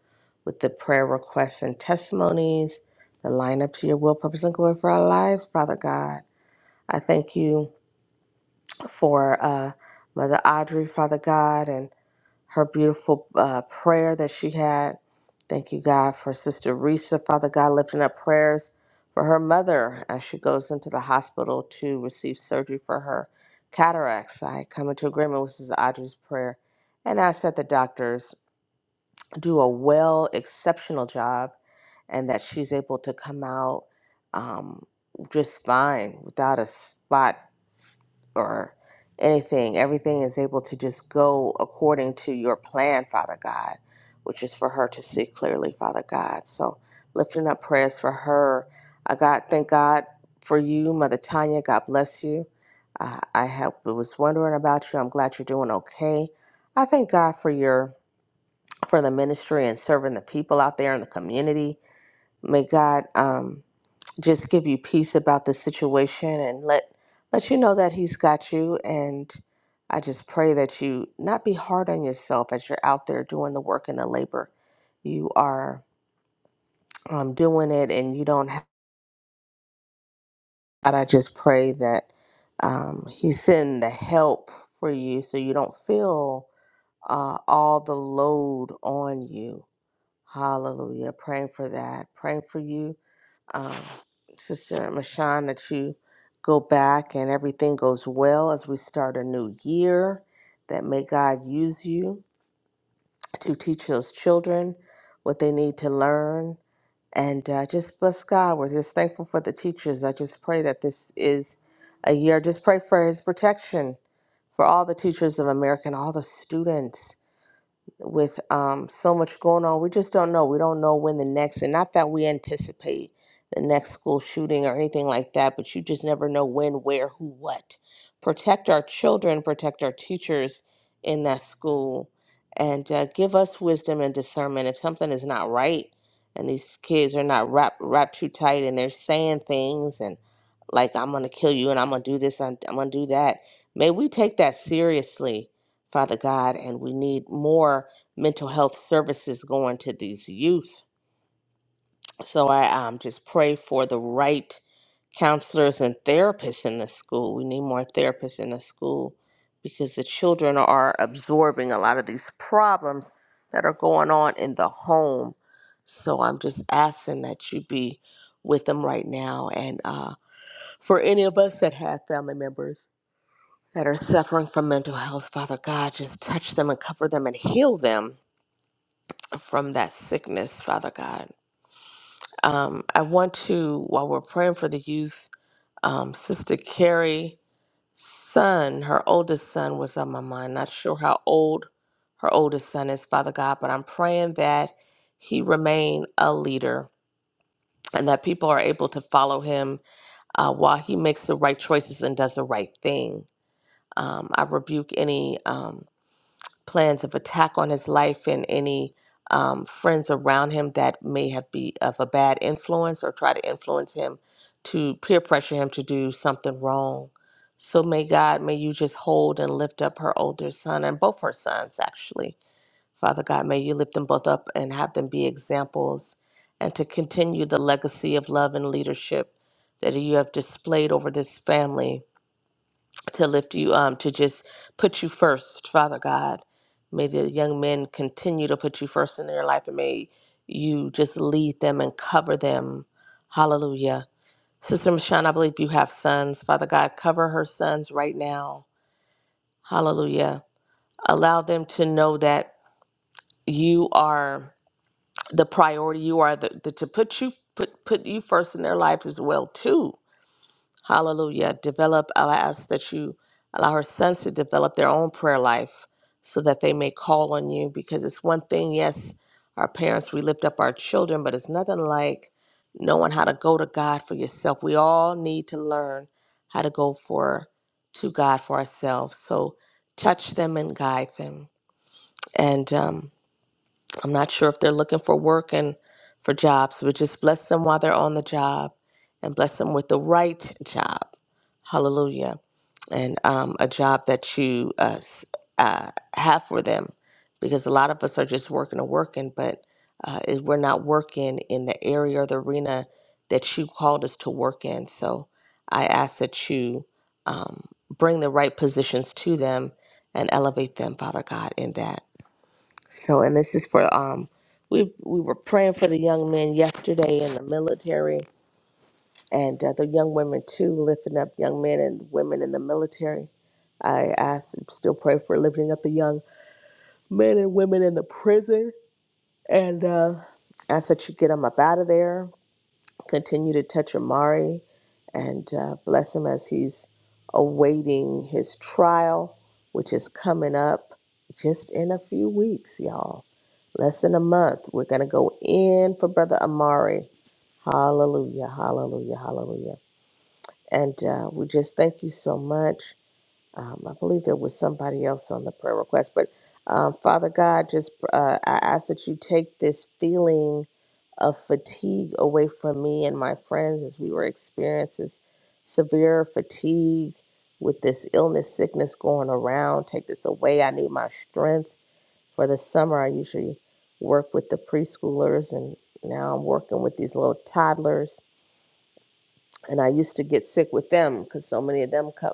S7: with the prayer requests and testimonies that line up to your will, purpose, and glory for our lives, Father God. I thank you for uh, Mother Audrey, Father God, and her beautiful uh, prayer that she had. Thank you, God, for Sister Risa. Father God, lifting up prayers for her mother as she goes into the hospital to receive surgery for her cataracts. I come into agreement with Sister Audrey's prayer and ask that the doctors do a well, exceptional job and that she's able to come out um, just fine without a spot or anything. Everything is able to just go according to your plan, Father God, which is for her to see clearly, Father God. So lifting up prayers for her. I God, thank God for you, Mother Tanya. God bless you. Uh, I have, was wondering about you. I'm glad you're doing okay. I thank God for your for the ministry and serving the people out there in the community. May God um, just give you peace about the situation and let let you know that he's got you and I just pray that you not be hard on yourself as you're out there doing the work and the labor. You are um, doing it and you don't have but I just pray that um, he's sending the help for you so you don't feel uh, all the load on you. Hallelujah. Praying for that. Praying for you um, Sister Mashan, that you go back and everything goes well as we start a new year. That may God use you to teach those children what they need to learn. And uh, just bless God. We're just thankful for the teachers. I just pray that this is a year. Just pray for His protection for all the teachers of America and all the students with um, so much going on, we just don't know. We don't know when the next, and not that we anticipate the next school shooting or anything like that, but you just never know when, where, who, what. Protect our children, protect our teachers in that school, and uh, give us wisdom and discernment. If something is not right, and these kids are not wrapped wrapped too tight, and they're saying things and like I'm gonna kill you and I'm gonna do this, I'm, I'm gonna do that. May we take that seriously, Father God, and we need more mental health services going to these youth. So I um, just pray for the right counselors and therapists in the school. We need more therapists in the school because the children are absorbing a lot of these problems that are going on in the home. So I'm just asking that you be with them right now. And uh, for any of us that have family members that are suffering from mental health, Father God, just touch them and cover them and heal them from that sickness, Father God. Um, I want to, while we're praying for the youth, um, Sister Carrie's son, her oldest son, was on my mind. Not sure how old her oldest son is, Father God, but I'm praying that he remain a leader and that people are able to follow him uh, while he makes the right choices and does the right thing. Um, I rebuke any. um, plans of attack on his life and any um, friends around him that may have be of a bad influence or try to influence him to peer pressure him to do something wrong. So may God, may you just hold and lift up her older son and both her sons actually. Father God, may you lift them both up and have them be examples and to continue the legacy of love and leadership that you have displayed over this family to lift you, um, to just put you first, Father God. May the young men continue to put you first in their life and may you just lead them and cover them. Hallelujah. Sister Michonne, I believe you have sons. Father God, cover her sons right now. Hallelujah. Allow them to know that you are the priority. You are the, the to put you put put you first in their life as well too Hallelujah. Develop, I ask that you allow her sons to develop their own prayer life so that they may call on you because it's one thing, yes, our parents, we lift up our children, but it's nothing like knowing how to go to God for yourself. We all need to learn how to go for to God for ourselves. So touch them and guide them. And um, I'm not sure if they're looking for work and for jobs, but just bless them while they're on the job and bless them with the right job. Hallelujah. And um, a job that you uh, s- uh, have for them. Because a lot of us are just working and working, but uh, it- we're not working in the area or the arena that you called us to work in. So I ask that you um, bring the right positions to them and elevate them, Father God, in that. So, and this is for um, we we were praying for the young men yesterday in the military, and uh, the young women too, lifting up young men and women in the military. I ask, and still pray for lifting up the young men and women in the prison, and uh, ask that you get them up out of there Continue to touch Amari and uh, bless him as he's awaiting his trial, which is coming up just in a few weeks, y'all. Less than a month. We're going to go in for Brother Amari. Hallelujah, hallelujah, hallelujah. And uh, we just thank you so much. Um, I believe there was somebody else on the prayer request, but um, Father God, just uh, I ask that you take this feeling of fatigue away from me and my friends as we were experiencing severe fatigue with this illness, sickness going around. Take this away. I need my strength. For the summer, I usually work with the preschoolers, and now I'm working with these little toddlers. And I used to get sick with them because so many of them come,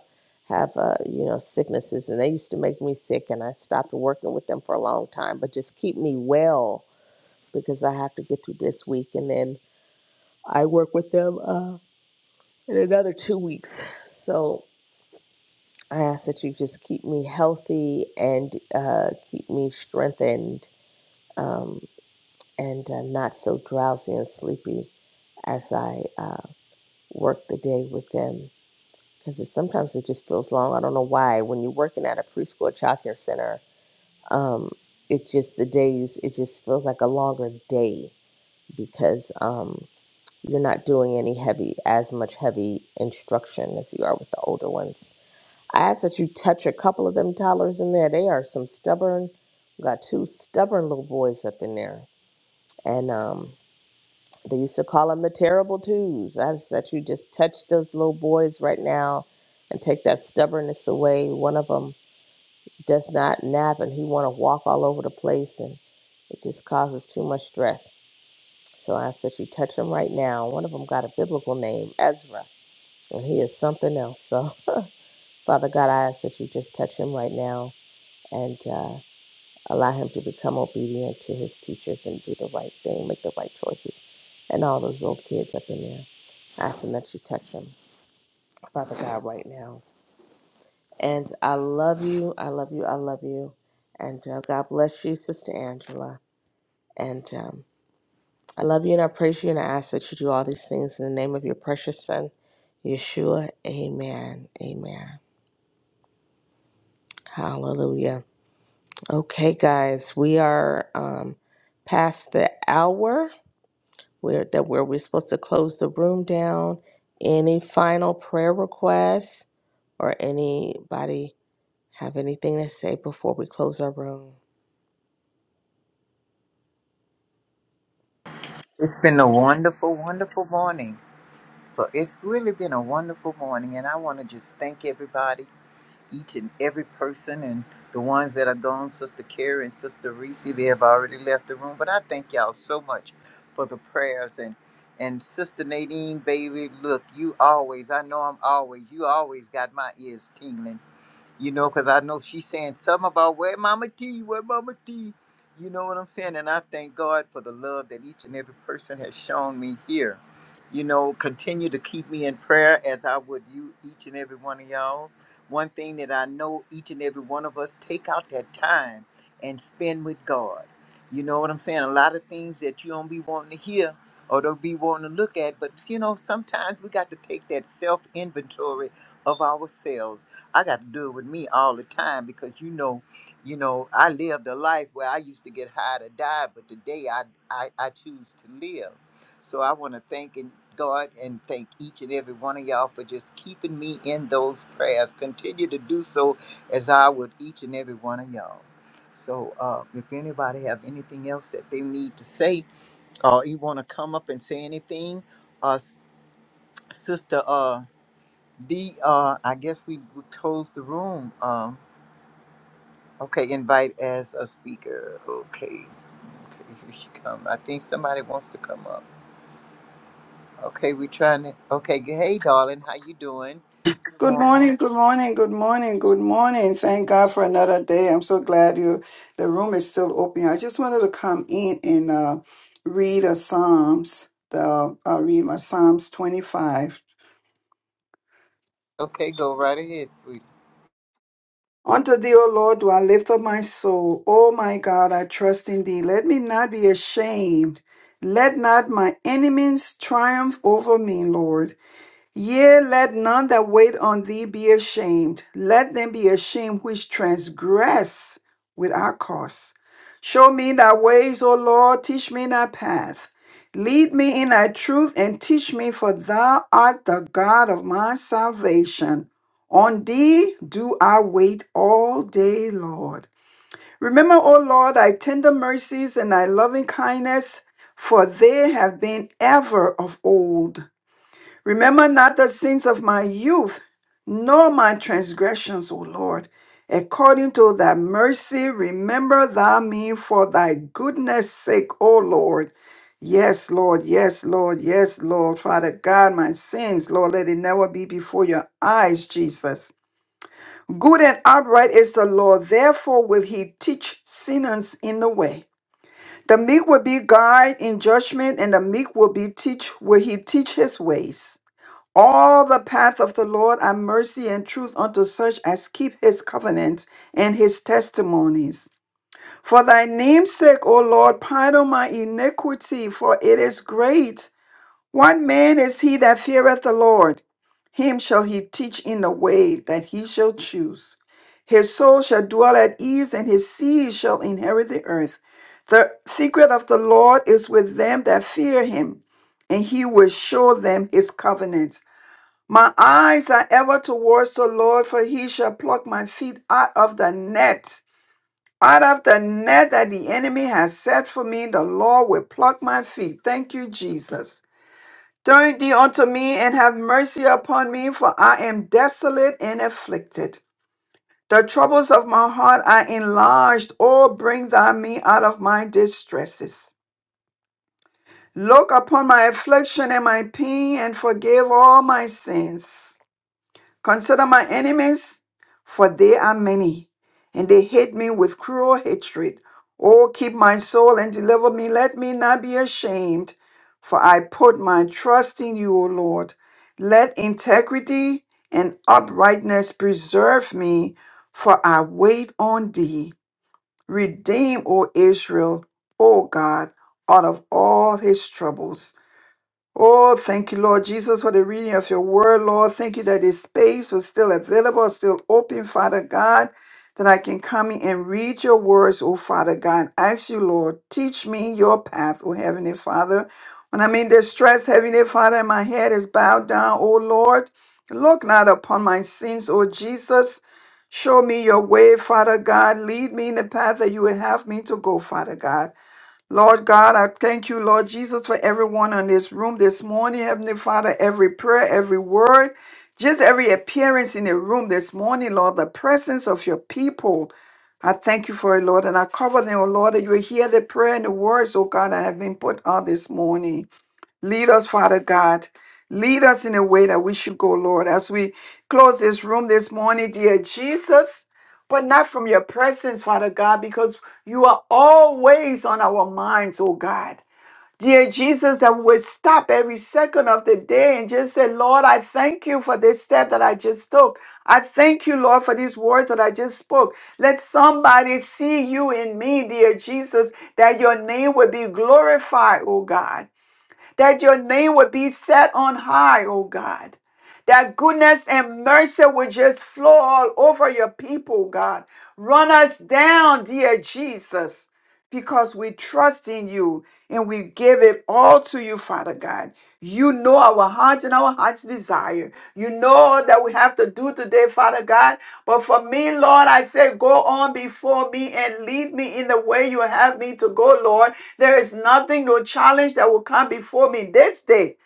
S7: have uh, you know sicknesses, and they used to make me sick. And I stopped working with them for a long time, but just keep me well because I have to get through this week, and then I work with them uh, in another two weeks. So I ask that you just keep me healthy and uh, keep me strengthened um, and uh, not so drowsy and sleepy as I uh, work the day with them. Because it, sometimes it just feels long. I don't know why. When you're working at a preschool childcare center, um, it just the days it just feels like a longer day because. Um, you're not doing any heavy as much heavy instruction as you are with the older ones. I ask that you touch a couple of them toddlers in there. They are some stubborn. We got two stubborn little boys up in there, and um, they used to call them the terrible twos. I ask that you just touch those little boys right now, and take that stubbornness away. One of them does not nap, and he want to walk all over the place, and it just causes too much stress. So I ask that you touch them right now. One of them got a biblical name, Ezra. And he is something else. So, Father God, I ask that you just touch him right now and uh, allow him to become obedient to his teachers and do the right thing, make the right choices. And all those little kids up in there, asking that you touch them, Father God, right now. And I love you. I love you. I love you. And uh, God bless you, Sister Angela. And um, I love you and I praise you and I ask that you do all these things in the name of your precious Son, Yeshua. Amen. Amen. Hallelujah. Okay, guys, we are um, past the hour where that where we're supposed to close the room down. Any final prayer requests or anybody have anything to say before we close our room?
S5: It's been a wonderful, wonderful morning. But it's really been a wonderful morning, and I want to just thank everybody each and every person and the ones that are gone, Sister Carrie and Sister Reese, they have already left the room. But I thank y'all so much for the prayers and and Sister Nadine, baby, look, you always, I know I'm always, you always got my ears tingling you know, because I know she's saying something about where Mama T, where Mama T, you know what I'm saying? And I thank God for the love that each and every person has shown me here. You know, continue to keep me in prayer as I would you, each and every one of y'all. One thing that I know each and every one of us take out that time and spend with God. You know what I'm saying? A lot of things that you don't be wanting to hear or don't be wanting to look at, but you know, sometimes we got to take that self inventory of ourselves I got to do it with me all the time because you know, you know, I lived a life where I used to get high to die, but today I I, I choose to live. So I want to thank and God and thank each and every one of y'all for just keeping me in those prayers. Continue to do so as I would each and every one of y'all. So uh, if anybody have anything else that they need to say, or you want to come up and say anything, uh, s- Sister uh, D, uh, I guess we, we close the room. Um, Okay, invite as a speaker. Okay. Okay, here she come. I think somebody wants to come up. Okay, we trying to. Okay, g- hey, darling, how you doing? Good
S9: Good
S5: morning.
S9: morning, good morning, good morning, good morning. Thank God for another day. I'm so glad you the room is still open. I just wanted to come in and uh, read a Psalms. The I'll read my Psalms 25.
S5: Okay, go right ahead, sweet.
S9: Unto thee, O Lord, do I lift up my soul. O my God, I trust in thee. Let me not be ashamed. Let not my enemies triumph over me, Lord. Yea, let none that wait on thee be ashamed. Let them be ashamed which transgress with our cause. Show me thy ways, O Lord, teach me thy path. Lead me in thy truth and teach me, for thou art the God of my salvation. On thee do I wait all day, Lord. Remember, O Lord, thy tender mercies and thy loving kindness, for they have been ever of old. Remember not the sins of my youth, nor my transgressions, O Lord. According to thy mercy, remember thou me for thy goodness sake, O Lord. Yes, Lord, yes, Lord, yes, Lord. Father God, my sins, Lord, let it never be before your eyes, Jesus. Good and upright is the Lord, therefore will he teach sinners in the way. The meek will be guide in judgment, and the meek will be teach will he teach his ways. All the path of the Lord are mercy and truth unto such as keep his covenant and his testimonies. For thy name's sake, O Lord, pardon my iniquity, for it is great. What man is he that feareth the Lord? Him shall he teach in the way that he shall choose. His soul shall dwell at ease, and his seed shall inherit the earth. The secret of the Lord is with them that fear him, and he will show them his covenant. My eyes are ever towards the Lord, for he shall pluck my feet out of the net. Out of the net that the enemy has set for me, the Lord will pluck my feet. Thank you, Jesus. Turn thee unto me and have mercy upon me, for I am desolate and afflicted. The troubles of my heart are enlarged. Oh, bring thou me out of my distresses. Look upon my affliction and my pain and forgive all my sins Consider my enemies, for they are many, and they hate me with cruel hatred. Oh, keep my soul and deliver me. Let me not be ashamed, for I put my trust in you, O Lord. Let integrity and uprightness preserve me, for I wait on thee. Redeem, O Israel, O God, out of all his troubles. Oh, thank you, Lord Jesus, for the reading of your word, Lord. Thank you that this space was still available, still open, Father God, that I can come in and read your words, oh Father God. Ask you, Lord, teach me your path, oh Heavenly Father. When I'm in distress, Heavenly Father, and my head is bowed down, oh Lord, look not upon my sins, oh Jesus. Show me your way, Father God. Lead me in the path that you would have me to go, Father God. Lord God, I thank you, Lord Jesus, for everyone on this room this morning. Heavenly Father, every prayer, every word, just every appearance in the room this morning, Lord, the presence of your people. I thank you for it, Lord, and I cover them, oh Lord, that you will hear the prayer and the words, oh God, that have been put out this morning. Lead us, Father God. Lead us in a way that we should go, Lord, as we close this room this morning, dear Jesus, but not from your presence, Father God, because you are always on our minds, oh God. Dear Jesus, that we would stop every second of the day and just say, Lord, I thank you for this step that I just took. I thank you, Lord, for these words that I just spoke. Let somebody see you in me, dear Jesus, that your name would be glorified, oh God that your name would be set on high, oh God. That goodness and mercy would just flow all over your people, God. Run us down, dear Jesus because we trust in you and we give it all to you, Father God. You know our hearts and our hearts' desire. You know all that we have to do today, Father God. But for me, Lord, I say, go on before me and lead me in the way you have me to go, Lord. There is nothing, no challenge that will come before me this day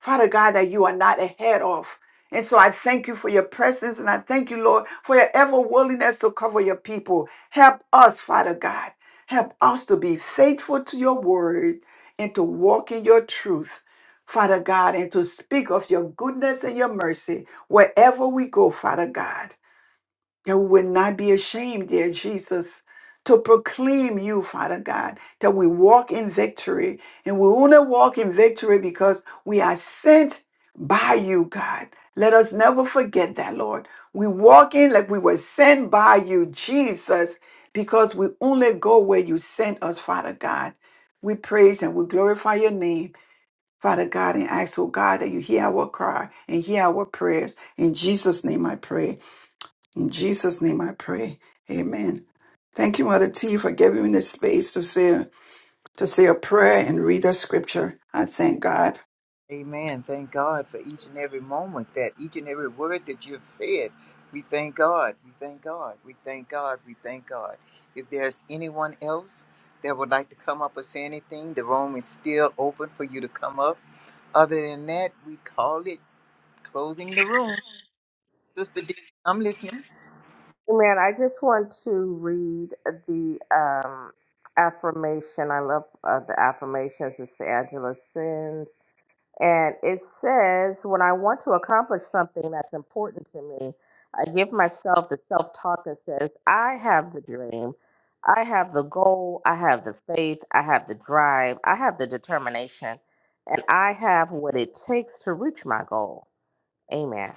S9: Father God, that you are not ahead of. And so I thank you for your presence and I thank you, Lord, for your ever willingness to cover your people. Help us, Father God. Help us to be faithful to your word and to walk in your truth, Father God, and to speak of your goodness and your mercy wherever we go, Father God that we would not be ashamed, dear Jesus, to proclaim you, Father God, that we walk in victory. And we want to walk in victory because we are sent by you, God. Let us never forget that, Lord. We walk in like we were sent by you, Jesus, because we only go where you sent us, Father God. We praise and we glorify your name, Father God, and ask, oh God, that you hear our cry and hear our prayers. In Jesus' name I pray. In Jesus' name I pray. Amen. Thank you, Mother T, for giving me the space to say to say a prayer and read a scripture. I thank God.
S5: Amen. Thank God for each and every moment that each and every word that you have said. We thank God. We thank God. We thank God. We thank God. If there's anyone else that would like to come up or say anything, the room is still open for you to come up. Other than that, we call it closing the room. Sister D, I'm listening.
S7: Man, I just want to read the um, affirmation. I love uh, the affirmations. It's the Angela And it says, when I want to accomplish something that's important to me, I give myself the self talk that says, I have the dream, I have the goal, I have the faith, I have the drive, I have the determination, and I have what it takes to reach my goal. Amen.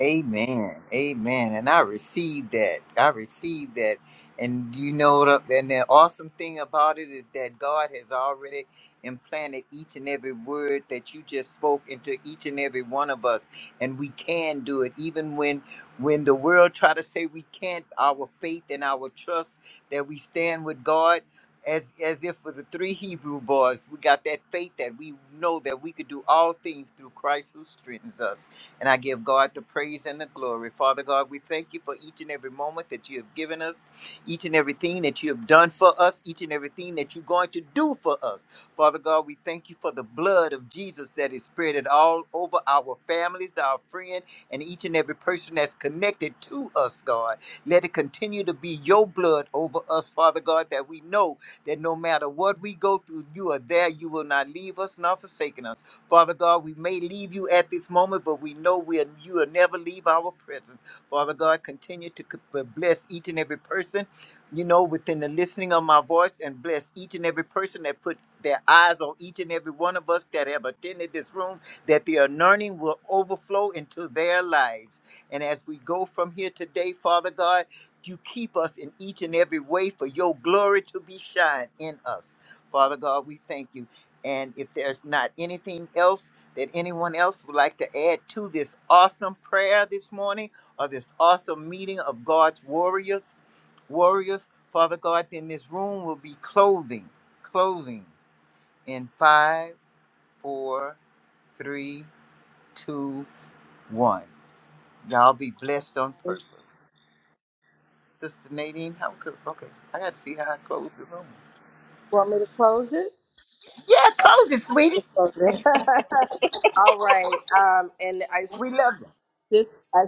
S5: Amen. Amen. And I received that. I received that. And you know what? up- And the awesome thing about it is that God has already implanted each and every word that you just spoke into each and every one of us. And we can do it. Even when when the world try to say we can't, our faith and our trust that we stand with God. As, as if with the three Hebrew boys, we got that faith that we know that we could do all things through Christ who strengthens us. And I give God the praise and the glory. Father God, we thank you for each and every moment that you have given us, each and everything that you have done for us, each and everything that you're going to do for us. Father God, we thank you for the blood of Jesus that is spread all over our families, our friends, and each and every person that's connected to us, God. Let it continue to be your blood over us, Father God, that we know that no matter what we go through, you are there. You will not leave us nor forsaken us. Father God, we may leave you at this moment, but we know we'll, you will never leave our presence. Father God, continue to c- bless each and every person, you know, within the listening of my voice, and bless each and every person that put their eyes on each and every one of us that have attended this room, that the anointing will overflow into their lives. And as we go from here today, Father God, you keep us in each and every way for your glory to be shined in us. Father God, we thank you. And if there's not anything else that anyone else would like to add to this awesome prayer this morning or this awesome meeting of God's warriors, warriors, Father God, then this room will be clothing, closing in five, four, three, two, one. Y'all be blessed on
S7: You
S5: purpose. Sister Nadine, how could, okay, I got to see how I close the room.
S7: want me to close it?
S5: Yeah, close it,
S7: You
S5: sweetie.
S7: close it. All right. Um, and I
S5: We love you.
S7: this. I